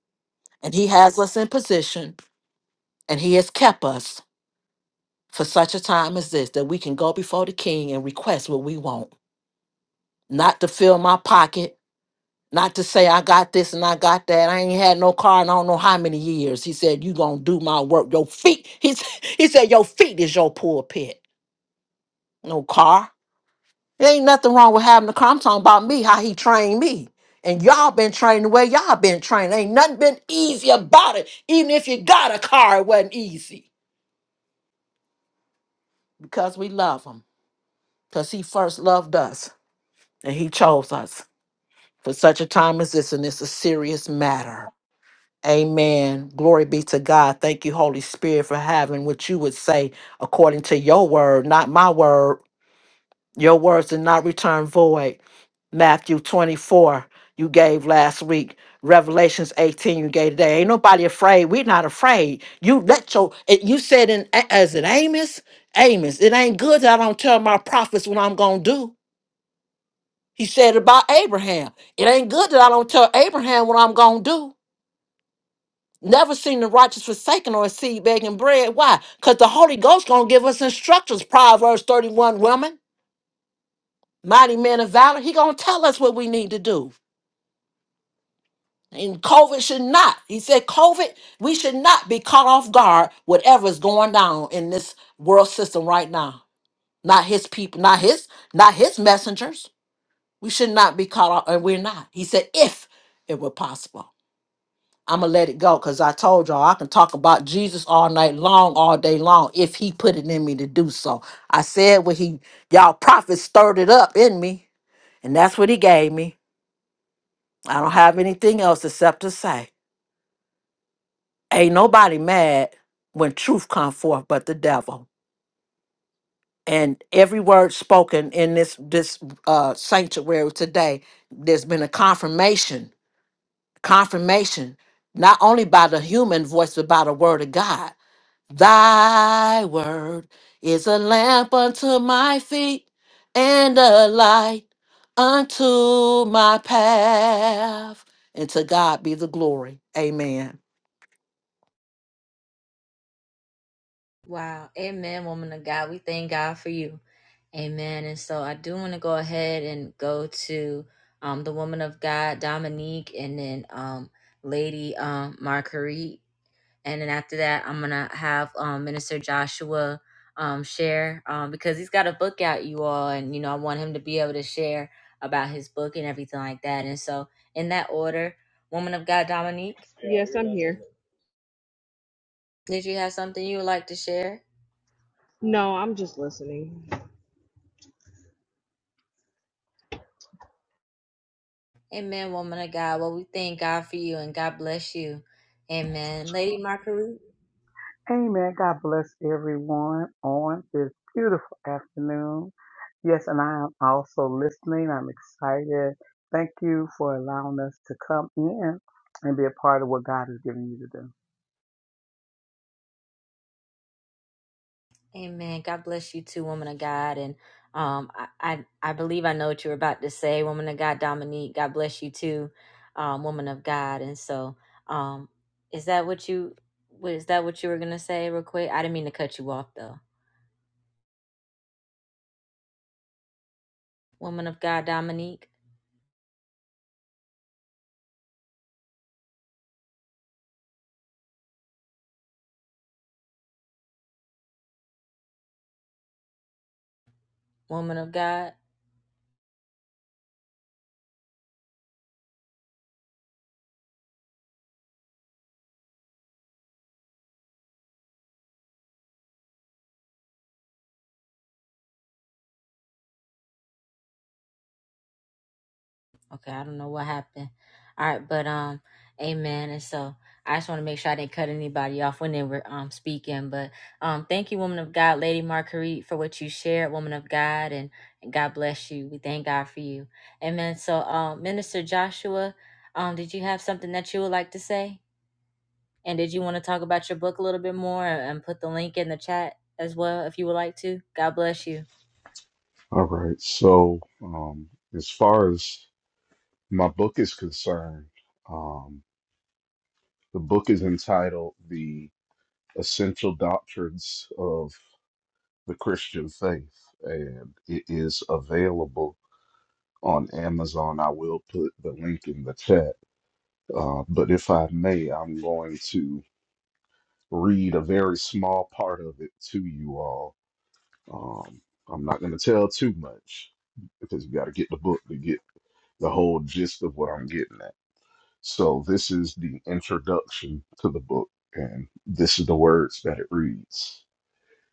And he has us in position and he has kept us for such a time as this that we can go before the king and request what we want. Not to fill my pocket, not to say I got this and I got that. I ain't had no car in I don't know how many years. He said, You gonna do my work. Your feet, *laughs* he, s- he said, Your feet is your pulpit. No car. There ain't nothing wrong with having a car. I'm talking about me, how he trained me. And y'all been trained the way y'all been trained. Ain't nothing been easy about it. Even if you got a car, it wasn't easy. Because we love him. Because he first loved us. And he chose us for such a time as this. And it's a serious matter. Amen. Glory be to God. Thank you, Holy Spirit, for having what you would say according to your word, not my word. Your words did not return void. Matthew 24, you gave last week. Revelations 18, you gave today. Ain't nobody afraid. We're not afraid. You let your, it- you said in, as it Amos? Amos, it ain't good that I don't tell my prophets what I'm going to do. He said about Abraham. It ain't good that I don't tell Abraham what I'm going to do. Never seen the righteous forsaken or a seed begging bread. Why? Because the Holy Ghost going to give us instructions. Proverbs 31, woman. mighty man of valor, he gonna tell us what we need to do. And COVID should not. He said, COVID, we should not be caught off guard, whatever's going down in this world system right now. Not his people, not his, not his messengers. We should not be caught off, and we're not. He said, if it were possible. I'ma let it go because I told y'all I can talk about Jesus all night long, all day long, if he put it in me to do so. I said what he y'all prophets stirred it up in me, and that's what he gave me. I don't have anything else except to say, ain't nobody mad when truth come forth but the devil. And every word spoken in this this uh, sanctuary today, there's been a confirmation, confirmation, not only by the human voice but by the word of God. Thy word is a lamp unto my feet and a light unto my path. And to God be the glory. Amen.
Wow. Amen, woman of God. We thank God for you. Amen. And so I do want to go ahead and go to um, the woman of God, Dominique, and then um, Lady um, Marguerite. And then after that, I'm going to have um, Minister Joshua um, share um, because he's got a book out, you all. And, you know, I want him to be able to share about his book and everything like that. And so, in that order, woman of God, Dominique.
Yes, I'm here.
Did you have something you would like to share?
No, I'm just listening.
Amen, woman of God. Well, we thank God for you and God bless you. Amen. Lady Marguerite.
Amen. God bless everyone on this beautiful afternoon. Yes, and I am also listening. I'm excited. Thank you for allowing us to come in and be a part of what God has given you to do.
Amen. God bless you too, woman of God. And um I I, I believe I know what you were about to say, woman of God, Dominique. God bless you too, um, woman of God. And so um is that what you what is that what you were gonna say real quick? I didn't mean to cut you off though. Woman of God, Dominique, woman of God. Okay, I don't know what happened. All right, but um, amen. And so I just want to make sure I didn't cut anybody off when they were um speaking. But um, thank you, woman of God, Lady Marguerite, for what you shared, woman of God, and, and God bless you. We thank God for you, amen. So um, Minister Joshua, um, did you have something that you would like to say? And did you want to talk about your book a little bit more uh, and put the link in the chat as well if you would like to? God bless you.
All right. So, um, as far as my book is concerned, um, the book is entitled The Essential Doctrines of the Christian Faith, and it is available on Amazon. I will put the link in the chat. Uh, but if I may, I'm going to read a very small part of it to you all. Um, I'm not going to tell too much because you got to get the book to get the whole gist of what I'm getting at. So, this is the introduction to the book, and this is the words that it reads.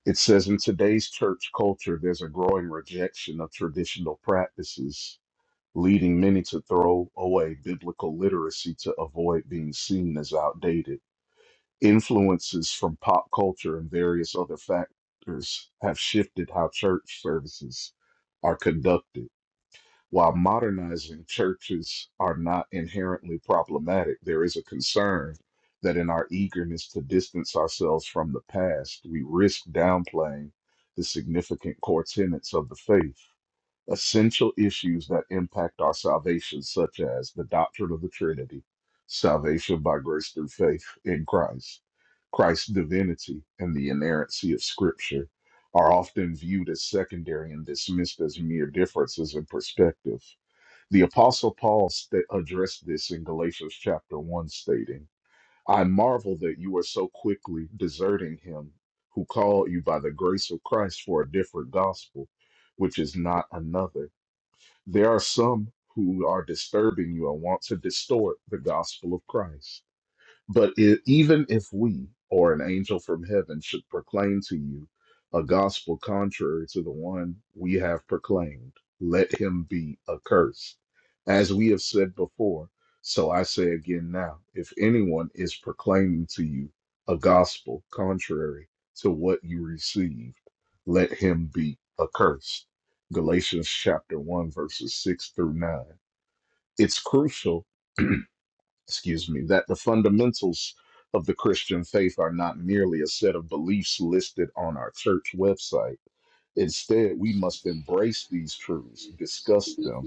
It says In today's church culture, there's a growing rejection of traditional practices, leading many to throw away biblical literacy to avoid being seen as outdated. influences from pop culture and various other factors have shifted how church services are conducted. While modernizing churches are not inherently problematic, there is a concern that in our eagerness to distance ourselves from the past, we risk downplaying the significant core tenets of the faith essential issues that impact our salvation, such as the doctrine of the Trinity, salvation by grace through faith in Christ, Christ's divinity, and the inerrancy of Scripture, are often viewed as secondary and dismissed as mere differences in perspective. The Apostle Paul sta- addressed this in Galatians chapter 1, stating, I marvel that you are so quickly deserting him who called you by the grace of Christ for a different gospel, which is not another there are some who are disturbing you and want to distort the gospel of Christ. But i even if we or an angel from heaven should proclaim to you a gospel contrary to the one we have proclaimed, let him be accursed. As we have said before, so I say again now if anyone is proclaiming to you a gospel contrary to what you received, let him be accursed. Galatians chapter 1, verses 6 through 9. It's crucial, excuse me, that the fundamentals of the Christian faith are not merely a set of beliefs listed on our church website. Instead, we must embrace these truths, discuss them,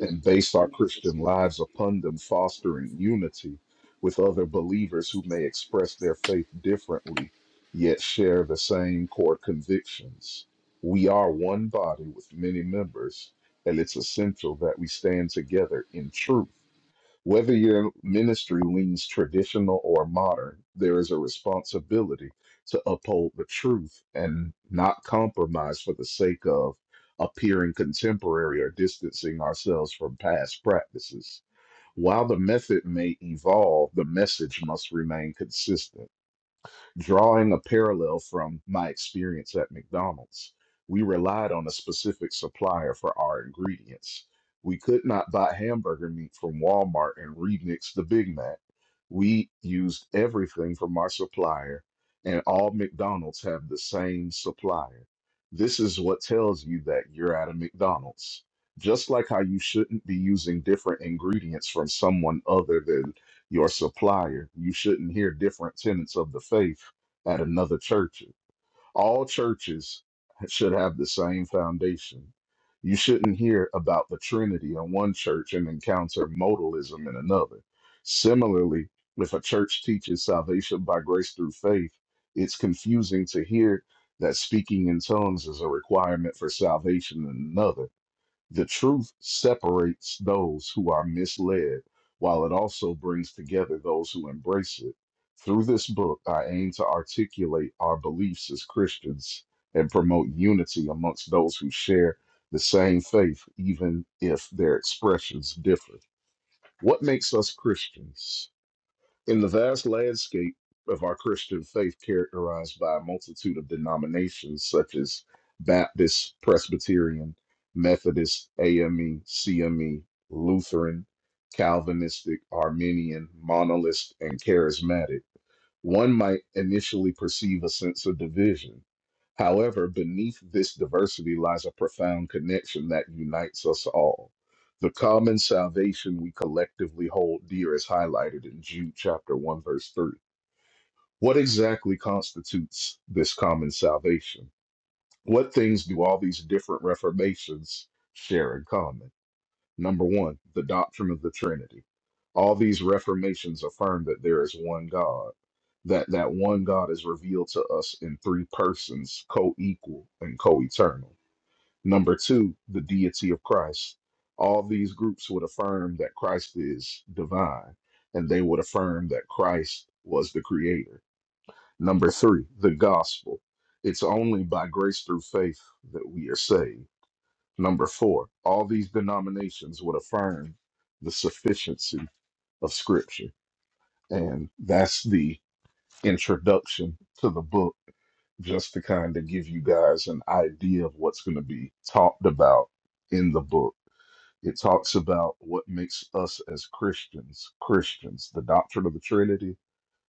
and base our Christian lives upon them, fostering unity with other believers who may express their faith differently, yet share the same core convictions. We are one body with many members, and it's essential that we stand together in truth whether your ministry leans traditional or modern, there is a responsibility to uphold the truth and not compromise for the sake of appearing contemporary or distancing ourselves from past practices. While the method may evolve, the message must remain consistent drawing a parallel from my experience at McDonald's, we relied on a specific supplier for our ingredients. We could not buy hamburger meat from Walmart and remix the Big Mac. We used everything from our supplier, and all McDonald's have the same supplier. This is what tells you that you're at a McDonald's. Just like how you shouldn't be using different ingredients from someone other than your supplier. You shouldn't hear different tenets of the faith at another church. All churches should have the same foundation. You shouldn't hear about the Trinity in one church and encounter modalism in another. Similarly, if a church teaches salvation by grace through faith, it's confusing to hear that speaking in tongues is a requirement for salvation in another the truth separates those who are misled, while it also brings together those who embrace it. Through this book, I aim to articulate our beliefs as Christians and promote unity amongst those who share the same faith, even if their expressions differ. What makes us Christians? In the vast landscape of our Christian faith, characterized by a multitude of denominations such as Baptist, Presbyterian, Methodist, AME, CME, Lutheran, Calvinistic, Arminian, Monolist, and Charismatic. One might initially perceive a sense of division. However, beneath this diversity lies a profound connection that unites us all. The common salvation we collectively hold dear is highlighted in Jude chapter 1, verse 3. What exactly constitutes this common salvation? What things do all these different reformations share in common? Number one, the doctrine of the Trinity. All these reformations affirm that there is one God, that that one God is revealed to us in three persons, co-equal and co-eternal. Number two, the deity of Christ. All these groups would affirm that Christ is divine, and they would affirm that Christ was the creator. Number three, the gospel. It's only by grace through faith that we are saved. Number four, all these denominations would affirm the sufficiency of Scripture. And that's the introduction to the book, just to kind of give you guys an idea of what's going to be talked about in the book. It talks about what makes us as Christians Christians, the doctrine of the Trinity,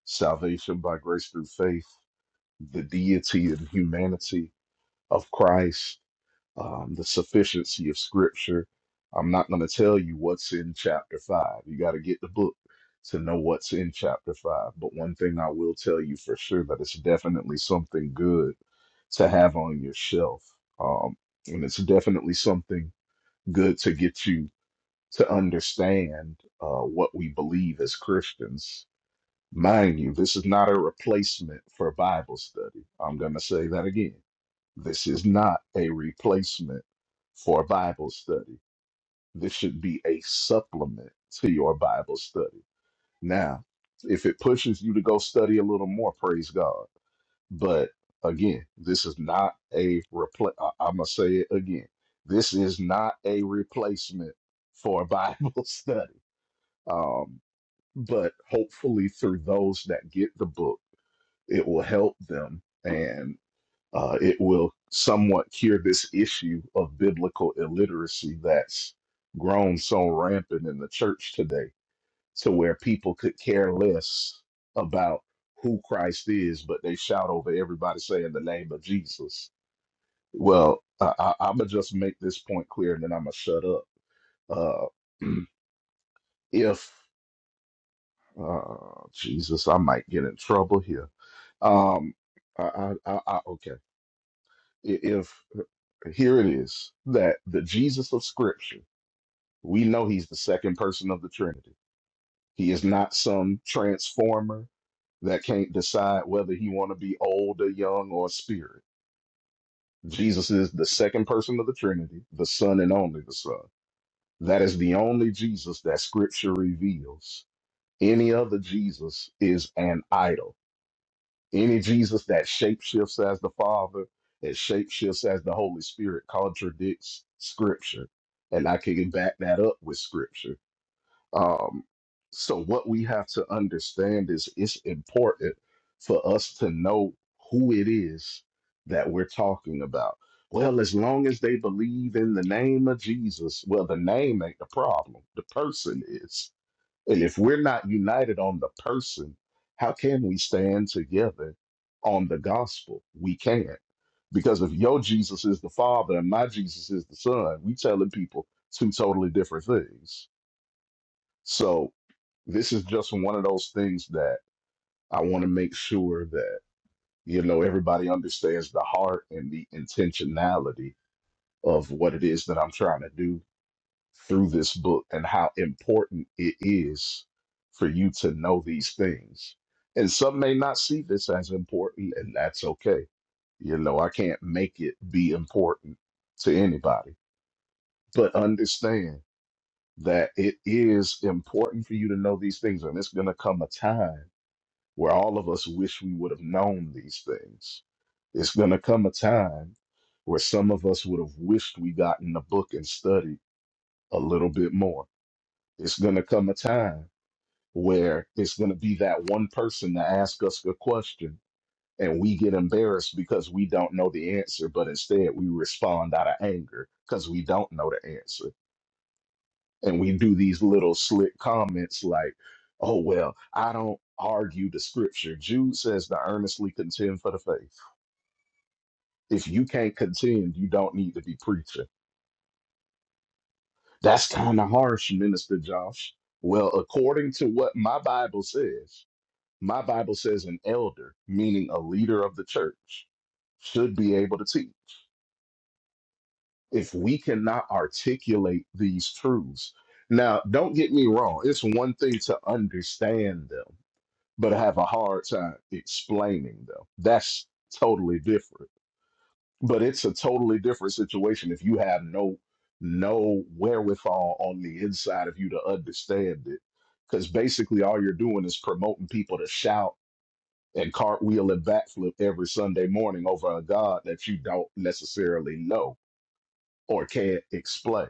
salvation by grace through faith, the deity and humanity of Christ, um, the sufficiency of Scripture. I'm not going to tell you what's in chapter five. You got to get the book to know what's in chapter five. But one thing I will tell you for sure that it's definitely something good to have on your shelf. Um, and it's definitely something good to get you to understand uh, what we believe as Christians. Mind you, this is not a replacement for Bible study. I'm going to say that again. This is not a replacement for Bible study. This should be a supplement to your Bible study. Now, if it pushes you to go study a little more, praise God. But again, this is not a repl I- I'm going to say it again. This is not a replacement for Bible *laughs* study. Um, but hopefully, through those that get the book, it will help them uh, it will somewhat cure this issue of biblical illiteracy that's grown so rampant in the church today, to where people could care less about who Christ is, but they shout over everybody saying the name of Jesus. Well, I, I, I'm going to just make this point clear and then I'm going to shut up. Uh, *clears throat* if, uh, Jesus, I might get in trouble here. Um, I, I, I, I, okay. I- If here it is that the Jesus of Scripture, we know he's the second person of the Trinity. He is not some transformer that can't decide whether he want to be old or young or spirit. Jesus is the second person of the Trinity, the Son and only the Son. That is the only Jesus that Scripture reveals. Any other Jesus is an idol. Any Jesus that shapeshifts as the Father, that shapeshifts as the Holy Spirit, contradicts Scripture. And I can back that up with Scripture. Um, so, what we have to understand is it's important for us to know who it is that we're talking about. Well, as long as they believe in the name of Jesus, well, the name ain't the problem, the person is. And if we're not united on the person, how can we stand together on the gospel? We can't. Because if your Jesus is the Father and my Jesus is the Son, we telling people two totally different things. So this is just one of those things that I want to make sure that, you know, everybody understands the heart and the intentionality of what it is that I'm trying to do through this book and how important it is for you to know these things. And some may not see this as important, and that's okay. You know, I can't make it be important to anybody, but understand that it is important for you to know these things. And it's going to come a time where all of us wish we would have known these things. It's going to come a time where some of us would have wished we got in the book and studied a little bit more it's going to come a time where it's going to be that one person to ask us a question and we get embarrassed because we don't know the answer, but instead we respond out of anger because we don't know the answer. And we do these little slick comments like, oh, well, I don't argue the scripture. Jude says to earnestly contend for the faith. If you can't contend, you don't need to be preaching. That's kind of harsh, Minister Josh. Well, according to what my Bible says, My Bible says an elder, meaning a leader of the church, should be able to teach. If we cannot articulate these truths, now don't get me wrong, it's one thing to understand them, but I have a hard time explaining them. That's totally different. But it's a totally different situation if you have no no wherewithal on the inside of you to understand it. Because basically all you're doing is promoting people to shout and cartwheel and backflip every Sunday morning over a God that you don't necessarily know or can't explain.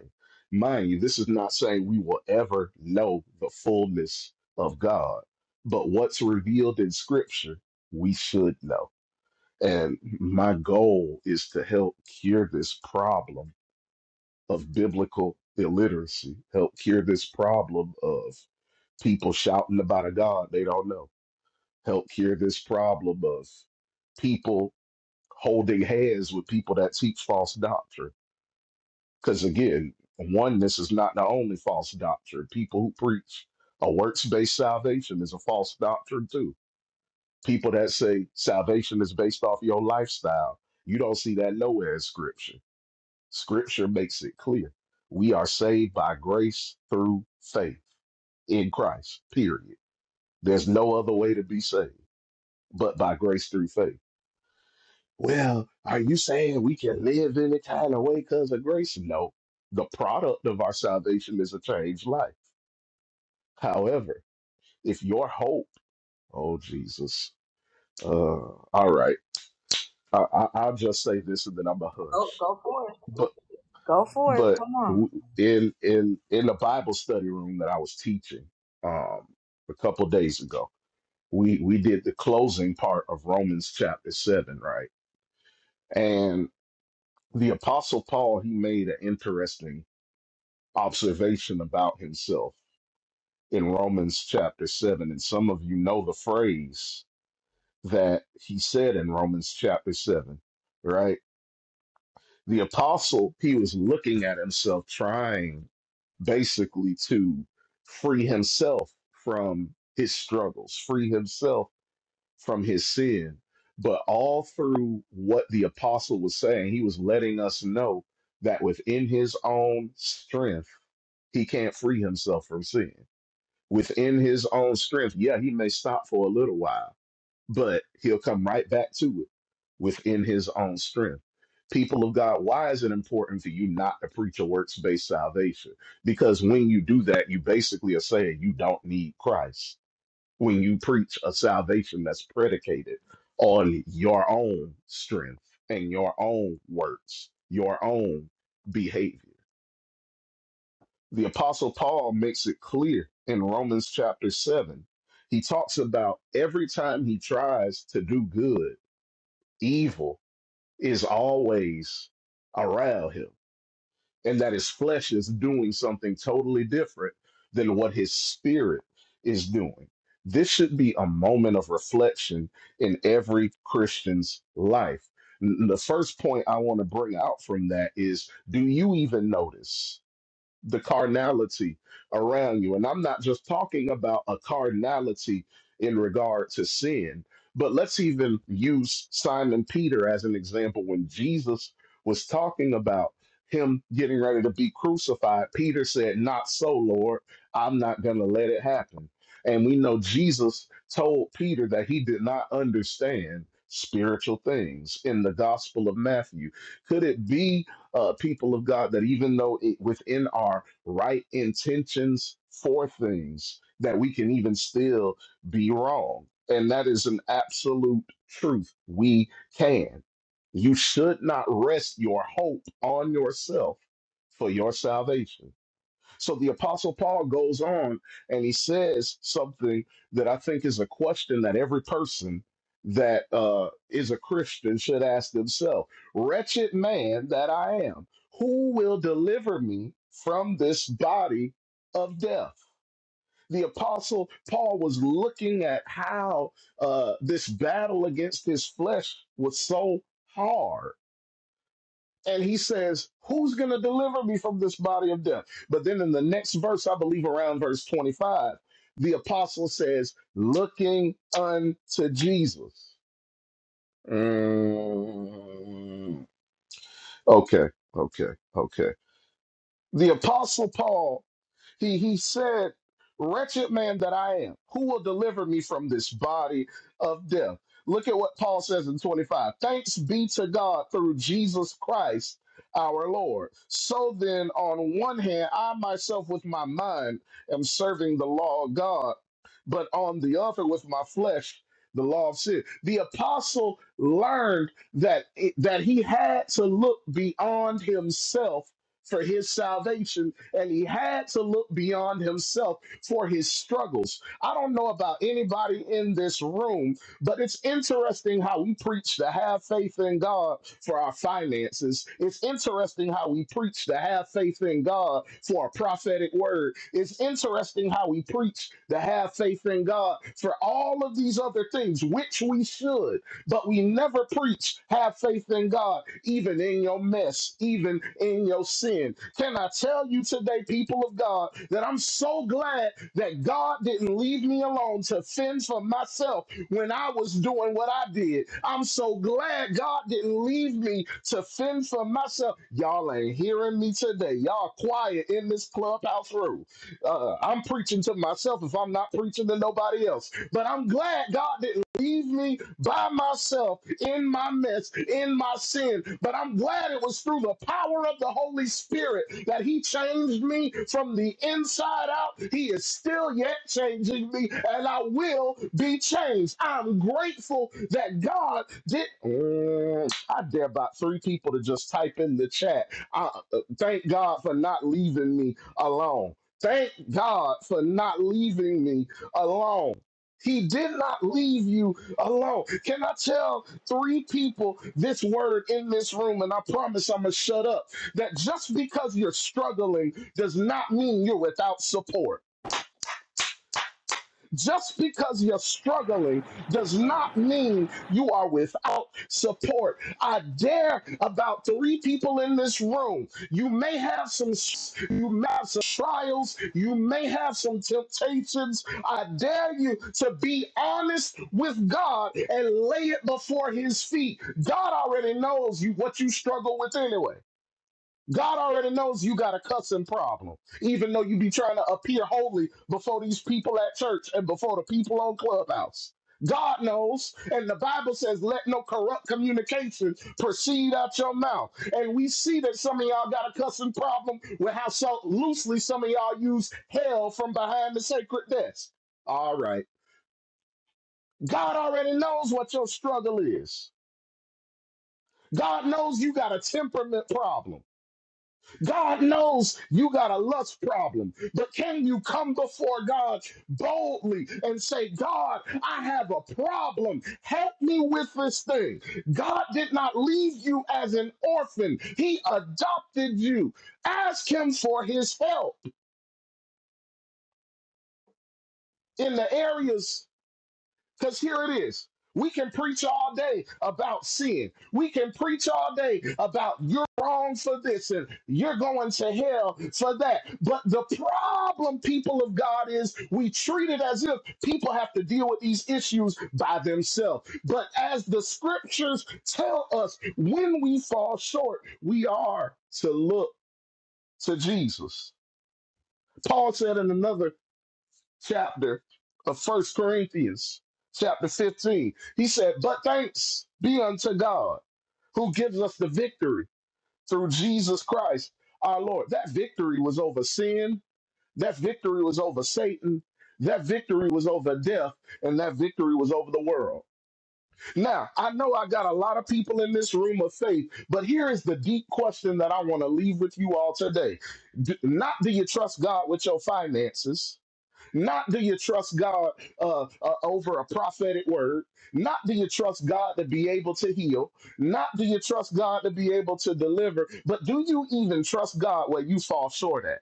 Mind you, this is not saying we will ever know the fullness of God, but what's revealed in Scripture, we should know. And my goal is to help cure this problem of biblical illiteracy, help cure this problem of people shouting about a God they don't know, help cure this problem of people holding hands with people that teach false doctrine. Because again, oneness is not the only false doctrine. People who preach a works based salvation is a false doctrine too. People that say salvation is based off your lifestyle, you don't see that nowhere in Scripture. Scripture makes it clear. We are saved by grace through faith in Christ, period. There's no other way to be saved but by grace through faith. Well, are you saying we can live any kind of way because of grace? No. The product of our salvation is a changed life. However, if your hope, oh Jesus, uh, all right, I, I, I'll just say this and then I'm a hush.
Go
But
go for it.
but
Come on.
w- in in in the Bible study room that I was teaching um, a couple days ago, we we did the closing part of Romans chapter seven, right? And the Apostle Paul he made an interesting observation about himself in Romans chapter 7. And some of you know the phrase that he said in Romans chapter 7, right? The apostle, he was looking at himself, trying basically to free himself from his struggles, free himself from his sin. But all through what the apostle was saying, he was letting us know that within his own strength, he can't free himself from sin within his own strength, yeah, he may stop for a little while, but he'll come right back to it within his own strength. People of God, why is it important for you not to preach a works based salvation? Because when you do that, you basically are saying you don't need Christ. When you preach a salvation that's predicated on your own strength and your own works, your own behavior. The Apostle Paul makes it clear in Romans chapter 7. He talks about every time he tries to do good, evil is always around him, and that his flesh is doing something totally different than what his spirit is doing. This should be a moment of reflection in every Christian's life. N- The first point I want to bring out from that is do you even notice? the carnality around you. And I'm not just talking about a carnality in regard to sin, but let's even use Simon Peter as an example. When Jesus was talking about him getting ready to be crucified, Peter said, Not so, Lord. I'm not going to let it happen. And we know Jesus told Peter that he did not understand spiritual things in the Gospel of Matthew. Could it be? uh, people of God, that even though it, within our right intentions for things, that we can even still be wrong. And that is an absolute truth. We can. You should not rest your hope on yourself for your salvation so the Apostle Paul goes on and he says something that I think is a question that every person that uh, is a Christian should ask themselves Wretched man that I am, who will deliver me from this body of death? The Apostle Paul was looking at how uh, this battle against his flesh was so hard and he says, Who's going to deliver me from this body of death? But then in the next verse, I believe around verse 25, the apostle says, Looking unto Jesus. Mm, okay, okay, okay. The apostle Paul he, he said, Wretched man that I am, who will deliver me from this body of death? Look at what Paul says in 25. Thanks be to God through Jesus Christ our Lord. So then, on one hand, I myself with my mind am serving the law of God, but on the other, with my flesh, the law of sin. The apostle learned that, it, that he had to look beyond himself for his salvation, and he had to look beyond himself for his struggles. I don't know about anybody in this room, but it's interesting how we preach to have faith in God for our finances. It's interesting how we preach to have faith in God for a prophetic word. It's interesting how we preach to have faith in God for all of these other things, which we should. But we never preach, have faith in God, even in your mess, even in your sin. Can I tell you today, people of God, that I'm so glad that God didn't leave me alone to fend for myself when I was doing what I did. I'm so glad God didn't leave me to fend for myself. Y'all ain't hearing me today. Y'all quiet in this clubhouse room. Uh, I'm preaching to myself if I'm not preaching to nobody else. But I'm glad God didn't leave me by myself in my mess, in my sin. But I'm glad it was through the power of the Holy Spirit that He changed me from the inside out. He is still yet changing me, and I will be changed. I'm grateful that God did. Mm, I dare about three people to just type in the chat. I, uh, thank God for not leaving me alone. Thank God for not leaving me alone. He did not leave you alone. Can I tell three people this word in this room? And I promise I'm going to shut up. That just because you're struggling does not mean you're without support. Just because you're struggling does not mean you are without support. I dare about three people in this room. You may have some you may have some trials, you may have some temptations. I dare you to be honest with God and lay it before his feet. God already knows you what you struggle with anyway. God already knows you got a cussing problem, even though you be trying to appear holy before these people at church and before the people on Clubhouse. God knows, and the Bible says, let no corrupt communication proceed out your mouth. And we see that some of y'all got a cussing problem with how so loosely some of y'all use hell from behind the sacred desk. All right. God already knows what your struggle is. God knows you got a temperament problem. God knows you got a lust problem, but can you come before God boldly and say, God, I have a problem. Help me with this thing. God did not leave you as an orphan, He adopted you. Ask Him for His help in the areas. Because here it is. We can preach all day about sin. We can preach all day about you're wrong for this and you're going to hell for that. But the problem, people of God, is we treat it as if people have to deal with these issues by themselves. But as the scriptures tell us, when we fall short, we are to look to Jesus. Paul said in another chapter of First Corinthians, chapter 15. He said, But thanks be unto God who gives us the victory through Jesus Christ our Lord. That victory was over sin, that victory was over Satan. That victory was over death, and that victory was over the world. Now, I know I got a lot of people in this room of faith, but here is the deep question that I want to leave with you all today. D- not do you trust God with your finances? Not do you trust God uh, uh, over a prophetic word. Not do you trust God to be able to heal. Not do you trust God to be able to deliver. But do you even trust God where you fall short at?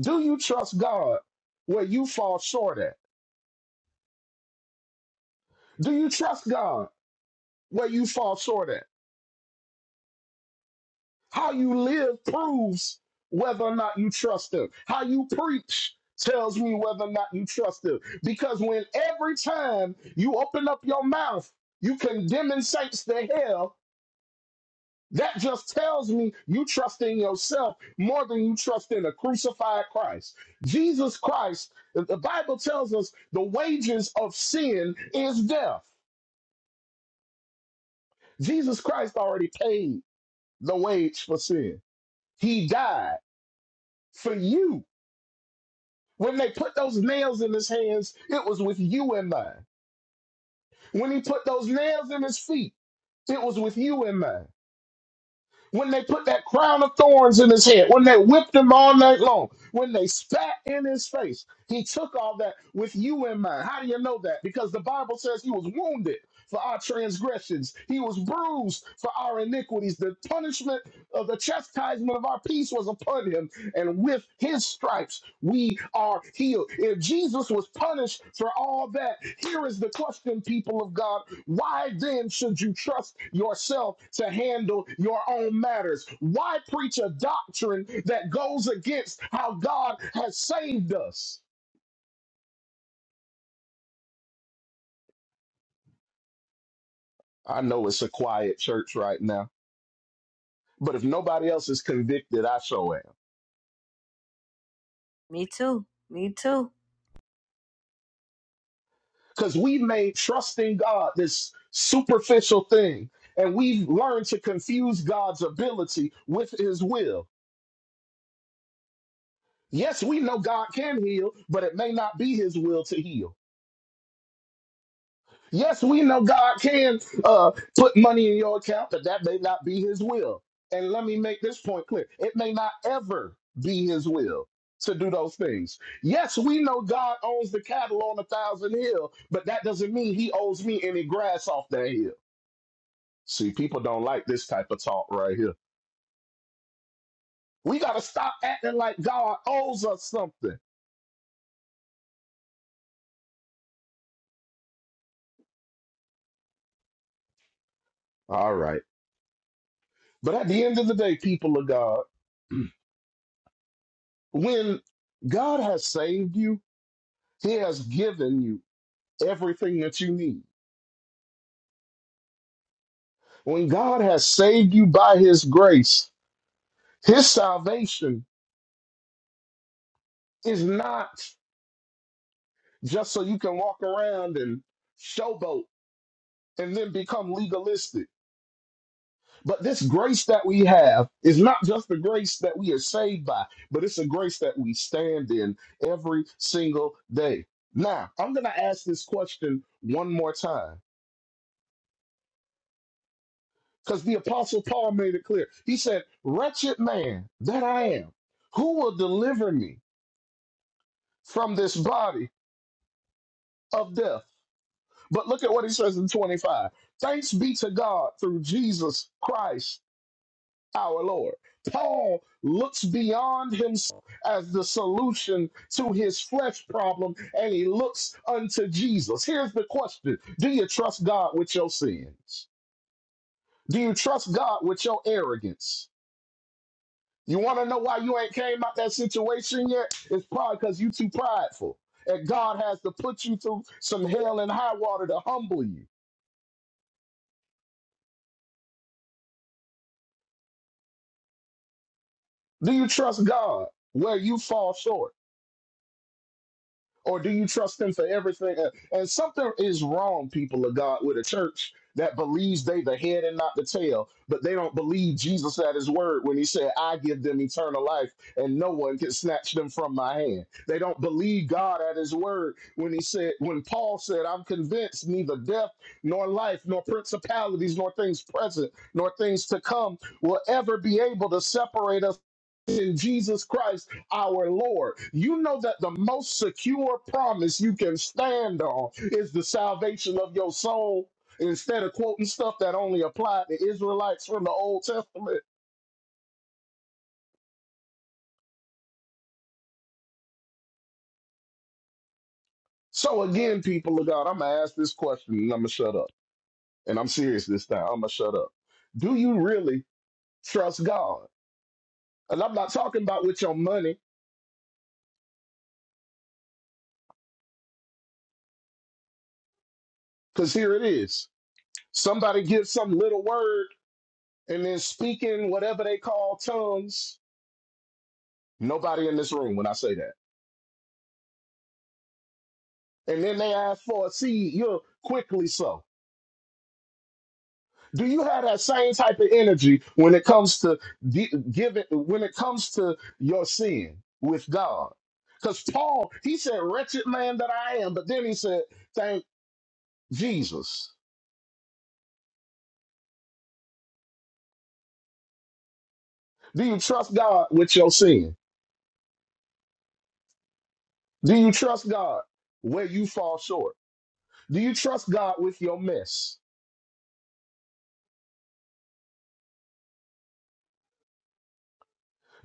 Do you trust God where you fall short at? Do you trust God where you fall short at? How you live proves whether or not you trust him. How you preach tells me whether or not you trust him. Because when every time you open up your mouth, you condemning saints to hell, that just tells me you trust in yourself more than you trust in a crucified Christ. Jesus Christ, the the Bible tells us the wages of sin is death. Jesus Christ already paid the wage for sin. He died for you When they put those nails in his hands, it was with you in mind. When he put those nails in his feet, it was with you in mind when they put that crown of thorns in his head, when they whipped him all night long, when they spat in his face. He took all that with you in mind. How do you know that? Because the Bible says he was wounded for our transgressions, he was bruised for our iniquities. The punishment of the chastisement of our peace was upon him, and with his stripes we are healed. If Jesus was punished for all that, here is the question, people of God. Why then should you trust yourself to handle your own matters? Why preach a doctrine that goes against how God has saved us? I know it's a quiet church right now, but if nobody else is convicted, I so am.
Me too. Me too.
Because we made trusting God this superficial thing, and we've learned to confuse God's ability with his will. Yes, we know God can heal, but it may not be his will to heal. Yes, we know God can uh, put money in your account, but that may not be His will. And let me make this point clear it may not ever be His will to do those things. Yes, we know God owns the cattle on a thousand hill, but that doesn't mean He owes me any grass off that hill. See, people don't like this type of talk right here. We got to stop acting like God owes us something. All right. But at the end of the day, people of God, when God has saved you, He has given you everything that you need. When God has saved you by his grace, his salvation is not just so you can walk around and showboat and then become legalistic. But this grace that we have is not just the grace that we are saved by, but it's a grace that we stand in every single day. Now, I'm going to ask this question one more time because the Apostle Paul made it clear. He said, Wretched man that I am, who will deliver me from this body of death. But look at what he says in 25. Thanks be to God through Jesus Christ our Lord. Paul looks beyond himself as the solution to his flesh problem and he looks unto Jesus. Here's the question Do you trust God with your sins? Do you trust God with your arrogance? You want to know why you ain't came out that situation yet? It's probably because you too prideful. And God has to put you through some hell and high water to humble you. Do you trust God where you fall short? or do you trust him for everything? Uh, And something is wrong, people of God, with a church that believes they the head and not the tail, but they don't believe Jesus at his word when he said, I give them eternal life and no one can snatch them from my hand. They don't believe God at his word when he said, when Paul said, I'm convinced neither death nor life, nor principalities, nor things present, nor things to come will ever be able to separate us in Jesus Christ our Lord. You know that the most secure promise you can stand on is the salvation of your soul instead of quoting stuff that only applied to Israelites from the Old Testament. So, again, people of God, I'm going to ask this question and I'm going to shut up. And I'm serious this time. I'm going to shut up. Do you really trust God? And I'm not talking about with your money, because here it is. Somebody gives some little word and then speaking whatever they call tongues. Nobody in this room when I say that. and then they ask for a seed, you're quickly so. Do you have that same type of energy when it comes to di- giving, when it comes to your sin with God? Because Paul, he said, wretched man that I am, but then he said, thank Jesus. Do you trust God with your sin? Do you trust God where you fall short? Do you trust God with your mess?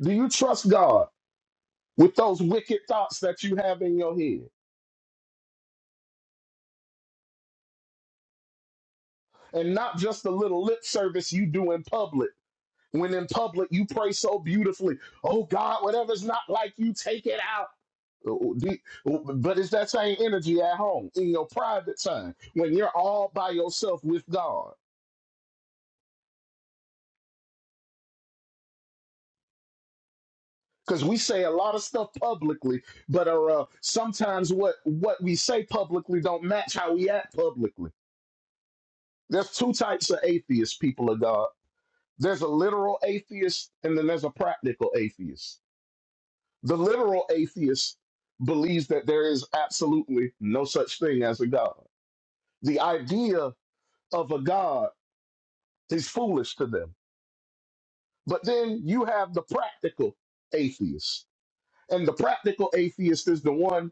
Do you trust God with those wicked thoughts that you have in your head? And not just the little lip service you do in public When in public, you pray so beautifully. Oh God, whatever's not like you, take it out. But it's that same energy at home in your private time when you're all by yourself with God. Because we say a lot of stuff publicly, but are uh, sometimes what what we say publicly don't match how we act publicly. There's two types of atheists, people of God. There's a literal atheist, and then there's a practical atheist The literal atheist believes that there is absolutely no such thing as a God. The idea of a God is foolish to them. But then you have the practical atheist. And the practical atheist is the one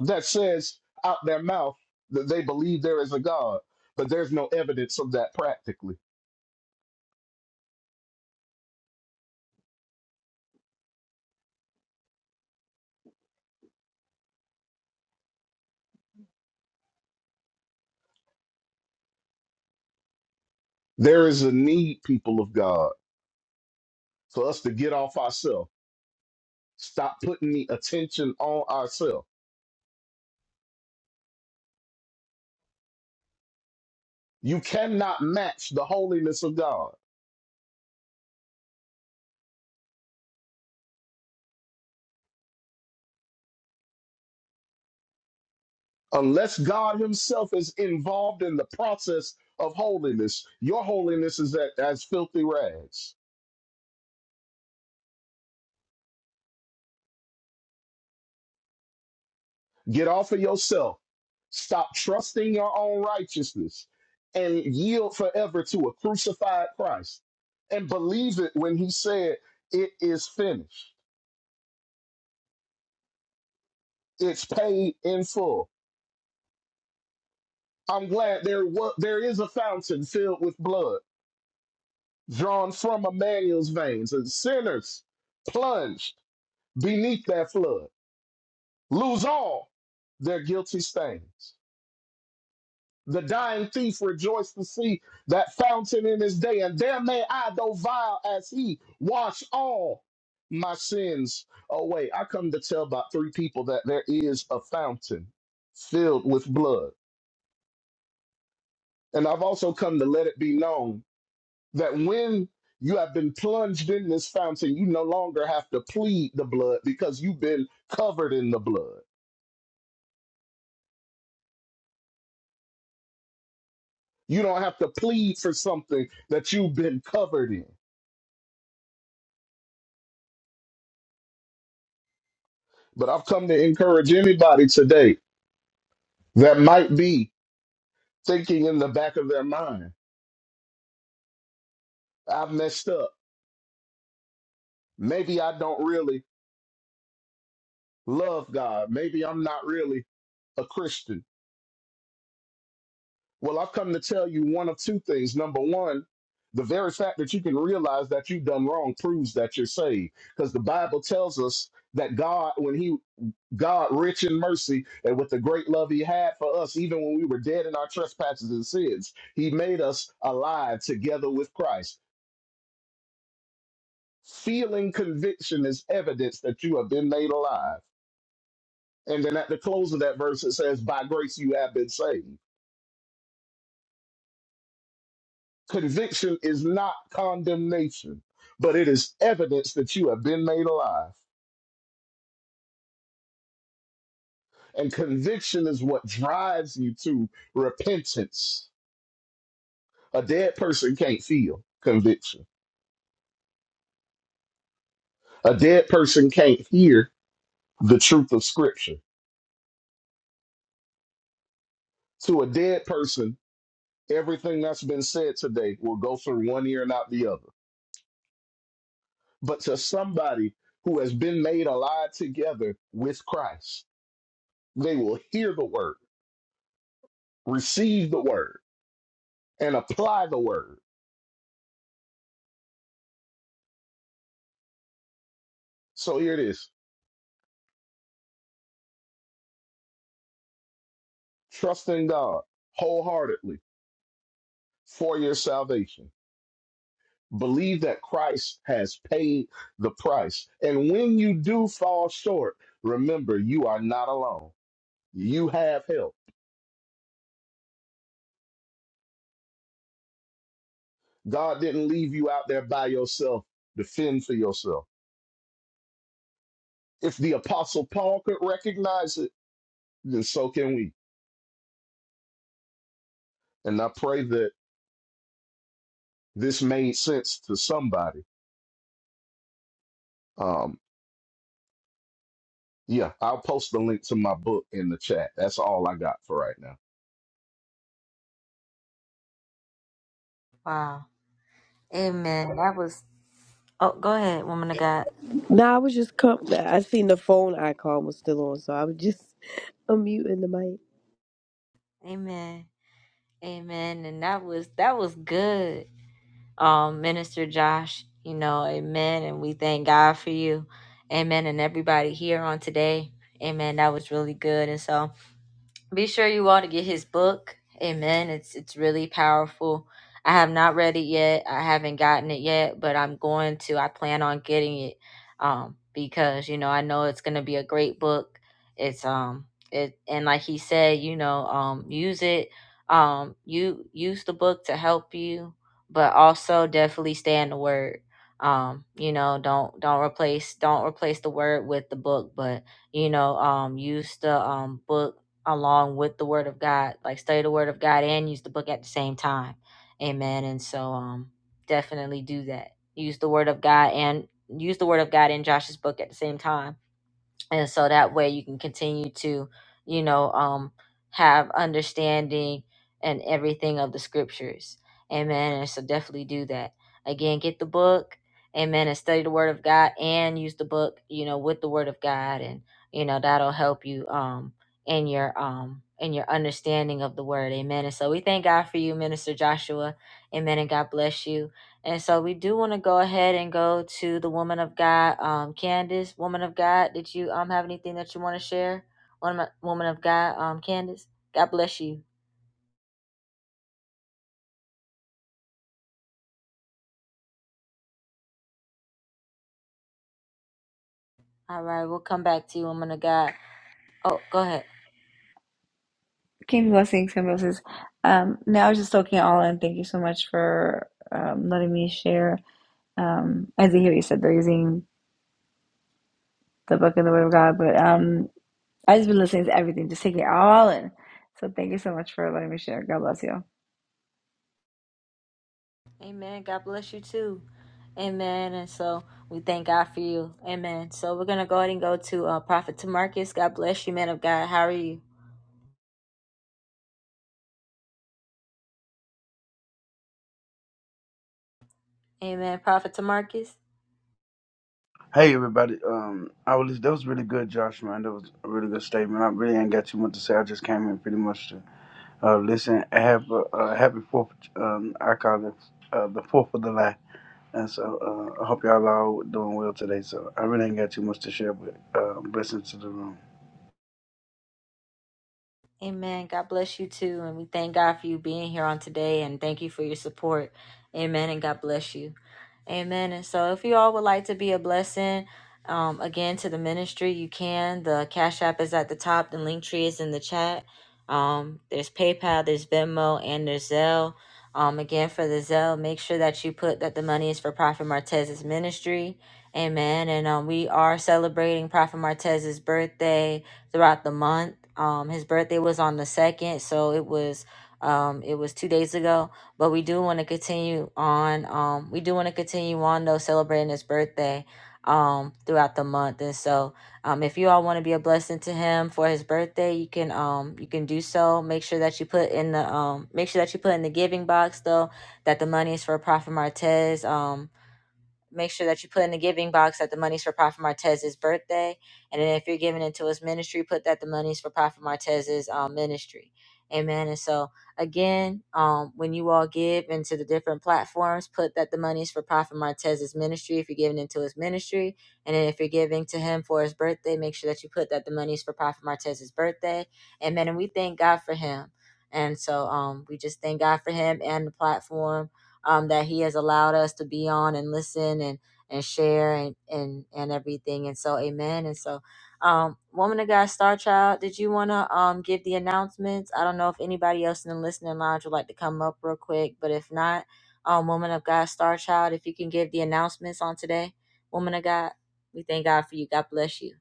that says out their mouth that they believe there is a God, but there's no evidence of that practically. There is a need, people of God, for us to get off ourselves, stop putting the attention on ourselves You cannot match the holiness of God. Unless God Himself is involved in the process of holiness, your holiness is at, as filthy rags. Get off of yourself. Stop trusting your own righteousness and yield forever to a crucified Christ. And believe it when He said, It is finished, it's paid in full. I'm glad there, wa- there is a fountain filled with blood drawn from Emmanuel's veins, and sinners plunged beneath that flood lose all their guilty stains. The dying thief rejoiced to see that fountain in his day, and there may I, though vile as he, wash all my sins away. I come to tell about three people that there is a fountain filled with blood. And I've also come to let it be known that when you have been plunged in this fountain, you no longer have to plead the blood because you've been covered in the blood. You don't have to plead for something that you've been covered in. But I've come to encourage anybody today that might be thinking in the back of their mind, I've messed up. Maybe I don't really love God. Maybe I'm not really a Christian Well, I've come to tell you one of two things. Number one, the very fact that you can realize that you've done wrong proves that you're saved. Because the Bible tells us that God, when He God rich in mercy and with the great love he had for us, even when we were dead in our trespasses and sins, he made us alive together with Christ. Feeling conviction is evidence that you have been made alive. And then at the close of that verse, it says, By grace you have been saved. Conviction is not condemnation, but it is evidence that you have been made alive. And conviction is what drives you to repentance. A dead person can't feel conviction, a dead person can't hear the truth of Scripture. To a dead person, everything that's been said today will go through one ear and out the other. But to somebody who has been made alive together with Christ, they will hear the word, receive the word and apply the word. So here it is trust in God wholeheartedly for your salvation. Believe that Christ has paid the price. And when you do fall short, remember you are not alone. You have help. God didn't leave you out there by yourself to fend for yourself. If the Apostle Paul could recognize it, then so can we. And I pray that this made sense to somebody. Um, Yeah, I'll post the link to my book in the chat. That's all I got for right now.
Woman of God.
No, I was just com- I seen the phone icon was still on, so I was just *laughs* unmuting the mic.
Amen. Amen. And that was that was good. Um, Minister Josh, you know, amen. And we thank God for you. Amen. And everybody here on today. Amen. That was really good. And so be sure you all to get his book. Amen. It's it's really powerful. I have not read it yet. I haven't gotten it yet, but I'm going to. I plan on getting it um because you know, I know it's going to be a great book. It's um it and like he said, you know, um use it um you use the book to help you, but also definitely stay in the word. Um, you know, don't don't replace don't replace the word with the book, but you know, um use the um book along with the word of God. Like study the word of God and use the book at the same time. Amen. And so um definitely do that. Use the word of God and use the word of God in Josh's book at the same time and so that way you can continue to you know um have understanding and everything of the scriptures amen and so definitely do that again get the book amen and study the word of god and use the book you know with the word of god and you know that'll help you um in your um in your understanding of the word amen and so we thank god for you minister joshua amen and god bless you and so we do want to go ahead and go to the woman of God, um, Candace, woman of God. Did you um have anything that you want to share, woman woman of God, um, Candace? God bless you. All right, we'll come back to you, woman of God. Oh, go ahead.
King's blessings, King's blessings. Um, now I was just soaking it all, in. thank you so much for um, letting me share. Um, as I hear you said, they're using the book and the word of God, but um, I just been listening to everything, just taking it all in. So thank you so much for letting me share. God bless you.
Amen. God bless you too. Amen. And so we thank God for you. Amen. So we're gonna go ahead and go to uh, Prophet Tamarcus. God bless you, man of God. How are you? Amen. Prophet Tamarcus.
Hey everybody, um, I was that was really good, Josh man. That was a really good statement. I really ain't got too much to say. I just came in pretty much to uh, listen. I have a, uh happy Fourth. Um, I call it uh, the Fourth of July, and so uh, I hope y'all all doing well today. So I really ain't got too much to share, but uh, blessings to the room.
Amen. God bless you too. And we thank God for you being here on today and thank you for your support. Amen. And God bless you. Amen. And so if you all would like to be a blessing, um, again to the ministry, you can. The Cash App is at the top. The link tree is in the chat. Um, there's PayPal, there's Venmo, and there's Zelle. Um, again, for the Zelle, make sure that you put that the money is for Prophet Martez's ministry. Amen. And um, we are celebrating Prophet Martez's birthday throughout the month. Um, his birthday was on the second, so it was um, it was two days ago. But we do want to continue on. Um, we do want to continue on though celebrating his birthday um throughout the month and so um if you all want to be a blessing to him for his birthday you can um you can do so make sure that you put in the um make sure that you put in the giving box though that the money is for prophet martez um make sure that you put in the giving box that the money's for Prophet Martez's birthday. And then if you're giving into his ministry, put that the money's for Prophet Martez's um, ministry. Amen. And so again, um, when you all give into the different platforms, put that the money's for Prophet Martez's ministry if you're giving into his ministry. And then if you're giving to him for his birthday, make sure that you put that the money's for Prophet Martez's birthday. Amen. And we thank God for him. And so um, we just thank God for him and the platform um, that he has allowed us to be on and listen and and share and and and everything. And so, Amen. And so, um, woman of God, Star Child, did you want to um give the announcements? I don't know if anybody else in the listening lounge would like to come up real quick, but if not, um, woman of God, Star Child, if you can give the announcements on today, woman of God, we thank God for you. God bless you.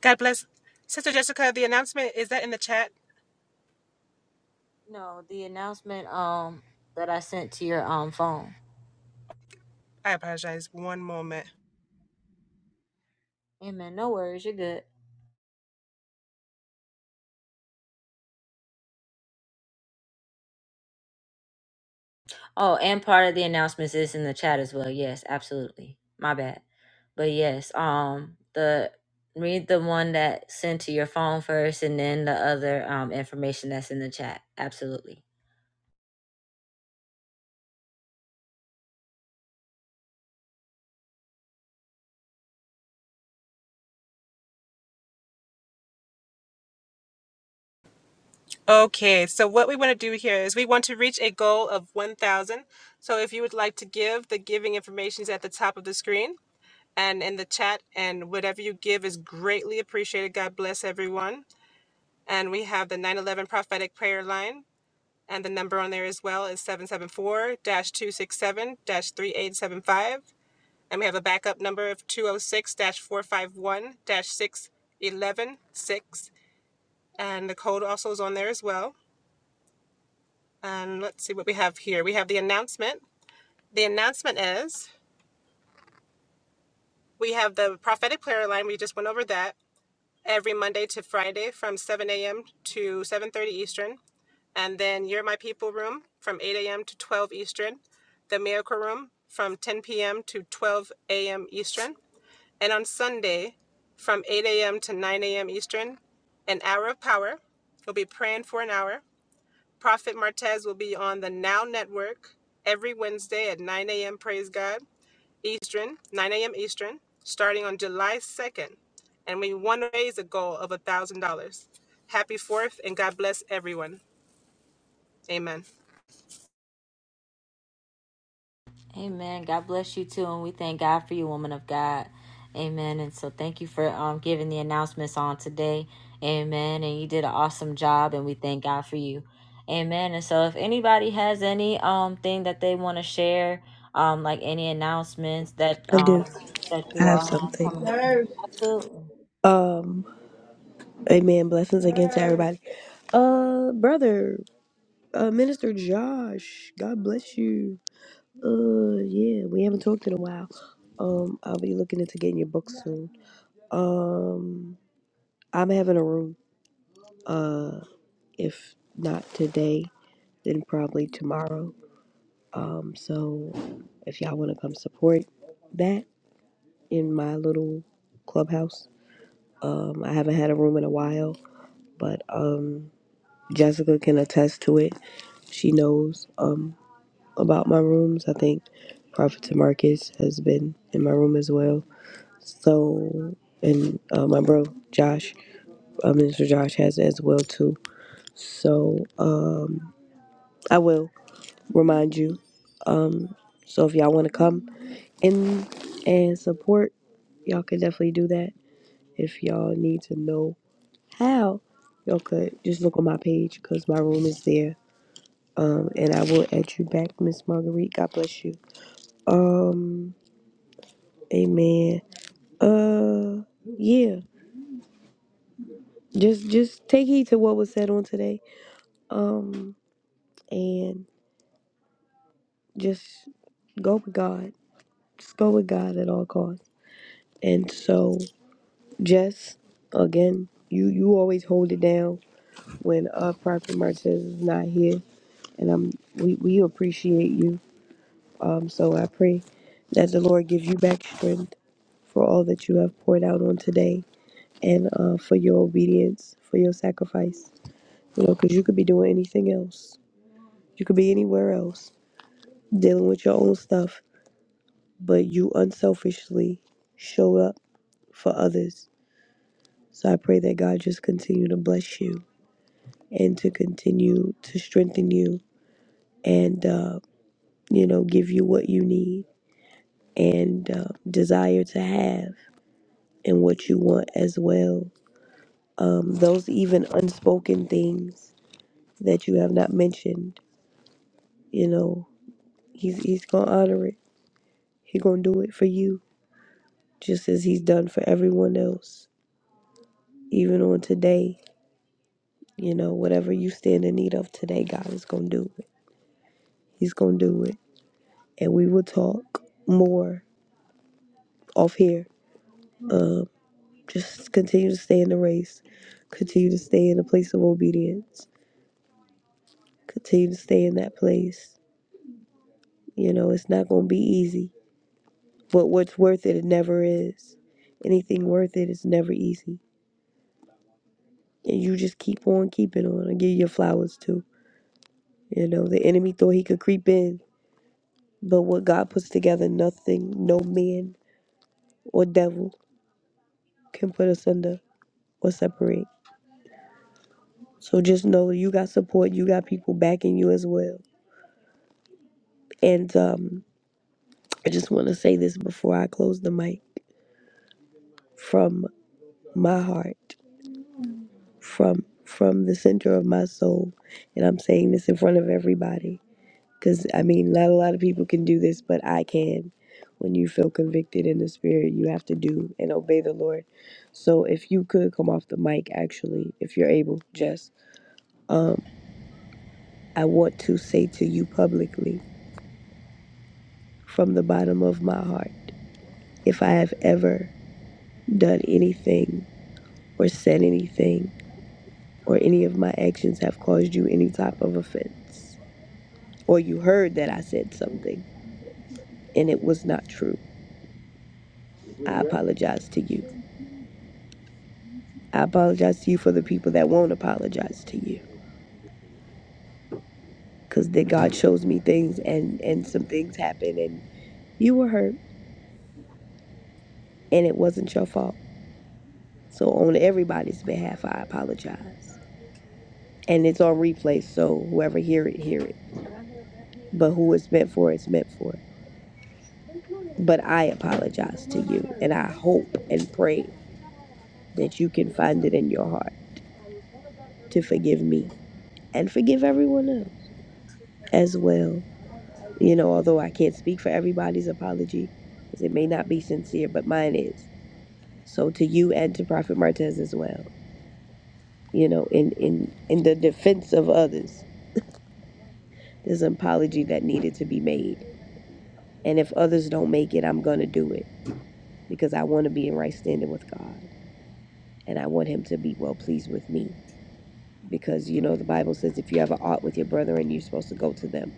God bless. Sister Jessica, the announcement is that in the chat?
No, the announcement um that I sent to your um phone.
I apologize. One moment.
Amen. No worries, you're good. Oh, and part of the announcements is in the chat as well. Yes, absolutely. My bad. But yes, um the read the one that sent to your phone first and then the other um information that's in the chat. Absolutely.
Okay, so what we want to do here is we want to reach a goal of 1,000. So if you would like to give, the giving information is at the top of the screen and in the chat, and whatever you give is greatly appreciated. God bless everyone. And we have the 911 prophetic prayer line, and the number on there as well is 774 267 3875. And we have a backup number of 206 451 611 and the code also is on there as well. And let's see what we have here. We have the announcement. The announcement is we have the prophetic prayer line. We just went over that every Monday to Friday from 7 a.m. to 7:30 Eastern, and then You're My People room from 8 a.m. to 12 Eastern, the Miracle room from 10 p.m. to 12 a.m. Eastern, and on Sunday from 8 a.m. to 9 a.m. Eastern, an hour of power. We'll be praying for an hour Prophet Martez will be on the Now Network every Wednesday at 9 a.m. Praise God Eastern, 9 a.m. Eastern, starting on July 2nd. And we want to raise a goal of $1,000. Happy 4th and God bless everyone. Amen.
Amen. God bless you too, and we thank God for you, woman of God. Amen. And so thank you for um giving the announcements on today. Amen. And you did an awesome job, and we thank God for you. Amen. And so if anybody has any um thing that they want to share, um like any announcements that
I do.
um that
I
you
have
all have
something.
coming up, absolutely.
Um, amen. Blessings again to everybody. Uh, brother, uh, Minister Josh, God bless you. Uh, yeah, we haven't talked in a while. Um, I'll be looking into getting your book soon. Um, I'm having a room. Uh, if not today, then probably tomorrow. Um, so if y'all want to come support that in my little clubhouse, um, I haven't had a room in a while, but um, Jessica can attest to it She knows um, about my rooms. I think Prophet Marcus has been in my room as well. So, and uh, my bro Josh, uh, Minister Josh, has as well too. So, um, I will remind you. Um, so if y'all want to come in and support, y'all can definitely do that. If y'all need to know how, y'all could just look on my page because my room is there. Um, and I will add you back, Miss Marguerite. God bless you. Um, amen. Uh, yeah. Just, just take heed to what was said on today. Um, and just go with God. Just go with God at all costs. And so, Jess, again, you you always hold it down when uh Prophet Martez is not here, and I'm we we appreciate you. Um, so I pray that the Lord gives you back strength for all that you have poured out on today, and uh for your obedience, for your sacrifice You know, because you could be doing anything else. You could be anywhere else, dealing with your own stuff, but you unselfishly show up for others. So I pray that God just continue to bless you and to continue to strengthen you and, uh, you know, give you what you need and uh, desire to have and what you want as well. Um, those even unspoken things that you have not mentioned, you know, he's, he's going to honor it. He going to do it for you just as He's done for everyone else, even on today. You know, whatever you stand in need of today, God is going to do it. He's going to do it. And we will talk more off here. Um, just continue to stay in the race, continue to stay in the place of obedience, continue to stay in that place. You know, it's not going to be easy, but what's worth it, it never is. Anything worth it is never easy. And you just keep on keeping on and give your flowers too. You know, the enemy thought he could creep in But what God puts together, nothing, no man or devil can put asunder or separate. So just know you got support, you got people backing you as well. And um, I just want to say this before I close the mic from my heart, from from the center of my soul, and I'm saying this in front of everybody Because, I mean, not a lot of people can do this, but I can. When you feel convicted in the spirit, you have to do and obey the Lord. So, if you could come off the mic, actually, if you're able, Jess, um, I want to say to you publicly from the bottom of my heart if I have ever done anything or said anything or any of my actions have caused you any type of offense, or you heard that I said something and it was not true, I apologize to you. I apologize to you for the people that won't apologize to you. Cause that God shows me things and and some things happen and you were hurt and it wasn't your fault. So on everybody's behalf I apologize. And it's on replay, so whoever hear it, hear it. But who it's meant for, it's meant for. But I apologize to you and I hope and pray that you can find it in your heart to forgive me and forgive everyone else as well. You know, although I can't speak for everybody's apology because it may not be sincere, but mine is. So to you and to Prophet Martez as well. You know, in in in the defense of others, there's an apology that needed to be made. And if others don't make it, I'm gonna do it because I want to be in right standing with God and I want Him to be well pleased with me. Because you know the Bible says if you have an ought with your brethren, you're supposed to go to them.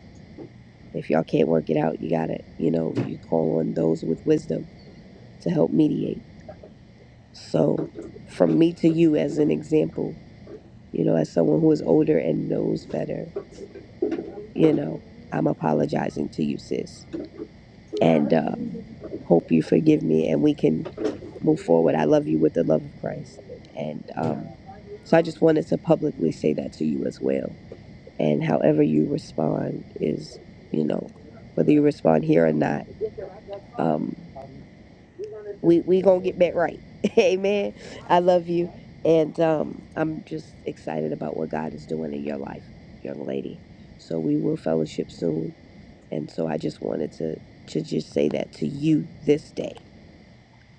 If y'all can't work it out, you gotta, you know, you call on those with wisdom to help mediate So, from me to you as an example, you know, as someone who is older and knows better, you know, I'm apologizing to you, sis. And um, hope you forgive me and we can move forward. I love you with the love of Christ. And um, so I just wanted to publicly say that to you as well. And however you respond is, you know, whether you respond here or not. Um, we we gonna get back right *laughs* amen i love you and um i'm just excited about what god is doing in your life young lady so we will fellowship soon and so i just wanted to to just say that to you this day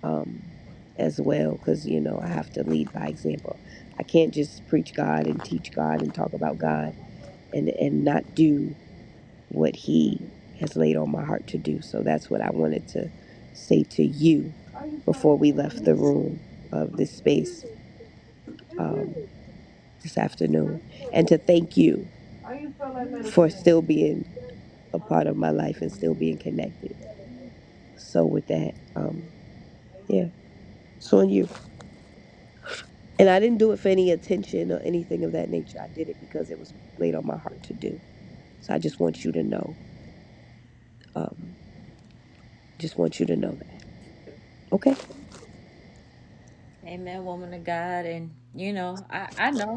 um as well because you know i have to lead by example i can't just preach god and teach god and talk about god and and not do what he has laid on my heart to do so that's what i wanted to say to you room of this space this afternoon and to thank you still being a part of my life and still being connected. So with that, um, yeah, it's on you. And I didn't do it for any attention or anything of that nature. I did it because it was laid on my heart to do. So I just want you to know. Just want you to know that. Okay?
Amen, woman of God, and you know I I know.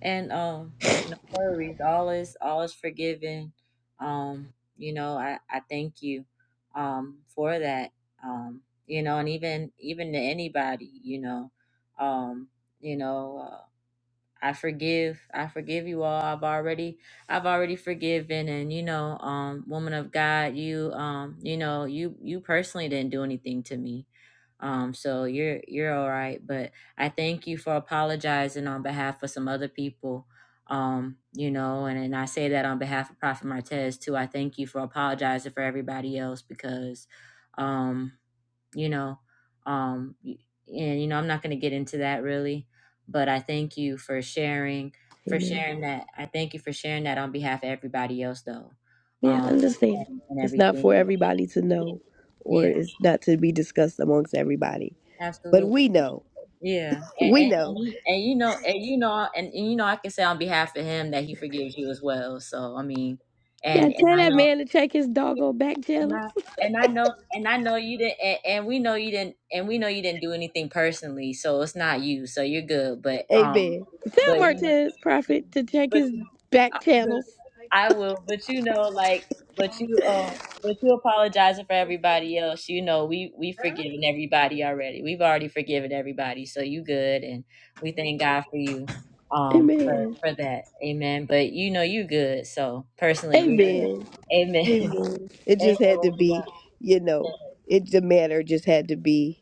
And um, no worries. All is all is forgiven. Um, you know, I I thank you um for that. Um, you know, and even even to anybody, you know, um, you know, uh, I forgive. I forgive you all. I've already I've already forgiven. And you know, um, woman of God, you um, you know, you you personally didn't do anything to me um, so you're you're all right. But I thank you for apologizing on behalf of some other people. Um, you know, and, and I say that on behalf of Prophet Martez too. I thank you for apologizing for everybody else because um, you know, um y- and you know, I'm not gonna get into that really, but I thank you for sharing for
Amen.
sharing that. I thank you for sharing that on behalf of everybody else though.
Yeah, I
Um
understand.
and, and
It's not for
everything.
everybody to know or
Yeah,
it's not to be discussed amongst everybody. But we
absolutely.
know.
Yeah, and
We
and,
know.
and, he, and you know, and you know, and, and you know, I can say on behalf of him that he forgives you as well. So I mean,
Now
and and
tell
I
that
know,
man to check his doggone back
and
channel.
I and I know, and I know you didn't, and, and we know you didn't, and we know you didn't do anything personally. So it's not you. So you're good. But um,
Amen. Tell
but you know,
Martez Prophet to check
but
his back channels.
I will, but you know, like, but you, um, but you apologizing for everybody else. You know, we we forgiven everybody already. We've already forgiven everybody, so you good, and we thank God for you, um, for
Amen.
for that. Amen. But you know, you good. So personally, you good.
Amen.
Amen. *laughs*
Amen. It
Amen.
just had to
woman of
be,
God.
you know, it the matter just had to be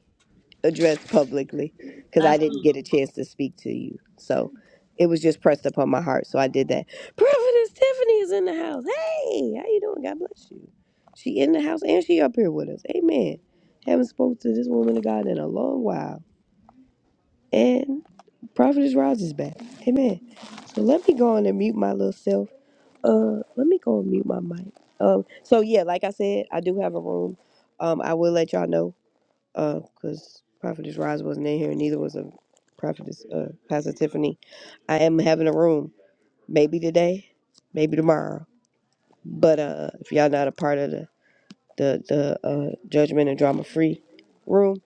addressed publicly because I didn't
Absolutely.
get a chance to speak to you. So it was just pressed upon my heart. So I did that. Prophetess Tiffany is in the house. Hey, how you doing? God bless you. She in the house and she up here with us. Amen. Haven't spoke to this woman of God in a long while. And Prophetess Roz is back. Amen. So let me go on and mute my little self. Uh, let me go and mute my mic. Um, so yeah, like I said, I do have a room. Um, I will let y'all know. Uh, cause Prophetess Roz wasn't in here, and neither was a Prophetess uh Pastor Tiffany. I am having a room, maybe today, maybe tomorrow. But uh, if y'all not a part of the the the uh judgment and drama free room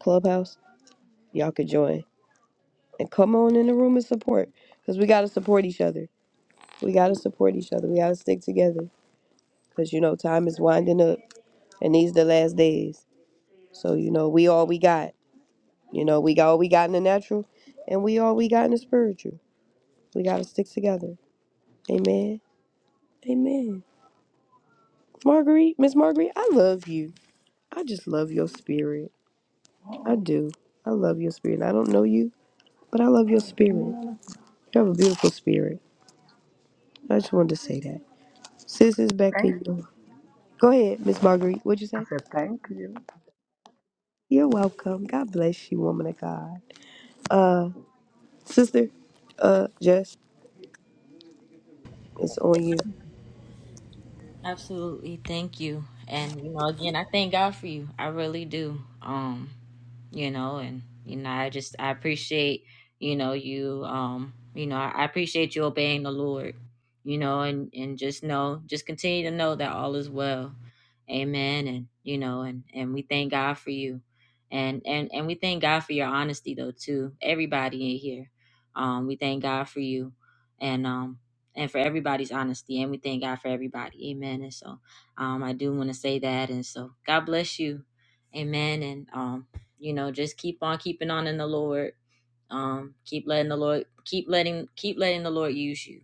clubhouse, y'all could join. and come on in the room and support because we got to support each other. We got to support each other. We got to stick together because, you know, time is winding up and these the last days. So, you know, we all we got. You know, we got all we got in the natural and we all we got in the spiritual. We got to stick together. Amen. Amen. Marguerite, Miss Marguerite, I love you. I just love your spirit. I do. I love your spirit. I don't know you, but I love your spirit. You have a beautiful spirit. I just wanted to say that. Sis is back
Thank
in. Go ahead, Miss Marguerite. What'd you
I
say?
said thank you.
You're welcome. God bless you, woman of God. Sister, uh, Jess, it's on you.
Absolutely. Thank you. And you know, again, I thank God for you. I really do. Um, you know, and you know, I just I appreciate, you know, you um, you know, I appreciate you obeying the Lord. You know, and and just know, just continue to know that all is well. Amen. And you know, and and we thank God for you. And and and we thank God for your honesty though too. Everybody in here. Um, we thank God for you. And um and for everybody's honesty. And we thank God for everybody. Amen. And so um, I do want to say that. And so God bless you. Amen. And, um, you know, just keep on keeping on in the Lord. Um, keep letting the Lord, keep letting, keep letting the Lord use you.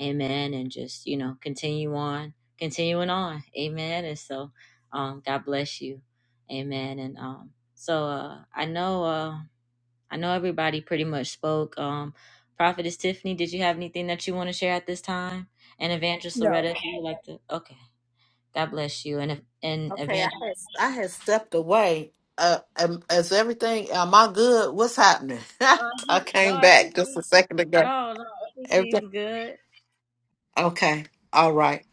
Amen. And just, you know, continue on, continuing on. Amen. And so um, God bless you. Amen. And um, so uh, I know. Uh, I know everybody pretty much spoke. Um, Prophetess Tiffany, did you have anything that you want to share at this time? And Evangelist
No.
Loretta, if you would like to, okay. God bless you. And if, and
Okay, I had,
Evangelist,
I had stepped away. Uh, um, is everything? Am I good? What's happening?
Uh,
*laughs* I
no,
came back just
everything,
a second ago.
no, no,
Everything
everything's good.
okay? All right.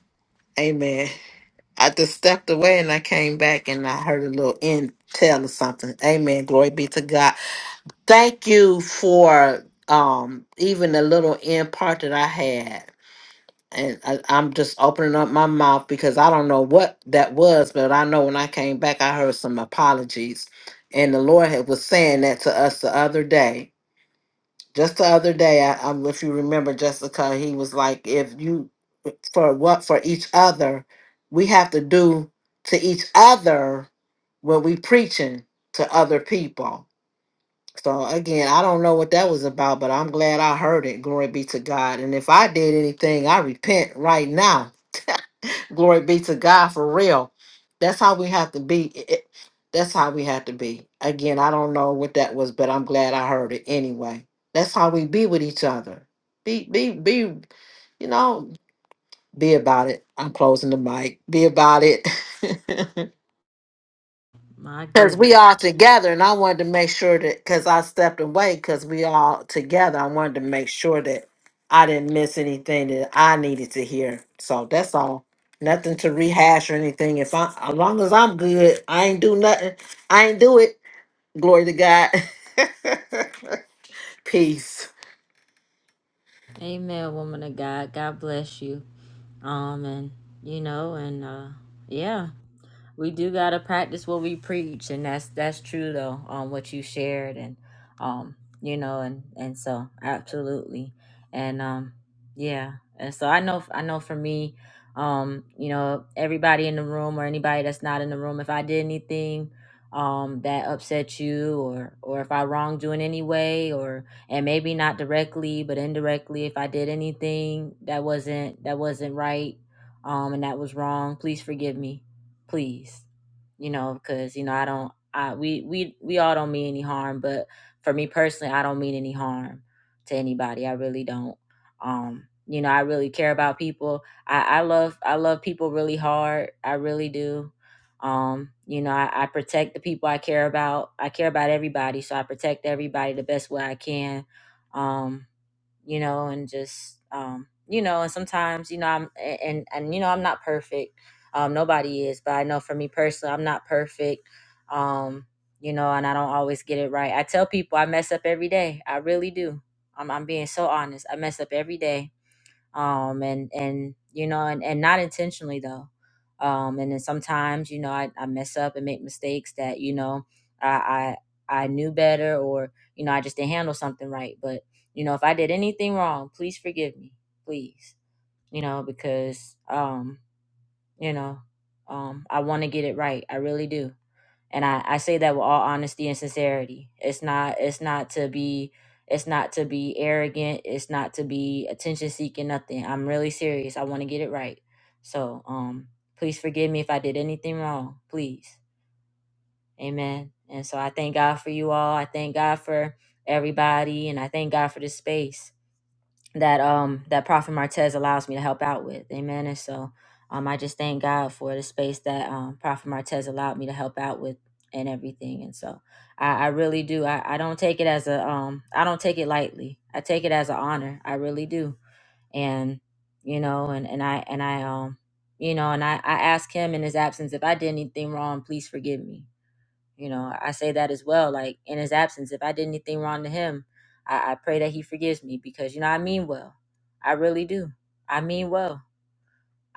Amen. I just stepped away and I came back and I heard a little intel or something. Amen. Glory be to God. Thank you for um even a little in part that I had. and I, I'm just opening up my mouth because I don't know what that was, but I know when I came back, I heard some apologies, and the Lord had, was saying that to us the other day. Just the other day, I, um if you remember, Jessica, he was like, "If you for what for each other, we have to do to each other when we preaching to other people." So again, I don't know what that was about, but I'm glad I heard it. Glory be to God. And if I did anything, I repent right now Glory be to God for real. That's how we have to be. It- it- That's how we have to be. Again, I don't know what that was, but I'm glad I heard it anyway. That's how we be with each other. Be be be you know, be about it. I'm closing the mic. Be about it. *laughs*
my
Because
goodness.
we all together, and I wanted to make sure that because I stepped away, because we all together, I wanted to make sure that I didn't miss anything that I needed to hear. So that's all. Nothing to rehash or anything. If I, as long as I'm good, I ain't do nothing. I ain't do it. Glory to God. *laughs* Peace.
Amen, woman of God. God bless you. Um, and you know, and uh, yeah, we do gotta practice what we preach, and that's that's true though. Um, what you shared, and um, you know, and and so absolutely, and um, yeah, and so I know, I know for me, um, you know, everybody in the room or anybody that's not in the room, if I did anything, um, that upset you, or or if I wronged you in any way, and maybe not directly but indirectly if i did anything that wasn't that wasn't right um and that was wrong please forgive me please you know because you know i don't i we we we all don't mean any harm but for me personally i don't mean any harm to anybody i really don't um you know i really care about people i i love i love people really hard i really do um, you know, I, I protect the people I care about. I care about everybody, so I protect everybody the best way I can. Um, you know, and just um, you know, and sometimes, you know, I'm and and, and you know, I'm not perfect. Um, nobody is, but I know for me personally, I'm not perfect. Um, you know, and I don't always get it right. I tell people I mess up every day. I really do. I'm I'm being so honest. I mess up every day um and and you know and, and not intentionally though um and then sometimes you know I, I mess up and make mistakes that you know I, I i knew better or you know i just didn't handle something right but you know if i did anything wrong please forgive me please you know because um you know um i want to get it right i really do and I, I say that with all honesty and sincerity it's not it's not to be it's not to be arrogant it's not to be attention seeking nothing i'm really serious i want to get it right so um please forgive me if i did anything wrong please amen and so i thank god for you all i thank god for everybody and i thank god for this space that um that Prophet Martez allows me to help out with. Amen. And so um I just thank God for the space that um Prophet Martez allowed me to help out with and everything. And so I, I really do. I, I don't take it as a um I don't take it lightly. I take it as an honor. I really do. And you know, and, and I and I um you know and I, I ask him in his absence if I did anything wrong, please forgive me you know, I say that as well. Like in his absence, if I did anything wrong to him, I, I pray that he forgives me because you know I mean well. I really do. I mean well.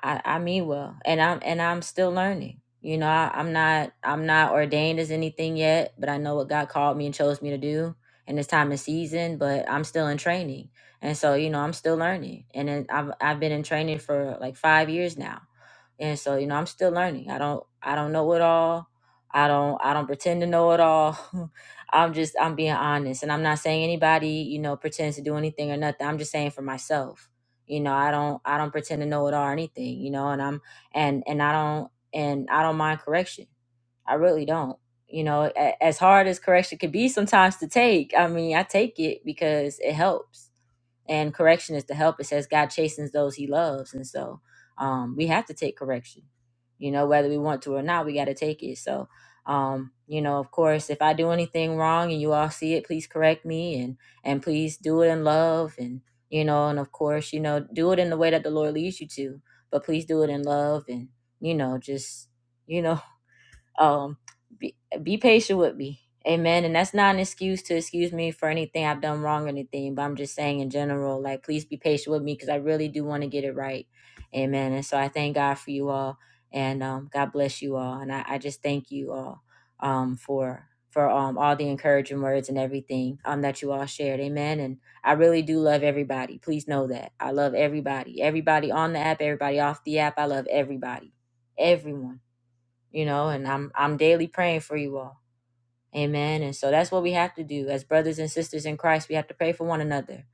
I, I mean well, and I'm and I'm still learning. You know, I, I'm not I'm not ordained as anything yet, but I know what God called me and chose me to do in this time and season. But I'm still in training, and so you know I'm still learning, and then I've I've been in training for like five years now, and so you know I'm still learning. I don't I don't know it all. I don't I don't pretend to know it all. *laughs* I'm just I'm being honest, and I'm not saying anybody you know pretends to do anything or nothing. I'm just saying for myself you know i don't i don't pretend to know it all or anything you know and i'm and and i don't and i don't mind correction i really don't you know a- as hard as correction could be sometimes to take i mean i take it because it helps and correction is to help. It says God chastens those He loves, and so um, we have to take correction. You know, whether we want to or not, we got to take it. So, um, you know, of course, if I do anything wrong and you all see it, please correct me and and please do it in love and you know, and of course, you know, do it in the way that the Lord leads you to, but please do it in love and you know, just you know. *laughs* um be, be patient with me amen and that's not an excuse to excuse me for anything i've done wrong or anything but i'm just saying in general like please be patient with me because i really do want to get it right amen and so i thank god for you all and um, god bless you all and I, I just thank you all um, for for um, all the encouraging words and everything um, that you all shared amen and i really do love everybody please know that i love everybody everybody on the app everybody off the app i love everybody everyone you know and i'm i'm daily praying for you all amen and so that's what we have to do as brothers and sisters in christ we have to pray for one another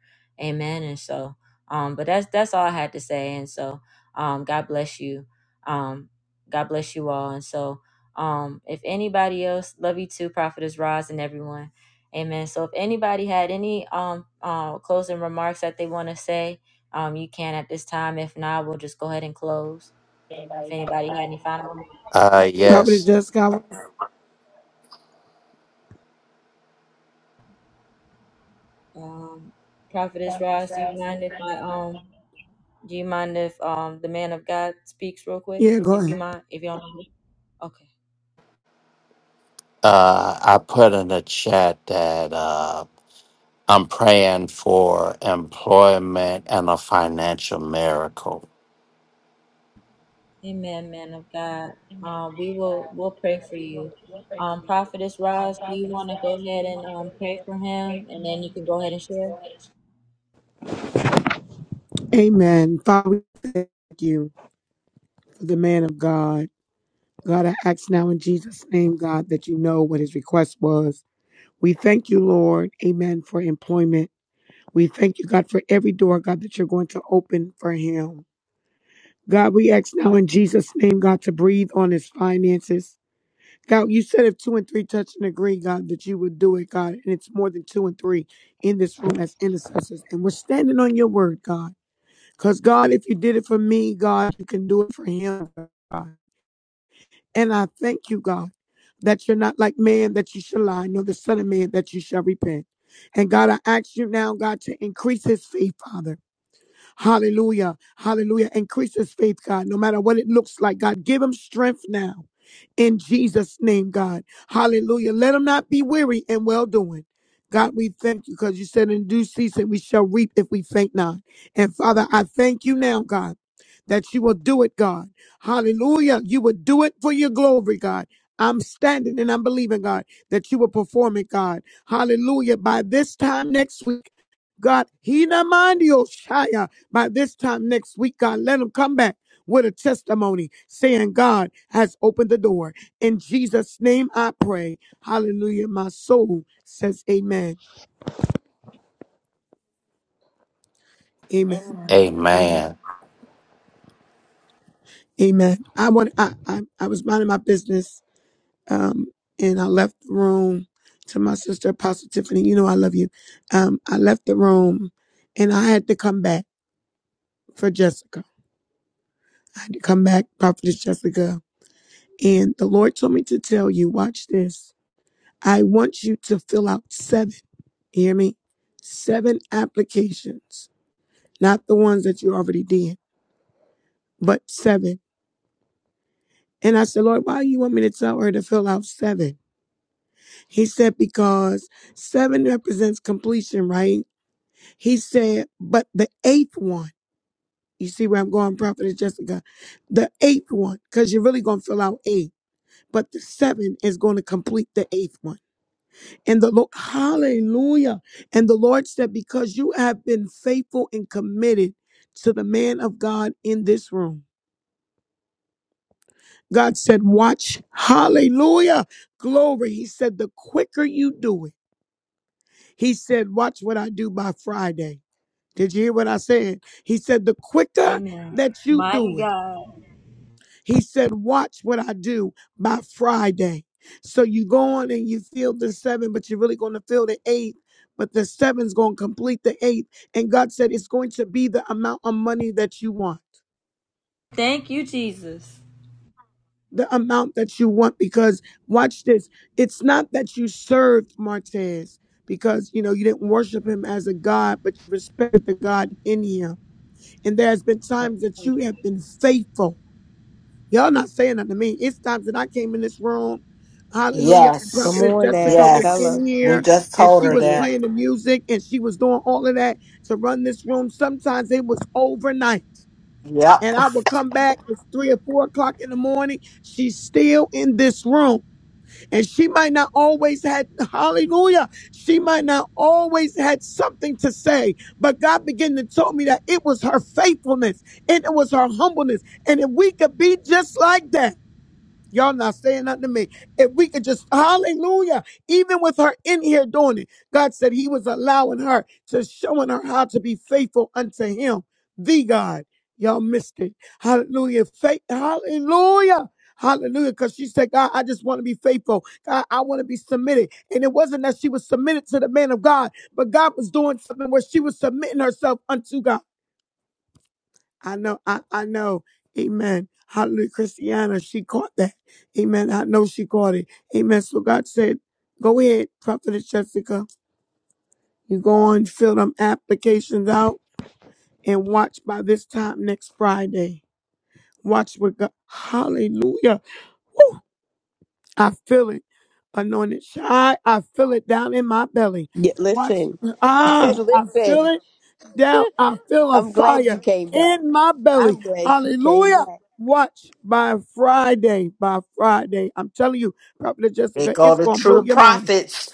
amen and so um but that's that's all i had to say and so um god bless you um god bless you all and so um if anybody else love you too prophetess Roz and everyone amen so if anybody had any um uh, closing remarks that they want to say um you can at this time if not we'll just go ahead and close if anybody had any final remarks.
Uh,
Prophet
yes.
Jessica. I want-
Um, Prophetess Ross, do you mind if I um do you mind if um the man of God speaks real quick?
Yeah, go
If you
ahead.
mind, if you don't mind. Okay.
Uh, I put in the chat that. uh, I'm praying for employment and a financial miracle.
Amen, man of God. Um, we will we'll pray for you. Um, Prophetess Ross, do you want to go ahead and um pray for him, and then you can go ahead and share.
Amen. Father, we thank you for the man of God. God, I ask now in Jesus' name, God, that you know what his request was. We thank you, Lord. Amen. For employment. We thank you, God, for every door, God, that you're going to open for him. God, we ask now in Jesus' name, God, to breathe on his finances. God, you said if two and three touch and agree, God, that you would do it, God. And it's more than two and three in this room as intercessors. And we're standing on your word, God. Because, God, if you did it for me, God, you can do it for him, God. And I thank you, God, that you're not like man that you shall lie, nor the son of man that you shall repent. And, God, I ask you now, God, to increase his faith, Father. Hallelujah. Hallelujah. Increase his faith, God, no matter what it looks like. God, give him strength now in Jesus' name, God. Hallelujah. Let him not be weary in well doing. God, we thank you because you said in due season we shall reap if we faint not. And Father, I thank you now, God, that you will do it, God. Hallelujah. You will do it for your glory, God. I'm standing and I'm believing, God, that you will perform it, God. Hallelujah. By this time next week, God, Hina Mandio Shaya. By this time next week, God, let them come back with a testimony saying God has opened the door. In Jesus' name I pray. Hallelujah. My soul says amen. Amen.
Amen.
Amen. I want I I, I was minding my business um and I left the room to my sister Apostle Tiffany. You know I love you. Um I left the room and I had to come back for Jessica. I had to come back, Prophetess Jessica And the Lord told me to tell you, watch this. I want you to fill out seven. hear me? Seven applications, not the ones that you already did, but seven. And I said, Lord, why do you want me to tell her to fill out seven? He said, because seven represents completion, right? He said, but the eighth one, you see where I'm going, Prophetess Jessica, the eighth one, because you're really going to fill out eight, but the seven is going to complete the eighth one. And the Lord, hallelujah. And the Lord said, Because you have been faithful and committed to the man of God in this room. God said, Watch, hallelujah, glory. He said, The quicker you do it, He said, Watch what I do by Friday. Did you hear what I said? He said, The quicker
Amen.
that you
Mighty
do it.
God,
He said, Watch what I do by Friday. So you go on and you feel the seven, but you're really going to feel the eight. But the seven's going to complete the eight. And God said, It's going to be the amount of money that you want.
thank you, Jesus.
The amount that you want, because watch this. It's not that you served Martez because you know you didn't worship him as a God, but you respected the God in him. And there has been times that you have been faithful Y'all not saying that to me. It's times that I came in this room, hallelujah, and
Come
Yes.
Prophetess
on
Jessica
now.
was
Tell
Yes.
her.
in
We
here
just
and
told
she
her
Say
was
it.
that.
playing the music and she was doing all of that to run this room. Sometimes it was overnight.
Yep.
And I would come back, it's three or four o'clock in the morning. She's still in this room. And she might not always had hallelujah. She might not always had something to say. But God began to tell me that it was her faithfulness and it was her humbleness. And if we could be just like that. Y'all not saying nothing to me. If we could just, hallelujah, even with her in here doing it, God said he was allowing her to showing her how to be faithful unto him, the God. Y'all missed it. Hallelujah. Faith, hallelujah. Hallelujah. Because she said, God, I just want to be faithful. God, I want to be submitted. And it wasn't that she was submitted to the man of God, but God was doing something where she was submitting herself unto God. I know, I, I know. Amen. Hallelujah. Christiana, she caught that. Amen. I know she caught it. Amen. So God said, go ahead, prophetess Jessica. You go on, fill them applications out and watch by this time next Friday. Watch with God. Hallelujah. I feel it. Anointed shy. I feel it down in my belly.
Yeah,
Watch.
listen. *laughs*
Ah, I feel
listen.
it down. I feel a
I'm glad you
fire
came back.
in my belly.
I'm glad you came
Hallelujah.
back.
Watch by Friday. By Friday. I'm telling you, Prophet
It
Jessica,
go
it's
to
going to blow
true
your mind.
prophets.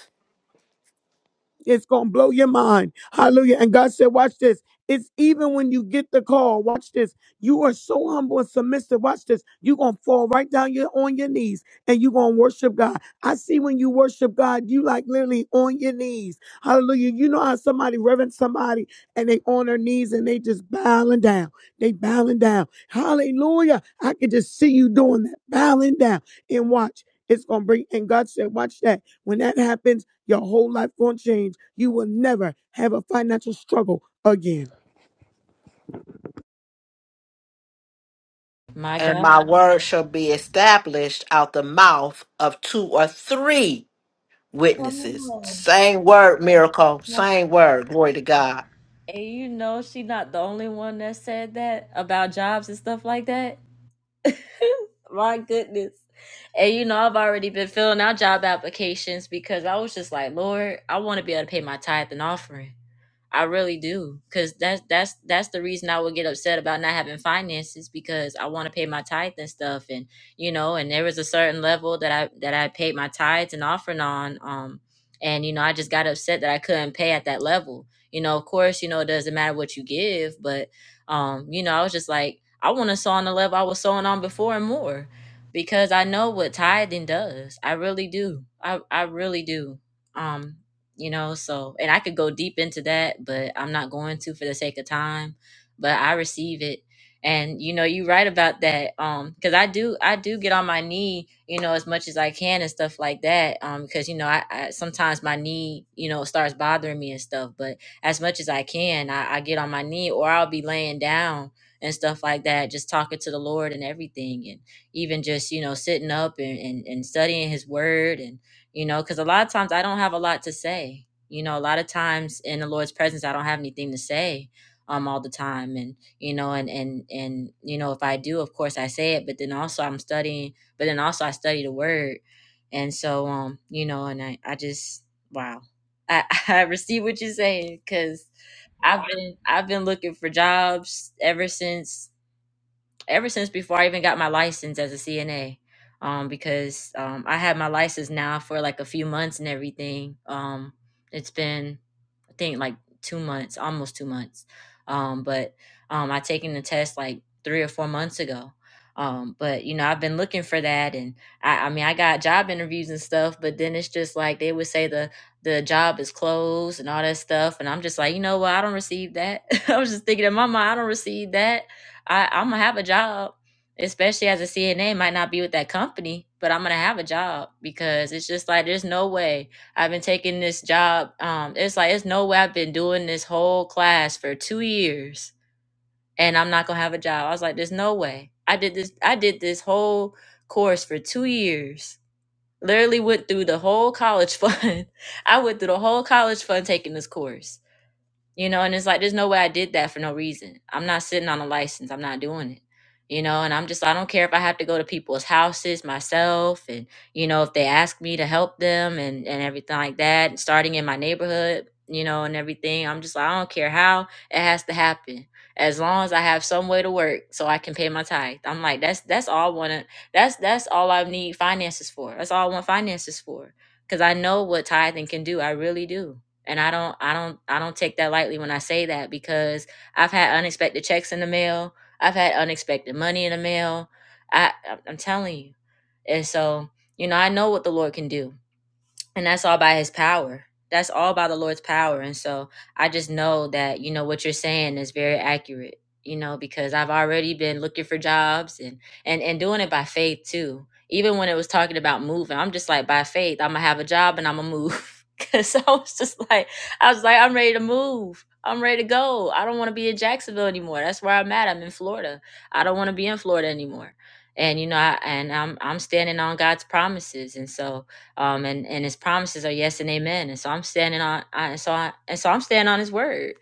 It's going to blow your mind. Hallelujah. And God said, watch this. It's even when you get the call, watch this. You are so humble and submissive. Watch this. You're going to fall right down your, on your knees and you're going to worship God. I see when you worship God, you like literally on your knees. Hallelujah. You know how somebody reverence somebody and they on their knees and they just bowing down. They bowing down. Hallelujah. I could just see you doing that, bowing down. And watch, it's going to bring, and God said, watch that. When that happens, your whole life won't change. You will never have a financial struggle again.
My
and
God.
my word shall be established out the mouth of two or three witnesses. Same word, miracle. Same word. Glory to God.
And you know she not the only one that said that about jobs and stuff like that. *laughs* My goodness. And you know, I've already been filling out job applications because I was just like, Lord, I want to be able to pay my tithe and offering. I really do, cause that's that's that's the reason I would get upset about not having finances because I want to pay my tithe and stuff, and you know, and there was a certain level that I that I paid my tithes and offering on, um, and you know, I just got upset that I couldn't pay at that level. You know, of course, you know, it doesn't matter what you give, but um, you know, I was just like, I want to sow on the level I was sewing on before and more, because I know what tithing does. I really do. I I really do. Um, you know so and i could go deep into that but i'm not going to for the sake of time but i receive it and you know you right about that um because i do i do get on my knee you know as much as i can and stuff like that um because you know I, I sometimes my knee you know starts bothering me and stuff but as much as i can I, I get on my knee or i'll be laying down and stuff like that just talking to the lord and everything and even just you know sitting up and, and, and studying his word and you know, because a lot of times I don't have a lot to say. You know, a lot of times in the Lord's presence, I don't have anything to say um all the time, and you know, and and and you know, if I do, of course, I say it, but then also I'm studying, but then also I study the Word, and so um, you know, and I I just wow, I *laughs* I receive what you're saying because I've been I've been looking for jobs ever since ever since before I even got my license as a CNA. Um, because um, I had my license now for like a few months and everything. Um, it's been I think like two months, almost two months. Um, but um, I taken the test like three or four months ago. Um, but you know, I've been looking for that, and I, I mean, I got job interviews and stuff. But then it's just like they would say the the job is closed and all that stuff, and I'm just like, you know what? I don't receive that. *laughs* I was just thinking in my mind, I don't receive that. I, I'm gonna have a job, especially as a CNA. Might not be with that company, but I'm gonna have a job because it's just like there's no way I've been taking this job. Um, it's like it's no way I've been doing this whole class for two years and I'm not gonna have a job. I was like, there's no way. I did this. I did this whole course for two years. Literally went through the whole college *laughs* fund. I went through the whole college fund taking this course you know and it's like there's no way i did that for no reason i'm not sitting on a license i'm not doing it you know and i'm just i don't care if i have to go to people's houses myself and you know if they ask me to help them and and everything like that and starting in my neighborhood you know and everything i'm just like i don't care how it has to happen as long as i have some way to work so i can pay my tithe i'm like that's that's all i want to that's that's all i need finances for that's all i want finances for because i know what tithing can do i really do and I don't I don't I don't take that lightly when I say that because I've had unexpected checks in the mail. I've had unexpected money in the mail. I I'm telling you. And so, you know, I know what the Lord can do and that's all by his power that's all by the lord's power and so i just know that you know what you're saying is very accurate you know because i've already been looking for jobs and and and doing it by faith too even when it was talking about moving i'm just like by faith i'm gonna have a job and i'm gonna move *laughs* because i was just like i was like i'm ready to move i'm ready to go i don't want to be in jacksonville anymore that's where i'm at i'm in florida i don't want to be in florida anymore and you know I, and i'm i'm standing on god's promises and so um, and and His promises are yes and amen. And so I'm standing on, I, and so I, and so I'm standing on His word,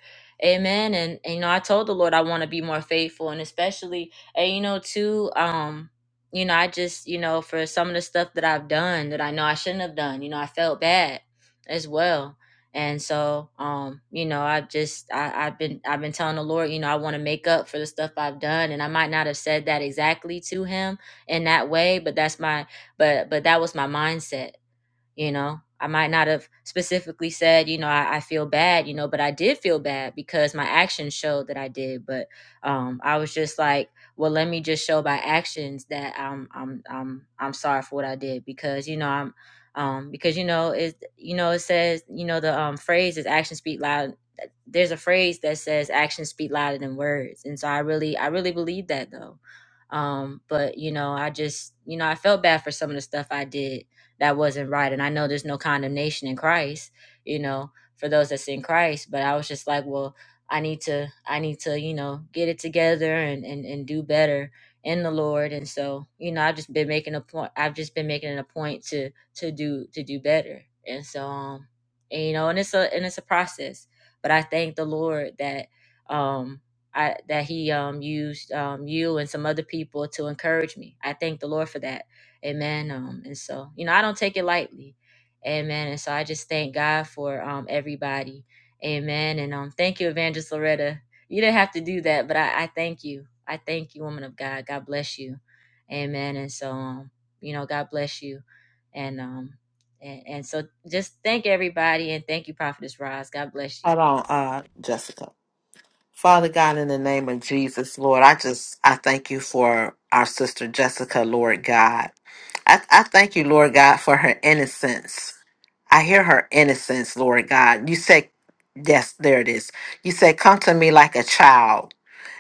amen. And, and you know, I told the Lord I want to be more faithful, and especially, and you know, too, um, you know, I just, you know, for some of the stuff that I've done that I know I shouldn't have done, you know, I felt bad as well and so um you know i just I, i've been i've been telling the lord you know i want to make up for the stuff i've done and i might not have said that exactly to him in that way but that's my but but that was my mindset you know i might not have specifically said you know I, I feel bad you know but i did feel bad because my actions showed that i did but um i was just like well let me just show by actions that i'm i'm i'm i'm sorry for what i did because you know i'm um because you know it you know it says you know the um phrase is actions speak loud there's a phrase that says actions speak louder than words and so i really i really believe that though um but you know i just you know i felt bad for some of the stuff i did that wasn't right and i know there's no condemnation in christ you know for those that's in christ but i was just like well i need to i need to you know get it together and and, and do better in the lord and so you know i've just been making a point i've just been making it a point to to do to do better and so um and, you know and it's a and it's a process but I thank the Lord that um I that he um used um you and some other people to encourage me. I thank the Lord for that. Amen. Um and so, you know, I don't take it lightly. Amen. And so I just thank God for um everybody. Amen. And um thank you, Evangelist Loretta. You didn't have to do that, but I, I thank you. I thank you, woman of God. God bless you. Amen. And so um, you know, God bless you. And um and, and so just thank everybody and thank you, Prophetess Roz. God bless you.
Hold on, uh, Jessica. Father God, in the name of Jesus, Lord, I just I thank you for our sister Jessica, Lord God. I, I thank you, Lord God, for her innocence. I hear her innocence, Lord God. You said, yes, there it is. You said, come to me like a child.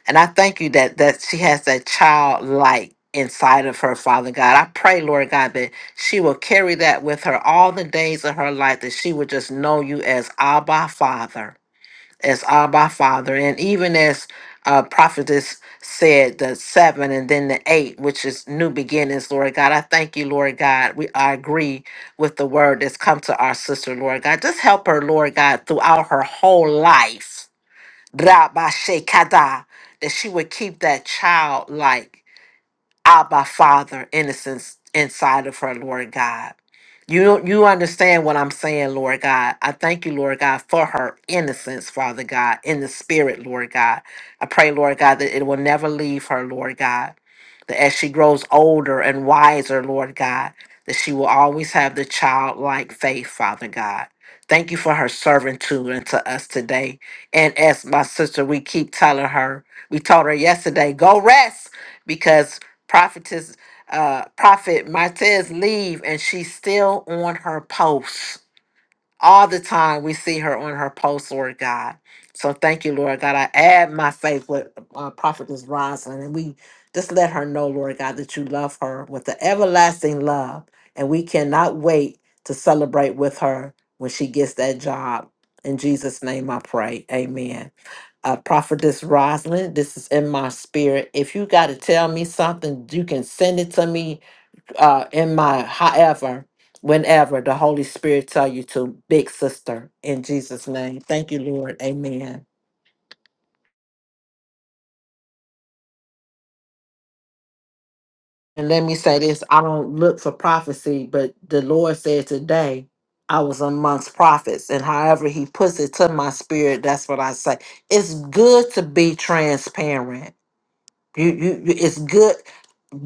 And I thank you that that she has that childlike inside of her, Father God. I pray, Lord God, that she will carry that with her all the days of her life, that she will just know you as Abba Father, as Abba Father. And even as uh, prophetess said, the seven and then the eight, which is new beginnings, Lord God. I thank you, Lord God. We I agree with the word that's come to our sister, Lord God. Just help her, Lord God, throughout her whole life Rabashekada, that she would keep that child like. Abba Father innocence inside of her, Lord God. You you understand what I'm saying, Lord God. I thank you, Lord God, for her innocence, Father God, in the spirit, Lord God. I pray, Lord God, that it will never leave her, Lord God. That as she grows older and wiser, Lord God, that she will always have the childlike faith, Father God. Thank you for her servitude unto us today. And as my sister, we keep telling her, we told her yesterday, go rest Prophetess, uh, Prophet Martez leave, and she's still on her post. All the time we see her on her post, Lord God. So thank you, Lord God. I add my faith with uh, Prophetess Rosalind, and we just let her know, Lord God, that you love her with the everlasting love, and we cannot wait to celebrate with her when she gets that job. In Jesus' name, I pray. Amen uh, prophetess Rosalind, this is in my spirit. If you got to tell me something, you can send it to me uh, in my however, whenever the Holy Spirit tell you to, big sister, in Jesus' name. Thank you, Lord. Amen. And let me say this: I don't look for prophecy, but the Lord said today I was amongst prophets, and however He puts it to my spirit, that's what I say. It's good to be transparent. You, you, you- it's good.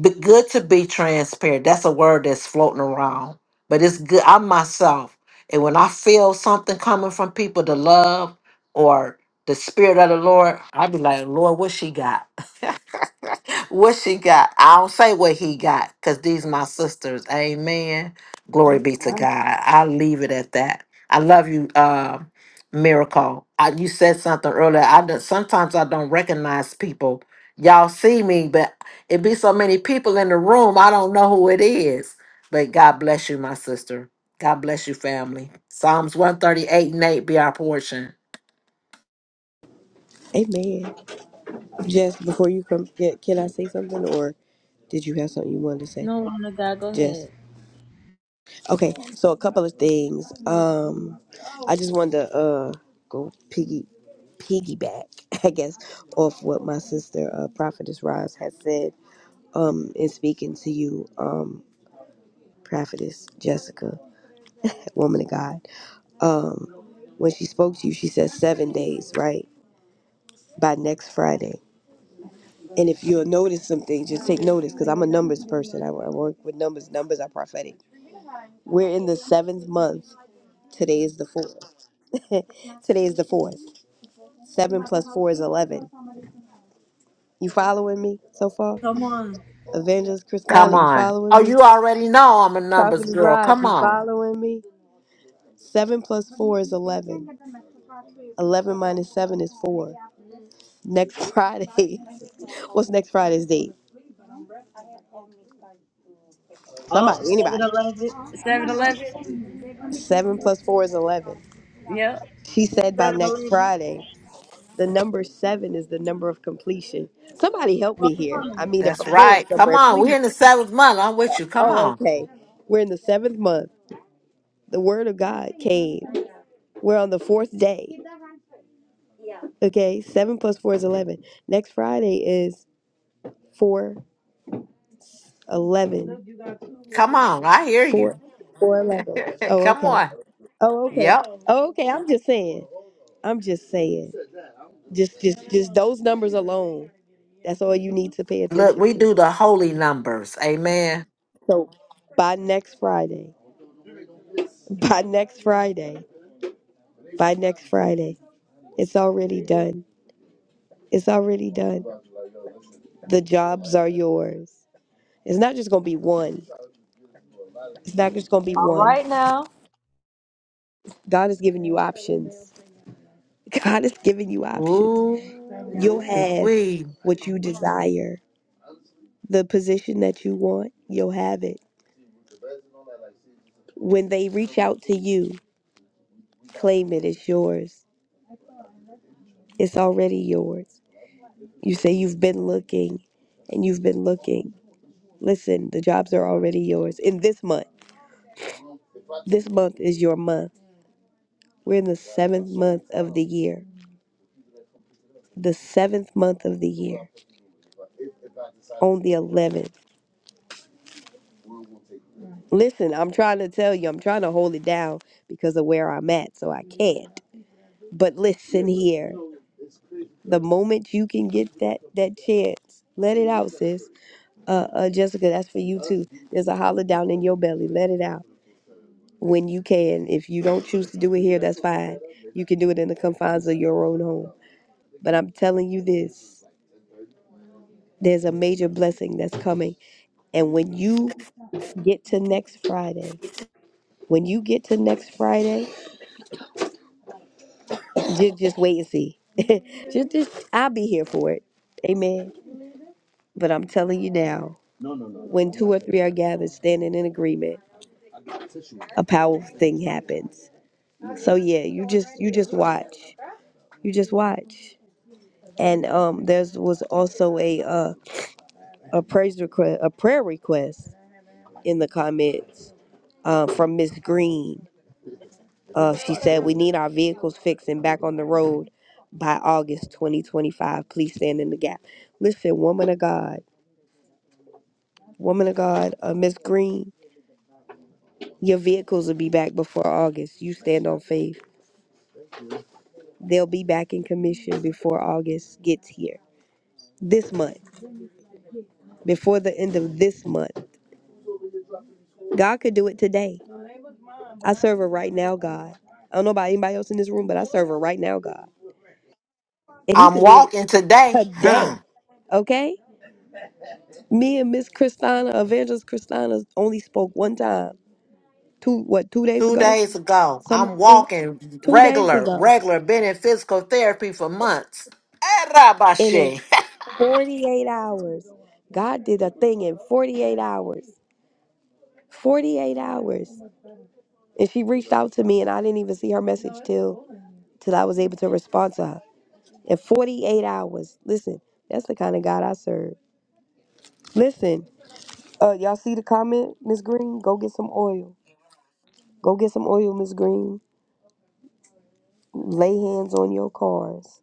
Be good to be transparent. That's a word that's floating around, but it's good. I myself, and when I feel something coming from people, the love or the spirit of the Lord, I be like, Lord, what she got? *laughs* what she got? I don't say what he got, cause these my sisters. Amen. Glory
I'm
be to
sorry.
God. I leave it at that. I love you, uh, miracle. I, you said something earlier. I don't- sometimes I don't recognize people y'all see me, but it be so many people in the room, I don't know who it is. But God bless you, my sister. God bless you, family. Psalms 138 and 8 be our portion.
Amen. Jess, before you come, can can I say something or did you have something you wanted to say?
No,
Jess.
Seven
Okay, so a couple of things. Um, I just wanted to uh go piggy. piggyback, *laughs* I guess, off what my sister, uh, Prophetess Roz, has said um, in speaking to you, um, Prophetess Jessica, woman of God. Um, when she spoke to you, she said seven days, right? By next Friday. And if you'll notice some things, just take notice because I'm a numbers person. I, I work with numbers. Numbers are prophetic. We're in the seventh month. Today is the fourth. *laughs* Today is the fourth. Seven plus four is 11. You following me so far? Evangelist
Come
Christina, you
on. Oh,
following me?
you already know I'm a numbers
Prophet is
girl.
Rod,
Come
you
on.
following me? Seven plus four is eleven. Eleven minus seven is four. Next Friday. *laughs* What's next Friday's date? Somebody, anybody.
Eleven. Seven Eleven.
Seven plus four is eleven. She said by next Friday. The number seven is the number of completion. Somebody help me here. I mean, if
That's
I'm going
right. Come
somewhere,
on. We're
please.
in the seventh month. I'm with you. Come
Oh,
on.
okay. We're in the seventh month. The word of God came. We're on the fourth day. Okay, seven plus four is eleven. Next Friday is four 11
Come on. I hear you.
4 411.
*laughs*
Oh,
Come
okay.
on.
Oh, okay.
Yep.
Oh, okay. I'm just saying. I'm just saying. Just, just, just those numbers alone. That's all you need to pay
Look,
attention
we
to.
do the holy numbers. Amen.
So by next Friday, *laughs* by next Friday, by next Friday, it's already done. It's already done. The jobs are yours. It's not just going to be one. It's not just going to be one. God is giving you options. *laughs* God is giving you options. You'll
Ooh,
have
we.
what you desire the position that you want, you'll have it. When they reach out to you, claim it. It's yours. It's already yours. You say you've been looking and you've been looking. Listen, the jobs are already yours. In this month, this month is your month. We're in the seventh month of the year. The seventh month of the year, on the 11th. Listen, I'm trying to tell you, I'm trying to hold it down because of where I'm at, so I can't. But listen here. the moment you can get that that chance let it out sis uh, uh jessica that's for you too there's a holler down in your belly let it out when you can if you don't choose to do it here that's fine you can do it in the confines of your own home but i'm telling you this there's a major blessing that's coming and when you get to next friday when you get to next friday just, just wait and see *laughs* just, just i'll be here for it amen but i'm telling you now when two or three are gathered standing in agreement a powerful thing happens so yeah you just you just watch you just watch and um there's was also a uh, a praise request a prayer request in the comments uh, from miss green uh she said we need our vehicles fixed and back on the road by august 2025 please stand in the gap listen woman of god woman of god uh, miss green your vehicles will be back before august you stand on faith They'll be back in commission before August gets here. This month, before the end of this month. God could do it today. I serve a right now God. I don't know about anybody else in this room, but I serve a right now God. And he
I'm
could do it
walking today. *sighs*
today. Okay? Me and Miss Christina, Evangelist Christina, only spoke one time. Two what, two days
two
ago?
days ago. I'm
Something like that.
walking
Two days
regular,
ago.
regular, been in physical therapy for months. Eh,
And in
Rabashe. *laughs*
48 hours, God did a thing in 48 hours. 48 hours. And she reached out to me, and I didn't even see her message till till I was able to respond to her. In 48 hours. Listen, that's the kind of God I serve. Listen, uh, y'all see the comment, Miss Green? Go get some oil. Go get some oil, Miss Green. Lay hands on your cars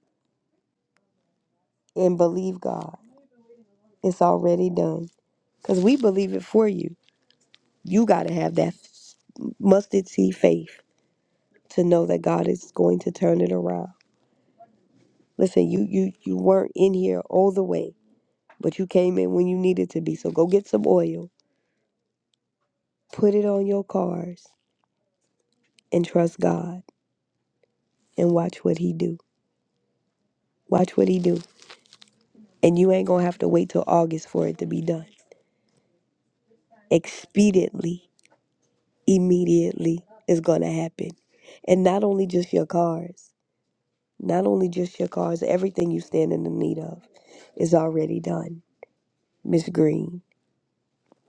and believe God. It's already done. Cause we believe it for you. You gotta have that mustard seed faith to know that God is going to turn it around. Listen, you you you weren't in here all the way But you came in when you needed to be. So go get some oil, put it on your cars, and trust God and watch what He do. Watch what He do. And you ain't gonna have to wait till August for it to be done. Expediently, immediately is gonna happen. And not only just your cars, not only just your cars, everything you stand in the need of is already done. Miss Green,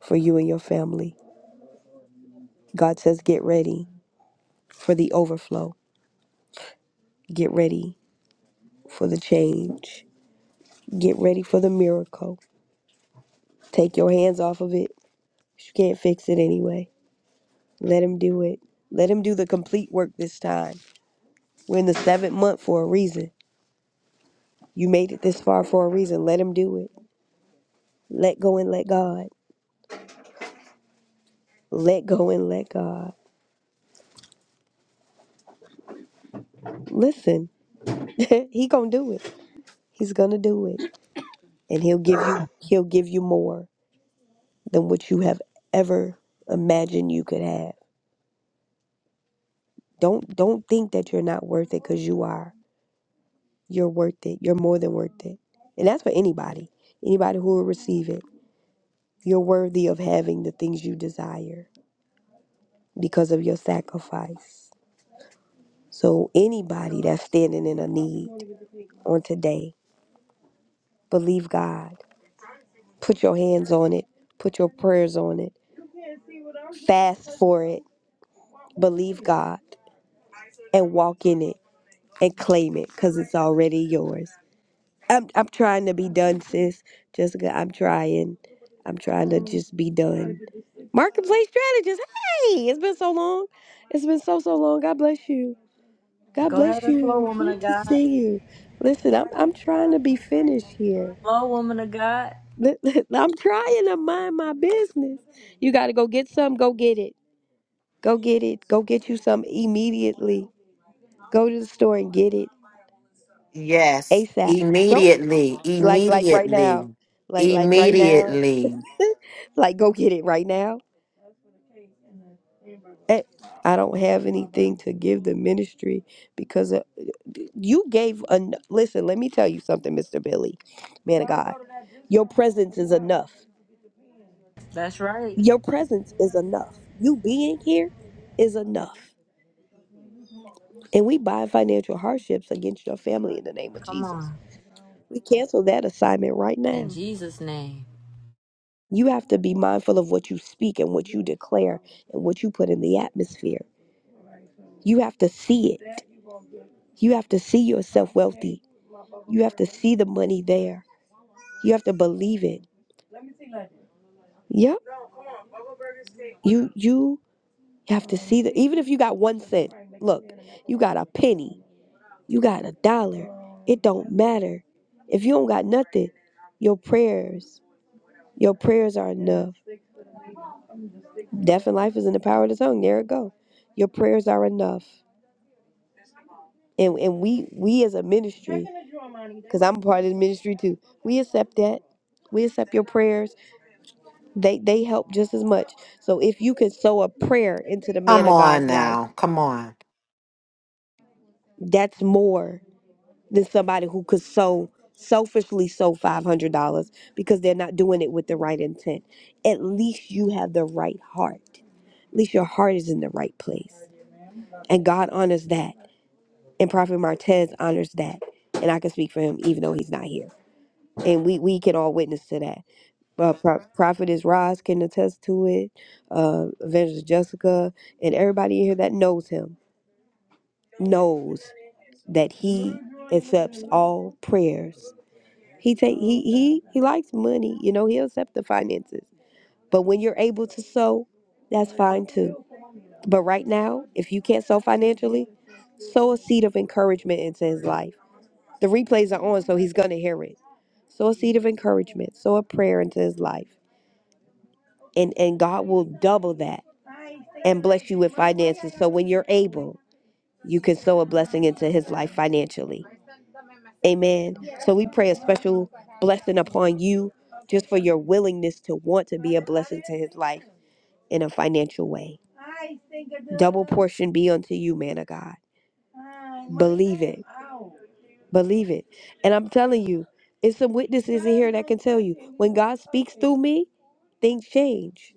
for you and your family. God says, get ready for the overflow. Get ready for the change Get ready for the miracle. Take your hands off of it. You can't fix it anyway. Let him do it. Let him do the complete work this time. We're in the seventh month for a reason. You made it this far for a reason. Let him do it. Let go and let God. Let go and let God. Listen, *laughs* he gonna do it. He's gonna do it, and he'll give you. He'll give you more than what you have ever imagined you could have. Don't don't think that you're not worth it because you are. You're worth it. You're more than worth it. And that's for anybody, anybody who will receive it. You're worthy of having the things you desire because of your sacrifice. So, anybody that's standing in a need on today, believe God. Put your hands on it, put your prayers on it, fast for it, believe God, and walk in it and claim it because it's already yours. I'm, I'm trying to be done, sis. Jessica, I'm trying. I'm trying to just be done. Marketplace strategist. Hey, it's been so long. It's been so so long. God bless you. God
Go ahead
bless
and flow,
you.
woman
Good
of
to
God.
see you. Listen, I'm I'm trying to be finished here.
Flow, woman of God.
Li- *laughs* li- I'm trying to mind my business. You got to go get some. Go get it. Go get it. Go get you some immediately. Go to the store and get it
Yes,
ASAP. Go
immediately,
like like right
immediately,
now. Like like right now.
immediately.
Like go get it right now Eh, I don't have anything to give the ministry because uh, you gave. En- Listen, let me tell you something, Mr. Billy, man of God. Your presence is enough.
That's right.
Your presence is enough. You being here is enough. And we bind financial hardships against your family in the name of
Come
Jesus.
on.
We cancel that assignment right
In
now.
Jesus' name.
You have to be mindful of what you speak and what you declare and what you put in the atmosphere. You have to see it. You have to see yourself wealthy. You have to see the money there. You have to believe it. Yep. You you have to see the even if you got one cent. Look, you got a penny. You got a dollar. It don't matter. If you don't got nothing, your prayers, your prayers are enough. Death and life is in the power of the tongue. There it go. Your prayers are enough. And and we we as a ministry, because I'm a part of the ministry too, we accept that. We accept your prayers They they help just as much. So if you can sow a prayer into the man
Come
of
on
God's life,
now, come on.
that's more than somebody who could sow selfishly sow five hundred dollars because they're not doing it with the right intent. At least you have the right heart. At least your heart is in the right place. And God honors that. And Prophet Martez honors that. And I can speak for him even though he's not here. And we, we can all witness to that uh, Pro- prophetess Roz can attest to it. Uh, Evangelist Jessica and everybody in here that knows him knows that he accepts all prayers. He take he he he likes money. You know he'll accept the finances. But when you're able to sow, that's fine too. But right now, if you can't sow financially, sow a seed of encouragement into his life. The replays are on, so he's gonna hear it. Sow a seed of encouragement. Sow a prayer into his life and and God will double that and bless you with finances. So when you're able, you can sow a blessing into his life financially. Amen. So we pray a special blessing upon you just for your willingness to want to be a blessing to his life in a financial way. Portion be unto you, man of God. Believe it. And I'm telling you, it's some witnesses in here that can tell you when God speaks through me, things change.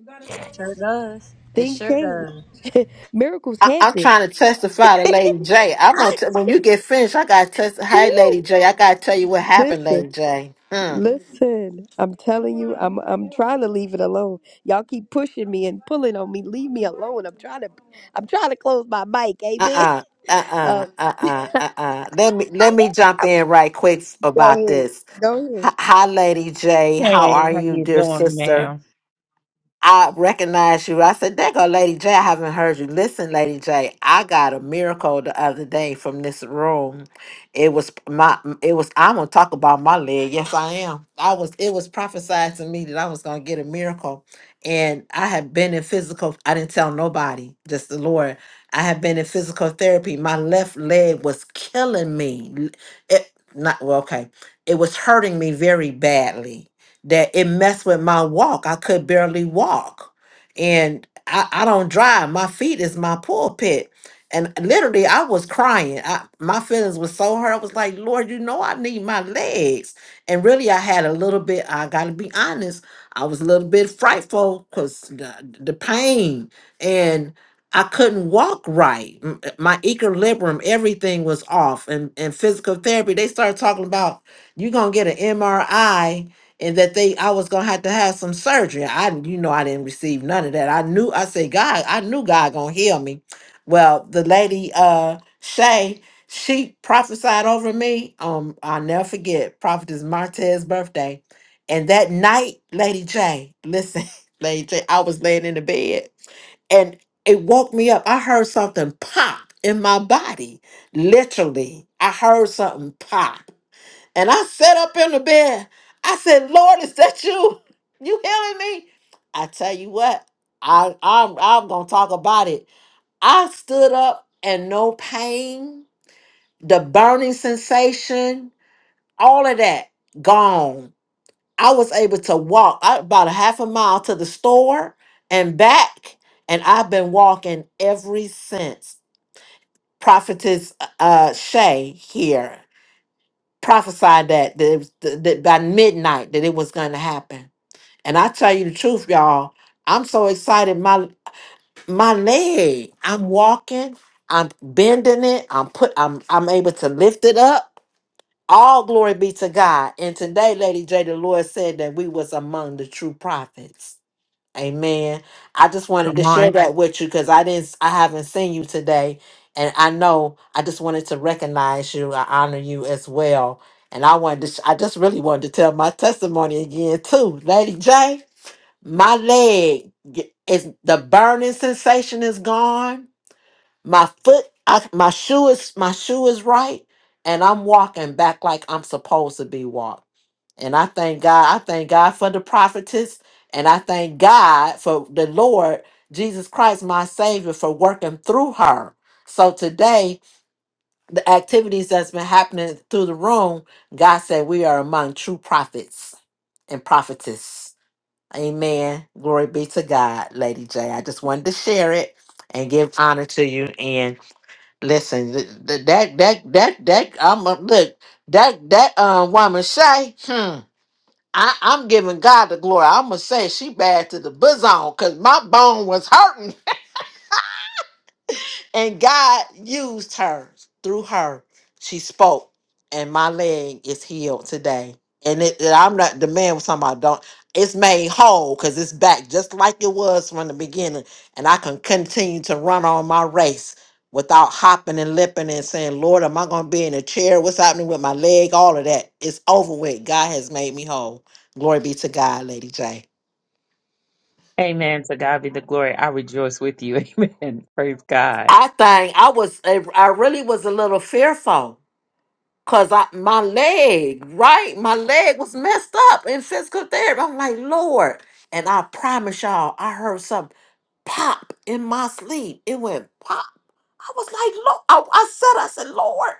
Sure does. It
Things
sure
change.
does.
*laughs* Miracles
I, I'm
happen.
trying to testify to Lady J. I'm gonna
I,
t- when you get finished. I gotta test. Hey,
woo,
Lady J, I gotta tell you what happened,
listen.
Lady J. Hmm.
Listen, I'm telling you, I'm I'm trying to leave it alone. Y'all keep pushing me and pulling on me. Leave me alone. I'm trying to I'm trying to close my mic. Amen. *laughs*
Uh-uh. Uh-uh.
Um,
Uh-uh. Uh-uh. Let me let me jump in right quick
go
about
ahead.
this.
Go
Hi,
ahead.
hi, Lady J. How
Hey,
are
how
you,
you
dear
doing,
sister?
ma'am?
I recognized you. I said, There go Lady J. I haven't heard you. Listen, Lady J, I got a miracle the other day from this room. It was my it was I'm gonna talk about my leg. Yes, I am. I was it was prophesied to me that I was gonna get a miracle. And I have been in physical, I didn't tell nobody, just the Lord. I have been in physical therapy. My left leg was killing me. It not well, okay. It was hurting me very badly that it messed with my walk. I could barely walk. And I, I don't drive. My feet is my pulpit. And literally I was crying. I, my feelings were so hurt. I was like, Lord, you know I need my legs. And really I had a little bit, I gotta be honest, I was a little bit frightful because the, the pain and I couldn't walk right. M- My equilibrium, everything was off. And and physical therapy, they started talking about you're gonna get an MRI and that they I was gonna have to have some surgery. I you know I didn't receive none of that. I knew I said God, I knew God gonna heal me. Well, the lady uh Shay, she prophesied over me. Um, I'll never forget Prophetess Martez's birthday. And that night, Lady J, listen, *laughs* Lady J, I was laying in the bed and it woke me up. I heard something pop in my body. Literally, I heard something pop. And I sat up in the bed. I said, Lord, is that you? You healing me? I tell you what, I, I'm, I'm going to talk about it. I stood up and no pain, the burning sensation, all of that gone. I was able to walk I- about a half a mile to the store and back. And I've been walking ever since. Prophetess uh, Shay here. prophesied that that, it was, that that by midnight that it was going to happen. And I tell you the truth, y'all, I'm so excited. My my leg, I'm walking, I'm bending it, I'm put, I'm I'm able to lift it up. All glory be to God. And today, Lady J, the Lord said that we was among the true prophets. Amen. I just wanted
Come
to share
on.
that with you because I didn't, I haven't seen you today, and I know I just wanted to recognize you. I honor you as well, and I wanted to, sh- I just really wanted to tell my testimony again too, Lady J. My leg g- is the burning sensation is gone. My foot, I, my shoe is, my shoe is right, and I'm walking back like I'm supposed to be walking. And I thank God. I thank God for the prophetess. And I thank God for the Lord Jesus Christ, my Savior, for working through her. So today, the activities that's been happening through the room, God said we are among true prophets and prophetess. Amen. Glory be to God, Lady J. I just wanted to share it and give honor to you. And listen, th- th- that that that that I'm a, look that that um woman Shay. Hmm. I, I'm giving God the glory. I'm gonna say she bad to the bosom because my bone was hurting, *laughs* and God used her through her. She spoke, and my leg is healed today. And it, and I'm not the man was talking about don't. It's made whole because it's back just like it was from the beginning, and I can continue to run on my race without hopping and lipping and saying, "Lord, am I gonna be in a chair? What's happening with my leg? All of that. It's over with. God has made me whole. Glory be to God, Lady J.
Amen. To God be the glory. I rejoice with you. *laughs* Amen. Praise God.
I think I was, I really was a little fearful because I, my leg, right? My leg was messed up in physical therapy. I'm like, Lord. And I promise y'all, I heard something pop in my sleep. It went pop. I was like, Lord, I, I said, I said, Lord.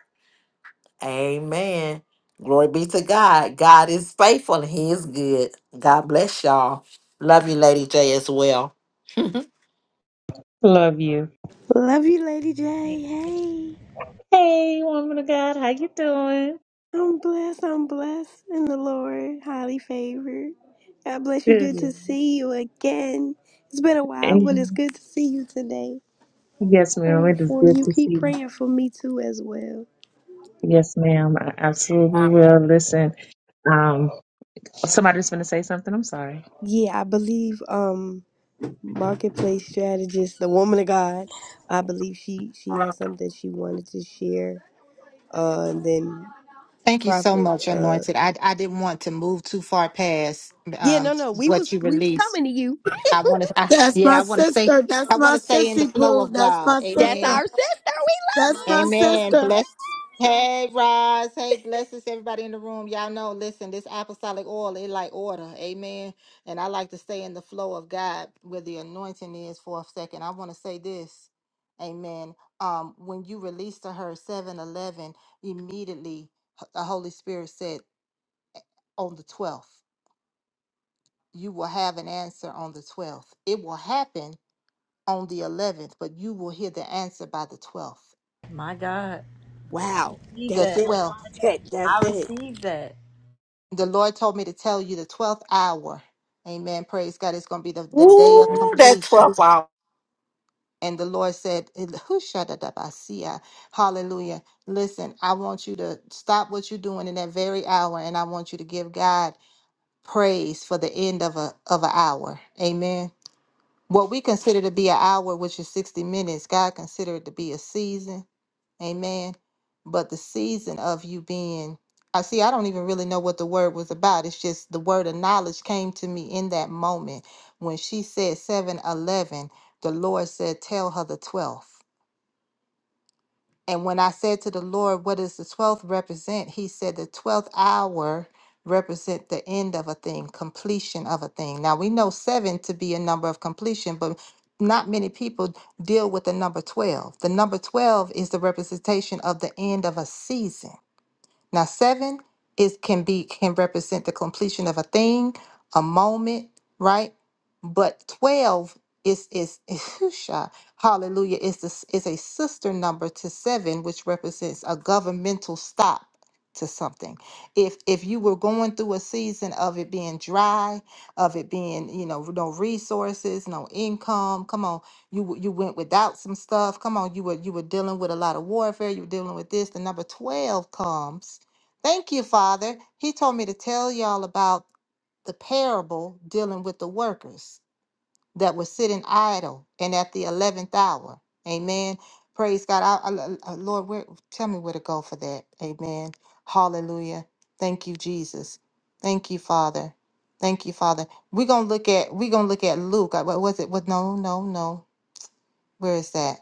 Amen. Glory be to God. God is faithful and He is good. God bless y'all. Love you, Lady J, as well. *laughs*
Love you.
Love you, Lady J. Hey.
Hey, woman of God, how you doing?
I'm blessed. I'm blessed in the Lord. Highly favored. God bless you. Good
Good.
to see you again. It's been a while, but it's
Amen.
good to see you today.
Yes, ma'am.
Praying
It is
for
good
you.
to see
Keep
you.
praying for me too as well.
Yes, ma'am. I absolutely will. Listen, um, somebody's going to say something. I'm sorry.
Yeah, I believe. Um, marketplace strategist, the woman of God. I believe she she had something she wanted to share. Uh, and then
Thank you so
prophet.
much,
Uh,
Anointed. I, I didn't want to move too far past
yeah,
um,
no, no, we
what
was
you
we was
released.
coming to you.
I want to, I,
That's
yeah,
my
I want to say,
sister. That's
I want
my
to say in the
sissy
flow
poo.
of
That's my
God.
*laughs* That's
sister.
Amen.
our sister. We love
That's my
you.
Amen.
sister.
Bless. Hey, Roz. Hey, bless us, everybody in the room. Y'all know, listen, this apostolic oil, it like order. Amen. And I like to stay in the flow of God where the anointing is for a second. I want to say this. Amen. Um, when you released to her seven eleven, immediately the Holy Spirit said, on the 12th. You will have an answer on the 12th. It will happen on the 11th, but you will hear the answer by the 12th.
My God.
Wow,
Receive
The
that's
that.
it.
12th.
That, that's
I
it.
received that.
The Lord told me to tell you the 12th hour. Amen. Praise God. It's going to be the, the day of
Ooh, that
completion.
12 hours.
And the Lord said, "Hushadadabasia." Hallelujah. Listen, I want you to stop what you're doing in that very hour, and I want you to give God praise for the end of a of an hour. Amen. what we consider to be an hour, which is 60 minutes, God considered it to be a season. Amen. But the season of you being, I see, I don't even really know what the word was about. It's just the word of knowledge came to me in that moment. When she said 7 11. the Lord said, Tell her the 12th. And when I said to the Lord, what does the 12th represent? He said the 12th hour represent the end of a thing, completion of a thing. Now we know 7 to be a number of completion, but not many people deal with the number 12. The number 12 is the representation of the end of a season. Now, seven is can be can represent the completion of a thing, a moment, right? But twelve is is, *laughs* is whoosha, hallelujah is this is a sister number to seven, which represents a governmental stop to something. If if you were going through a season of it being dry, of it being you know no resources, no income, come on, you w- you went without some stuff. Come on, you were you were dealing with a lot of warfare. You were dealing with this. The number twelve comes Thank you, Father. He told me to tell y'all about the parable dealing with the workers that were sitting idle and at the 11th hour. Amen. Praise God. I, I- I- uh, Lord, where, tell me where to go for that. Amen. Hallelujah. Thank you, Jesus. Thank you, Father. Thank you, Father. We're gonna look at we're gonna look at Luke. Uh, What was it? Was no, no, no where is that?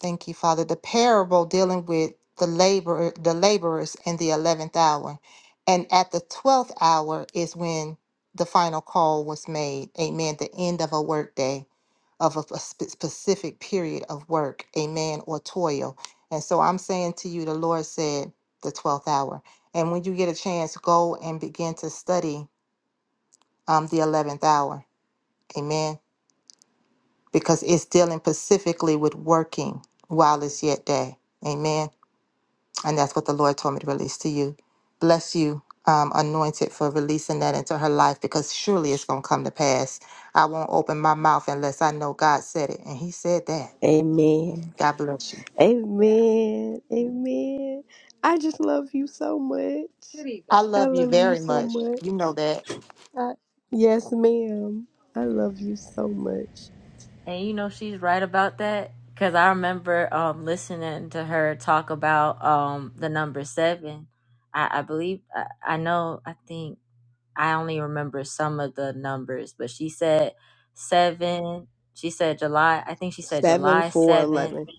Thank you, Father. The parable dealing with the labor, the laborers in the eleventh hour, and at the twelfth hour is when the final call was made. Amen. The end of a workday, of a a spe- specific period of work. Amen. Or toil. And so I'm saying to you, the Lord said the twelfth hour. And when you get a chance, go and begin to study um, the eleventh hour. Amen because it's dealing specifically with working while it's yet day. Amen. And that's what the Lord told me to release to you. Bless you, um, anointed, for releasing that into her life because surely it's going to come to pass. I won't open my mouth unless I know God said it. And He said that.
Amen.
God bless you.
Amen. Amen. I just love you so much.
I
I
love you
love you
very
so
much.
much.
You know that.
I- yes, ma'am. I love you so much.
And you know she's right about that. Cause I remember um listening to her talk about um the number seven. I, I believe I, I know I think I only remember some of the numbers, but she said seven. She said July. I think she said
Seven
July
four
7th
eleven.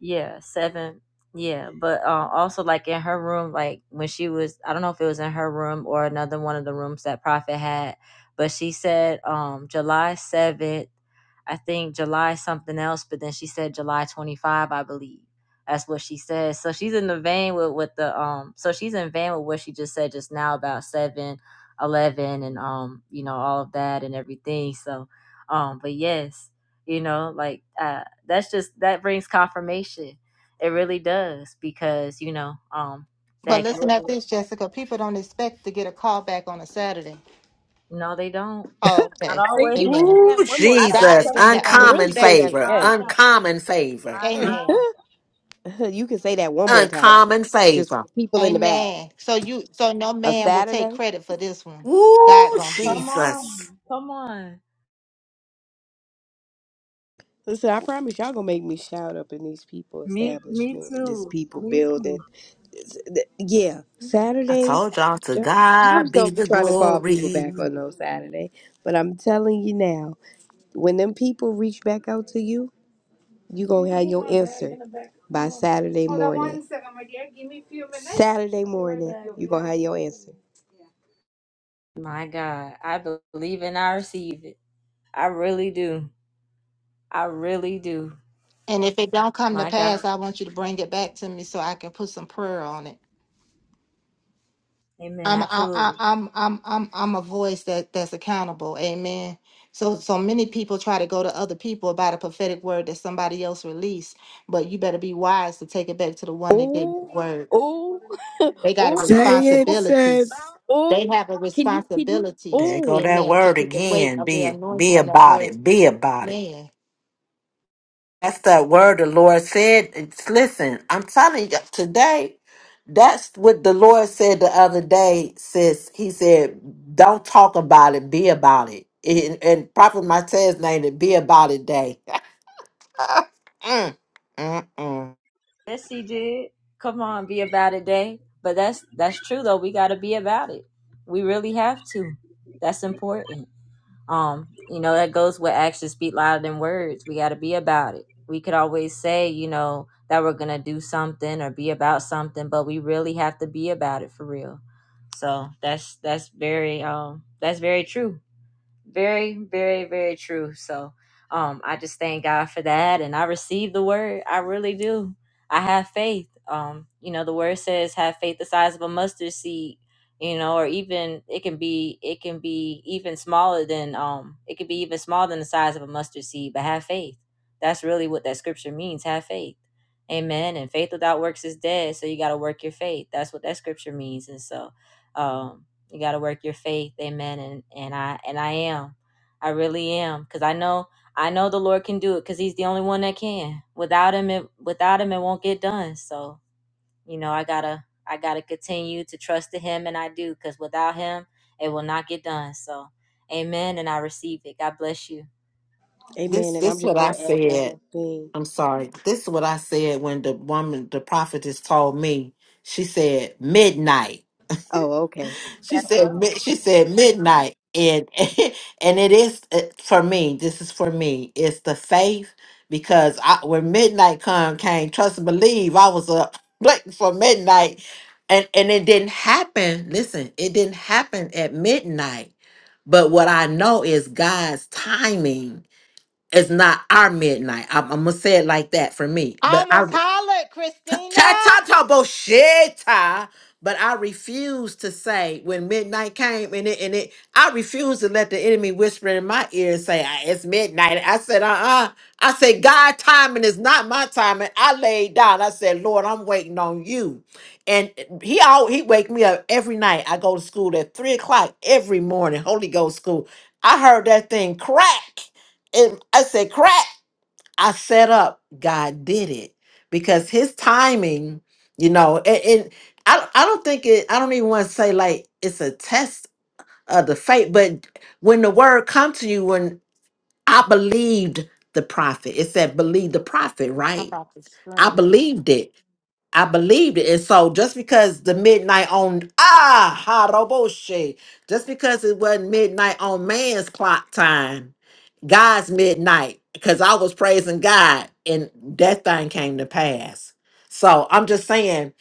yeah, seven. Yeah, but uh, also like in her room, like when she was, I don't know if it was in her room or another one of the rooms that Prophet had, but she said um July seventh, I think July something else, but then she said July twenty five, I believe. That's what she said. So she's in the vein with with the um. So she's in vein with what she just said just now about seven, eleven, and um, you know all of that and everything. So, um, but yes, you know, like uh that's just that brings confirmation. It really does because you know um
But
that
listen at this, Jessica. People don't expect to get a call back on a Saturday.
no they don't.
Oh, okay.
Say you can say
Amen.
Ooh,
that one more time.
God
Jesus,
is in the
You can
uncommon
really say that
unexpected.
favor,
again.
uncommon favor, *laughs* Mm,
Amen.
*laughs* You can say that one more time,
uncommon
just for
favor.
the people in the back.
Amen. So you so no
A
man will take
Saturday.
credit for this one. God
Ooh,
gonna get it.
Come on.
Jesus.
Listen, I promise y'all gonna make me shout up in these people establishment in this people building. Th- Yeah,
I
Saturdays.
told y'all to
jo- Jobs
God be
don't be
the
trying to call people
glory.
back on no Saturday, but I'm telling you now, when them people reach back out to you, you gonna have your answer. by Saturday Saturday morning. You gonna have your answer.
My God, I believe and I receive it. I really do. I really do.
And if it don't come to
My God,
pass, I want you to bring it back to me so I can put some prayer on it.
Amen.
I'm I, I,
Absolutely.
I'm I'm I'm I'm a voice that that's accountable. Amen. So so many people try to go to other people about a prophetic word that somebody else released, but you better be wise to take it back to the one that gave you the
Ooh,
word.
ooh, *laughs*
They got a
ooh,
Say it,
responsibility.
sis.
*laughs*
They
ooh.
have a
Can you? Can you?
responsibility.
There go
Ooh.
that
Amen. To
word
put the weight
again.
of the
Be
anointing
be
on that
about
word.
it. Be about it.
Man.
That's the word the Lord said. It's, listen, I'm telling you today, that's what the Lord said the other day. Says He said, "Don't talk about it, be about it." And, and Prophet Martez named it "Be About It Day." *laughs* Mm, mm, mm.
Yes, she did. Come on, be about it, day. But that's that's true though. We got to be about it. We really have to. That's important. Um, you know, that goes with actions speak louder than words. We got to be about it. We could always say, you know, that we're going to do something or be about something, but we really have to be about it for real. So that's that's very um that's very true very very very true so um i just thank god for that and i receive the word i really do i have faith um you know the word says have faith the size of a mustard seed you know or even it can be it can be even smaller than um it could be even smaller than the size of a mustard seed but have faith that's really what that scripture means have faith amen and faith without works is dead so you got to work your faith that's what that scripture means and so um you got to work your faith amen and and i and i am i really am because i know i know the lord can do it because he's the only one that can without him it without him it won't get done so you know i gotta i gotta continue to trust in him and i do because without him it will not get done so amen and i receive it god bless you
Amen.
This,
And I'm
this
just
what I
gonna add one
said.
more thing.
I'm sorry. This is what I said when the woman, the prophetess, told me. She said midnight.
Oh, okay.
She said mi- she said midnight and *laughs* and it is uh, for me. This is for me. It's the faith because I, when midnight come came trust and believe I was up *laughs* waiting for midnight and and it didn't happen. Listen, it didn't happen at midnight. But what I know is God's timing is not our midnight. I'm, I'm gonna say it like that for me.
I
But I
almost hollered, Christina.
ta ta ta bullshit. But I refuse to say when midnight came and it and it I refuse to let the enemy whisper in my ear and say "Ah, it's midnight. I said, uh-uh. I said, God timing is not my timing. I laid down. I said, Lord, I'm waiting on you. And he all he wake me up every night. I go to school at three o'clock every morning, Holy Ghost school. I heard that thing crack. And I said, crack. I set up, God did it because His timing, you know, and, and I I don't think it. I don't even want to say like it's a test of the faith, but when the word come to you, when I believed the prophet, it said believe the prophet,
I'm
right?
about to
I
scream.
believed it. I believed it, and so just because the midnight on ah haroboshe, just because it wasn't midnight on man's clock time, God's midnight because I was praising God and that thing came to pass. So I'm just saying,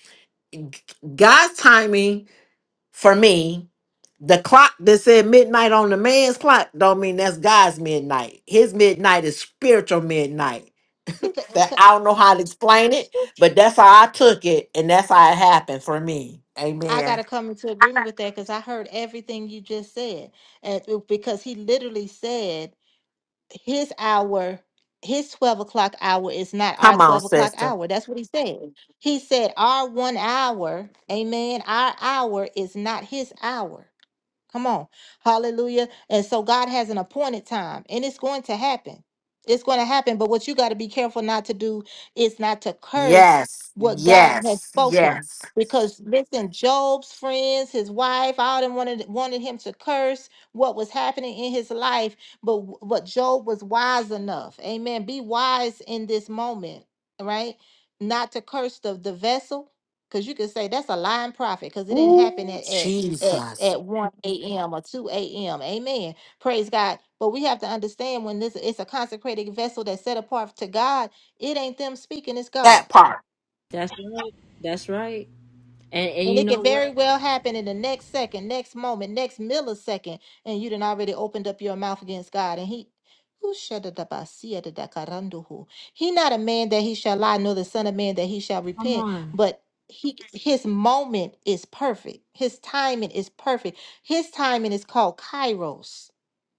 God's timing for me, the clock that said midnight on the man's clock don't mean that's God's midnight. His midnight is spiritual midnight. *laughs*
It could- it's
That
a-
I don't know how to explain it, but that's how I took it and that's how it happened for me.
I got
Amen.
to come into agreement with that because I heard everything you just said. And it- because he literally said his hour, his 12 o'clock hour is not our
Come on,
12 o'clock
sister.
hour. That's what he said. He said, Our one hour, amen, our hour is not his hour. Come on. Hallelujah. And so God has an appointed time, and it's going to happen. It's going to happen. But what you got to be careful not to do is not to curse
Yes,
what God has
yes,
spoken.
yes.
Because listen, Job's friends, his wife, all them wanted wanted him to curse what was happening in his life. But w- but Job was wise enough. Amen. Be wise in this moment, right? Not to curse the, the vessel. Because you could say that's a lying prophet because it didn't happen
Ooh,
at, at at,
Jesus.
at one AM or two AM. Amen. Praise God. But we have to understand when this it's a consecrated vessel that's set apart to God, it ain't them speaking, it's God.
That part.
That's right. That's right. And and
And
you
it
know
can
what?
very well happen in the next second, next moment, next millisecond, and you done already opened up your mouth against God. And he who shall the dabasia the dakaranduhu? He not a man that he shall lie, nor the son of man that he shall
Come
repent.
on.
But he his moment is perfect. His timing is perfect. His timing is called kairos.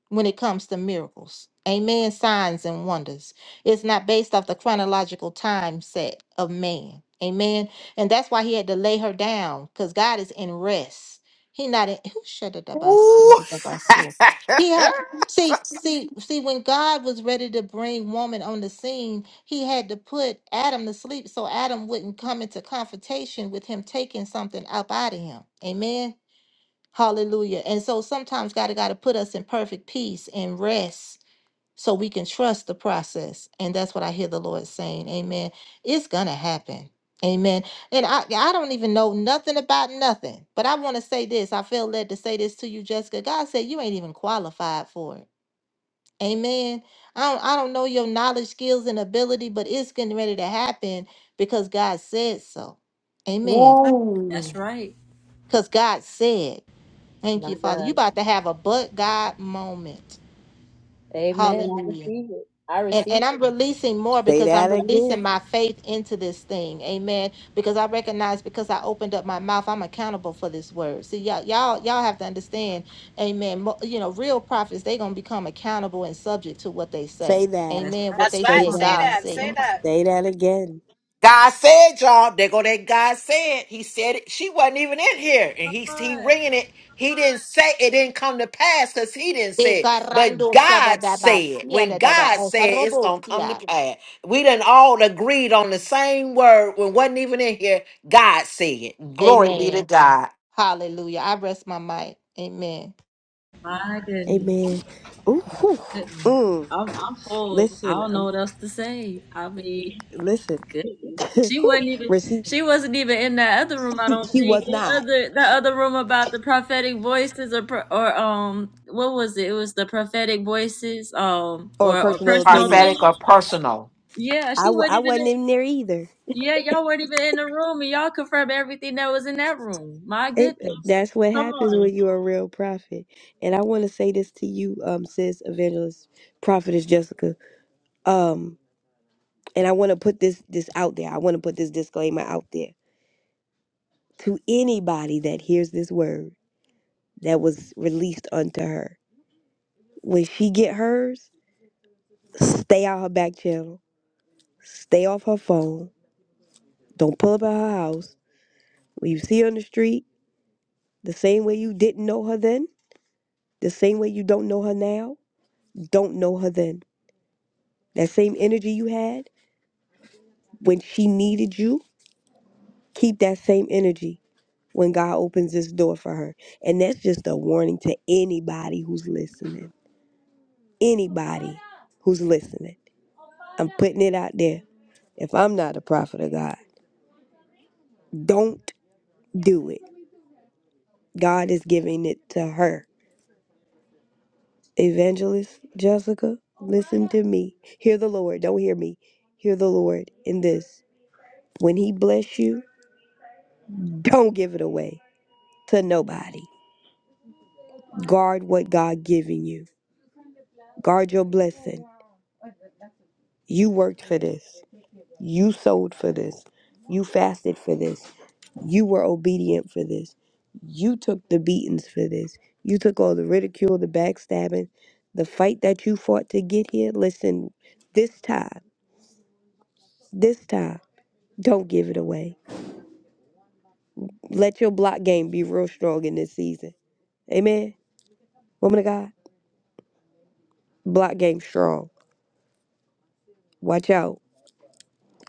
when it comes to miracles. Amen. Signs and wonders. It's not based off the chronological time set of man. Amen. And that's why he had to lay her down because God is in rest. He not in who shut it up. I see what
Ooh.
it I saw. He had see,
*laughs*
see, see, when God was ready to bring woman on the scene, he had to put Adam to sleep so Adam wouldn't come into confrontation with him taking something up out of him. Amen. Hallelujah. And so sometimes God got to put us in perfect peace and rest so we can trust the process. And that's what I hear the Lord saying. Amen. It's going to happen. Amen. And I, I don't even know nothing about nothing, but I want to say this. I feel led to say this to you, Jessica. God said you ain't even qualified for it. Amen. I don't, I don't know your knowledge, skills, and ability, but it's getting ready to happen because God said so. Amen.
Ooh.
That's right.
Because God said. Thank you, Father. You about to have a but God moment.
amen
Hallelujah. And, and I'm releasing more
Say
because I'm
that
releasing
again.
my faith into this thing. Amen. Because I recognize because I opened up my mouth, I'm accountable for this word. See, y'all, y'all, y'all have to understand, amen. mo- You know, real prophets, they're gonna become accountable and subject to what they
Say
say.
that.
That's
Amen.
right.
What
That's
they
Say
right.
said,
Say
God
that.
that. Say
said.
that.
Say that again.
God said, y'all. There go that God said. He said it. She wasn't even in here, and he he ringing it. He didn't say it didn't come to pass because he didn't
E
say it. But
garando
God
shadadaba
said,
siya
when
dadada.
God
E
said it's
garobo
gonna come to
siya.
pass, we didn't all agreed on the same word when wasn't even in here. God said, "Glory be to
Amen.
God."
Hallelujah. I rest my mic. Amen.
my goodness.
Amen. Ooh. whew.
Goodness.
Mm.
I'm I'm full. I
Listen.
don't know
Um,
what else to say. I mean,
listen.
goodness.
*laughs*
She
Whew.
wasn't even
Receive.
she wasn't even in that other room. I
She,
don't
she
think
was
that
not.
other that other room about the prophetic voices or pro- or um what was it? It was the prophetic voices um
Or
or or
personal
personal
opinion.
Prophetic or
opinion.
personal.
Yeah,
I
she
w-
wasn't
I
even.
wasn't
In,
in there either.
yeah, y'all weren't even in the room, and y'all confirmed everything that was in that room. My
It,
goodness.
that's what
Come
happens
on.
when you're a real prophet. And I want to say this to you, um, sis, evangelist, prophetess Jessica. Um, and I want to put this this out there. I want to put this disclaimer out there to anybody that hears this word that was released unto her. When she get hers, stay out her back channel. Stay off her phone. Don't pull up at her house. When you see her on the street, the same way you didn't know her then, the same way you don't know her now, don't know her then That same energy you had when she needed you, keep that same energy when God opens this door for her. And that's just a warning to anybody who's listening. Anybody who's listening. I'm putting it out there. If I'm not a prophet of God, don't do it. God is giving it to her. Evangelist Jessica, listen to me. Hear the Lord. Don't hear me. Hear the Lord in this. When He bless you, don't give it away to nobody Guard what God given you. Guard your blessing. You worked for this. You sold for this. You fasted for this. You were obedient for this. You took the beatings for this. You took all the ridicule, the backstabbing, the fight that you fought to get here. Listen, this time, this time, don't give it away. Let your block game be real strong in this season. Amen. Woman of God, block game strong. Watch out.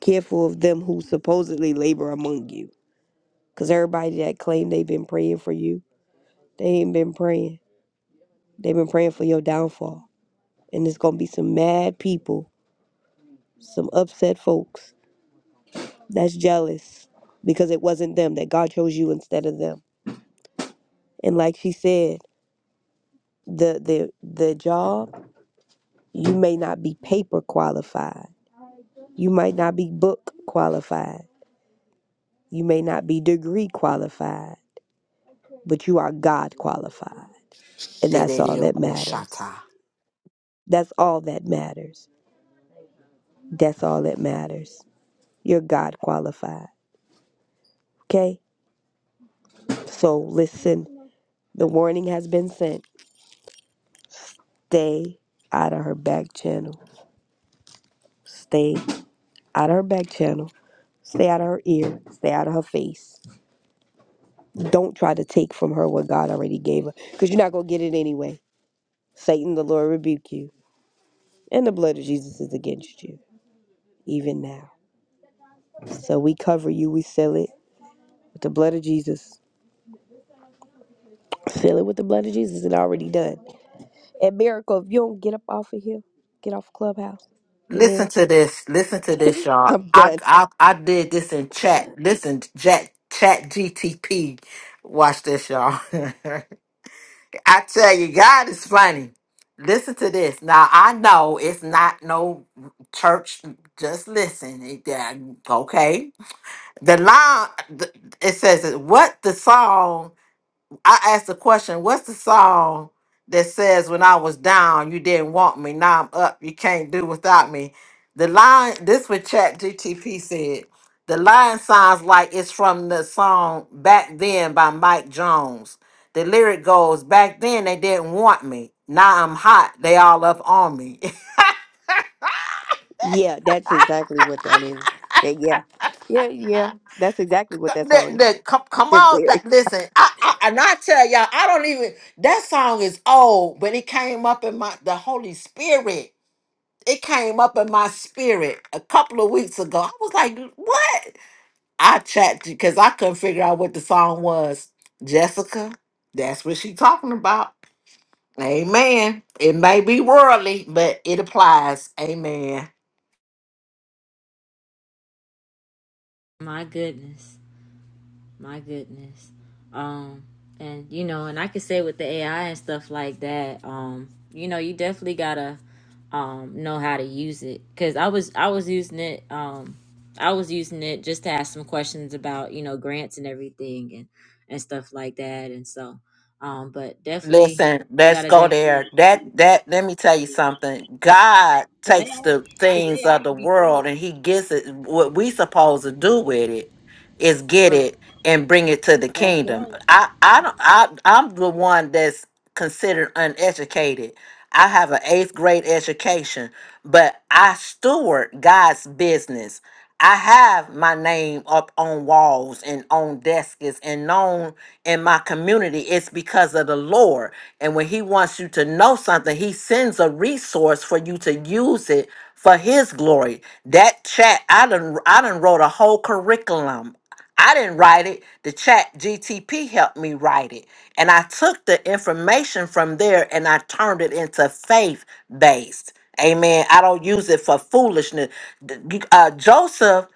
Careful of them who supposedly labor among you. Because everybody that claimed they've been praying for you, they ain't been praying. They've been praying for your downfall. And it's going to be some mad people, some upset folks that's jealous because it wasn't them, that God chose you instead of them. And like she said, the, the, the job, you may not be paper qualified. You might not be book qualified. You may not be degree qualified, but you are God qualified. And that's all
Shedeo
that matters. That's all that matters. That's all that matters. You're God qualified. Okay? So listen, the warning has been sent. Stay out of her back channel. Stay out of her back channel. Stay out of her ear. Stay out of her face. Don't try to take from her what God already gave her because you're not going to get it anyway. Satan, the Lord rebuke you, and the blood of Jesus is against you, even now. So we cover you, we seal it with the blood of Jesus. Seal it with the blood of Jesus. It already done. And Miracle, if you don't get up off of here, get off Clubhouse. Amen.
Listen to this. Listen to this, y'all.
I'm
I
done.
I I did this in chat. Listen, chat chat GTP. Watch this, y'all. *laughs* I tell you, God is funny. Listen to this. Now I know it's not no church. Just listen. It- yeah, Okay. The line. the- It says, "What the song I asked the question, what's the song that says when I was down, you didn't want me, now I'm up, you can't do without me? The line, this what Chat GTP said. The line sounds like it's from the song Back Then by Mike Jones. The lyric goes, Back then they didn't want me. Now I'm hot. They all up on me. *laughs*
Yeah, that's exactly what that is. That- yeah. Yeah, yeah. That's exactly what that song
that,
is.
that, come, come
The
on. That,
lyrics.
listen, I, I, and I tell y'all, I don't even, that song is old, but it came up in my, the Holy Spirit. it came up in my spirit a couple of weeks ago. I was like, what? I chat because I couldn't figure out what the song was. Jessica, that's what she talking about. Amen. It may be worldly, but it applies. Amen.
My goodness. My goodness. Um, and you know, and I could say with the AI and stuff like that, um, you know, you definitely gotta um know how to use it. Cause I was I was using it, um, I was using it just to ask some questions about, you know, grants and everything and and stuff like that. And so, um, but definitely
Listen,
we
let's
gotta
go
definitely
there. That that let me tell you something. God
cause
takes
AI,
the
cause
things
AI
of the
could be crazy.
world and he gets it what we supposed to do with it is get
Right.
it and bring it to the
That's
kingdom.
right.
I I don't I I'm the one that's considered uneducated. I have an 8th grade education, but I steward God's business. I have my name up on walls and on desks and known in my community, it's because of the Lord. And when He wants you to know something, He sends a resource for you to use it for His glory. That chat, I done, I done wrote a whole curriculum. I didn't write it. The chat GTP helped me write it. And I took the information from there and I turned it into faith based. Amen. I don't use it for foolishness. D- you- Uh, Joseph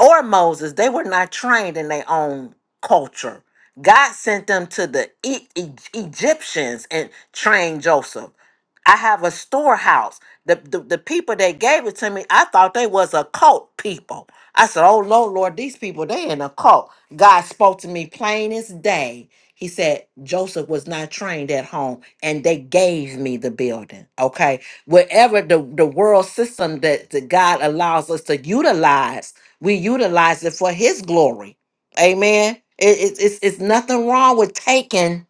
or Moses, they were not trained in their own culture. God sent them to the e- E- Egyptians and trained Joseph. I have a storehouse. The, the the people that gave it to me, I thought they was a cult people. I said, "Oh Lord, Lord, these people they in a cult." God spoke to me plain as day. He said Joseph was not trained at home, and they gave me the building. Okay, wherever the the world system that, that God allows us to utilize, we utilize it for His glory Amen. It, it, it's, it's nothing wrong with taking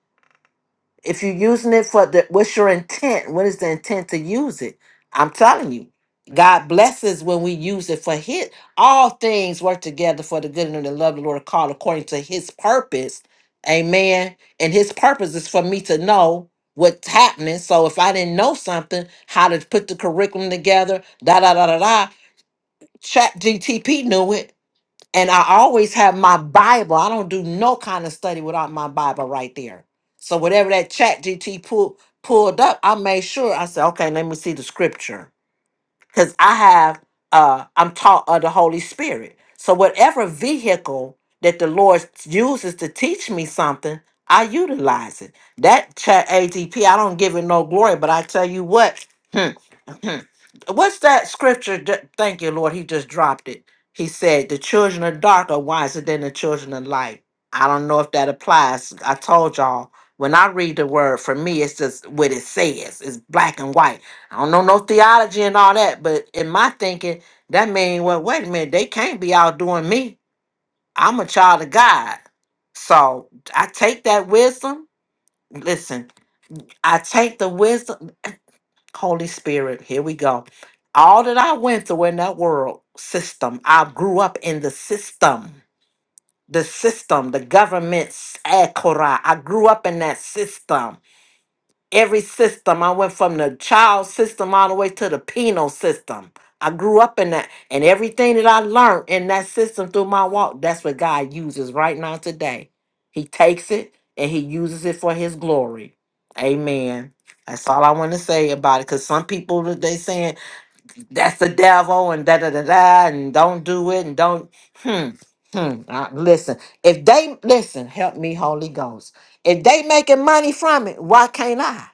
if you're using it for the what's your intent? What is the intent to use it? I'm telling you, God blesses when we use it for His. All things work together for the good and the love of the Lord called according to His purpose. Amen. And His purpose is for me to know what's happening. So if I didn't know something, how to put the curriculum together, da da da da da. Chat GTP knew it and I always have my Bible. I don't do no kind of study without my Bible right there. So whatever that chat GT pull, pulled up, I made sure I said, okay, let me see the scripture because I have uh I'm taught of the Holy Spirit. So whatever vehicle that the Lord uses to teach me something, I utilize it. That chat ATP, I don't give it no glory, but I tell you what, hmm, hmm. what's that scripture? that- Thank you, Lord. He just dropped it. He said, "The children of dark are wiser than the children of light." I don't know if that applies. I told y'all when I read the word, for me, it's just what it says. It's black and white. I don't know no theology and all that, but in my thinking, that mean well, wait a minute, they can't be outdoing me. I'm a child of God. So I take that wisdom. Listen, I take the wisdom. Holy Spirit, here we go. All that I went through in that world system, I grew up in the system. The system, the government, eh, Korah, I grew up in that system. every system. I went from the child system all the way to the penal system. I grew up in that, and everything that I learned in that system through my walk, that's what God uses right now today. He takes it and He uses it for His glory. Amen. That's all I want to say about it. Cause some people that they saying that's the devil and da da da da and don't do it and don't hmm hmm. Uh, listen, if they listen, help me, Holy Ghost. If they making money from it, why can't I?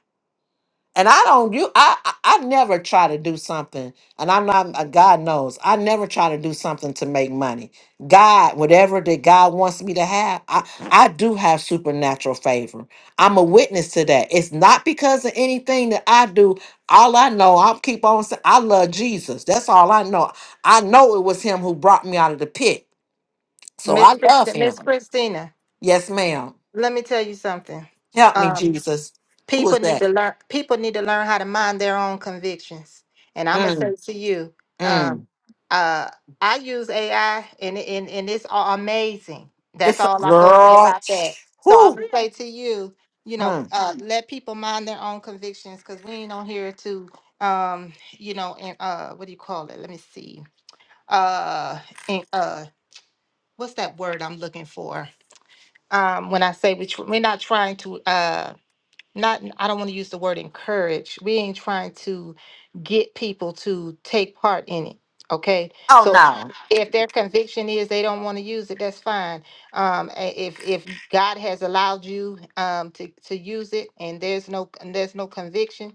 And I don't you I I I never try to do something, and I'm not uh, God knows I never try to do something to make money. God, whatever that God wants me to have, I I do have supernatural favor. I'm a witness to that. It's not because of anything that I do. All I know, I'll keep on saying, I love Jesus. That's all I know. I know it was Him who brought me out of the pit, so
Miss
I love
Christi-
Him.
Miss Christina,
Yes, ma'am.
let me tell you something.
Help me,
Um.
Jesus. Who is
People need
that?
to learn. People need to learn how to mind their own convictions. And I'm gonna say
Mm,
to you,
mm.
um, uh, I use AI, and it- and and it's a- amazing. That's
It's a
all I'm gonna say
girl.
about that. So I'm
Whoo.
gonna say to you, you know,
Hmm.
uh, let people mind their own convictions, because we ain't on here to, um, you know, and uh, what do you call it? Let me see. Uh, and uh, what's that word I'm looking for? Um, when I say we, tr- we're not trying to. uh not I don't want to use the word encourage. We ain't trying to get people to take part in it. Okay,
Oh
so
no.
if their conviction is they don't want to use it, that's fine. Um, a- if if God has allowed you um to to use it and there's no and there's no conviction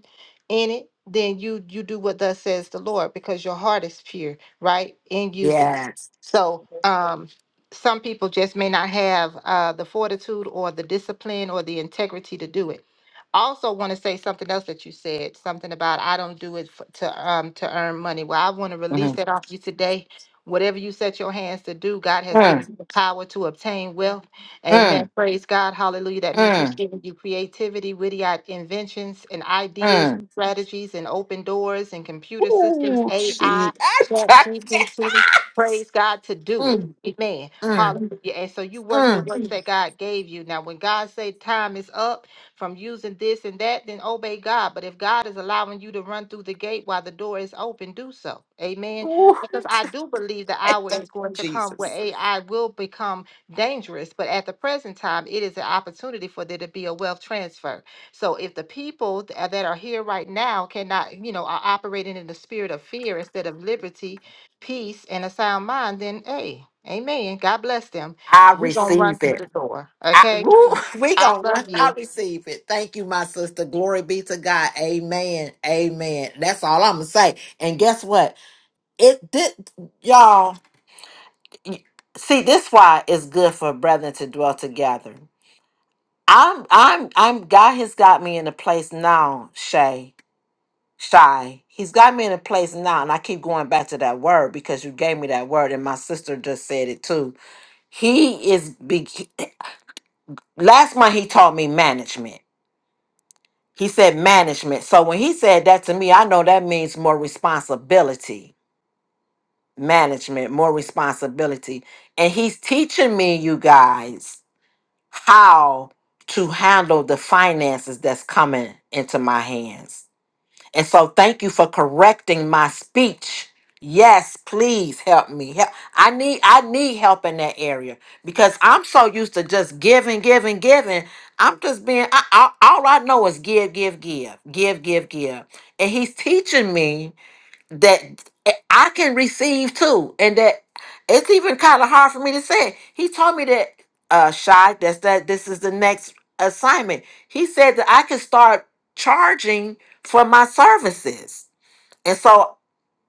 in it, then you you do what thus says the Lord because your heart is pure, right, in using it.
Yes.
So um, some people just may not have uh the fortitude or the discipline or the integrity to do it I also want to say something else that you said, something about I don't do it for, to um to earn money. Well, I want to release
Mm.
that off you today. Whatever you set your hands to do, God has given
Mm.
you the power to obtain wealth.
Mm.
Amen. Praise God. Hallelujah. That means He's
Mm.
given you creativity, witty i- inventions, and ideas,
Mm.
and strategies, and open doors, and computer systems,
Ooh, she.
AI,
*laughs* I
chat, GPT. Praise God to do it.
mm.
Amen.
Mm.
Hallelujah. And so you work the
Mm.
work that God gave you. Now, when God say time is up, from using this and that, then obey God. But if God is allowing you to run through the gate while the door is open, do so. Amen.
Ooh.
Because I do believe the hour is
*laughs*
going to come where
Jesus.
AI will become dangerous. But at the present time, it is an opportunity for there to be a wealth transfer. So if the people th- uh, that are here right now cannot, you know, are operating in the spirit of fear instead of liberty, peace, and a sound mind, then hey, amen. God bless them.
I
We're going to run
receive
through
it.
the door.
I,
Okay.
woo, *laughs* we
I love
gonna I
you.
receive it. Thank you, my sister. Glory be to God. Amen. Amen. That's all I'm gonna say. And guess what? It did y'all y- see this why it's good for brethren to dwell together. I'm I'm I'm God has got me in a place now, Shay. Shy. He's got me in a place now, and I keep going back to that word because you gave me that word, and my sister just said it too. He is big. Last month he taught me management. He said management. So when he said that to me, I know that means more responsibility. Management, more responsibility. And he's teaching me, you guys, how to handle the finances that's coming into my hands And so thank you for correcting my speech. Yes, please help me. Help. I need I need help in that area because I'm so used to just giving, giving, giving. I'm just being I, I, all I know is give, give, give, give, give, give. And he's teaching me that I can receive too, and that it's even kind of hard for me to say. He told me that uh shy that's that this is the next assignment. He said that I can start charging for my services, and so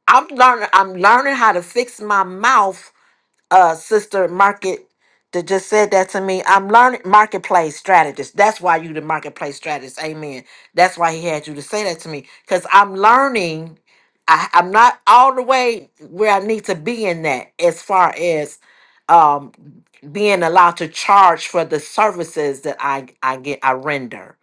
I'm learning. I'm learning how to fix my mouth uh sister market that just said that to me. I'm learning marketplace strategist. That's why you the marketplace strategist. Amen. That's why he had you to say that to me. Cause I'm learning. I, I'm not all the way where I need to be in that as far as um being allowed to charge for the services that I I get I render.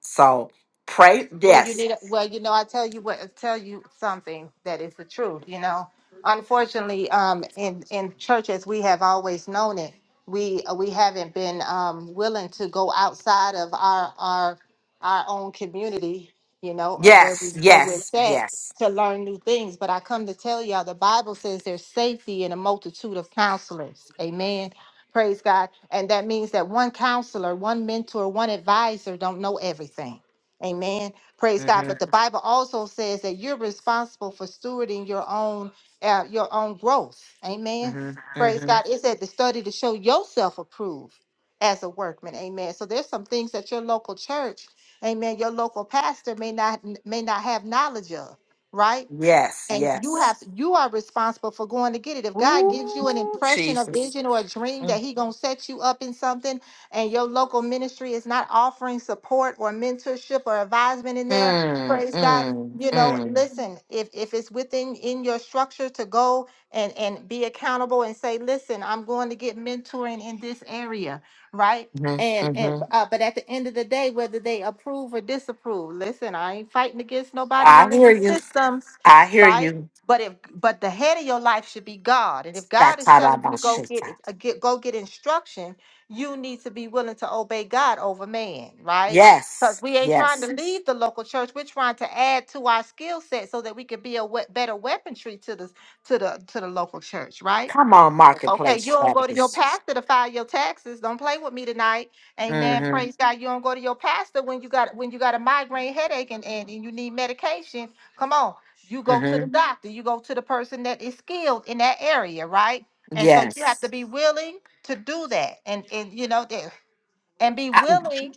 So pray
Well, you
yes.
need. Well, you know, I tell you what. I Tell you something that is the truth. You know, unfortunately, um, in in churches we have always known it, we uh, we haven't been um willing to go outside of our our our own community. You know, or where we
Yes,
where we're
yes,
set
yes.
to learn new things. But I come to tell y'all, the Bible says there's safety in a multitude of counselors. Amen. Praise God. And that means that one counselor, one mentor, one advisor don't know everything. Amen Praise God.
Mm-hmm.
But the Bible also says that you're responsible for stewarding your own uh, your own growth. Amen.
Mm-hmm.
Praise
Mm-hmm.
God. It said to study to show yourself approved as a workman. Amen. So there's some things that your local church, amen, your local pastor may not may not have knowledge of, right?
Yes,
and you
yes.
have you are responsible for going to get it if god gives you an
Ooh,
impression a
Jesus.
vision or a dream
Mm,
that he gonna set you up in something and your local ministry is not offering support or mentorship or advisement in there
mm,
praise god you know
mm,
listen if if it's within in your structure to go and and be accountable and say listen i'm going to get mentoring in this area right
mm,
and and
hmm
uh, but at the end of the day whether they approve or disapprove listen i ain't fighting against nobody
I hear
religious
you.
systems
I hear
right?
you.
But if but the head of your life should be God, and if God is telling you to go get
Satarabashita.
it, uh, get go get instruction, you need to be willing to obey God over man, right? Because
Yes,
we ain't trying to
yes.
Yes. leave the local church, we're trying to add to our skill set so that we can be a we- better weaponry to the to the to the local church, right?
Come on,
Okay,
marketplace
you don't go to your *laughs*
strategist.
pastor to file your taxes. Don't play with me tonight. Amen.
Mm-hmm,
Praise *laughs* God. You don't go to your pastor when you got when you got a migraine headache and, and, and you need medication. Come on. You go to the
mm-hmm.
doctor. You go to the person that is skilled in that area, right? And so you have
Yes.
to be willing to do that. And and you know that and be
I,
willing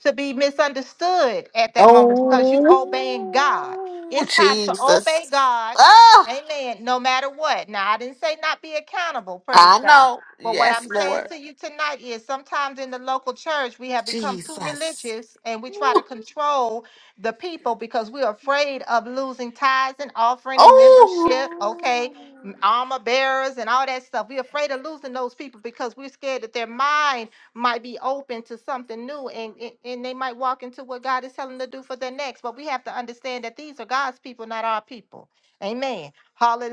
to be misunderstood at that moment because you obeying God.
oh,
It's time to obey
Jesus.
God.
Ah,
Amen. No matter what. Now, I didn't say not be accountable.
I
Praise God.
know.
But what
Yes,
I'm saying
Lord.
to you tonight is sometimes in the local church, we have become too
Jesus.
religious and we try
Ooh,
to control the people because we're afraid of losing tithes and offering and
Oh.
membership, okay, armor bearers and all that stuff. We're afraid of losing those people because we're scared that their mind might be open to something new and, and and they might walk into what God is telling them to do for their next. But we have to understand that these are God's people, not our people. Amen.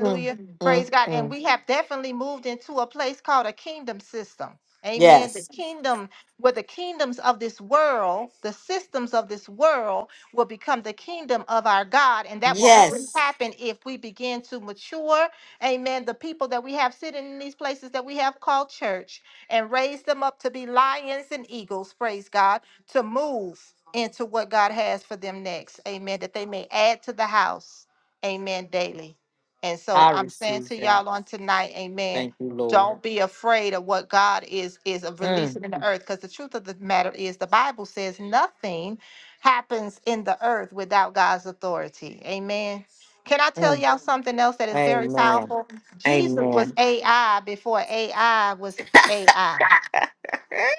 Mm,
Mm.
mm,
Praise God.
mm.
And we have definitely moved into a place called a kingdom system. Amen. The
Yes.
Yes. kingdom, where the kingdoms of this world, the systems of this world will become the kingdom of our God. And that will only Yes.
Yes.
happen if we begin to mature. Amen. The people that we have sitting in these places that we have called church and raise them up to be lions and eagles, praise God, to move into what God has for them next. Amen. That they may add to the house. Amen. Daily. And so
I
I'm saying
receive
to
that.
y'all on tonight, amen.
Thank you, Lord.
Don't be afraid of what God is is of
Mm,
releasing in the earth. Because the truth of the matter is the Bible says nothing happens in the earth without God's authority. Amen. Can I tell
mm.
y'all something else that is very
Amen.
powerful? Jesus was
Amen.
AI before AI was. AI.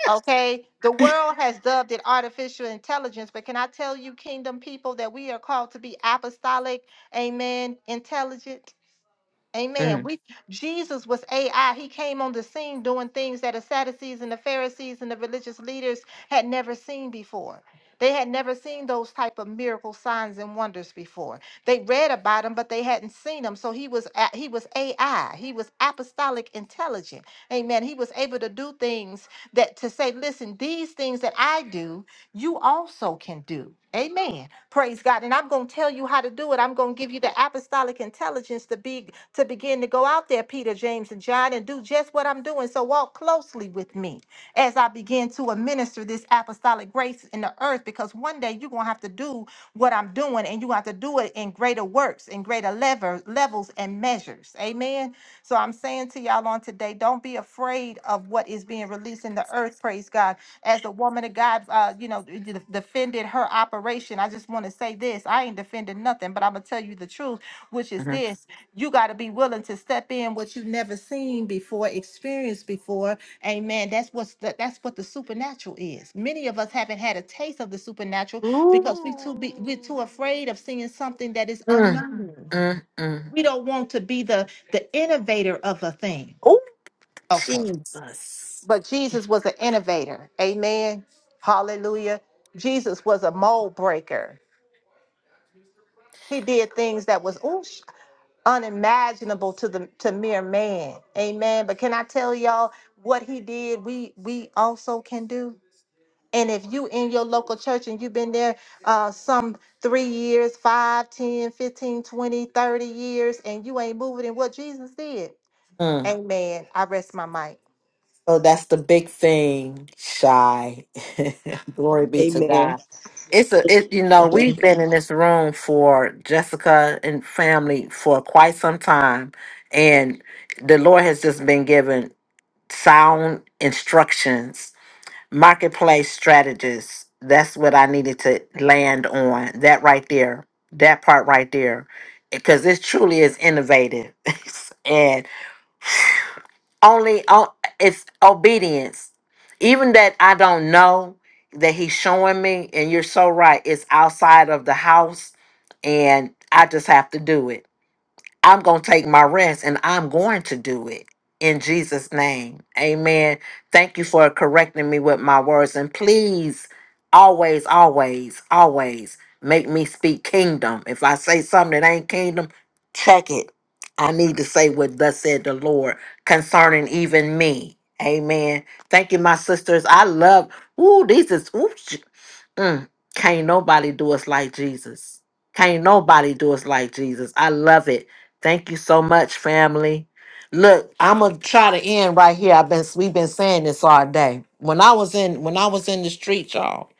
Okay, the world has dubbed it artificial intelligence, but can I tell you, kingdom people, that we are called to be apostolic, amen, intelligent? Amen.
Mm,
We Jesus was AI. He came on the scene doing things that the Sadducees and the Pharisees and the religious leaders had never seen before. They had never seen those type of miracle signs and wonders before. They read about them, but they hadn't seen them. So he was a- he was AI. He was apostolic intelligent. Amen. He was able to do things that to say, listen, these things that I do, you also can do. Amen. Praise God. And I'm going to tell you how to do it. I'm going to give you the apostolic intelligence to be to begin to go out there, Peter, James, and John, and do just what I'm doing. So walk closely with me as I begin to administer this apostolic grace in the earth, because one day you're going to have to do what I'm doing, and you have to do it in greater works, in greater lever, levels and measures. Amen. So I'm saying to y'all on today, don't be afraid of what is being released in the earth, praise God as the woman of God, uh, you know, d- d- defended her operation. I just want to say this I ain't defending nothing, but I'm going to tell you the truth, which is
mhm.
this you got to be willing to step in what you've never seen before, experienced before. Amen. That's what's the, that's what the supernatural is. Many of us haven't had a taste of the supernatural
Ooh.
because we too be, we're too afraid of seeing something that is
Mm,
unknown.
mm, mm.
We don't want to be the the innovator of a thing.
Oh,
Okay
Jesus.
but Jesus was an innovator. Amen. Hallelujah. Jesus was a mold breaker. He did things that was ooh, sh- unimaginable to the to mere man. Amen. But can I tell y'all what he did? We we also can do. And if you in your local church and you've been there uh, some three years, five, ten, fifteen, twenty, thirty years, and you ain't moving in what Jesus did,
Mm.
amen. I rest my mic.
So that's the big thing, shy. *laughs* Glory be to
Amen.
God. It's a, it, you know, we've
Amen.
been in this room for Jessica and family for quite some time. And the Lord has just been given. sound instructions, marketplace strategists. That's what I needed to land on. That right there, that part right there, because this truly is innovative, *laughs* and only on it's obedience. Even that I don't know that he's showing me, and you're so right. It's outside of the house, and I just have to do it I'm going to take my rest and I'm going to do it in Jesus' name. Amen. Thank you for correcting me with my words. And please, always, always, always make me speak kingdom. If I say something that ain't kingdom, check it. I need to say what thus said the Lord concerning even me. Amen. Thank you, my sisters. I love. Ooh, these is ooh, Mm, can't nobody do us like Jesus. Can't nobody do us like Jesus. I love it. Thank you so much, family. Look, I'm gonna try to end right here. I've been we've been saying this all day. When I was in when I was in the street, y'all,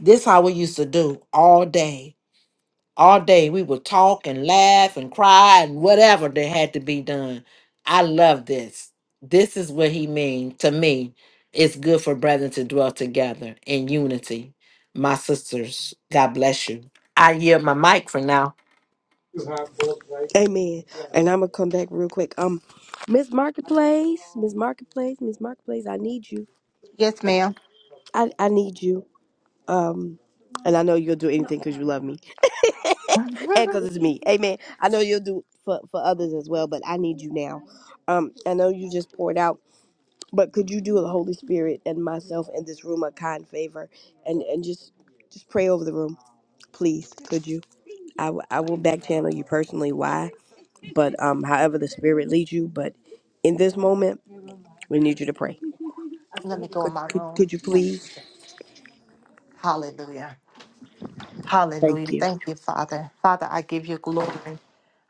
this how we used to do all day all day. We would talk and laugh and cry and whatever that had to be done. I love this. This is what he means to me. It's good for brethren to dwell together in unity. My sisters, God bless you. I yield my mic for now.
Amen. And I'm gonna come back real quick. Um Miss Marketplace, Miss Marketplace, Miss Marketplace, I need you.
Yes, ma'am.
I, I need you. Um and I know you'll do anything because you love me. And because it's me. Amen. I know you'll do for, for others as well, but I need you now. Um, I know you just poured out. But could you do the Holy Spirit and myself in this room a kind favor and and just just pray over the room, please? Could you? I, w- I will back channel you personally why, but um however the Spirit leads you. But in this moment, we need you to pray.
Let me go in
Could
my
could,
room.
could you
One second.
please?
Hallelujah. Hallelujah.
Thank you.
Thank you, Father. Father, I give you glory.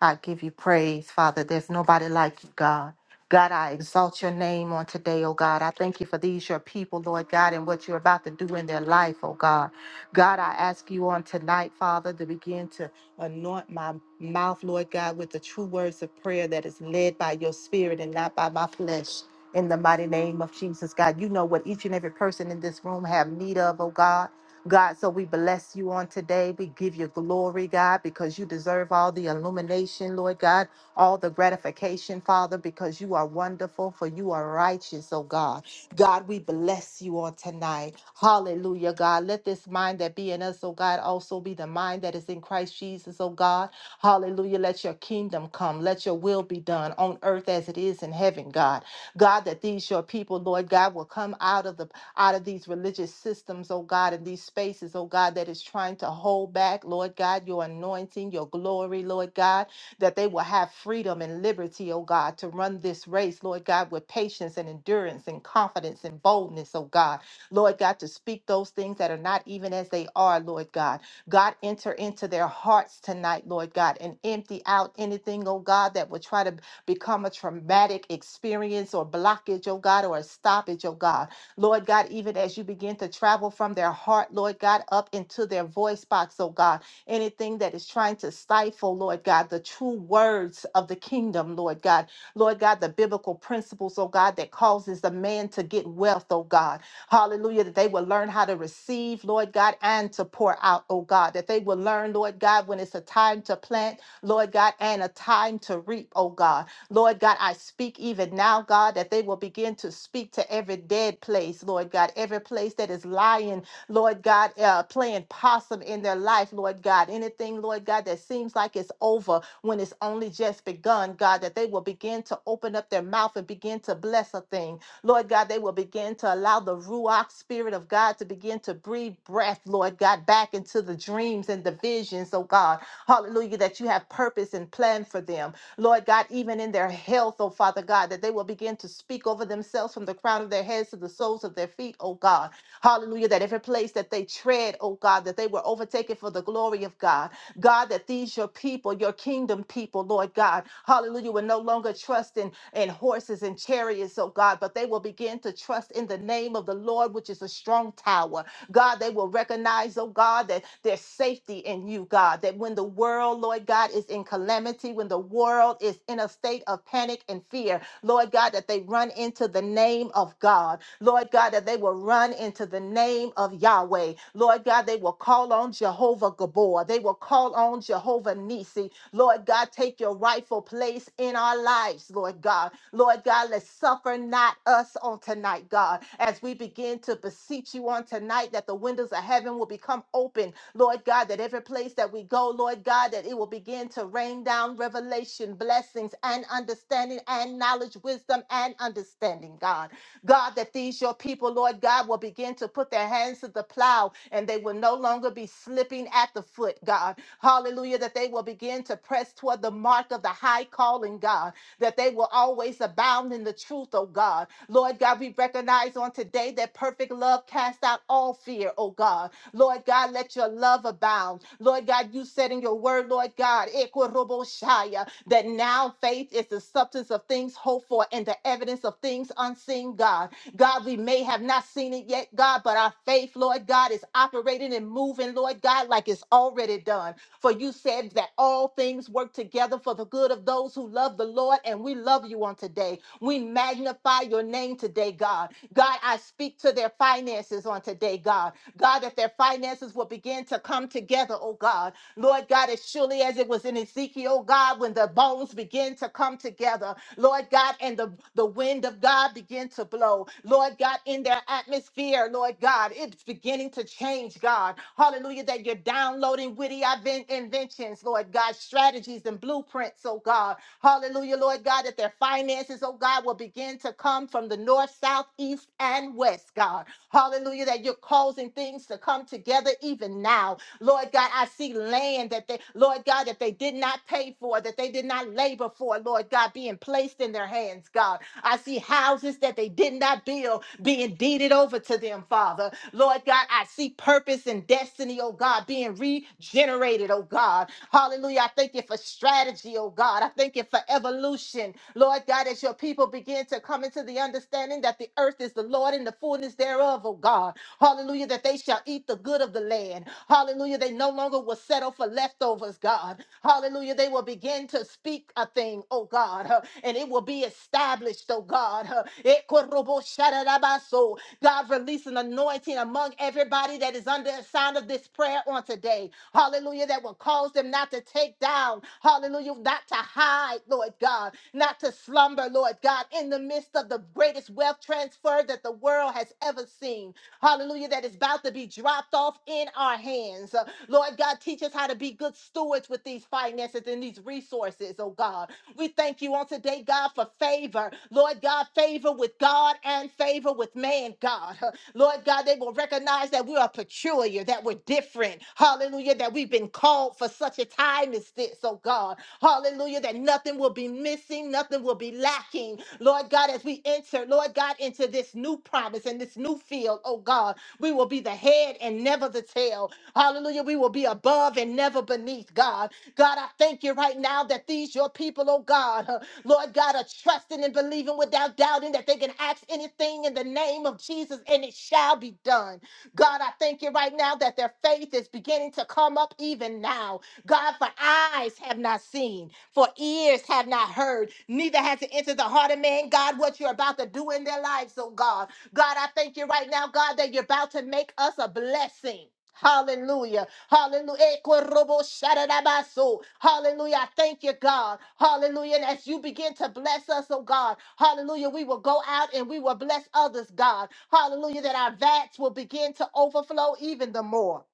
I give you praise, Father. There's nobody like you, God. God, I exalt your name on today, oh God. I thank you for these, your people, Lord God, and what you're about to do in their life, oh God. God, I ask you on tonight, Father, to begin to anoint my mouth, Lord God, with the true words of prayer that is led by your spirit and not by my flesh. In the mighty name of Jesus, God, you know what each and every person in this room have need of, oh God. God, so we bless you on today. We give you glory, God, because you deserve all the illumination, Lord God, all the gratification, Father, because you are wonderful, for you are righteous, oh God. God, we bless you on tonight. Hallelujah, God. Let this mind that be in us, oh God, also be the mind that is in Christ Jesus, oh God. Hallelujah. Let your kingdom come. Let your will be done on earth as it is in heaven, God. God, that these your people, Lord God, will come out of the out of these religious systems, oh God, in these spaces, oh God, that is trying to hold back, Lord God, your anointing, your glory, Lord God, that they will have freedom and liberty, oh God, to run this race, Lord God, with patience and endurance and confidence and boldness, oh God. Lord God, to speak those things that are not even as they are, Lord God. God, enter into their hearts tonight, Lord God, and empty out anything, oh God, that would try to become a traumatic experience or blockage, oh God, or a stoppage, oh God. Lord God, even as you begin to travel from their heart, Lord God, up into their voice box, oh God, anything that is trying to stifle, Lord God, the true words of the kingdom, Lord God, Lord God, the biblical principles, oh God, that causes the man to get wealth, oh God, hallelujah, that they will learn how to receive, Lord God, and to pour out, oh God, that they will learn, Lord God, when it's a time to plant, Lord God, and a time to reap, oh God. Lord God, I speak even now, God, that they will begin to speak to every dead place, Lord God, every place that is lying, Lord God, uh, playing possum in their life, Lord God, anything, Lord God, that seems like it's over when it's only just begun, God, that they will begin to open up their mouth and begin to bless a thing. Lord God, they will begin to allow the Ruach Spirit of God to begin to breathe breath, Lord God, back into the dreams and the visions, oh God. Hallelujah, that you have purpose and plan for them. Lord God, even in their health, oh Father God, that they will begin to speak over themselves from the crown of their heads to the soles of their feet, oh God. Hallelujah. That every place that they tread, oh God, that they were overtaken for the glory of God. God, that these your people, your kingdom people, Lord God, hallelujah, will no longer trust in, in horses and chariots, oh God, but they will begin to trust in the name of the Lord, which is a strong tower. God, they will recognize, oh God, that there's safety in you, God, that when the world, Lord God, is in calamity, when the world is in a state of panic and fear, Lord God, that they run into the name of God. Lord God, that they will run into the name of Yahweh. Lord God, they will call on Jehovah Gabor. They will call on Jehovah Nisi. Lord God, take your rightful place in our lives, Lord God. Lord God, let's suffer not us on tonight, God, as we begin to beseech you on tonight that the windows of heaven will become open, Lord God, that every place that we go, Lord God, that it will begin to rain down revelation, blessings, and understanding, and knowledge, wisdom, and understanding, God. God, that these your people, Lord God, will begin to put their hands to the plow and they will no longer be slipping at the foot, God. Hallelujah, that they will begin to press toward the mark of the high calling, God that they will always abound in the truth, oh God. Lord God, we recognize on today that perfect love casts out all fear, oh God. Lord God, let your love abound. Lord God, you said in your word, Lord God, "Ekoroboshaya," that now faith is the substance of things hoped for and the evidence of things unseen, God. God, we may have not seen it yet, God, but our faith, Lord God, is operating and moving, Lord God, like it's already done. For you said that all things work together for the good of those who love the Lord, and we love you on today. We magnify your name today, God. God, I speak to their finances on today, God. God, that their finances will begin to come together, oh God. Lord God, as surely as it was in Ezekiel, God, when the bones begin to come together. Lord God, and the, the wind of God begin to blow. Lord God, in their atmosphere, Lord God, it's beginning to change, God. Hallelujah, that you're downloading witty inven- inventions, Lord God, strategies and blueprints, oh God. Hallelujah, Lord God, that their finances, oh God, will begin to come from the north, south, east, and west, God. Hallelujah, that you're causing things to come together even now. Lord God, I see land that they, Lord God, that they did not pay for, that they did not labor for, Lord God, being placed in their hands, God. I see houses that they did not build being deeded over to them, Father. Lord God, I see purpose and destiny, oh God, being regenerated, oh God. Hallelujah. I thank you for strategy, oh God. I thank you for evolution, Lord God, as your people begin to come into the understanding that the earth is the Lord and the fullness thereof, oh God. Hallelujah, that they shall eat the good of the land. Hallelujah. They no longer will settle for leftovers, God. Hallelujah. They will begin to speak a thing, oh God, huh, and it will be established, oh God. huh. Ekorobo shararabaso. God, release an anointing among everybody that is under the sound of this prayer on today. Hallelujah. That will cause them not to take down. Hallelujah. Not to hide, Lord God. Not to slumber, Lord God, in the midst of the greatest wealth transfer that the world has ever seen hallelujah, that is about to be dropped off in our hands. Uh, Lord God, teach us how to be good stewards with these finances and these resources, oh God. We thank you on today, God, for favor. Lord God, favor with God and favor with man, God. *laughs* Uh, Lord God, they will recognize that we are peculiar, that we're different. Hallelujah, that we've been called for such a time as this, oh God. Hallelujah, that nothing will be missing, nothing will be lacking. Lord God, as we enter, Lord God, into this new promise and this new field, oh God, we will be the head and never the tail. Hallelujah. We will be above and never beneath, God. God, I thank you right now that these, your people, oh God, uh, Lord God, are trusting and believing without doubting that they can ask anything in the name of Jesus and it shall be done. God, I thank you right now that their faith is beginning to come up even now. God, for eyes have not seen, for ears have not heard, neither has it entered the heart of man, God, what you're about to do in their lives, oh God. God, I thank you right now, God, that you're about to make us a blessing. Hallelujah. Hallelujah. Eh, korobo shadadabaso. Hallelujah. I Thank you, God. Hallelujah. And as you begin to bless us, oh God, hallelujah, we will go out and we will bless others, God. Hallelujah, that our vats will begin to overflow even the more.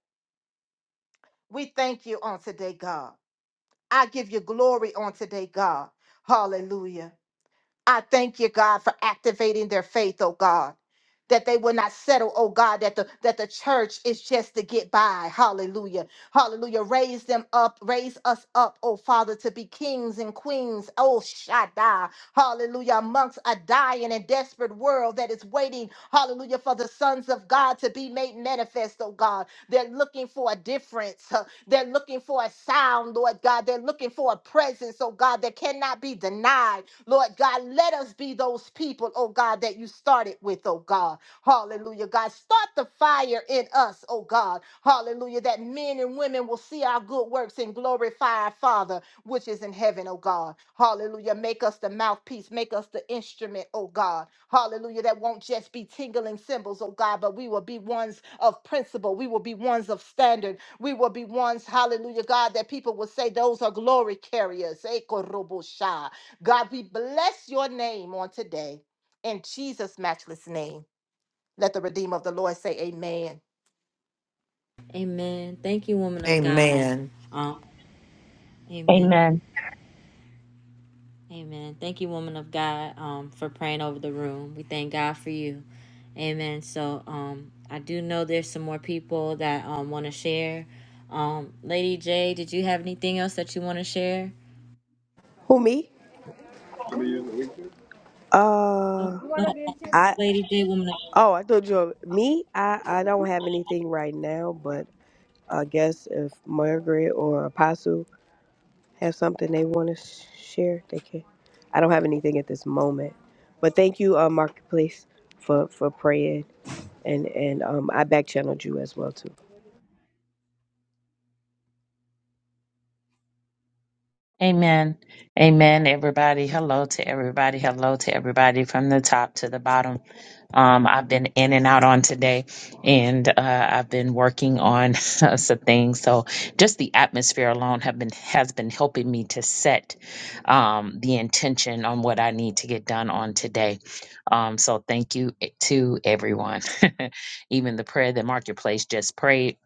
We thank you on today, God. I give you glory on today, God. Hallelujah. I thank you, God, for activating their faith, oh God. That they will not settle, oh God, that the that the church is just to get by. Hallelujah. Hallelujah. Raise them up, raise us up, oh Father, to be kings and queens. Oh Shaddai. Hallelujah. Amongst a dying and desperate world that is waiting, hallelujah, for the sons of God to be made manifest, oh God. They're looking for a difference. huh. They're looking for a sound, Lord God. They're looking for a presence, oh God, that cannot be denied. Lord God, let us be those people, oh God, that you started with, oh God. Hallelujah, God. Start the fire in us, oh God. Hallelujah, that men and women will see our good works and glorify our Father, which is in heaven, oh God. Hallelujah, make us the mouthpiece, make us the instrument, oh God. Hallelujah, that won't just be tingling symbols, oh God, but we will be ones of principle. We will be ones of standard. We will be ones, hallelujah, God, that people will say those are glory carriers. Eh, korobosha. God, we bless your name on today in Jesus' matchless name. Let the Redeemer of the Lord say, Amen.
Amen. Thank you, woman of God.
Amen.
Um, amen.
Amen.
Amen. Thank you, woman of God, um, for praying over the room. We thank God for you. Amen. So um, I do know there's some more people that um, want to share. Um, Lady J, did you have anything else that you want to share?
Who me? Uh,
No,
I
Lady J, woman. Of-
oh I told you me. I I don't have anything right now, but I guess if Margaret or Apostle. have something they want to sh- share, they can. I don't have anything at this moment, but thank you, uh, Marketplace, for for praying, and and um, I back channeled you as well too.
Amen. Amen, everybody. Hello to everybody. Hello to everybody from the top to the bottom. Um, I've been in and out on today, and uh, I've been working on *laughs* some things. So just the atmosphere alone have been has been helping me to set um, the intention on what I need to get done on today. Um, so thank you e- to everyone. *laughs* Even the prayer that Marketplace just prayed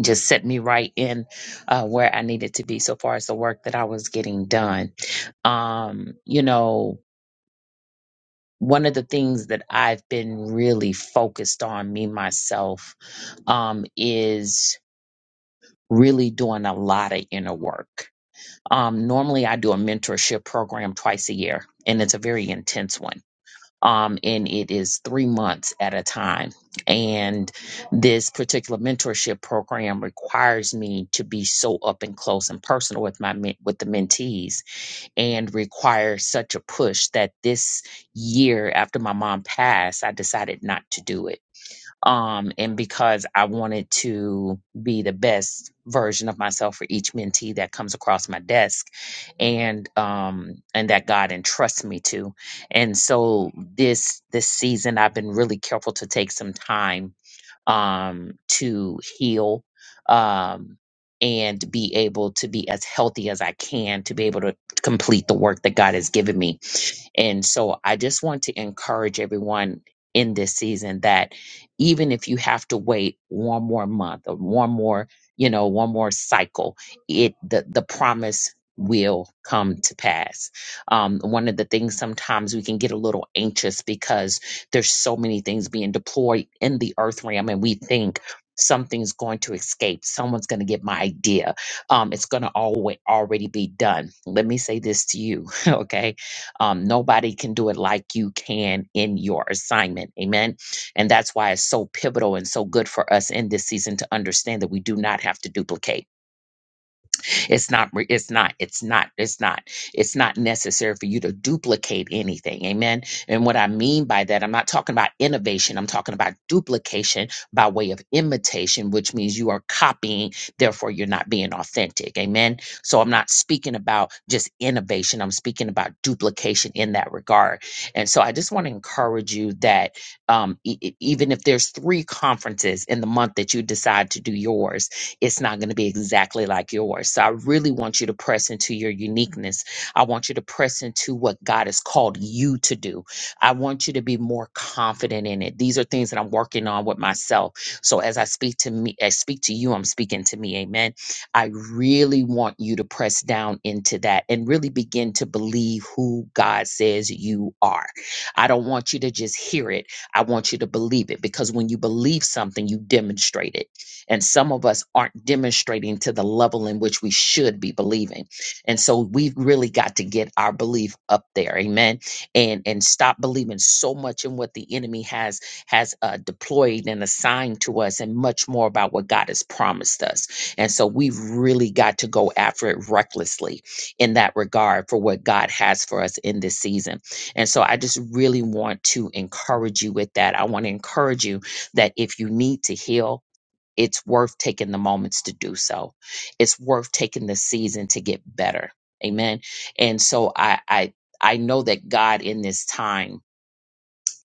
just set me right in uh, where I needed to be so far as the work that I was getting done. Um, you know, um, really doing work. Um, I see. and then with the mentees and require such a push that this year after my mom passed i decided not to do it um and because i wanted to be the best version of myself for each mentee that comes across my desk and um and that god entrusts me to and so this this season i've been really careful to take some time um, to heal um, and be able to be as healthy as I can to be able to complete the work that God has given me. And so I just want to encourage everyone in this season that even if you have to wait one more month or one more, you know, one more cycle, it the, the promise will come to pass. Um, one of the things sometimes we can get a little anxious because. There's so many things being deployed in the earth realm, and we think something's going to escape. Someone's going to get my idea. Um, it's going to always already be done. Let me say this to you, *laughs* okay? Um, nobody can do it like you can in your assignment. Amen. And that's why it's so pivotal and so good for us in this season to understand that we do not have to duplicate it's not, re- it's not, it's not, it's not, it's not necessary for you to duplicate anything. Amen. And what I mean by that, I'm not talking about innovation. I'm talking about duplication by way of imitation, which means you are copying. Therefore, you're not being authentic. Amen. So I'm not speaking about just innovation. I'm speaking about duplication in that regard. And so I just want to encourage you that um, e- e- even if there's three conferences in the month that you decide to do yours, it's not going to be exactly like yours. So I really want you to press into your uniqueness. I want you to press into what God has called you to do. I want you to be more confident in it. These are things that I'm working on with myself. So as I speak to me, I speak to you, I'm speaking to me. Amen. I really want you to press down into that and really begin to believe who God says you are. I don't want you to just hear it. I want you to believe it because when you believe something, you demonstrate it. And some of us aren't demonstrating to the level in which we should be believing. And so we've really got to get our belief up there. Amen. And and stop believing so much in what the enemy has has uh, deployed and assigned to us and much more about what God has promised us. And so we've really got to go after it recklessly in that regard for what God has for us in this season. And so I just really want to encourage you with that. I want to encourage you that if you need to heal, it's worth taking the moments to do so. It's worth taking the season to get better. Amen. And so I I I know that God in this time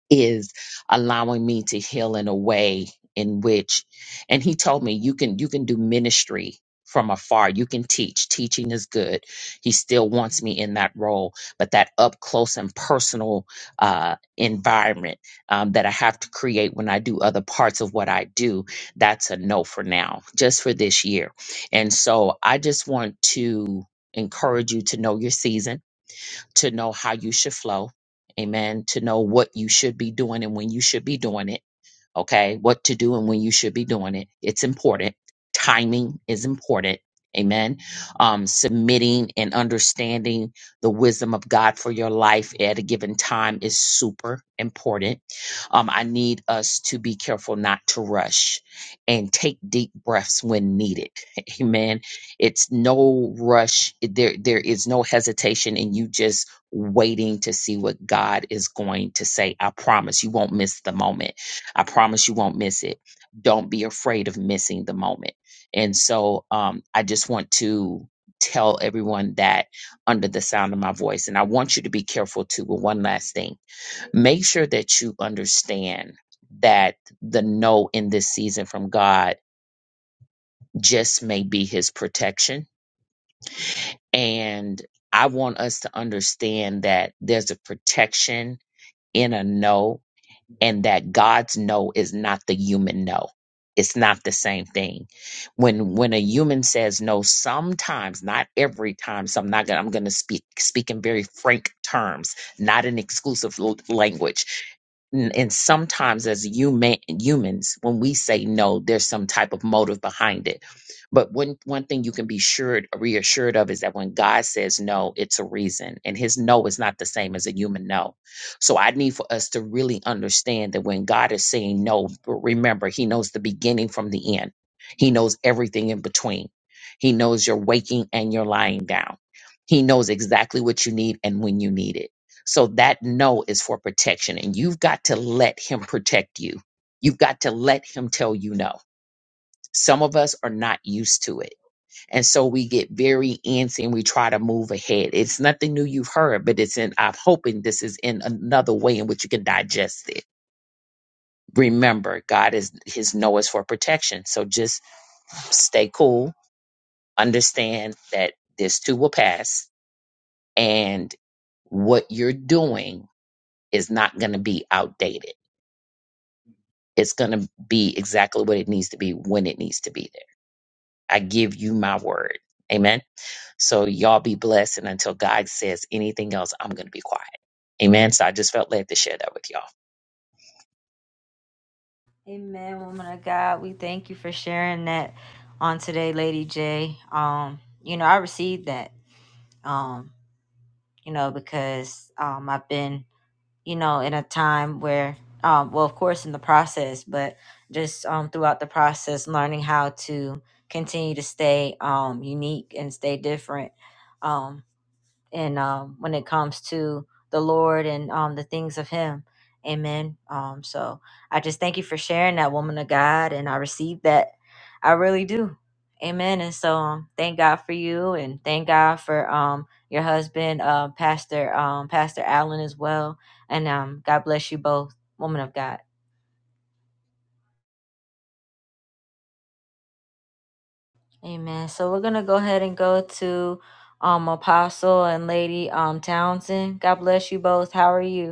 is allowing me to heal in a way in which and he told me you can you can do ministry from afar you can teach teaching is good he still wants me in that role but that up close and personal uh, environment um, that i have to create when i do other parts of what i do that's a no for now just for this year and so i just want to encourage you to know your season to know how you should flow. Amen. To know what you should be doing and when you should be doing it okay? What to do and when you should be doing it. It's important. Timing is important. Amen. Um, submitting and understanding the wisdom of God for your life at a given time is super important. Um, I need us to be careful not to rush and take deep breaths when needed. *laughs* Amen. It's no rush. There, there is no hesitation in you just waiting to see what God is going to say. I promise you won't miss the moment I promise you won't miss it. Don't be afraid of missing the moment. And so um, I just want to tell everyone that under the sound of my voice. And I want you to be careful too. But one last thing make sure that you understand that the no in this season from God just may be his protection. And I want us to understand that there's a protection in a no and that God's no is not the human no. It's not the same thing. When when a human says no, sometimes, not every time, so I'm not gonna I'm gonna speak speak in very frank terms, not in exclusive l- language. N- And sometimes as human humans, when we say no, there's some type of motive behind it. But one one thing you can be sure reassured of is that when God says no, it's a reason. And his no is not the same as a human no so I need for us to really understand that when God is saying no, remember, He knows the beginning from the end, He knows everything in between. He knows your waking and your lying down. He knows exactly what you need and when you need it. So that no is for protection, and you've got to let Him protect you. You've got to let Him tell you no. Some of us are not used to it and so we get very antsy and we try to move ahead. It's nothing new you've heard, but it's in, I'm hoping this is in another way in which you can digest it. Remember, God is, his no is for protection. So just stay cool, understand that this too will pass and what you're doing is not going to be outdated. It's going to be exactly what it needs to be when it needs to be there. I give you my word. Amen. So y'all be blessed. And until God says anything else, I'm going to be quiet. Amen. So I just felt led to share that with y'all.
Amen, woman of God. We thank you for sharing that on today, Lady J. Um, you know, I received that. Um, you know, because um, I've been you know, in a time where, um, well, of course, in the process, but just um, throughout the process, learning how to continue to stay um, unique and stay different um and um, when it comes to the Lord and um, the things of Him. Amen. Um, so I just thank you for sharing that woman of God, and I receive that. I really do. Amen. And so um, thank God for you, and thank God for um, your husband, uh, Pastor um, Pastor Allen, as well. And um, God bless you both, woman of God. Amen. So we're gonna go ahead and go to um, Apostle and Lady um, Townsend. God bless you both. How are you?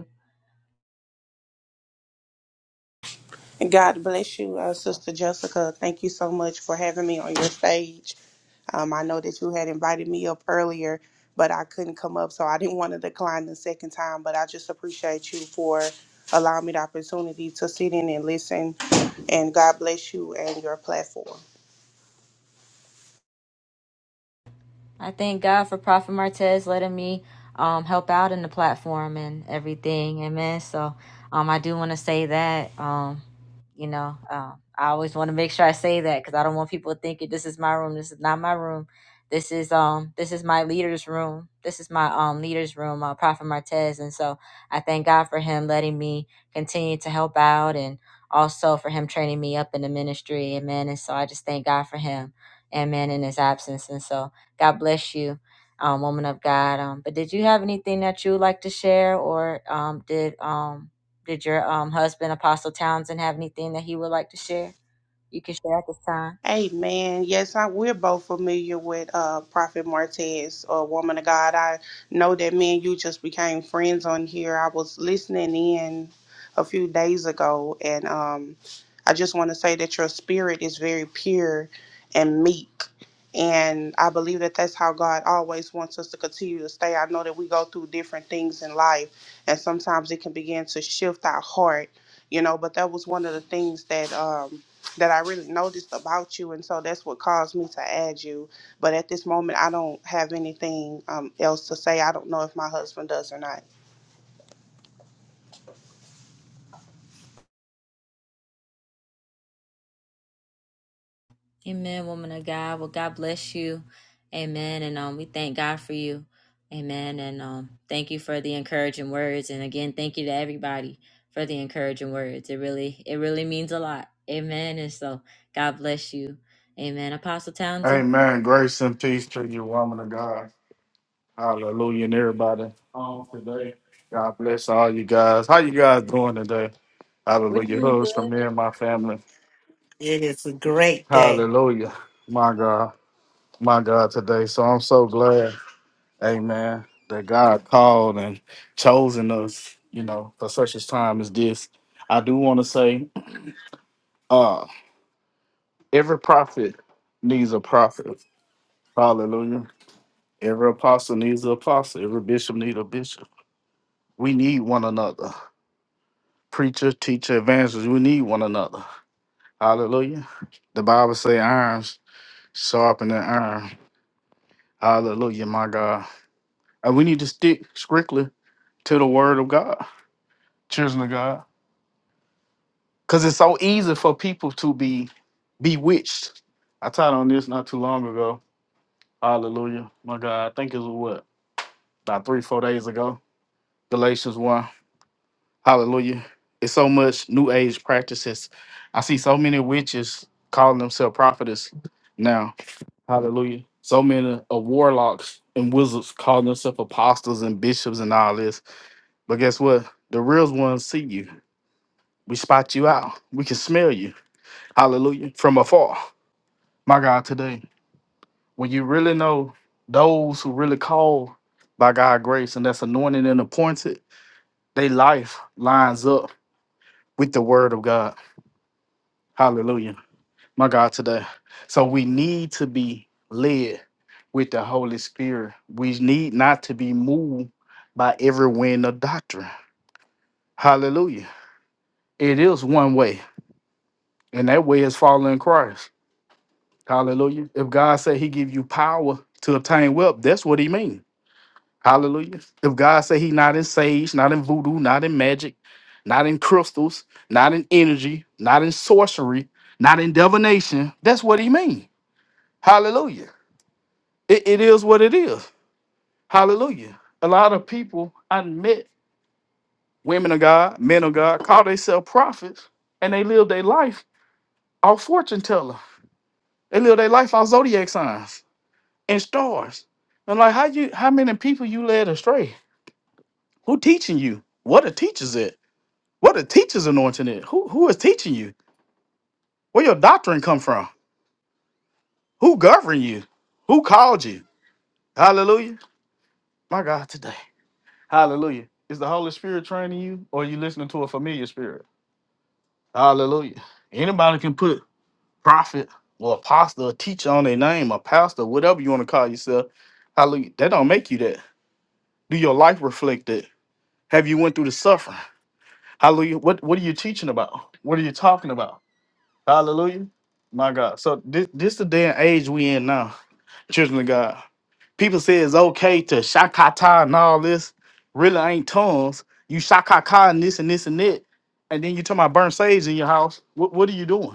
God bless you, uh, Sister Jessica. Thank you so much for having me on your stage. Um, I know that you had invited me up earlier, but I couldn't come up, so I didn't want to decline the second time. But I just appreciate you for allowing me the opportunity to sit in and listen. And God bless you and your platform.
I thank God for Prophet Martez letting me um, help out in the platform and everything. Amen. So um, I do want to say that. Um, you know, uh, I always want to make sure I say that because I don't want people thinking this is my room. This is not my room. This is um this is my leader's room. This is my um leader's room, uh, Prophet Martez, and so I thank God for him letting me continue to help out and also for him training me up in the ministry. Amen. And so I just thank God for him. Amen. In his absence, and so. God bless you, um, woman of God. Um, but did you have anything that you would like to share, or um, did um, did your um, husband, Apostle Townsend, have anything that he would like to share? You can share at this time.
Amen. Yes, I we're both familiar with uh Prophet Martez a Woman of God. I know that me and you just became friends on here. I was listening in a few days ago and um I just want to say that your spirit is very pure and meek. And I believe that that's how God always wants us to continue to stay. I know that we go through different things in life, and sometimes it can begin to shift our heart, you know. But that was one of the things that um, that I really noticed about you, and so that's what caused me to add you. But at this moment, I don't have anything um, else to say. I don't know if my husband does or not.
Amen, woman of God. Well, God bless you. Amen. And um, we thank God for you. Amen. And um, thank you for the encouraging words. And again, thank you to everybody for the encouraging words. It really, it really means a lot. Amen. And so God bless you. Amen. Apostle Townsend,
Amen. Grace and peace to you, woman of God. Hallelujah, and everybody on today. God bless all you guys. How you guys doing today?
we're
Hallelujah.
doing
Hugs from
good.
me and my family.
It is a great day.
Hallelujah. My God. My God today. So I'm so glad, amen, that God called and chosen us, you know, for such a time as this. I do want to say, uh, every prophet needs a prophet. Hallelujah. Every apostle needs an apostle. Every bishop needs a bishop. We need one another. Preacher, teacher, evangelist, we need one another. Hallelujah. The Bible say irons sharpen the iron. Hallelujah, my God. And we need to stick strictly to the word of God, children of God. Because it's so easy for people to be bewitched. I taught on this not too long ago. Hallelujah. My God, I think it was what? About three, four days ago. Galatians 1. Hallelujah. It's so much new age practices. I see so many witches calling themselves prophetess now. Hallelujah. So many uh, warlocks and wizards calling themselves apostles and bishops and all this. But guess what? The real ones see you. We spot you out. We can smell you. Hallelujah. From afar. My God, today, when you really know those who really call by God's grace and that's anointed and appointed, their life lines up with the word of God. Hallelujah. my God, today. So we need to be led with the Holy Spirit. We need not to be moved by every wind of doctrine. Hallelujah. It is one way, and that way is following Christ. Hallelujah. If God said he give you power to obtain wealth, that's what he mean. Hallelujah. If God said he not in sage, not in voodoo, not in magic, not in crystals, not in energy, not in sorcery, not in divination, that's what he mean. Hallelujah. It, it is what it is. Hallelujah. A lot of people I met, women of God, men of God, call themselves prophets, and they live their life off fortune teller. They live their life off zodiac signs and stars. And like, how you, how many people you led astray? Who teaching you? What are teachers at? What are teachers anointing at? Who who is teaching you? Where your doctrine come from? Who governed you? Who called you? Hallelujah. My God, today. Hallelujah. Is the Holy Spirit training you, or are you listening to a familiar spirit? Hallelujah. Anybody can put prophet or apostle or teacher on their name or pastor, whatever you want to call yourself. Hallelujah. That don't make you that. Do your life reflect that? Have you went through the suffering? Hallelujah. What what are you teaching about? What are you talking about? Hallelujah. My God. So this this the day and age we in now, children of God. People say it's okay to shakata and all this. Really ain't tongues. You shakaka and this and this and that. And then you talking about burn sage in your house. What what are you doing?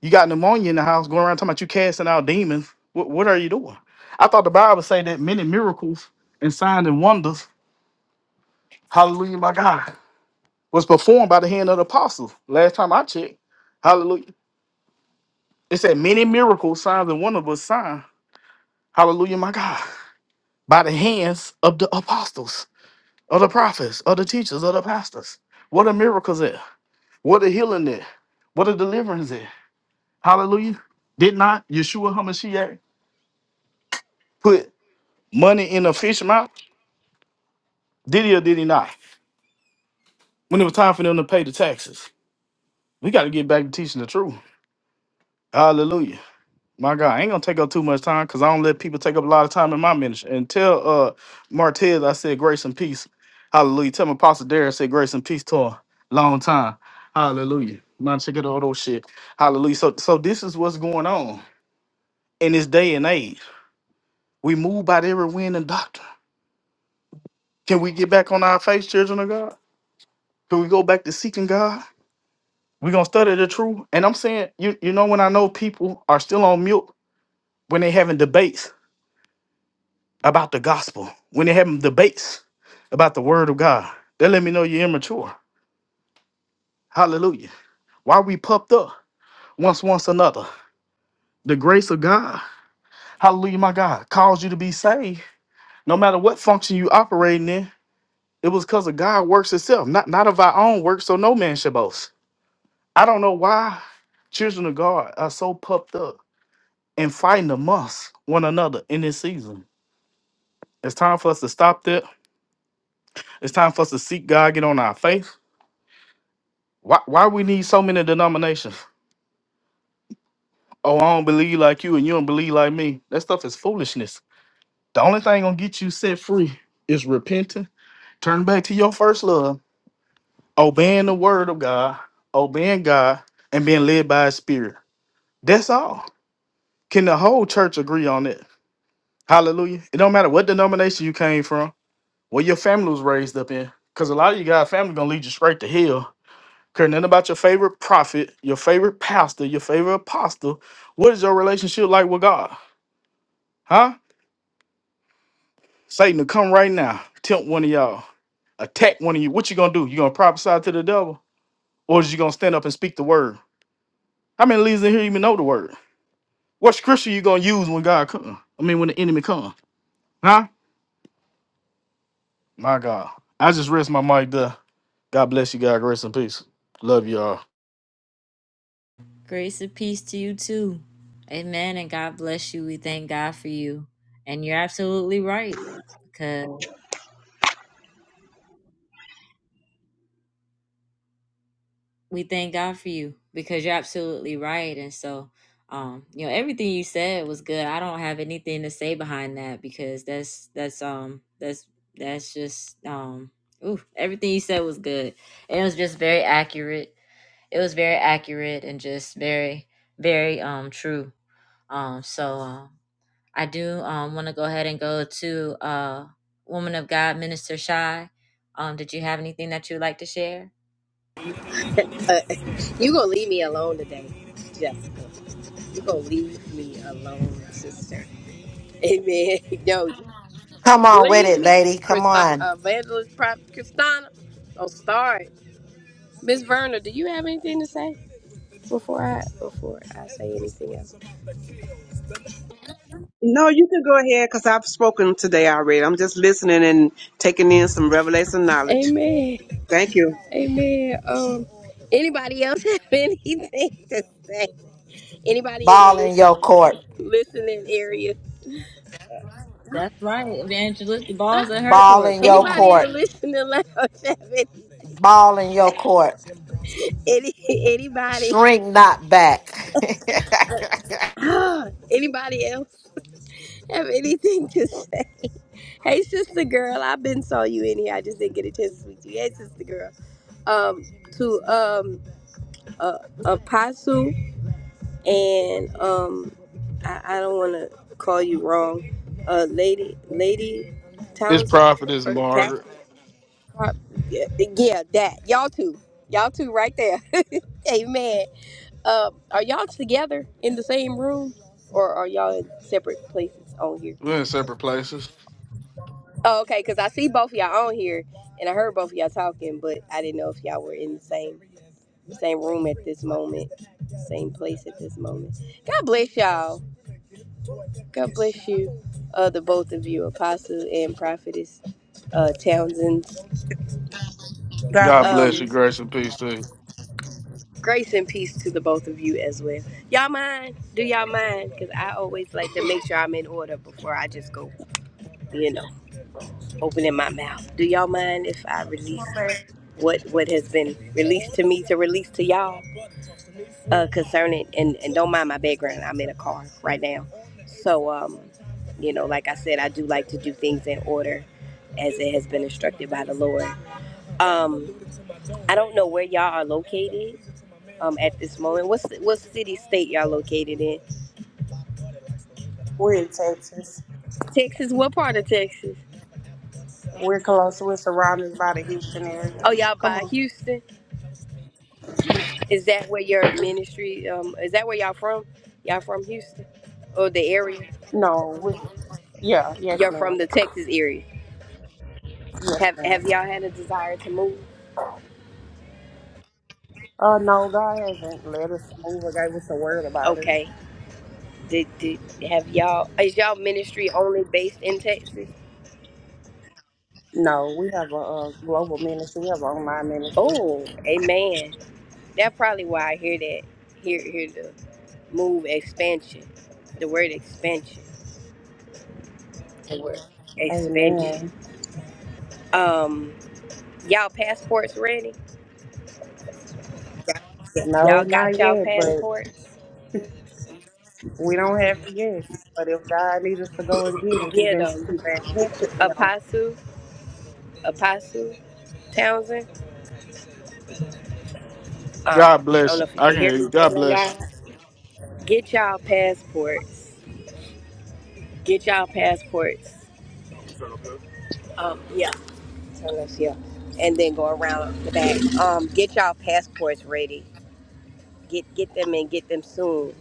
You got pneumonia in the house going around talking about you casting out demons. What, what are you doing? I thought the Bible said that many miracles and signs and wonders, hallelujah, my God, was performed by the hand of the apostles. Last time I checked, hallelujah. It said many miracles, signs, and wonders was signed, hallelujah, my God, by the hands of the apostles, of the prophets, of the teachers, of the pastors. What are miracles there? What are healing there? What are deliverance there? Hallelujah. Did not Yeshua HaMashiach put money in a fish mouth? Did he or did he not? When it was time for them to pay the taxes, we got to get back to teaching the truth. Hallelujah. My God, I ain't gonna take up too much time because I don't let people take up a lot of time in my ministry. And tell uh Martez I said grace and peace. Hallelujah. Tell my Apostle Darren I said grace and peace to a long time. Hallelujah. Man, check out all those shit. Hallelujah. So so this is what's going on in this day and age. We move by every wind and doctrine. Can we get back on our face, children of God? Can we go back to seeking God? We're gonna study the truth. And I'm saying, you you know, when I know people are still on mute when they having debates about the gospel, when they having debates about the word of God, they let me know you're immature. Hallelujah. Why we puffed up once once another. The grace of God, hallelujah, my God, caused you to be saved. No matter what function you operating in, it was because of God works itself, not not of our own works, so no man should boast. I don't know why children of God are so puffed up and fighting amongst one another in this season. It's time for us to stop that. It's time for us to seek God, get on our faith. Why, why we need so many denominations? Oh, I don't believe like you and you don't believe like me. That stuff is foolishness. The only thing gonna get you set free is repenting, turning back to your first love, obeying the word of God, obeying God, and being led by his spirit. That's all. Can the whole church agree on it? Hallelujah. It don't matter what denomination you came from. What your family was raised up in. Because a lot of you guys' family gonna lead you straight to hell. Care nothing about your favorite prophet, your favorite pastor, your favorite apostle. What is your relationship like with God? Huh? Satan to come right now, tempt one of y'all, attack one of you. What you gonna do? You gonna prophesy to the devil? Or is you gonna stand up and speak the word? How many leaders in here even know the word? What scripture you gonna use when God come? I mean when the enemy come? Huh? My God. I just rest my mic there. God bless you guys. Rest in peace. Love y'all.
Grace and peace to you too. Amen. And God bless you. We thank God for you. And you're absolutely right. because. we thank God for you because you're absolutely right. And so, um, you know, everything you said was good. I don't have anything to say behind that because that's that's um that's that's just um ooh, everything you said was good. And it was just very accurate. It was very accurate and just very, very um true. Um so um I do um wanna go ahead and go to uh woman of God, Minister Shy. Um, did you have anything that you would like to share?
Uh, *laughs* you gonna leave me alone today, Jessica. You gonna leave me alone, sister. Amen. *laughs* No,
Come on with
leave
it,
me,
lady. Come
Christi-
on.
Evangelist Prop Christina. Don't start, Miss Verna. Do you have anything to say before I before I say anything else?
No, you can go ahead because I've spoken today already. I'm just listening and taking in some revelation knowledge.
Amen.
Thank you.
Amen. Um, anybody else have *laughs* anything to say? Anybody in the
Ball in
listen,
your court.
listening area?
Right, Evangelist, the
Stop.
ball's at her
Ball
court.
in
Come
your
on.
Anybody in the
court.
listening lounge *laughs* have any,
Ball in your court.
any anybody? *gasps*
Shrink not back. *laughs*
Ah, anybody else have anything to say? Hey, sister girl, I've been saw you in here. I just didn't get a chance to speak to you. Hey, sister girl. Um, to um, uh, apostle and um. I, I don't want to call you wrong, uh, lady, lady
It's
Townsend
prophet is
for Pastor Prop. Yeah, yeah, that y'all two, y'all two right there. *laughs* Amen. Uh, are y'all together in the same room, or are y'all in separate places on here?
We're in separate places.
Oh, okay, because I see both of y'all on here, and I heard both of y'all talking, but I didn't know if y'all were in the same same room at this moment, same place at this moment. God bless y'all. God bless you, uh, the both of you, Apostle and Prophetess uh, Townsend.
God
God
bless
bless you.
Um,
you.
Grace and peace to you.
grace and peace to the both of you as well. Y'all mind? Do y'all mind? Because I always like to make sure I'm in order before I just go, you know, opening my mouth. Do y'all mind if I
Come
release
on, babe.
what what has been released to me to release to y'all uh, concerning? And, and don't mind my background. I'm in a car right now. So, um, you know, like I said, I do like to do things in order as it has been instructed by the Lord. Um, I don't know where y'all are located um, at this moment. What's what city state y'all located in?
We're in Texas.
Texas. What part of Texas?
We're close. We're surrounded by the Houston area.
Oh, y'all
Come
by
on.
Houston. Is that where your ministry? Um, is that where y'all from? Y'all from Houston or the area?
No, we, yeah, yes,
Y'all
ma'am.
from the Texas area?
Yes,
Have
ma'am.
Have y'all had a desire to move?
Uh, no, God hasn't led us to move or gave us a word about it.
Okay. Did, did have y'all? Is y'all ministry only based in Texas?
No, we have a, uh global ministry. We have an online ministry.
Oh, amen. That's probably why I hear that. Hear hear the move expansion. The word expansion. The word expansion.
Amen.
Um, y'all passports ready? Y'all
No,
y'all got
not
y'all
yet, but.
passports?
We don't have it yet, but if God needs us to go and get it, He
Get
been
them.
He been catching me on.
Apostle, Apostle Townsend. Um,
God
I don't
bless
know
you.
if you
I
can hear me,
can. God
man. of
bless
God. Get y'all passports. Get y'all passports. Um, yeah. Turn left here, and then go around the back. Um, get y'all passports ready. Get get them and get them soon.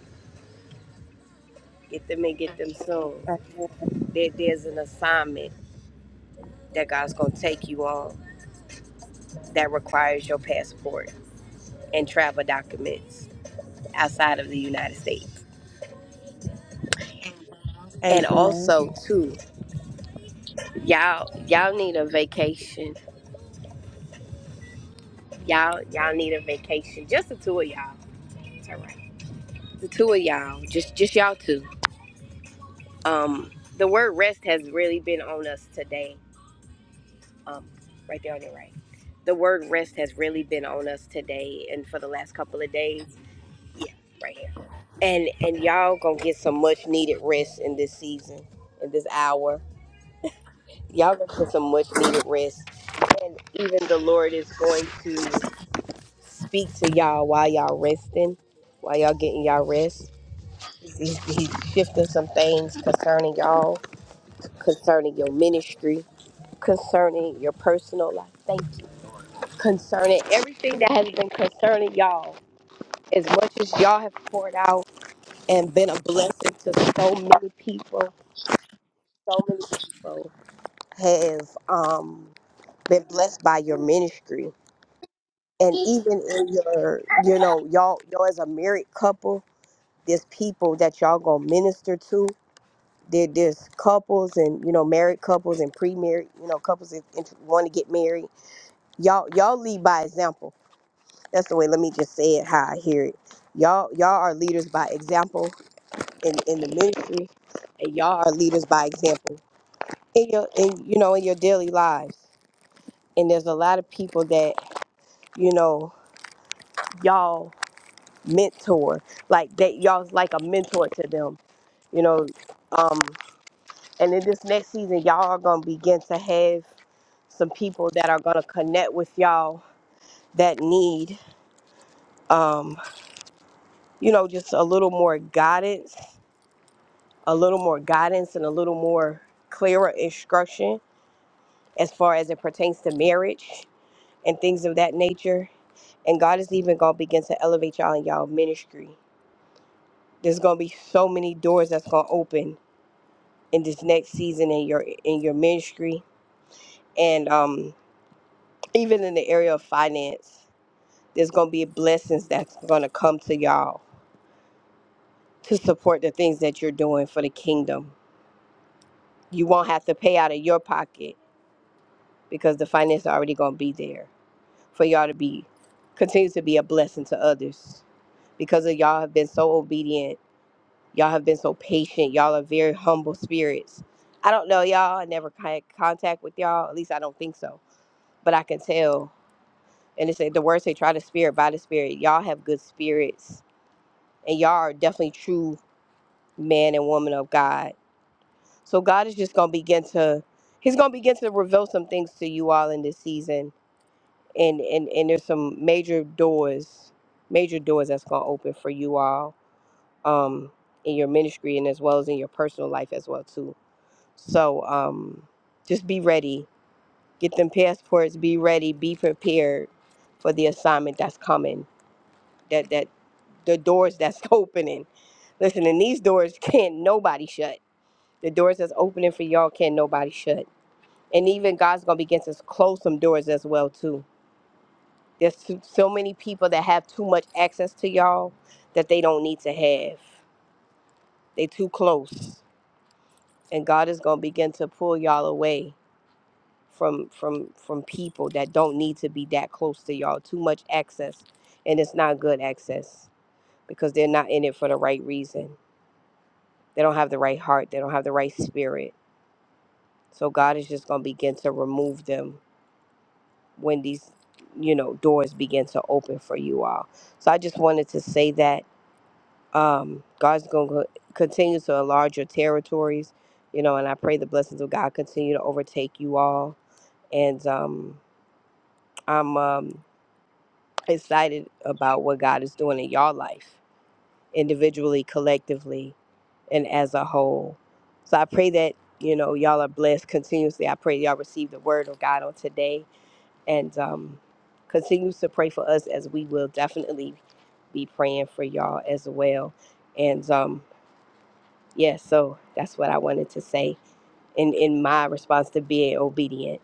Get them and get them soon.
Amen.
There, there's an assignment that God's going to take you on that requires your passport and travel documents outside of the United States. And
Amen.
also, too, y'all y'all need a vacation. Y'all y'all need a vacation. Just the two of y'all. It's all right. The two of y'all. Just just y'all two. Um, the word rest has really been on us today. Um, right there on your right. The word rest has really been on us today and for the last couple of days. Yeah, right here and and y'all gonna get some much needed rest in this season in this hour y'all gonna get some much needed rest and even the lord is going to speak to y'all while y'all resting while y'all getting y'all rest he's, he's shifting some things concerning y'all concerning your ministry concerning your personal life thank you concerning everything that has been concerning y'all as much as y'all have poured out and been a blessing to so many people so many people have um been blessed by your ministry and even in your you know y'all y'all as a married couple there's people that y'all gonna minister to there, there's couples and you know married couples and pre-married you know couples that want to get married y'all y'all lead by example that's the way let me just say it how i hear it y'all y'all are leaders by example in in the ministry and y'all are leaders by example in your in you know in your daily lives and there's a lot of people that you know y'all mentor like that y'all's like a mentor to them you know um and in this next season y'all are gonna begin to have some people that are gonna connect with y'all that need um you know just a little more guidance a little more guidance and a little more clearer instruction as far as it pertains to marriage and things of that nature and god is even gonna begin to elevate y'all in y'all ministry There's gonna be so many doors that's gonna open in this next season in your in your ministry and um even in the area of finance. There's gonna be blessings that's gonna come to y'all to support the things that you're doing for the kingdom. You won't have to pay out of your pocket because the finances are already gonna be there for y'all to be continue to be a blessing to others because of y'all have been so obedient Y'all have been so patient. Y'all are very humble spirits. I don't know y'all. I never had contact with y'all. At least I don't think so. But I can tell. And it's the words say, try the spirit by the spirit. Y'all have good spirits. And y'all are definitely true man and woman of God. So God is just gonna begin to He's gonna begin to reveal some things to you all in this season. And and, and there's some major doors, major doors that's gonna open for you all. Um in your ministry and as well as in your personal life as well too So um, just be ready. Get them passports. Be ready. Be prepared for the assignment that's coming. That that the doors that's *laughs* opening. Listen, and these doors can't nobody shut. The doors that's opening for y'all can't nobody shut. And even God's gonna begin to close some doors as well too. There's so so many people that have too much access to y'all that they don't need to have. They too close, and God is gonna begin to pull y'all away from from from people that don't need to be that close to y'all too much access and it's not good access because they're not in it for the right reason they don't have the right heart they don't have the right spirit so god is just going to begin to remove them when these you know doors begin to open for you all so i just wanted to say that um god's going to continue to enlarge your territories you know and i pray the blessings of god continue to overtake you all and um i'm um excited about what God is doing in your life, individually, collectively, and as a whole. So I pray that, you know, y'all are blessed continuously. I pray y'all receive the word of God on today and um, continue to pray for us as we will definitely be praying for y'all as well. And um, yeah, so that's what I wanted to say in in my response to being obedient.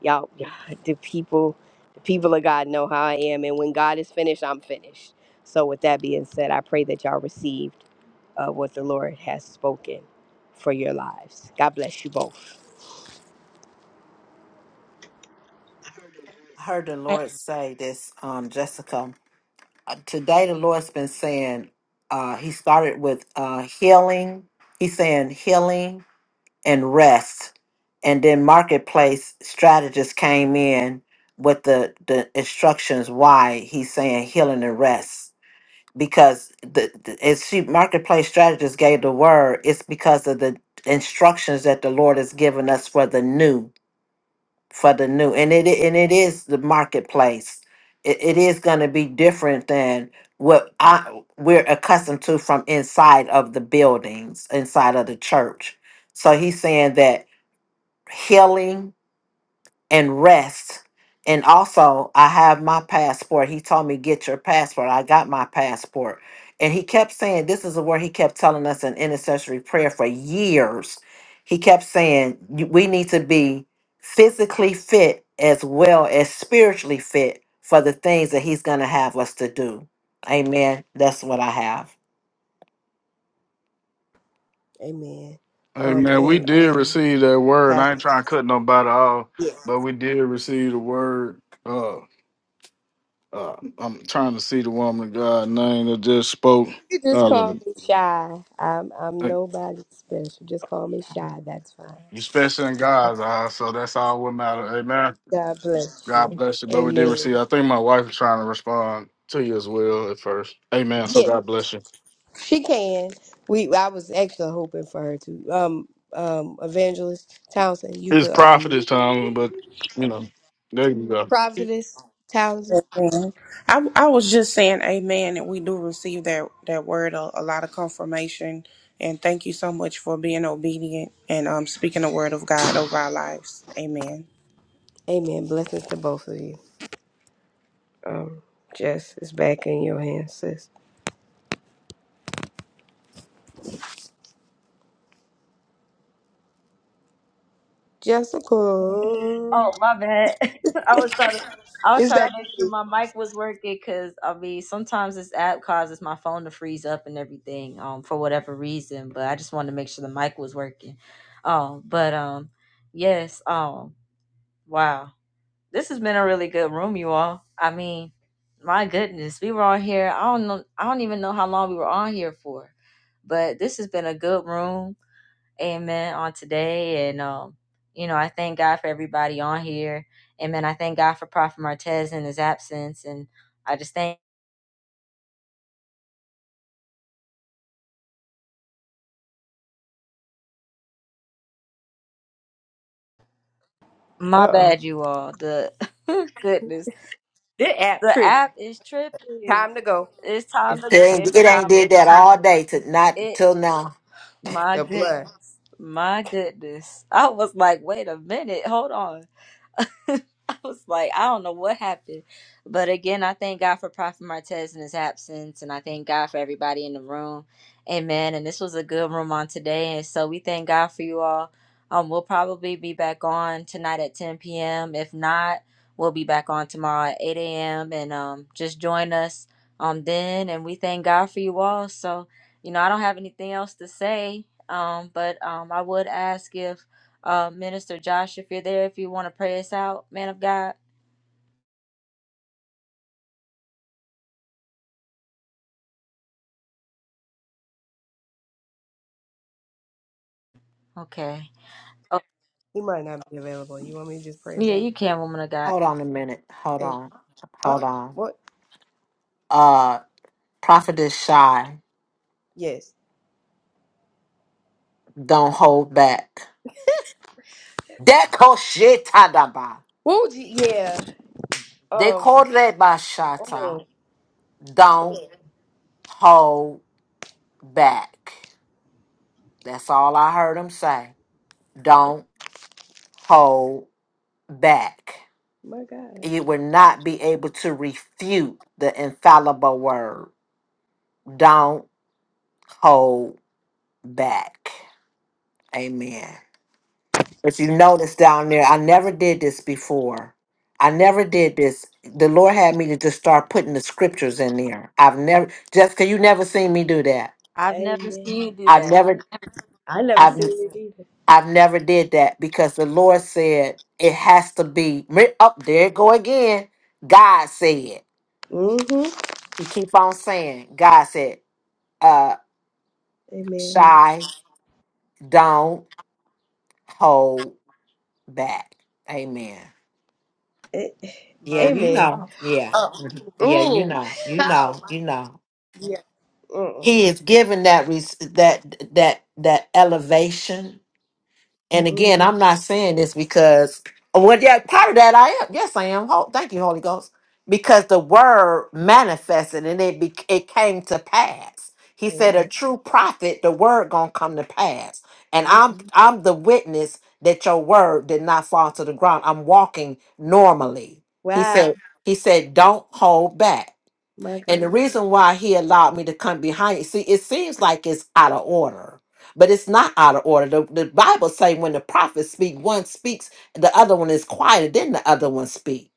Y'all, *laughs* the people, the people of God know how I am, and when God is finished, I'm finished. So, with that being said, I pray that y'all received uh, what the Lord has spoken for your lives. God bless you both.
I heard the Lord say this, um, Jessica. Uh, Today, the Lord's been saying, uh, He started with uh, healing. He's saying healing and rest. And then marketplace strategists came in with the, the instructions why he's saying healing and rest. Because the, the as she marketplace strategist gave the word, it's because of the instructions that the Lord has given us for the new for the new and it i- and it is the marketplace it, it is going to be different than what I, we're accustomed to from inside of the buildings inside of the church so he's saying that healing and rest. And also, I have my passport. He told me, get your passport. I got my passport. And he kept saying, this is a word he kept telling us in intercessory prayer for years. He kept saying, "You- we need to be physically fit as well as spiritually fit for the things that he's going to have us to do. Amen. That's what I have.
Amen.
you. Hey
Um
man, we
and
did
um
receive that word. I ain't
Pastor.
trying to cut nobody off,
Yeah.
but we did receive the word. Uh, uh I'm trying to see the woman of God name that just spoke.
You can just call
Hallelujah.
me shy. I'm I'm
Hey,
nobody special. Just call me shy. That's fine.
you special in God's eyes, so that's all what matters. Amen.
God bless you.
God bless you. But we did
Amen.
receive. I think my wife is trying to respond to you as well at first. Amen. So
Yeah.
God bless you.
She can. We I was actually hoping for her to. Um um Evangelist Townsend, you
It's
could
prophet
um
this time, but you know, there you go.
Prophetess Townsend.
Amen. I I was just saying amen, and we do receive that that word a, a lot of confirmation. And thank you so much for being obedient and um speaking the word of God over our lives. Amen.
Amen. Blessings to both of you. Um Jess is back in your hands, sis. Jessica
Oh my bad. *laughs* I was trying to. I was
is
trying
back
to make
on
sure
you.
my mic was working because I mean sometimes this app causes my phone to freeze up and everything um for whatever reason but I just wanted to make sure the mic was working, um but um yes um wow this has been a really good room you all I mean my goodness we were on here I don't know I don't even know how long we were on here for but this has been a good room amen on today and um you know i thank god for everybody on here amen i thank god for prophet martez in his absence and i just thank
Uh
my
oh.
bad you all the *laughs* goodness
This app
the
tripping.
app is tripping
Time to go.
it's time
It's
to
It ain't,
it's
it ain't
time to
did that
go
all day to not
it
till now.
my
the
goodness
blood.
my goodness i was like wait a minute hold on *laughs* I was like, I don't know what happened. But again, I thank God for Prophet Martez in his absence, and I thank God for everybody in the room. Amen. And this was a good room on today. And so we thank God for you all. Um, we'll probably be back on tonight at 10 p.m. If not, we'll be back on tomorrow at 8 a.m. And um, just join us um, then. And we thank God for you all. So, you know, I don't have anything else to say, um, but um, I would ask if uh, Minister Josh, if you're there, if you want to pray us out, man of God. Okay. Oh,
He might not be available. You want me to just pray his
yeah,
out?
you can, woman of God.
Hold on a minute. Hold
Hey,
on.
oh,
Hold
what?
on. Prophetess Shy,
Yes.
don't hold back. Dekoshitadaba.
Woo, G- yeah. Um,
Dekorebashata.
oh,
Don't hold back. That's all I heard him say. Don't hold back.
my God.
You will not be able to refute the infallible word. Don't hold back. Amen. If you notice down there, I never did this before. I never did this. The Lord had me to just start putting the scriptures in there. I've never, Jessica, you never seen me do that.
I've never
Amen.
seen you do
I've
that. I've
never,
I never seen
I've,
it either.
I've never did that because the Lord said it has to be up there. it Go again. God said.
Mm-hmm.
You keep on saying. God said. Uh,
Amen.
shy. Don't hold back. Amen.
A-
Yeah,
my
you
goodness.
amen.
know. Yeah. Mhm. Yeah, you
Mm.
know.
*laughs*
You
Oh
know.
my.
You know.
Yeah. Mm.
He is given that res- that that that elevation and again,
Mm-hmm.
I'm not saying this because well, yeah, part of that I am. Yes, I am. Ho- Thank you, Holy Ghost, because the word manifested and it be- it came to pass. He
Amen.
said, "A true prophet, the word gonna come to pass." And
Mm.
I'm Mhm. I'm the witness that your word did not fall to the ground. I'm walking normally. He
Wow.
said. He said, "Don't hold back."
My
And the
God.
reason why he allowed me to come behind, see, it seems like it's out of order, but it's not out of order. The, the Bible say when the prophets speak, one speaks, the other one is quieted, then the other one speak.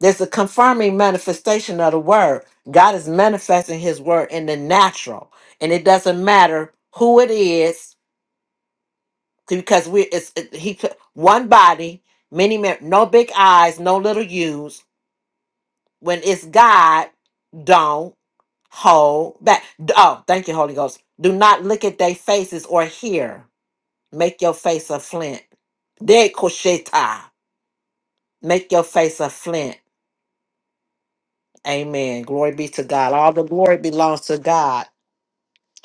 There's a confirming manifestation of the word. God is manifesting his word in the natural, and it doesn't matter who it is because we it's it, he put one body, many men, no big eyes, no little U's. When it's God, don't. hold back. Oh, thank you, Holy Ghost. Do not look at their faces or hear. Make your face a flint. De kosheta. Make your face a flint. Amen. Glory be to God. All the glory belongs to God.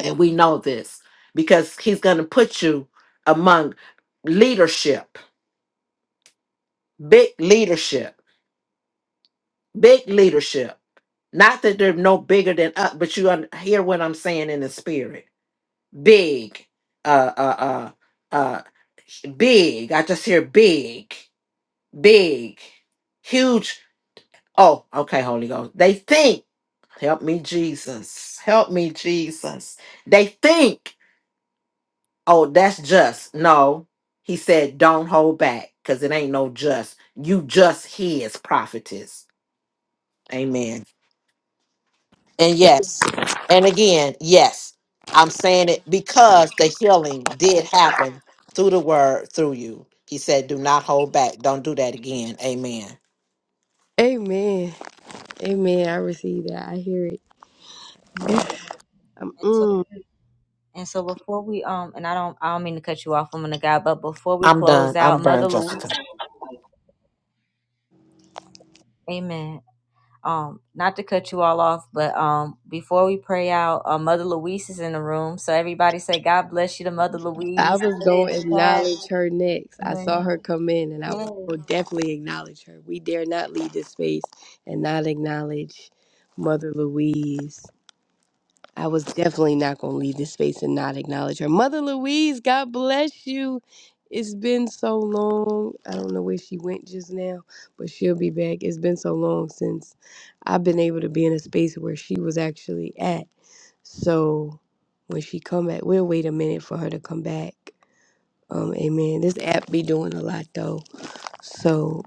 And we know this because He's going to put you among leadership, big leadership, big leadership. Not that they're no bigger than us, but you un- hear what I'm saying in the spirit big, uh, uh, uh, uh, big. I just hear big, big, huge. Oh, okay, Holy Ghost. They think, help me, Jesus. Help me, Jesus. They think, oh, that's just. No, he said, don't hold back because it ain't no just. You just his prophetess. Amen. And yes, and again, yes, I'm saying it because the healing did happen through the word, through you. He said, Do not hold back. Don't do that again. Amen.
Amen. Amen. I receive that. I hear it. *laughs*
And
Um,
so,
mm.
and so before we um, and I don't, I don't mean to cut you off, woman of God, but before we
I'm done.
close
I'm
out,
done,
Mother Louise,
Jessica.
Amen. Um, not to cut you all off, but um, before we pray out, uh, Mother Louise is in the room, so everybody say, "God bless you to Mother
I
Louise."
was
Put it in
gonna
the chat.
acknowledge her next. I saw
Amen.
her come in, and I was
Yes.
gonna definitely acknowledge her. We dare not leave this space and not acknowledge Mother Louise. I was definitely not going to leave this space and not acknowledge her. Mother Louise, God bless you. It's been so long. I don't know where she went just now, but she'll be back. It's been so long since I've been able to be in a space where she was actually at. So when she come back, we'll wait a minute for her to come back. Um, amen. This app be doing a lot though, so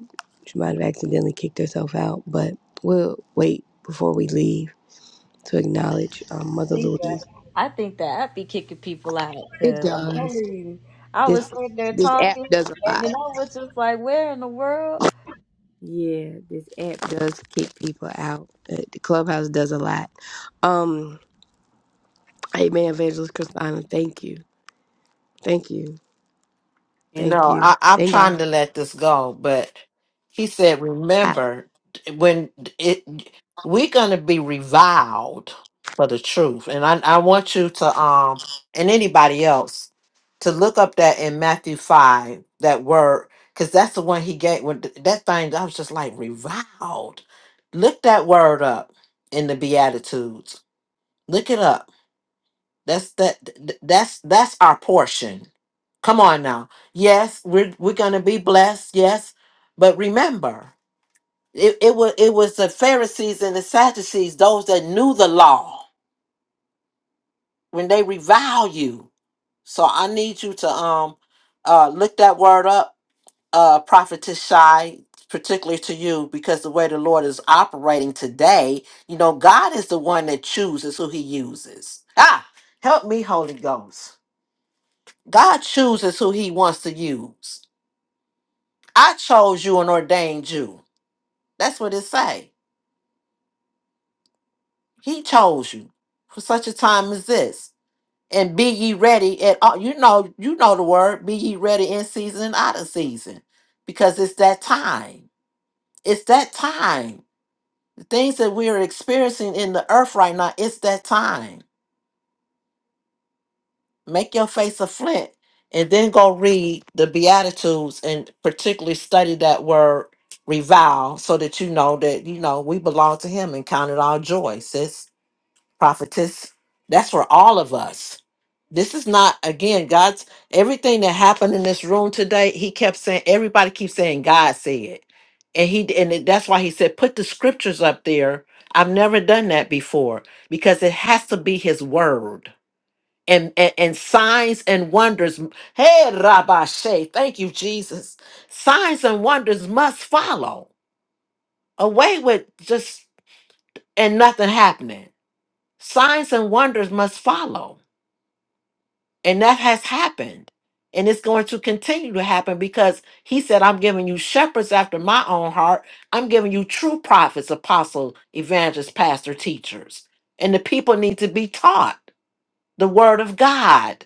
she might have accidentally kicked herself out, but we'll wait before we leave to acknowledge um, Mother
think
Louise.
that. I think that I'd be kicking people out
It
because I'm telling
does.
you, I
This
was sitting there
this app
talking,
does a
and
lot.
then I was just like, "Where in the world?"
Yeah, this app does kick people out. Uh, The clubhouse does a lot. Um, Amen, Evangelist Christina. Thank you, thank you,
You
thank
know, I,
you.
I'm
Thank God.
trying
For
to let this go, but he said,
that.
remember, when it we're gonna be reviled for the truth. And I, I want you to um and anybody else to look up that in Matthew five, that word, because that's the one he gave when th- that thing I was just like reviled. Look that word up in the Beatitudes. Look it up that's that th- that's that's our portion. Come on now. Yes, we're we're gonna be blessed, yes. But remember, it, it was it was the Pharisees and the Sadducees, those that knew the law, when they revile you. So I need you to um uh look that word up, uh prophetess shy, particularly to you, because the way the Lord is operating today, you know, God is the one that chooses who he uses. Ah, help me, Holy Ghost. God chooses who he wants to use. I chose you and ordained you. That's what it say. He chose you for such a time as this. And be ye ready at all. You know, you know the word. Be ye ready in season and out of season. Because it's that time. It's that time. The things that we are experiencing in the earth right now, it's that time. make your face a flint and then go read the beatitudes and particularly study that word revile so that you know that you know we belong to him and count it all joy sis prophetess that's for all of us this is not again god's everything that happened in this room today he kept saying everybody keeps saying god said and he and it- that's why he said put the scriptures up there i've never done that before because it has to be his word and, and, and signs and wonders. Hey, Rabbi thank you, Jesus. Signs and wonders must follow. Away with just and nothing happening. Signs and wonders must follow. And that has happened. And it's going to continue to happen because he said, I'm giving you shepherds after my own heart. I'm giving you true prophets, apostles, evangelists, pastor, teachers. And the people need to be taught the word of God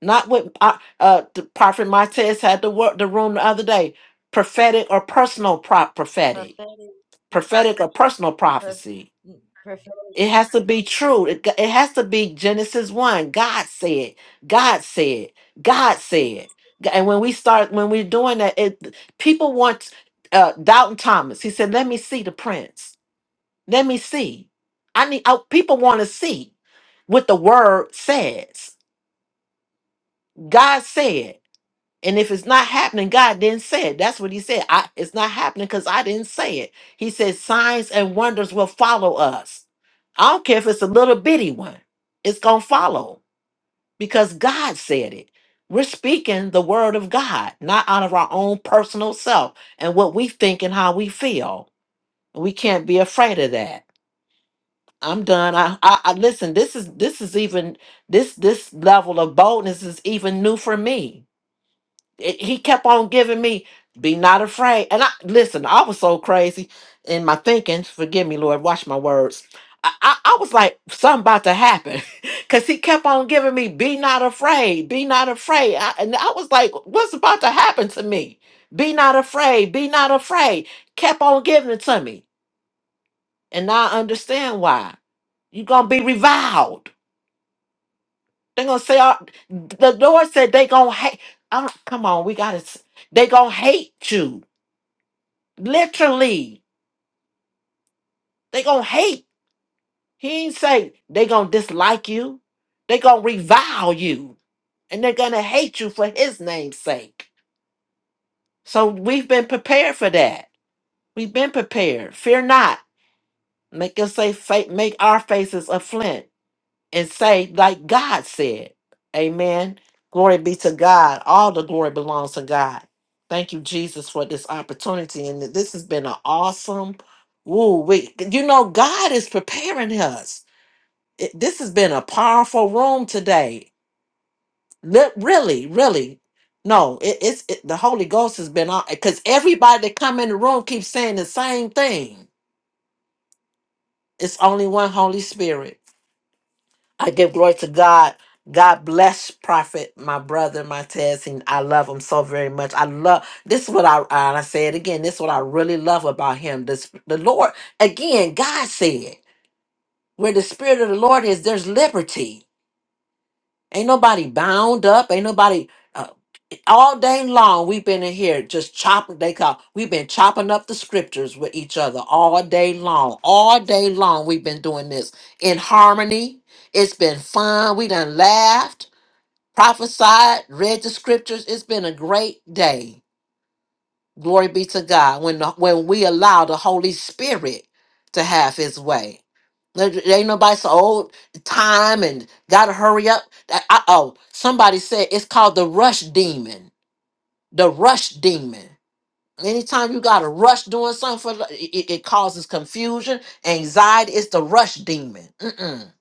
Not what uh, uh, the prophet Martez had the word the room the other day. Prophetic or personal prop prophetic,
Prophetic, prophetic,
prophetic or personal
per,
prophecy.
mm, prophetic.
It has to be true. It, g- it has to be Genesis one. God said. God said. God said. G- And when we start when we're doing that, it people want uh, Dalton Thomas. He said, "Let me see the prints. Let me see. I need. I, people want to see what the word says. God said." And if it's not happening, God didn't say it. That's what he said. I, it's not happening because I didn't say it. He said, signs and wonders will follow us. I don't care if it's a little bitty one, it's going to follow because God said it. We're speaking the word of God, not out of our own personal self and what we think and how we feel. We can't be afraid of that. I'm done. I, I, I listen. This is this is even this this level of boldness is even new for me it- he kept on giving me be not afraid and i listen i was so crazy in my thinking forgive me lord watch my words i, I, I was like something about to happen *laughs* because he kept on giving me be not afraid be not afraid I, and i was like what's about to happen to me be not afraid be not afraid kept on giving it to me and now i understand why you're gonna be reviled they're gonna say uh, the lord said they gonna hate I don't, come on we gotta s- they gonna hate you Literally, they gonna hate. He ain't say they gonna dislike you. They gonna revile you, and they're gonna hate you for His name's sake. So we've been prepared for that. We've been prepared. Fear not. Make us say, fa- make our faces a flint, and say like God said. Amen. Glory be to God. All the glory belongs to God. Thank you, Jesus, for this opportunity. And this has been an awesome. Woo, we, you know, God is preparing us. it, this has been a powerful room today. Li- really, really. No, it, it's it, the Holy Ghost has been on because everybody that come in the room keeps saying the same thing. It's only one Holy Spirit. I give glory to God. God bless Prophet, my brother, my testing. I love him so very much. I love this is what I and I say it again. This is what I really love about him. This the Lord again. God said, "Where the Spirit of the Lord is, there's liberty. Ain't nobody bound up. Ain't nobody." uh, all day long we've been in here just chopping they call we've been chopping up the scriptures with each other all day long all day long we've been doing this in harmony it's been fun we done laughed prophesied read the scriptures it's been a great day glory be to god when the, when we allow the holy spirit to have his way there there ain't nobody so old time and gotta hurry up. Uh oh, somebody said it's called the rush demon the rush demon. Anytime you got to rush doing something, for the- it, it it causes confusion, anxiety. It's the rush demon. Mm-mm.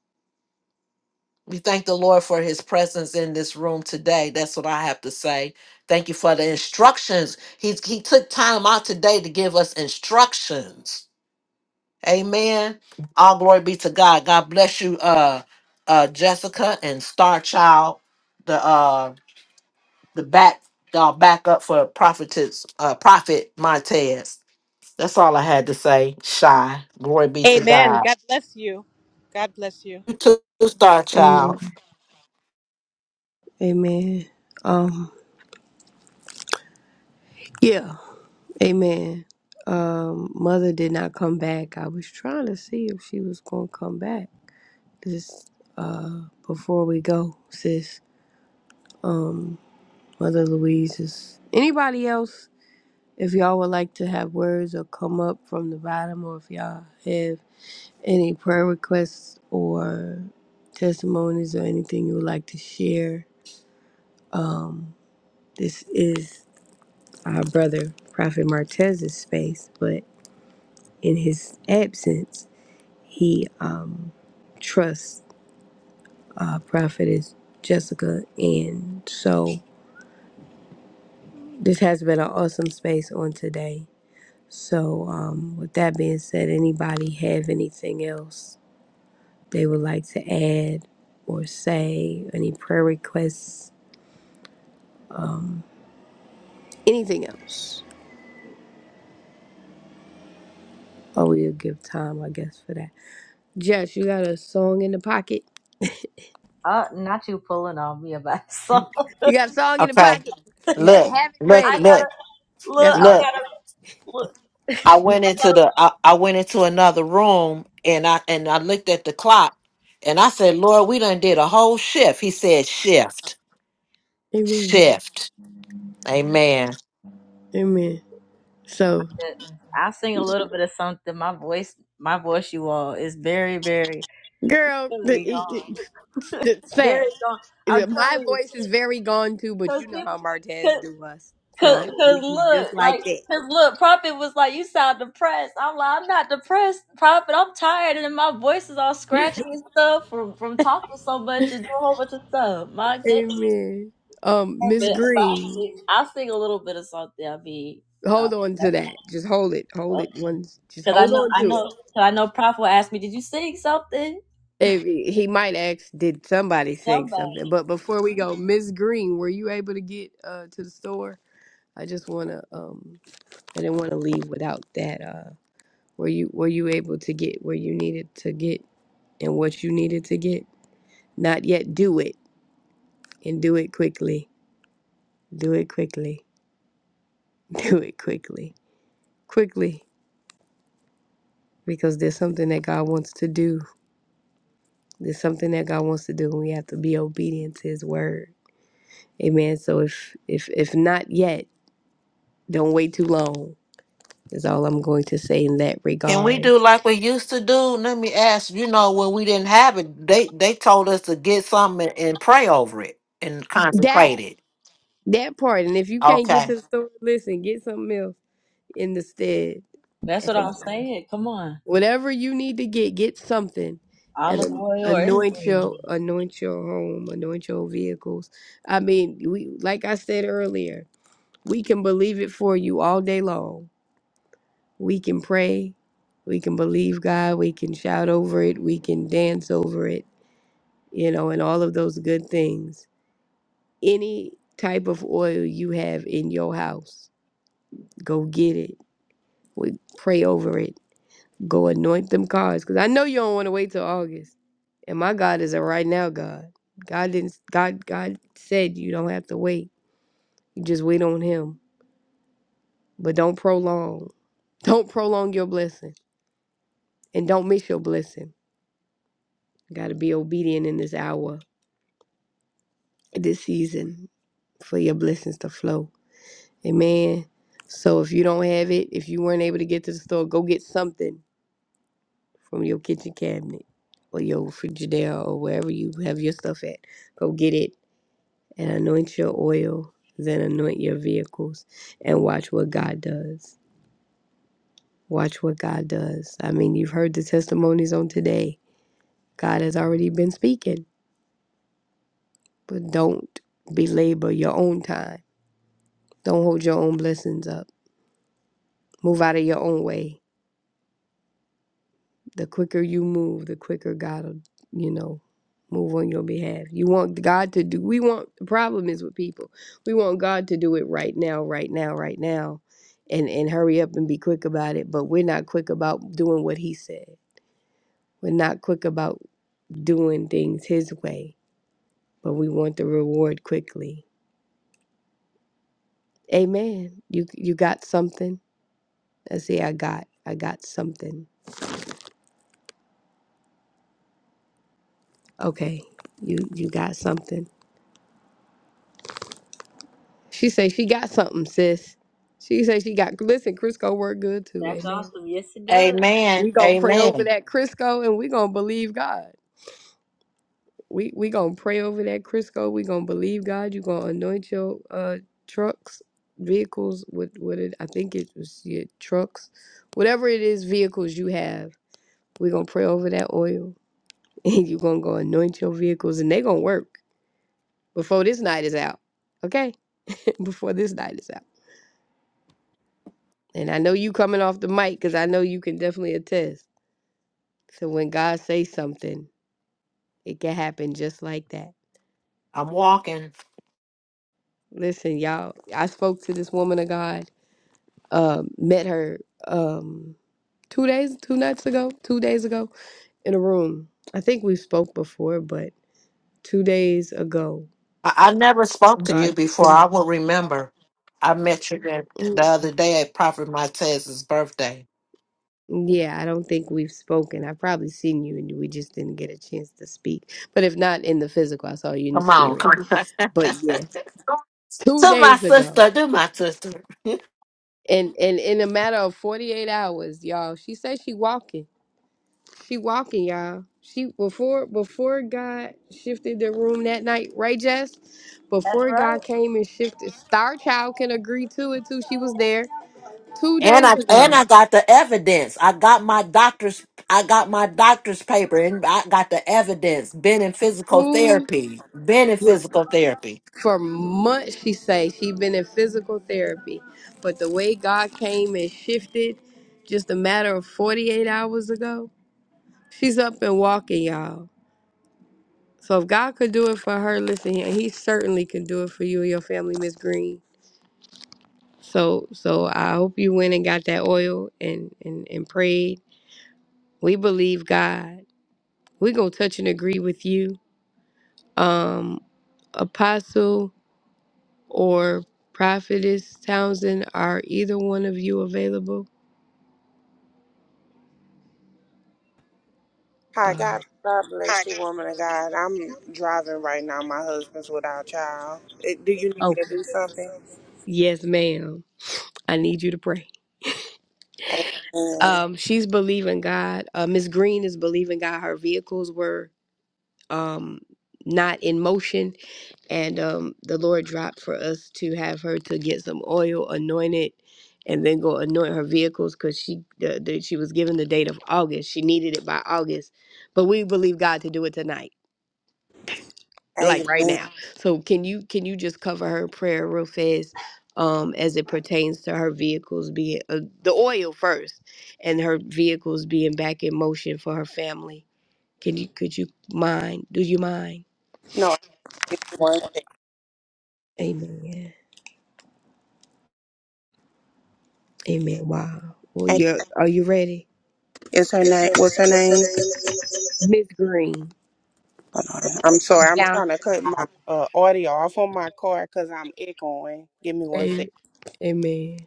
We thank the Lord for His presence in this room today. That's what I have to say. Thank you for the instructions. He's He took time out today to give us instructions. Amen. All glory be to God. God bless you, uh, uh, Jessica and Star Child. The uh, the back y'all back up for prophetess, uh, prophet Montez. That's all I had to say. Shy. Glory be to
Amen.
God.
God bless you. God bless you.
You too, Star Child.
Amen. Amen. Um, yeah. Amen. Um, mother did not come back. I was trying to see if she was gonna come back. This uh before we go, sis. Um, Mother Louise is anybody else If y'all would like to have words or come up from the bottom, or if y'all have any prayer requests or testimonies or anything you would like to share, um, this is our brother Prophet Martez's space. But in his absence, he um, trusts uh, Prophetess Jessica, and so this has been an awesome space on today. So, um, with that being said, anybody have anything else? they would like to add or say, any prayer requests, anything else. Oh, we'll give time, I guess, for that. Jess, you got a song in the pocket?
Uh, not you pulling on me about *laughs* something.
You got a song in the
Okay.
pocket. You
Look,
have it
look,
I
ready.
look,
gotta look.
That's
I
all.
look.
gotta look.
I went
I
into
gotta.
the I, I went into another room and I and I looked at the clock and I said, Lord, we done did a whole shift. He said shift.
I'm Amen.
Shift. Amen.
Amen. So,
Goodness. I sing a little bit of something. My voice, my voice, you all is very, very,
girl, the,
very
the,
gone.
the
Very
thing,
gone. I'm
my
telling you,
voice is very gone too, but
because
you know how
people.
Martez do us. So
Cause,
I'm gonna do
cause
you just
look,
like
like,
that.
cause look, Prophet was like, "You sound depressed." I'm like, "I'm not depressed, Prophet. I'm tired, and my voice is all scratchy and stuff from from talking so much and doing a whole bunch of stuff." My goodness,
Amen. Um,
but,
Miss
but
Green.
I'll sing a little bit of something. I'll be, uh,
hold on to that. Just hold it. Hold it. One. Just
because I
hold
know,
on
I
to
know,
it.
cause I know, Prophet will ask me, "Did you sing something?"
If he he might ask, did somebody sing
Somebody.
something? But before we go, Miss Green, were you able to get uh, to the store? I just wanna. Um, I didn't want to leave without that. Uh, were you were you able to get where you needed to get and what you needed to get? Not yet. Do it and do it quickly. Do it quickly. *laughs* Do it quickly. Quickly, because there's something that God wants to do There's something that God wants to do, and we have to be obedient to His word. Amen. So if if if not yet, don't wait too long. Is all I'm going to say in that
Can we
regard.
do like we used to do? Let me ask, you know, when we didn't have it, they they told us to get something and, and pray over it and
That
consecrate it.
that part, and if you can't
Okay.
get to the store, listen, get something else in the stead.
That's what
And
I'm saying. Come on,
whatever you need to get, get something, and
olive
an-
oil or
anoint
anything.
your anoint your home, anoint your vehicles. I mean, we like I said earlier, we can believe it for you all day long We can pray, we can believe God, we can shout over it, we can dance over it, you know, and all of those good things. Any type of oil you have in your house, go get it. We pray over it. Go anoint them cars because I know you don't want to wait till August. And my God is a right now God. God didn't. God. God said you don't have to wait. You just wait on Him, but don't prolong. Don't prolong your blessing, and don't miss your blessing. Got to be obedient in this hour this season for your blessings to flow. Amen. So if you don't have it, if you weren't able to get to the store, go get something from your kitchen cabinet or your Frigidaire or wherever you have your stuff at. Go get it and anoint your oil, then anoint your vehicles and watch what God does. Watch what God does. I mean, you've heard the testimonies on today. God has already been speaking, but don't belabor your own time. Don't hold your own blessings up. Move out of your own way The quicker you move, the quicker God will, you know, move on your behalf. You want God to do, we want, the problem is with people. We want God to do it right now, right now, right now, and, and hurry up and be quick about it. But we're not quick about doing what He said. We're not quick about doing things His way, but we want the reward quickly. Amen. You you got something? I see. I got. I got something. Okay. You you got something. She say she got something, sis. She say she got. Listen, Crisco work good too.
That's
Amen.
awesome. Yes, it does.
Amen.
We gonna pray over
Amen.
that Crisco, and we gonna believe God. We we gonna pray over that Crisco. We gonna believe God. You gonna anoint your uh trucks, vehicles with with it. I think it was your trucks, whatever it is, vehicles you have. We gonna pray over that oil, *laughs* and you gonna go anoint your vehicles, and they gonna work before this night is out. Okay, *laughs* before this night is out. And I know you coming off the mic because I know you can definitely attest. So when God says something, it can happen just like that.
I'm walking.
Listen, y'all, I spoke to this woman of God, um, met her um two days, two nights ago, two days ago in a room. I think we spoke before, but two days ago,
I, I never spoke to you
God
before. I will remember. I met you the,
Mm,
the other day at Prophet Montez's birthday.
Yeah, I don't think we've spoken. I've probably seen you and we just didn't get a chance to speak. But if not in the physical, I saw you in the
Come on.
spirit.
Come on.
But
*laughs*
yeah, two
to my
days ago.
sister. Do my sister. *laughs*
And and in a matter of 48 hours, y'all, she said she walking. She walking, y'all. She before before God shifted the room that night, right, Jess? Before God came and shifted, Star Child can agree to it too. She was there two
And
days
I and
ago.
I got the evidence. I got my doctor's I got my doctor's paper and I got the evidence. Been in physical
Who
therapy. Been in physical therapy.
for months she say she been in physical therapy, but the way God came and shifted, just a matter of 48 hours ago, she's up and walking, y'all. So if God could do it for her, listen, He he certainly can do it for you and your family, Miss Green. So so I hope you went and got that oil and and and prayed. We believe God. We gonna touch and agree with you, um, Apostle or Prophetess Townsend. Are either one of you available?
Hi,
Uh,
God. God bless you, woman of God. I'm driving right now. My husband's without child. Eh, Do you need me to
Okay.
do something?
Yes, ma'am. I need you to pray.
Amen.
Um, she's believing God. Uh, Miss Green is believing God. Her vehicles were um not in motion and um, the Lord dropped for us to have her to get some oil anointed, and then go anoint her vehicles because she the, the, she was given the date of August. She needed it by August, but we believe God to do it tonight, like right
Amen.
now. So can you can you just cover her in prayer real fast? Um, as it pertains to her vehicles being uh, the oil first, and her vehicles being back in motion for her family. Can you could you mind? Do you mind?
No, I give one
Amen. Amen. Wow. Well,
thing.
yeah. are you ready?
Is her name? What's her name?
Miss Green.
Hold on. I'm sorry. I'm
Yeah.
trying to cut my uh, audio off on my car because I'm echoing. Give me one sec.
A- Amen.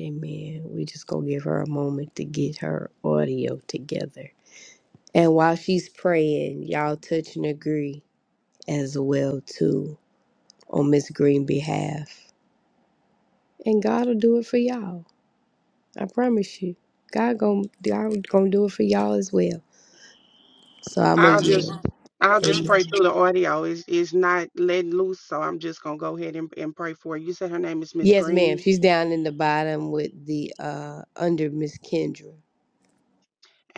Amen. We just gonna give her a moment to get her audio together. And while she's praying, y'all touch and agree as well too on Miss Green behalf. And God will do it for y'all. I promise you. God gonna God gonna do it for y'all as well. So I'm a
I'll just
yield.
I'll just pray
Amen.
through the audio. It's it's not letting loose, so I'm just gonna go ahead and, and pray for her. You said her name is Miss
Yes, ma'am.
Green.
She's down in the bottom with the uh under Miss Kendra.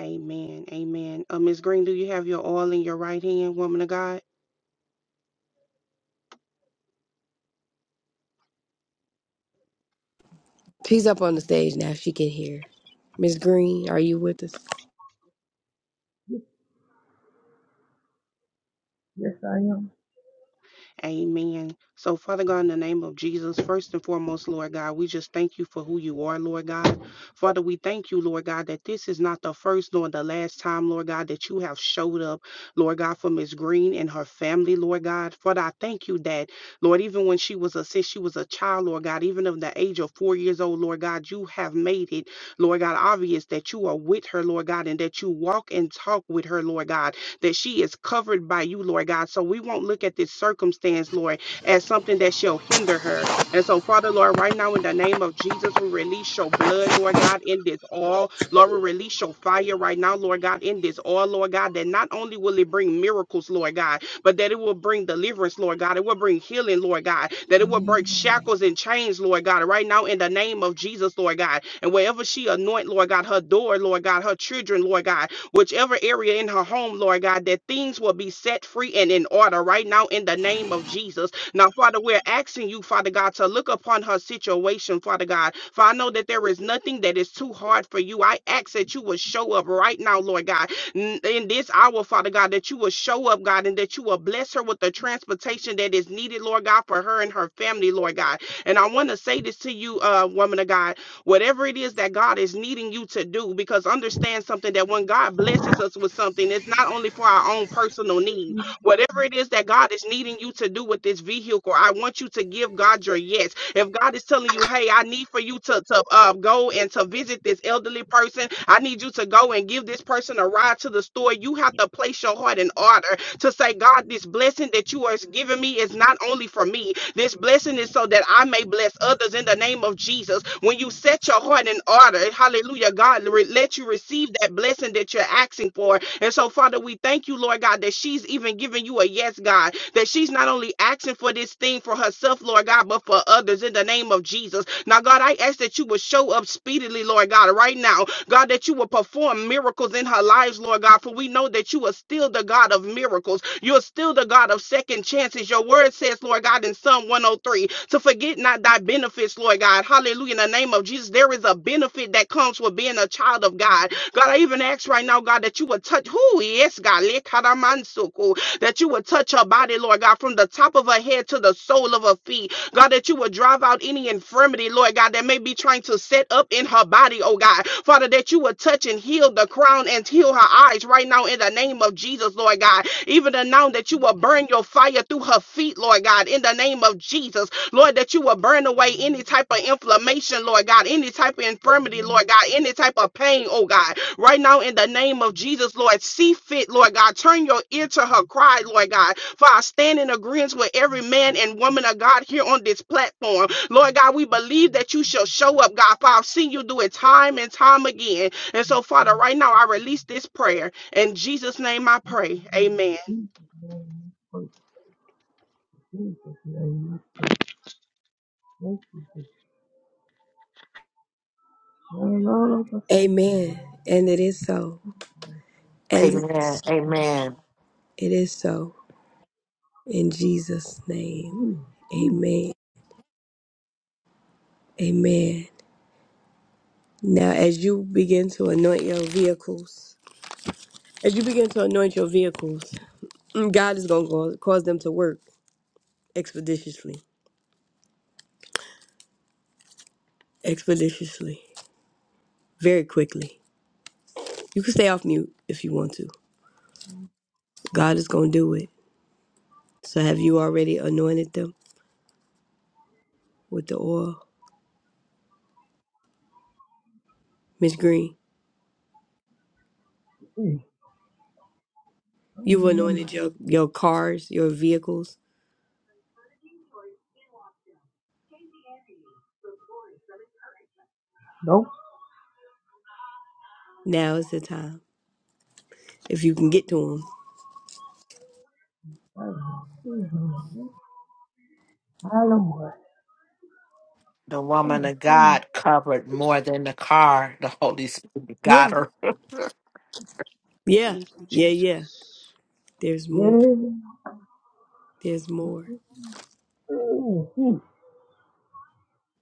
Amen. Amen. Uh, Miss Green, do you have your oil in your right hand, woman of God?
She's up on the stage now. If she can hear. Miss Green, are you with us?
Yes, yes, I am.
Amen. So, Father God, in the name of Jesus, first and foremost, Lord God, we just thank you for who you are, Lord God. Father, we thank you, Lord God, that this is not the first nor the last time, Lord God, that you have showed up, Lord God, for Miss Green and her family, Lord God. Father, I thank you that, Lord, even when she was a since she was a child, Lord God, even of the age of four years old, Lord God, you have made it, Lord God, obvious that you are with her, Lord God, and that you walk and talk with her, Lord God that she is covered by you, Lord God. So we won't look at this circumstance, Lord, as something that shall hinder her. And so, Father, Lord, right now in the name of Jesus, we release your blood, Lord God, in this all. Lord, we release your fire right now, Lord God, in this all, Lord God, that not only will it bring miracles, Lord God, but that it will bring deliverance, Lord God. It will bring healing, Lord God. That it will break shackles and chains, Lord God, right now in the name of Jesus, Lord God. And wherever she anoint, Lord God, her door, Lord God, her children, Lord God, whichever area in her home, Lord God, that things will be set free and in order right now in the name of Jesus. Now, Father, we're asking you, Father God, to look upon her situation, Father God. For I know that there is nothing that is too hard for you. I ask that you will show up right now, Lord God, n- in this hour, Father God, that you will show up, God, and that you will bless her with the transportation that is needed, Lord God, for her and her family, Lord God. And I want to say this to you, uh, woman of God whatever it is that God is needing you to do, because understand something that when God blesses us with something, it's not only for our own personal need. Whatever it is that God is needing you to do with this vehicle, I want you to give God your yes. If God is telling you, hey, I need for you to, to uh, go and to visit this elderly person, I need you to go and give this person a ride to the store, you have to place your heart in order to say, God, this blessing that you are giving me is not only for me, this blessing is so that I may bless others in the name of Jesus. When you set your heart in order, hallelujah, God, re- let you receive that blessing that you're asking for. And so, Father, we thank you, Lord God, that she's even giving you a yes, God, that she's not only asking for this thing for herself, Lord God, but for others in the name of Jesus. Now, God, I ask that you would show up speedily, Lord God, right now God, that you will perform miracles in her lives, Lord God, for we know that you are still the God of miracles. You're still the God of second chances. Your word says, Lord God, in Psalm 103, to forget not thy benefits, Lord God. Hallelujah. In the name of Jesus, there is a benefit that comes with being a child of God. God, I even ask right now, God, that you would touch who? Yes, God. lekaramansuku, That you would touch her body, Lord God, from the top of her head to the sole of her feet. God, that you would drive out any infirmity, Lord God, that may be trying to set up in her body, oh God. Father, that you would touch and heal the crown and heal her eyes right now in the name of Jesus, Lord God. Even the now that you will burn your fire through her feet, Lord God, in the name of Jesus. Lord, that you will burn away any type of inflammation, Lord God, any type of infirmity, Lord God, any type of pain, oh God. Right now, in the name of Jesus, Lord, see fit, Lord God. Turn your ear to her cry, Lord God. For I stand in agreement with every man and woman of God here on this platform. Lord God, we believe that you shall show up, God. For I've seen you do it time and time again. And so, Father, right now, I release this prayer. In Jesus' name I pray. Amen.
Going all over the street.
Amen. And it is so. And it is
Amen. Amen.
it is so. In Jesus' name. Amen. Amen. Now, as you begin to anoint your vehicles, as you begin to anoint your vehicles, God is going to cause them to work expeditiously, expeditiously, very quickly. You can stay off mute if you want to. God is going to do it. So, have you already anointed them with the oil, Miss Green?
Jesus. I don't
You've
know where my
anointed your, your cars, your vehicles.
nope.
Now is the time. If you can get to them.
I don't know. I don't know what.
The
I'm
woman
a
of God
fool.
covered more than the car. The Holy Spirit got
Yeah.
her.
Yeah.
Thank you,
Yeah, yeah.
Jesus.
There's
Yeah.
more. There's more.
Mm-hmm.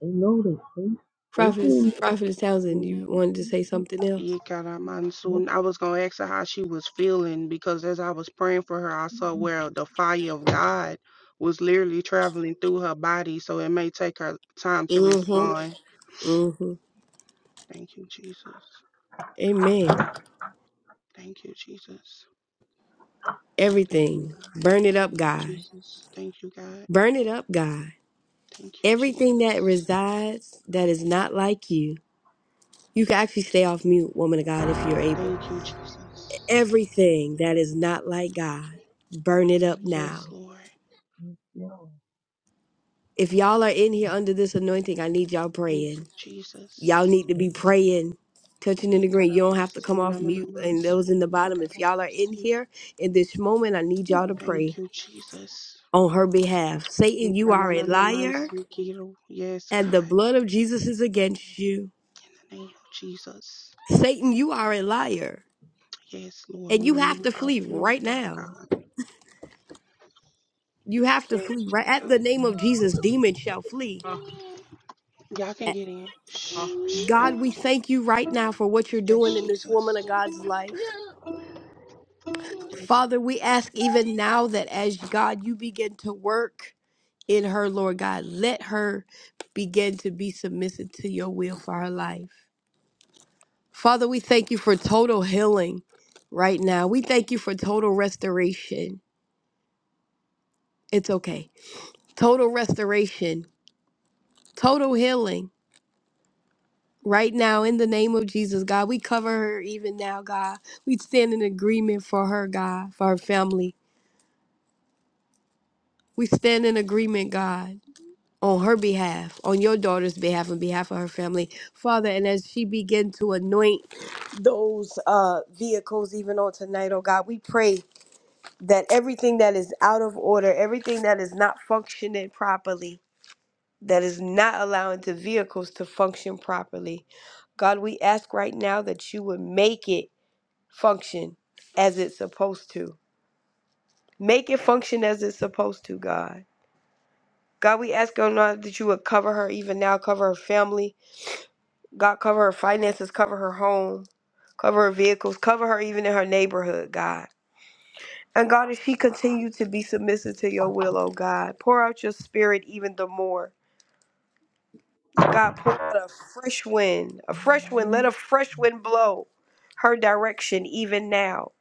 They know they think. They
Prophetess,
think.
Prophetess Townsend, you
Nope.
wanted to say something else?
Ikaramansun. I was gonna ask her how she was feeling because as I was praying for her, I saw where the fire of God was literally traveling through her body, so it may take her time to
Mm-hmm.
respond.
Mm-hmm.
Thank you, Jesus.
Amen.
Thank you, Jesus. Thank you,
Everything.
God.
Burn it
Thank
up,
you,
God.
Jesus. Thank you, God.
Burn it up, God.
Thank you,
Everything that
Jesus.
resides that is not like you. You can actually stay off mute, woman of God, if you're able.
Thank you, Jesus.
Everything that is not like God, burn it up now
Yes, Lord.
No.
If y'all are in here under this anointing, I need y'all
Thank you,
praying. Y'all
Jesus.
need to be praying, touching and agreeing. You don't have
Ikaramansun.
to come off mute. And those in the bottom, if y'all are in here in this moment, I need y'all to
Thank
pray
you, Jesus.
on her behalf. Satan, you are a liar,
Ukanananamansikiro. Yes,
and the
God,
blood of Jesus is against you.
in the name of Jesus.
Satan, you are a liar,
Yes, Lord,
and
we
you have
remove
to
our
flee
fear of
right now.
God.
You have to
Yes,
flee right at
Jesus.
the name of Jesus. Demons shall flee.
Huh. Y'all can get in. Shh,
God, we thank you right now for what you're
Yes,
doing in this woman of
Jesus.
God's life.
Yes.
Father, we ask even now that as God, you begin to work in her, Lord God, let her begin to be submissive to your will for her life. Father, we thank you for total healing right now. We thank you for total restoration. It's okay. Total restoration, total healing. Right now, in the name of Jesus, God, we cover her even now, God. We stand in agreement for her, God, for her family. We stand in agreement, God. on her behalf, on your daughter's behalf, on behalf of her family, Father. And as she begin to anoint those uh, vehicles, even on tonight, oh God, we pray that everything that is out of order, everything that is not functioning properly, that is not allowing the vehicles to function properly, God, we ask right now that you would make it function as it's supposed to. Make it function as it's supposed to, God. God, we ask, oh God, that you would cover her even now, cover her family, God, cover her finances, cover her home, cover her vehicles, cover her even in her neighborhood, God. And God, if she continue to be submissive to your will, oh God, pour out your spirit even the more. God, pour out a fresh wind, a fresh wind. Let a
No.
fresh wind blow her direction even now.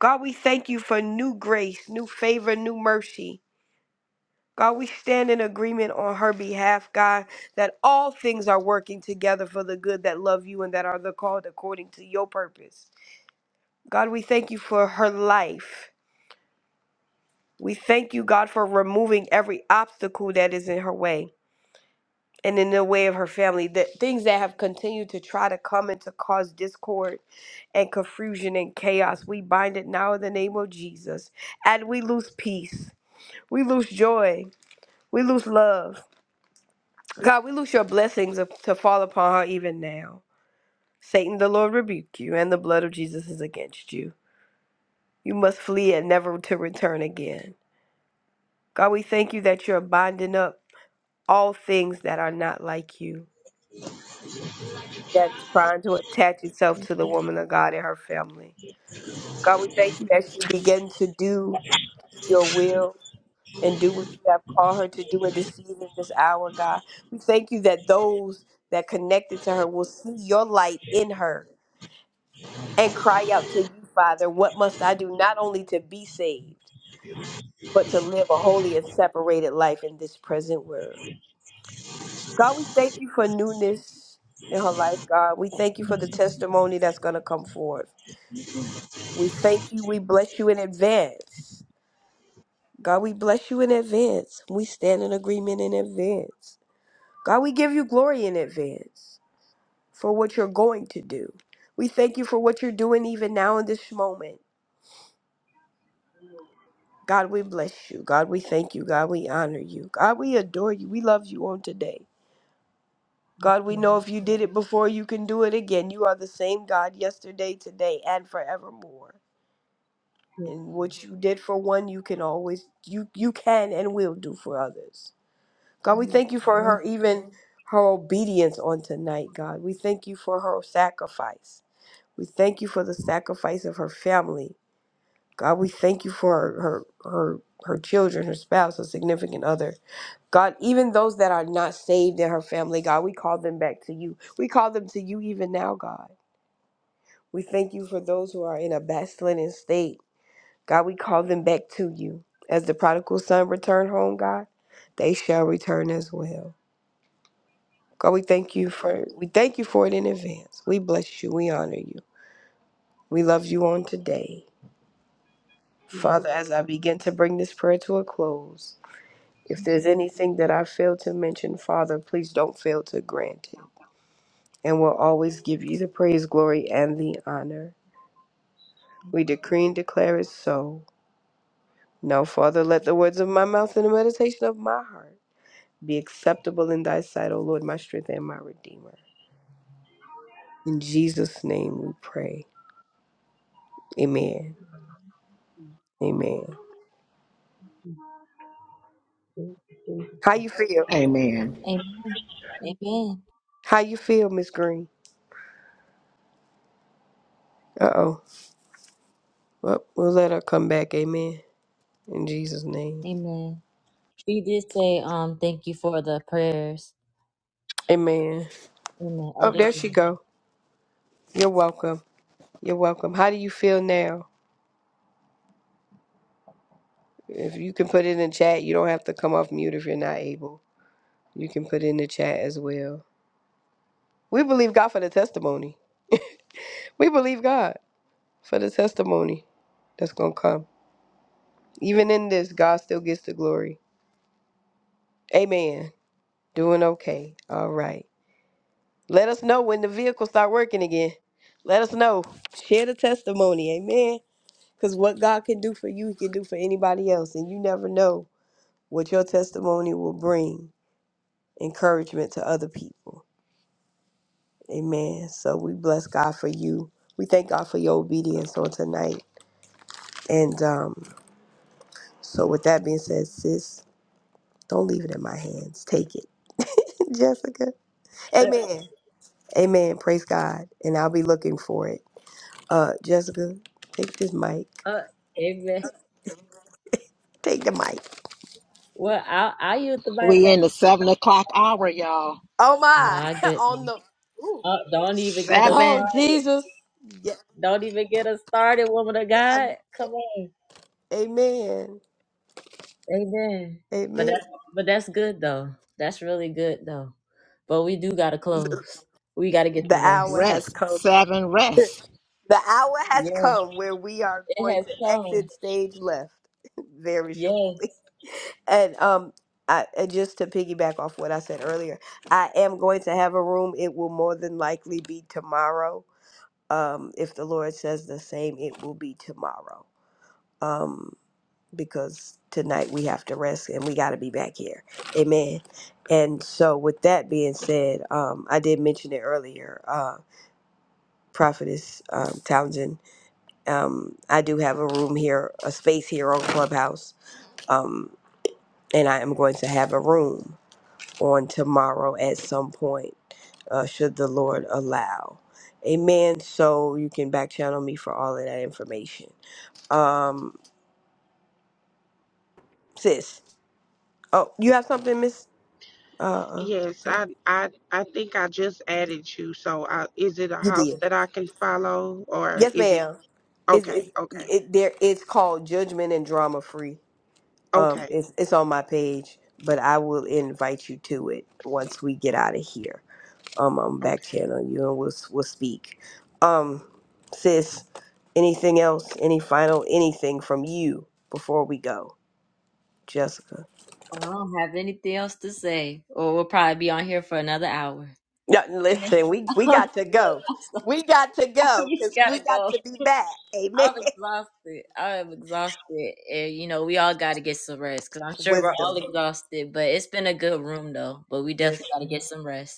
God, we thank you for new grace, new favor, new mercy. God, we stand in agreement on her behalf, God, that all things are working together for the good that love you and that are the called according to your purpose. God, we thank you for her life. We thank you, God, for removing every obstacle that is in her way and in the way of her family, that things that have continued to try to come and to cause discord and confusion and chaos. We bind it now in the name of Jesus. And we lose peace. We lose joy. We lose love. God, we lose your blessings of- to fall upon her even now. Satan, the Lord rebuke you, and the blood of Jesus is against you. You must flee and never to return again. God, we thank you that you're binding up all things that are not like you, that is trying to attach itself to the woman of God and her family. God, we thank you that she begins to do your will and do what you have called her to do in this season, this hour, God. We thank you that those that connected to her will see your light in her and cry out to you, Father, what must I do not only to be saved, but to live a holy and separated life in this present world? God, we thank you for newness in her life, God. We thank you for the testimony that's going to come forth. We thank you. We bless you in advance. God, we bless you in advance. We stand in agreement in advance. God, we give you glory in advance for what you're going to do. We thank you for what you're doing even now in this moment. God, we bless you. God, we thank you. God, we honor you. God, we adore you. We love you on today. God, we know
No.
if you did it before, you can do it again. You are the same God yesterday, today, and forevermore. And what you did for one, you can always you you can and will do for others. God, we thank you for
No.
her even her obedience on tonight, God. We thank you for her sacrifice. We thank you for the sacrifice of her family. God, we thank you for her her her, her children, her spouse, her significant other. God, even those that are not saved in her family, God, we call them back to you. We call them to you even now, God. We thank you for those who are in a backslidden state. God, we call them back to you. As the prodigal son returned home, God, they shall return as well. God, we thank you for we thank you for it in advance. We bless you. We honor you. We love you on today. Father, as I begin to bring this prayer to a close, if there's anything that I failed to mention, Father, please don't fail to grant it. and will always give you the praise, glory, and the honor. We decree and declare it so. Now, Father, let the words of my mouth and the meditation of my heart be acceptable in thy sight, O Lord, my strength and my redeemer. In Jesus' name we pray. Amen. Amen.
No.
How you feel?
Amen. Amen.
How you feel, Miss Green? Uh oh. Well, we'll let her come back. Amen. In Jesus' name.
Amen. She did say, um, thank you for the prayers.
Amen.
Amen. Oh,
Oh,
there
there
you
she go. You're welcome. You're welcome. How do you feel now? If you can put it in chat, you don't have to come off mute if you're not able. You can put it in the chat as well. We believe God for the testimony. We believe God for the testimony that's going to come. Even in this, God still gets the glory. Amen. Doing okay. All right. Let us know when the vehicle start working again. Let us know. Share the testimony. Amen. Because what God can do for you, He can do for anybody else. And you never know what your testimony will bring encouragement to other people. Amen. So we bless God for you. We thank God for your obedience on tonight. And um, so with that being said, sis, don't leave it in my hands. Take it, *laughs* Jessica. Amen. Amen. Praise God. And I'll be looking for it. Uh, Jessica, take this mic.
go. Uh, amen.
Take the mic.
Well, I I use the mic.
We in the seven o'clock hour, y'all.
Oh my.
My
*laughs* on
goodness.
the. Ooh.
Uh, don't even get us
Oh
Seven
started.
Jesus. Yeah.
Don't even get us started, woman of
I'm-
God. Come on.
Amen.
Amen. But
Amen.
that but that's good though. That's really good though. But we do gotta close. We gotta get
The
the
hour
rest.
has
rest,
come.
seven rest.
The hour has
Yes,
come where we are
it
going
has
to
come.
exit stage left *laughs* very
Yes.
shortly. And um, I, and just to piggyback off what I said earlier, I am going to have a room. It will more than likely be tomorrow. Um, if the Lord says the same, it will be tomorrow. Um, because tonight we have to rest and we got to be back here. Amen. And so, with that being said, um, I did mention it earlier. Uh, Prophetess um, Townsend um, I do have a room here, a space here on Clubhouse, um, and I am going to have a room on tomorrow at some point, uh, should the Lord allow. Amen. So you can back channel me for all of that information. Um, sis, oh, you have something, Miss? Uh, uh,
Yes,
okay.
I, I, I think I just added you. So, I, is it a
you
house
did.
that I can follow, or
Yes,
is it
ma'am. Is it,
okay? Okay,
it there? It's called Judgment and Drama Free. Um,
okay,
it's it's on my page, but I will invite you to it once we get out of here. Um, I'm
okay.
back channel you and we'll we'll speak. Um, sis, anything else? Any final anything from you before we go, Jessica?
I don't have anything else to say. Or we'll probably be on here for another hour.
No,
Amen.
listen, we
*laughs*
we got to
Look,
go.
I'm
We got to
sorry. *laughs*
go
we
because we
gotta
got
go.
to be back. Amen.
I'm exhausted. I'm exhausted, and you know we all got to get some rest because I'm
*laughs*
sure we're all
Wisdom.
exhausted. But it's been a good room though. But we definitely
Yes.
got to get some rest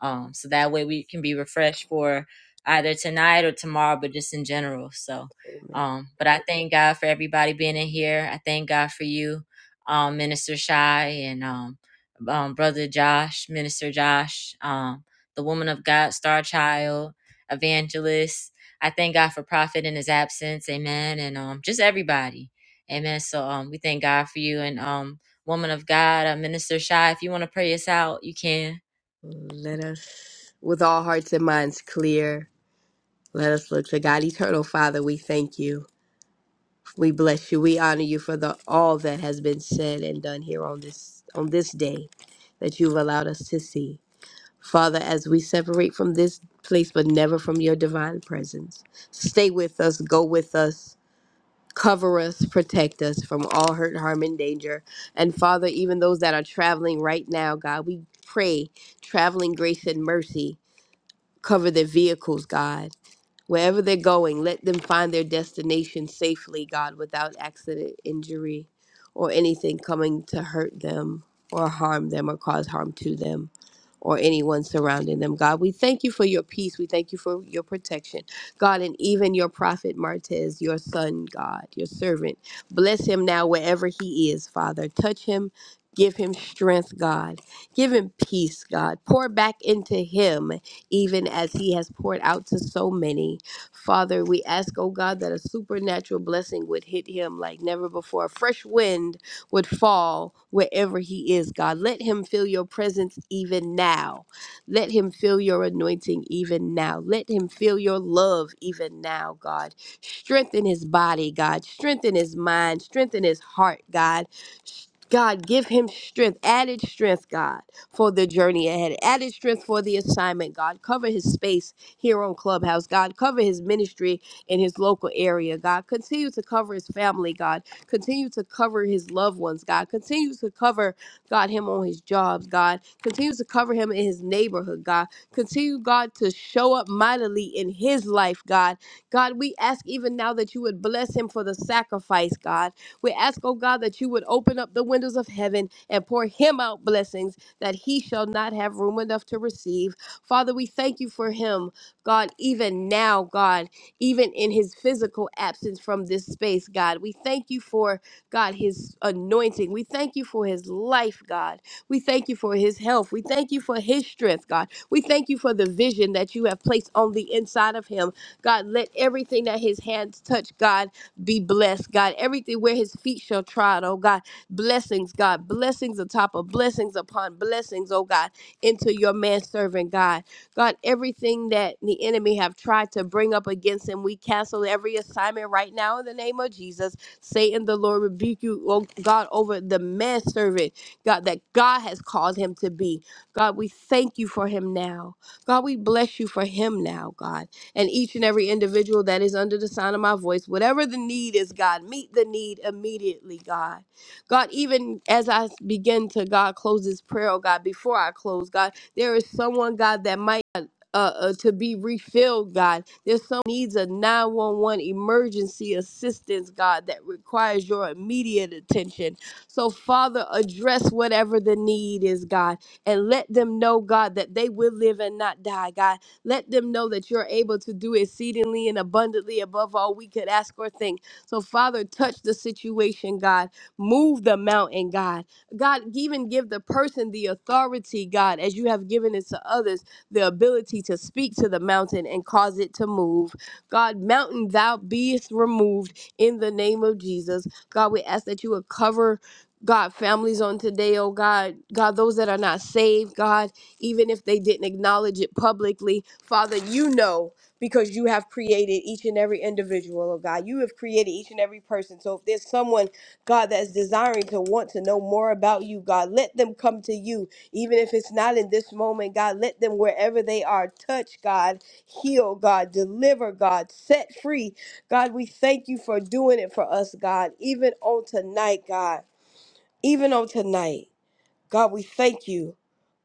um so that way we can be refreshed for either tonight or tomorrow but just in general so
Amen.
um but i thank god for everybody being in here i thank god for you um minister shy and um, um brother josh minister josh um the woman of god star child evangelist i thank god for prophet in his absence amen and um just everybody amen so um we thank god for you and um woman of god uh, minister shy if you want to pray us out you can
Let us, with all hearts and minds clear, let us look to God. Eternal Father, we thank you. We bless you. We honor you for the all that has been said and done here on this on this day that you've allowed us to see. Father, as we separate from this place but never from your divine presence, stay with us, go with us, cover us, protect us from all hurt, harm and danger. And Father, even those that are traveling right now, God, we pray traveling grace and mercy cover their vehicles, God Wherever they're going, let them find their destination safely, God, without accident, injury, or anything coming to hurt them or harm them or cause harm to them or anyone surrounding them. God, we thank you for your peace. We thank you for your protection. God, and even your prophet Martez, your son, God, your servant. Bless him now wherever he is, Father. Touch him. Give him strength, God. Give him peace, God. Pour back into him, even as he has poured out to so many. Father, we ask, oh God, that a supernatural blessing would hit him like never before. A fresh wind would fall wherever he is, God. Let him feel your presence even now. Let him feel your anointing even now. Let him feel your love even now, God. Strengthen his body, God. Strengthen his mind. Strengthen his heart, God. God, give him strength, added strength, God, for the journey ahead, added strength for the assignment, God. Cover his space here on Clubhouse, God. Cover his ministry in his local area, God. Continue to cover his family, God. Continue to cover his loved ones, God. Continue to cover, God, him on his jobs, God. Continue to cover him in his neighborhood, God. Continue, God, to show up mightily in his life, God. God, we ask even now that you would bless him for the sacrifice, God. We ask, oh God, that you would open up the windows of heaven and pour him out blessings that he shall not have room enough to receive. Father, we thank you for him, God, even now, God even in his physical absence from this space, God. We thank you for, God, his anointing. We thank you for his life, God. We thank you for his health. We thank you for his strength, God. We thank you for the vision that you have placed on the inside of him. God, let everything that his hands touch, God, be blessed, God. Everything where his feet shall trod, oh God. Blessings, God. Blessings atop of blessings upon blessings, oh God, into your man servant, God. God, everything that the enemy have tried to bring up against him, we cancel every assignment right now in the name of Jesus. Satan, the Lord rebuke you, oh God, over the manservant, God, that God has called him to be. God, we thank you for him now. God, we bless you for him now, God. And each and every individual that is under the sound of my voice, whatever the need is, God, meet the need immediately, God. God, even as I begin to, God, close this prayer, oh God, before I close, God, there is someone, God, that might uh, uh to be refilled, God. There's some needs a 911 emergency assistance, God, that requires your immediate attention. So, Father, address whatever the need is, God, and let them know, God, that they will live and not die, God. Let them know that you're able to do exceedingly and abundantly above all we could ask or think. So, Father, touch the situation, God. Move the mountain, God. God, even give the person the authority, God, as you have given it to others the ability to speak to the mountain and cause it to move. God, mountain, thou beest removed in the name of Jesus. God, we ask that you would cover. God, families on today, oh God, God, those that are not saved, God, even if they didn't acknowledge it publicly, Father, you know because you have created each and every individual, oh God. You have created each and every person. So if there's someone, God, that's desiring to want to know more about you, God, let them come to you even if it's not in this moment, God, let them wherever they are touch, God, heal, God, deliver, God, set free. God, we thank you for doing it for us, God, even on tonight, God, even on tonight. God, we thank you.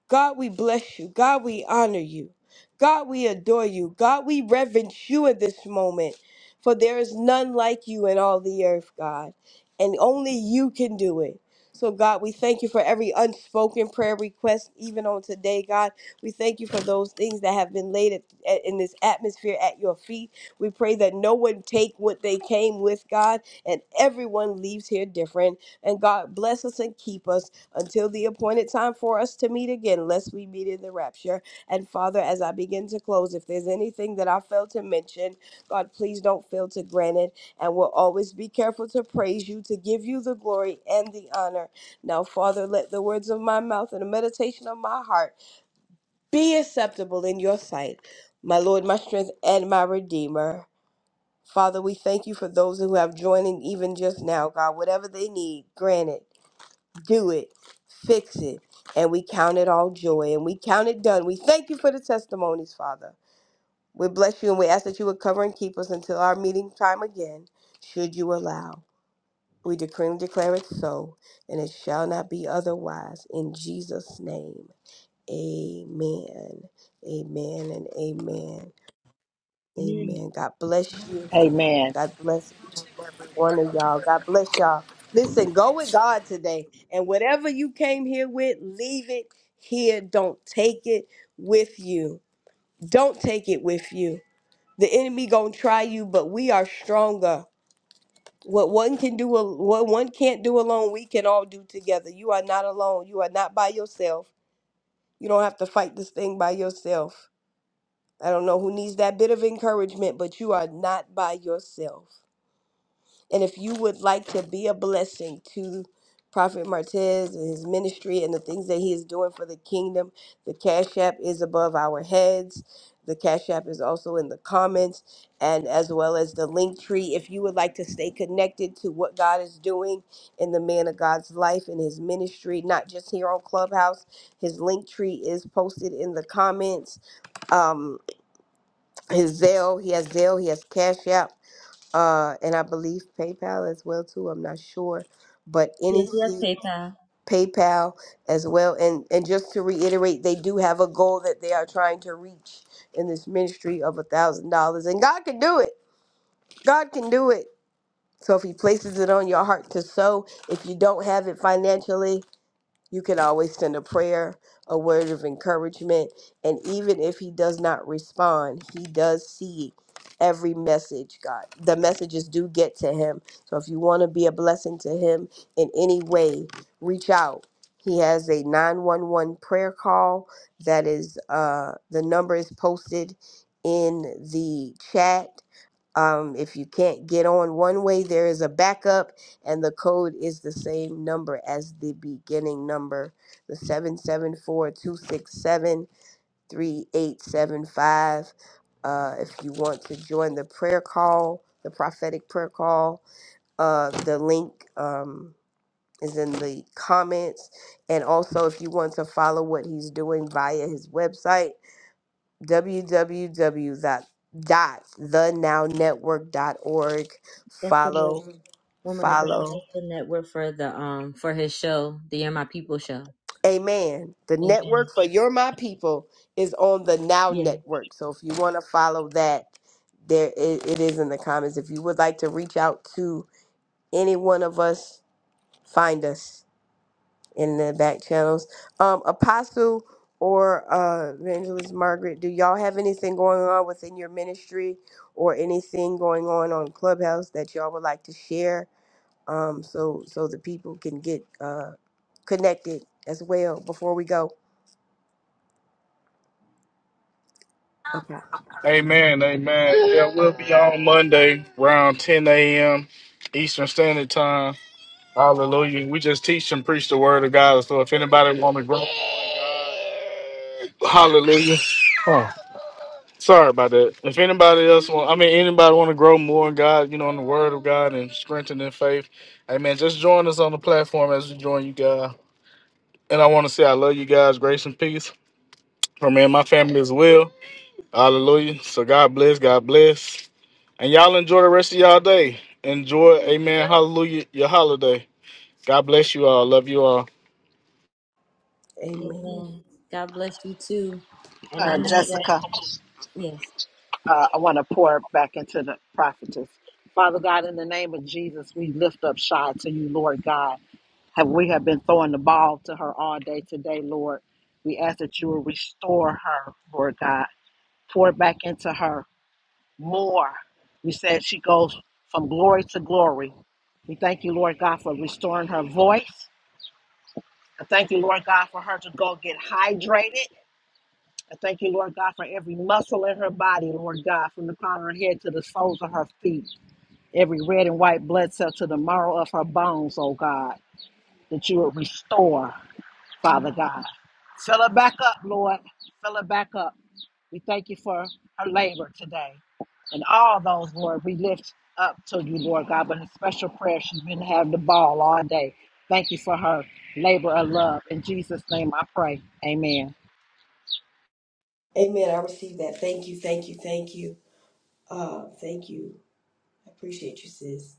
God, we bless you. God, we honor you. God, we adore you. God, we reverence you in this moment. For there is none like you in all the earth, God. And only you can do it. So, God, we thank you for every unspoken prayer request, even on today, God. We thank you for those things that have been laid at, at- in this atmosphere at your feet. We pray that no one take what they came with, God, and everyone leaves here different. And, God, bless us and keep us until the appointed time for us to meet again, lest we meet in the rapture. And Father, as I begin to close, if there's anything that I failed to mention, God, please don't fail to grant it. And we'll always be careful to praise you, to give you the glory and the honor. Now, Father, let the words of my mouth and the meditation of my heart be acceptable in your sight, my Lord, my strength, and my Redeemer. Father, we thank you for those who have joined in even just now, God, whatever they need, grant it do it, fix it, and we count it all joy and we count it done. We thank you for the testimonies, Father. We bless you and we ask that you would cover and keep us until our meeting time again, should you allow. We decree and declare it so, and it shall not be otherwise. In Jesus' name, amen. Amen and amen. Amen. God bless you.
Amen.
God bless each and every one of y'all. God bless y'all. Listen, go with God today. And whatever you came here with, leave it here. Don't take it with you. Don't take it with you. The enemy gonna try you, but we are stronger. What one can do, al- what one can't do alone, we can all do together. You are not alone. You are not by yourself. You don't have to fight this thing by yourself. I don't know who needs that bit of encouragement, but you are not by yourself. And if you would like to be a blessing to Prophet Martez and his ministry and the things that he is doing for the kingdom, the Cash App is above our heads. The Cash App is also in the comments and as well as the link tree. If you would like to stay connected to what God is doing in the man of God's life and his ministry, not just here on Clubhouse, his link tree is posted in the comments. Um, his Zelle, he has Zelle, he has Cash App uh, and I believe PayPal as well too. I'm not sure, but any
Yes, yes, PayPal.
PayPal as well. And and just to reiterate, they do have a goal that they are trying to reach in this ministry of a thousand dollars, and God can do it. God can do it. So if He places it on your heart to sow, if you don't have it financially, you can always send a prayer, a word of encouragement, and even if he does not respond, he does see every message, God. The messages do get to him. So if you want to be a blessing to him in any way, reach out. He has a 911 prayer call that is uh the number is posted in the chat um, if you can't get on one way, there is a backup, and the code is the same number as the beginning number, the seven seven four two six seven three eight seven five. Uh, if you want to join the prayer call, the prophetic prayer call, uh, the link um, is in the comments. And also, if you want to follow what he's doing via his website, www.thenownetwork.org.
That's the
Follow,
name. woman of God.
follow.
That's the network for the um for his show, the You're My People show.
Amen. The
Amen.
network for You're My People is on the Now
Yeah.
Network. So if you want to follow that, there it, it is in the comments. If you would like to reach out to any one of us, find us. in the back channels. Um, Apostle or uh, Evangelist Margaret, do y'all have anything going on within your ministry or anything going on on Clubhouse that y'all would like to share? Um, so so the people can get uh, connected as well before we go. Okay.
Amen, amen. Yeah, we'll be on Monday around 10 a.m. Eastern Standard Time. Hallelujah. We just teach and preach the word of God. So if anybody want to grow, hallelujah. Oh, sorry about that. If anybody else want, I mean, anybody want to grow more in God, you know, in the word of God and strengthen their faith, amen. Just join us on the platform as we join you guys. And I want to say I love you guys. Grace and peace for me and my family as well. Hallelujah. So God bless. God bless. And y'all enjoy the rest of y'all day. Enjoy, amen, hallelujah, your holiday. God bless you all. Love you all.
Amen.
Amen. God bless you too. And I
Amen.
Uh,
know that.
Jessica,
Yeah.
uh, I want to pour back into the prophetess. Father God, in the name of Jesus, we lift up Shy to you, Lord God. Have we have been throwing the ball to her all day today, Lord? We ask that you will restore her, Lord God. Pour back into her more. You said she goes from glory to glory. We thank you, Lord God, for restoring her voice. I thank you, Lord God, for her to go get hydrated. I thank you, Lord God, for every muscle in her body, Lord God, from the crown of her head to the soles of her feet, every red and white blood cell to the marrow of her bones, oh God, that you would restore, Father God. Fill her back up, Lord. Fill her back up. We thank you for her labor today and all those, Lord, we lift up to you, Lord God, but in special prayer, she's been having the ball all day. Thank you for her labor of love. In Jesus' name I pray. Amen.
Amen. I received that. Thank you. Thank you. Thank you. Uh, thank you. I appreciate you, sis.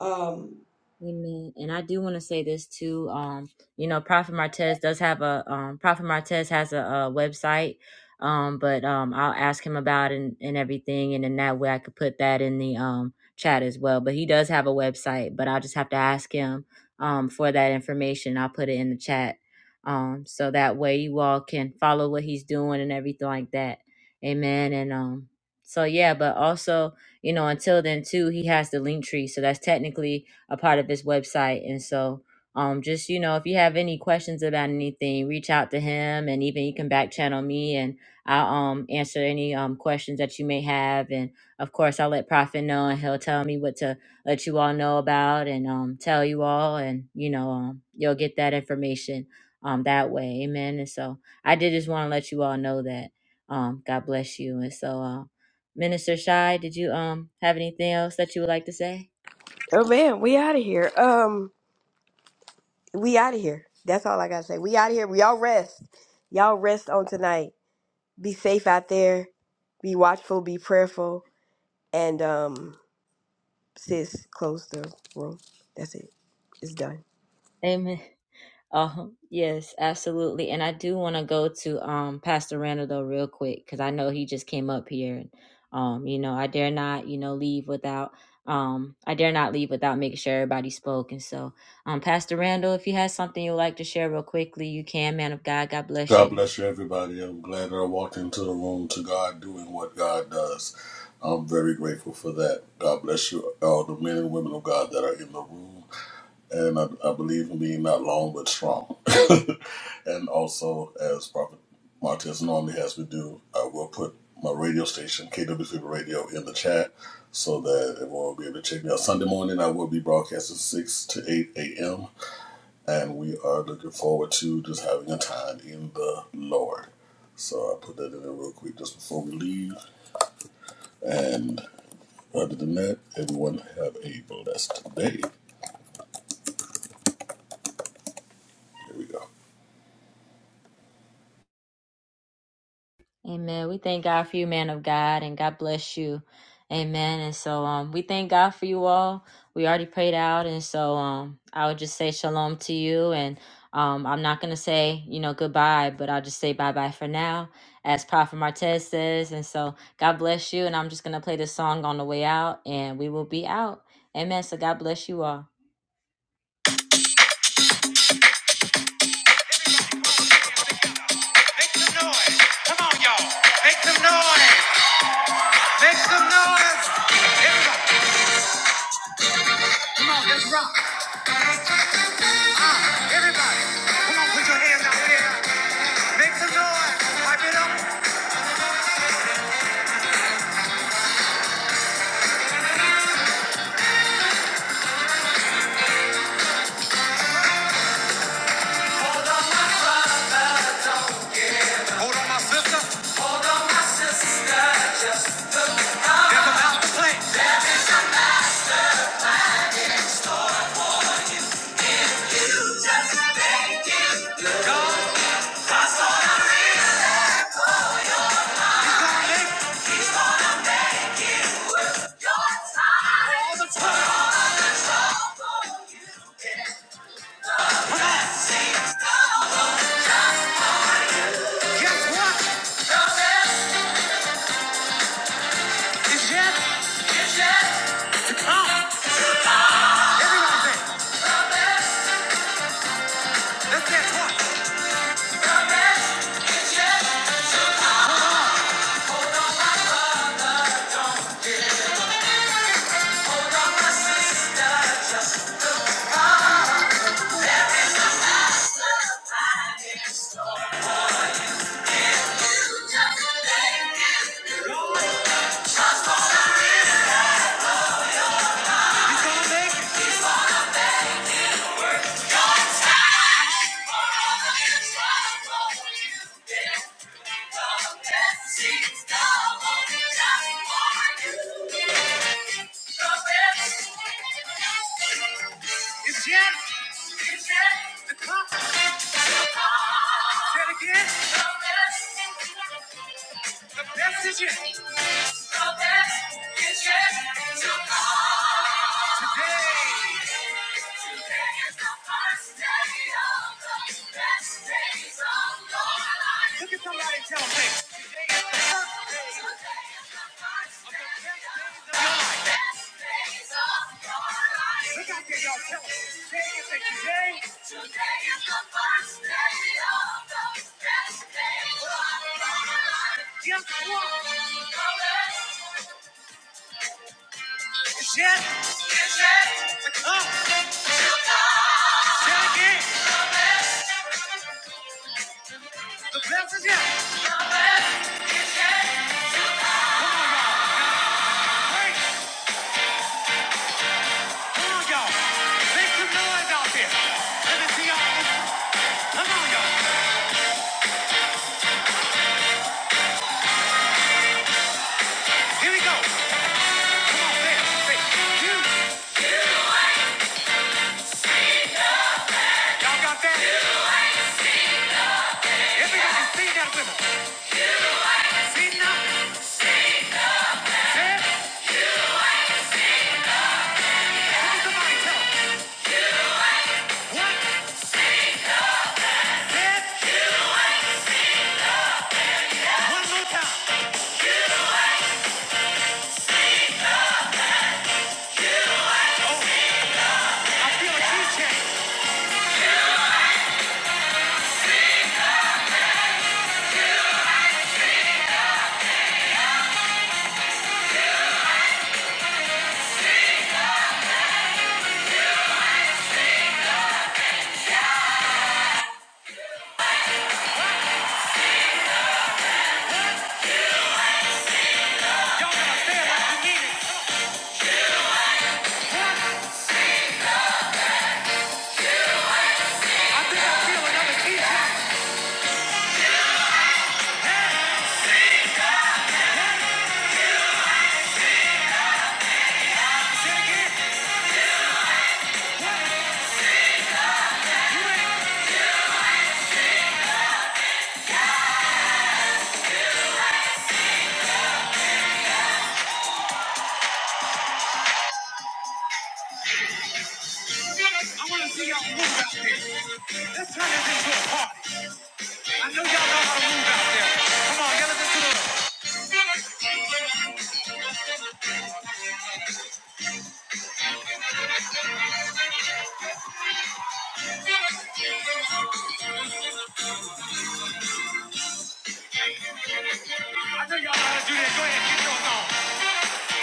Um,
Amen. And I do want to say this too. Um, you know, Prophet Martez does have a um, Prophet Martez has a, a website. Um, but um, I'll ask him about it and and everything, and in that way I could put that in the um chat as well. But he does have a website, but I'll just have to ask him um for that information. I'll put it in the chat. Um, so that way you all can follow what he's doing and everything like that. Amen. And um, so yeah, but also you know, until then too, he has the link tree. So that's technically a part of his website. And so, um, just you know, if you have any questions about anything, reach out to him, and even you can back channel me, and I'll um answer any um questions that you may have. And of course, I'll let Prophet know, and he'll tell me what to let you all know about, and um tell you all, and you know, um, you'll get that information um that way. Amen. And so, I did just want to let you all know that. Um, God bless you. And so, uh, Minister Shy, did you um have anything else that you would like to say?
Oh man, we out of here. Um. we out of here. That's all I gotta say. We out of here. We all rest. Y'all rest on tonight. Be safe out there. Be watchful. Be prayerful. And um, sis, close the room. That's it. It's done.
Amen. uh Yes, absolutely. And I do want to go to um Pastor Randall though real quick because I know he just came up here and um, you know, I dare not, you know, leave without um I dare not leave without making sure everybody spoke. And so um Pastor Randall, if you had something you'd like to share real quickly, you can, man of God, God bless
God
you.
bless you, everybody. I'm glad that I walked into the room to God doing what God does. I'm very grateful for that. God bless you, all the men and women of God that are in the room. And I, I believe in being not long but strong. *laughs* and also, as Prophet Martez normally has me do, I will put my radio station, KWC Radio, in the chat so that everyone will be able to check me out. Sunday morning, I will be broadcasting 6 to 8 a.m and we are looking forward to just having a time in the Lord. So I put that in there real quick just before we leave. And other than that, everyone have a blessed day. Here we go.
Amen. We thank God for you, man of God, and God bless you. Amen. And so um we thank God for you all. We already prayed out and so um I would just say shalom to you and um I'm not gonna say, you know, goodbye, but I'll just say bye bye for now, as Prophet Martez says. And so God bless you and I'm just gonna play this song on the way out and we will be out. Amen. So God bless you all. Come on, y'all. Make some noise. Make some noise. Everybody, everybody. Come on, put your hands out there. Make some noise. Pipe it up. Hold on, my sister. Guess what? It's yet. It's yet. Everyone say. it. Let's dance once. Say it again. That's it, yeah. Look out there, y'all. Tell 'em. Say it, say today. Just one. Let's turn this into a party. I know y'all know how to move out there. Come on, y'all listen the. I know y'all know how to do that. Go ahead, get yours on.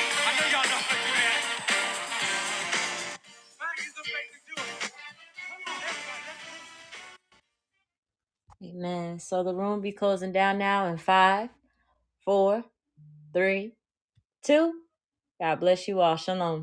I know y'all know how to do that. Amen. So the room will be closing down now in five, four, three, two. God bless you all. Shalom.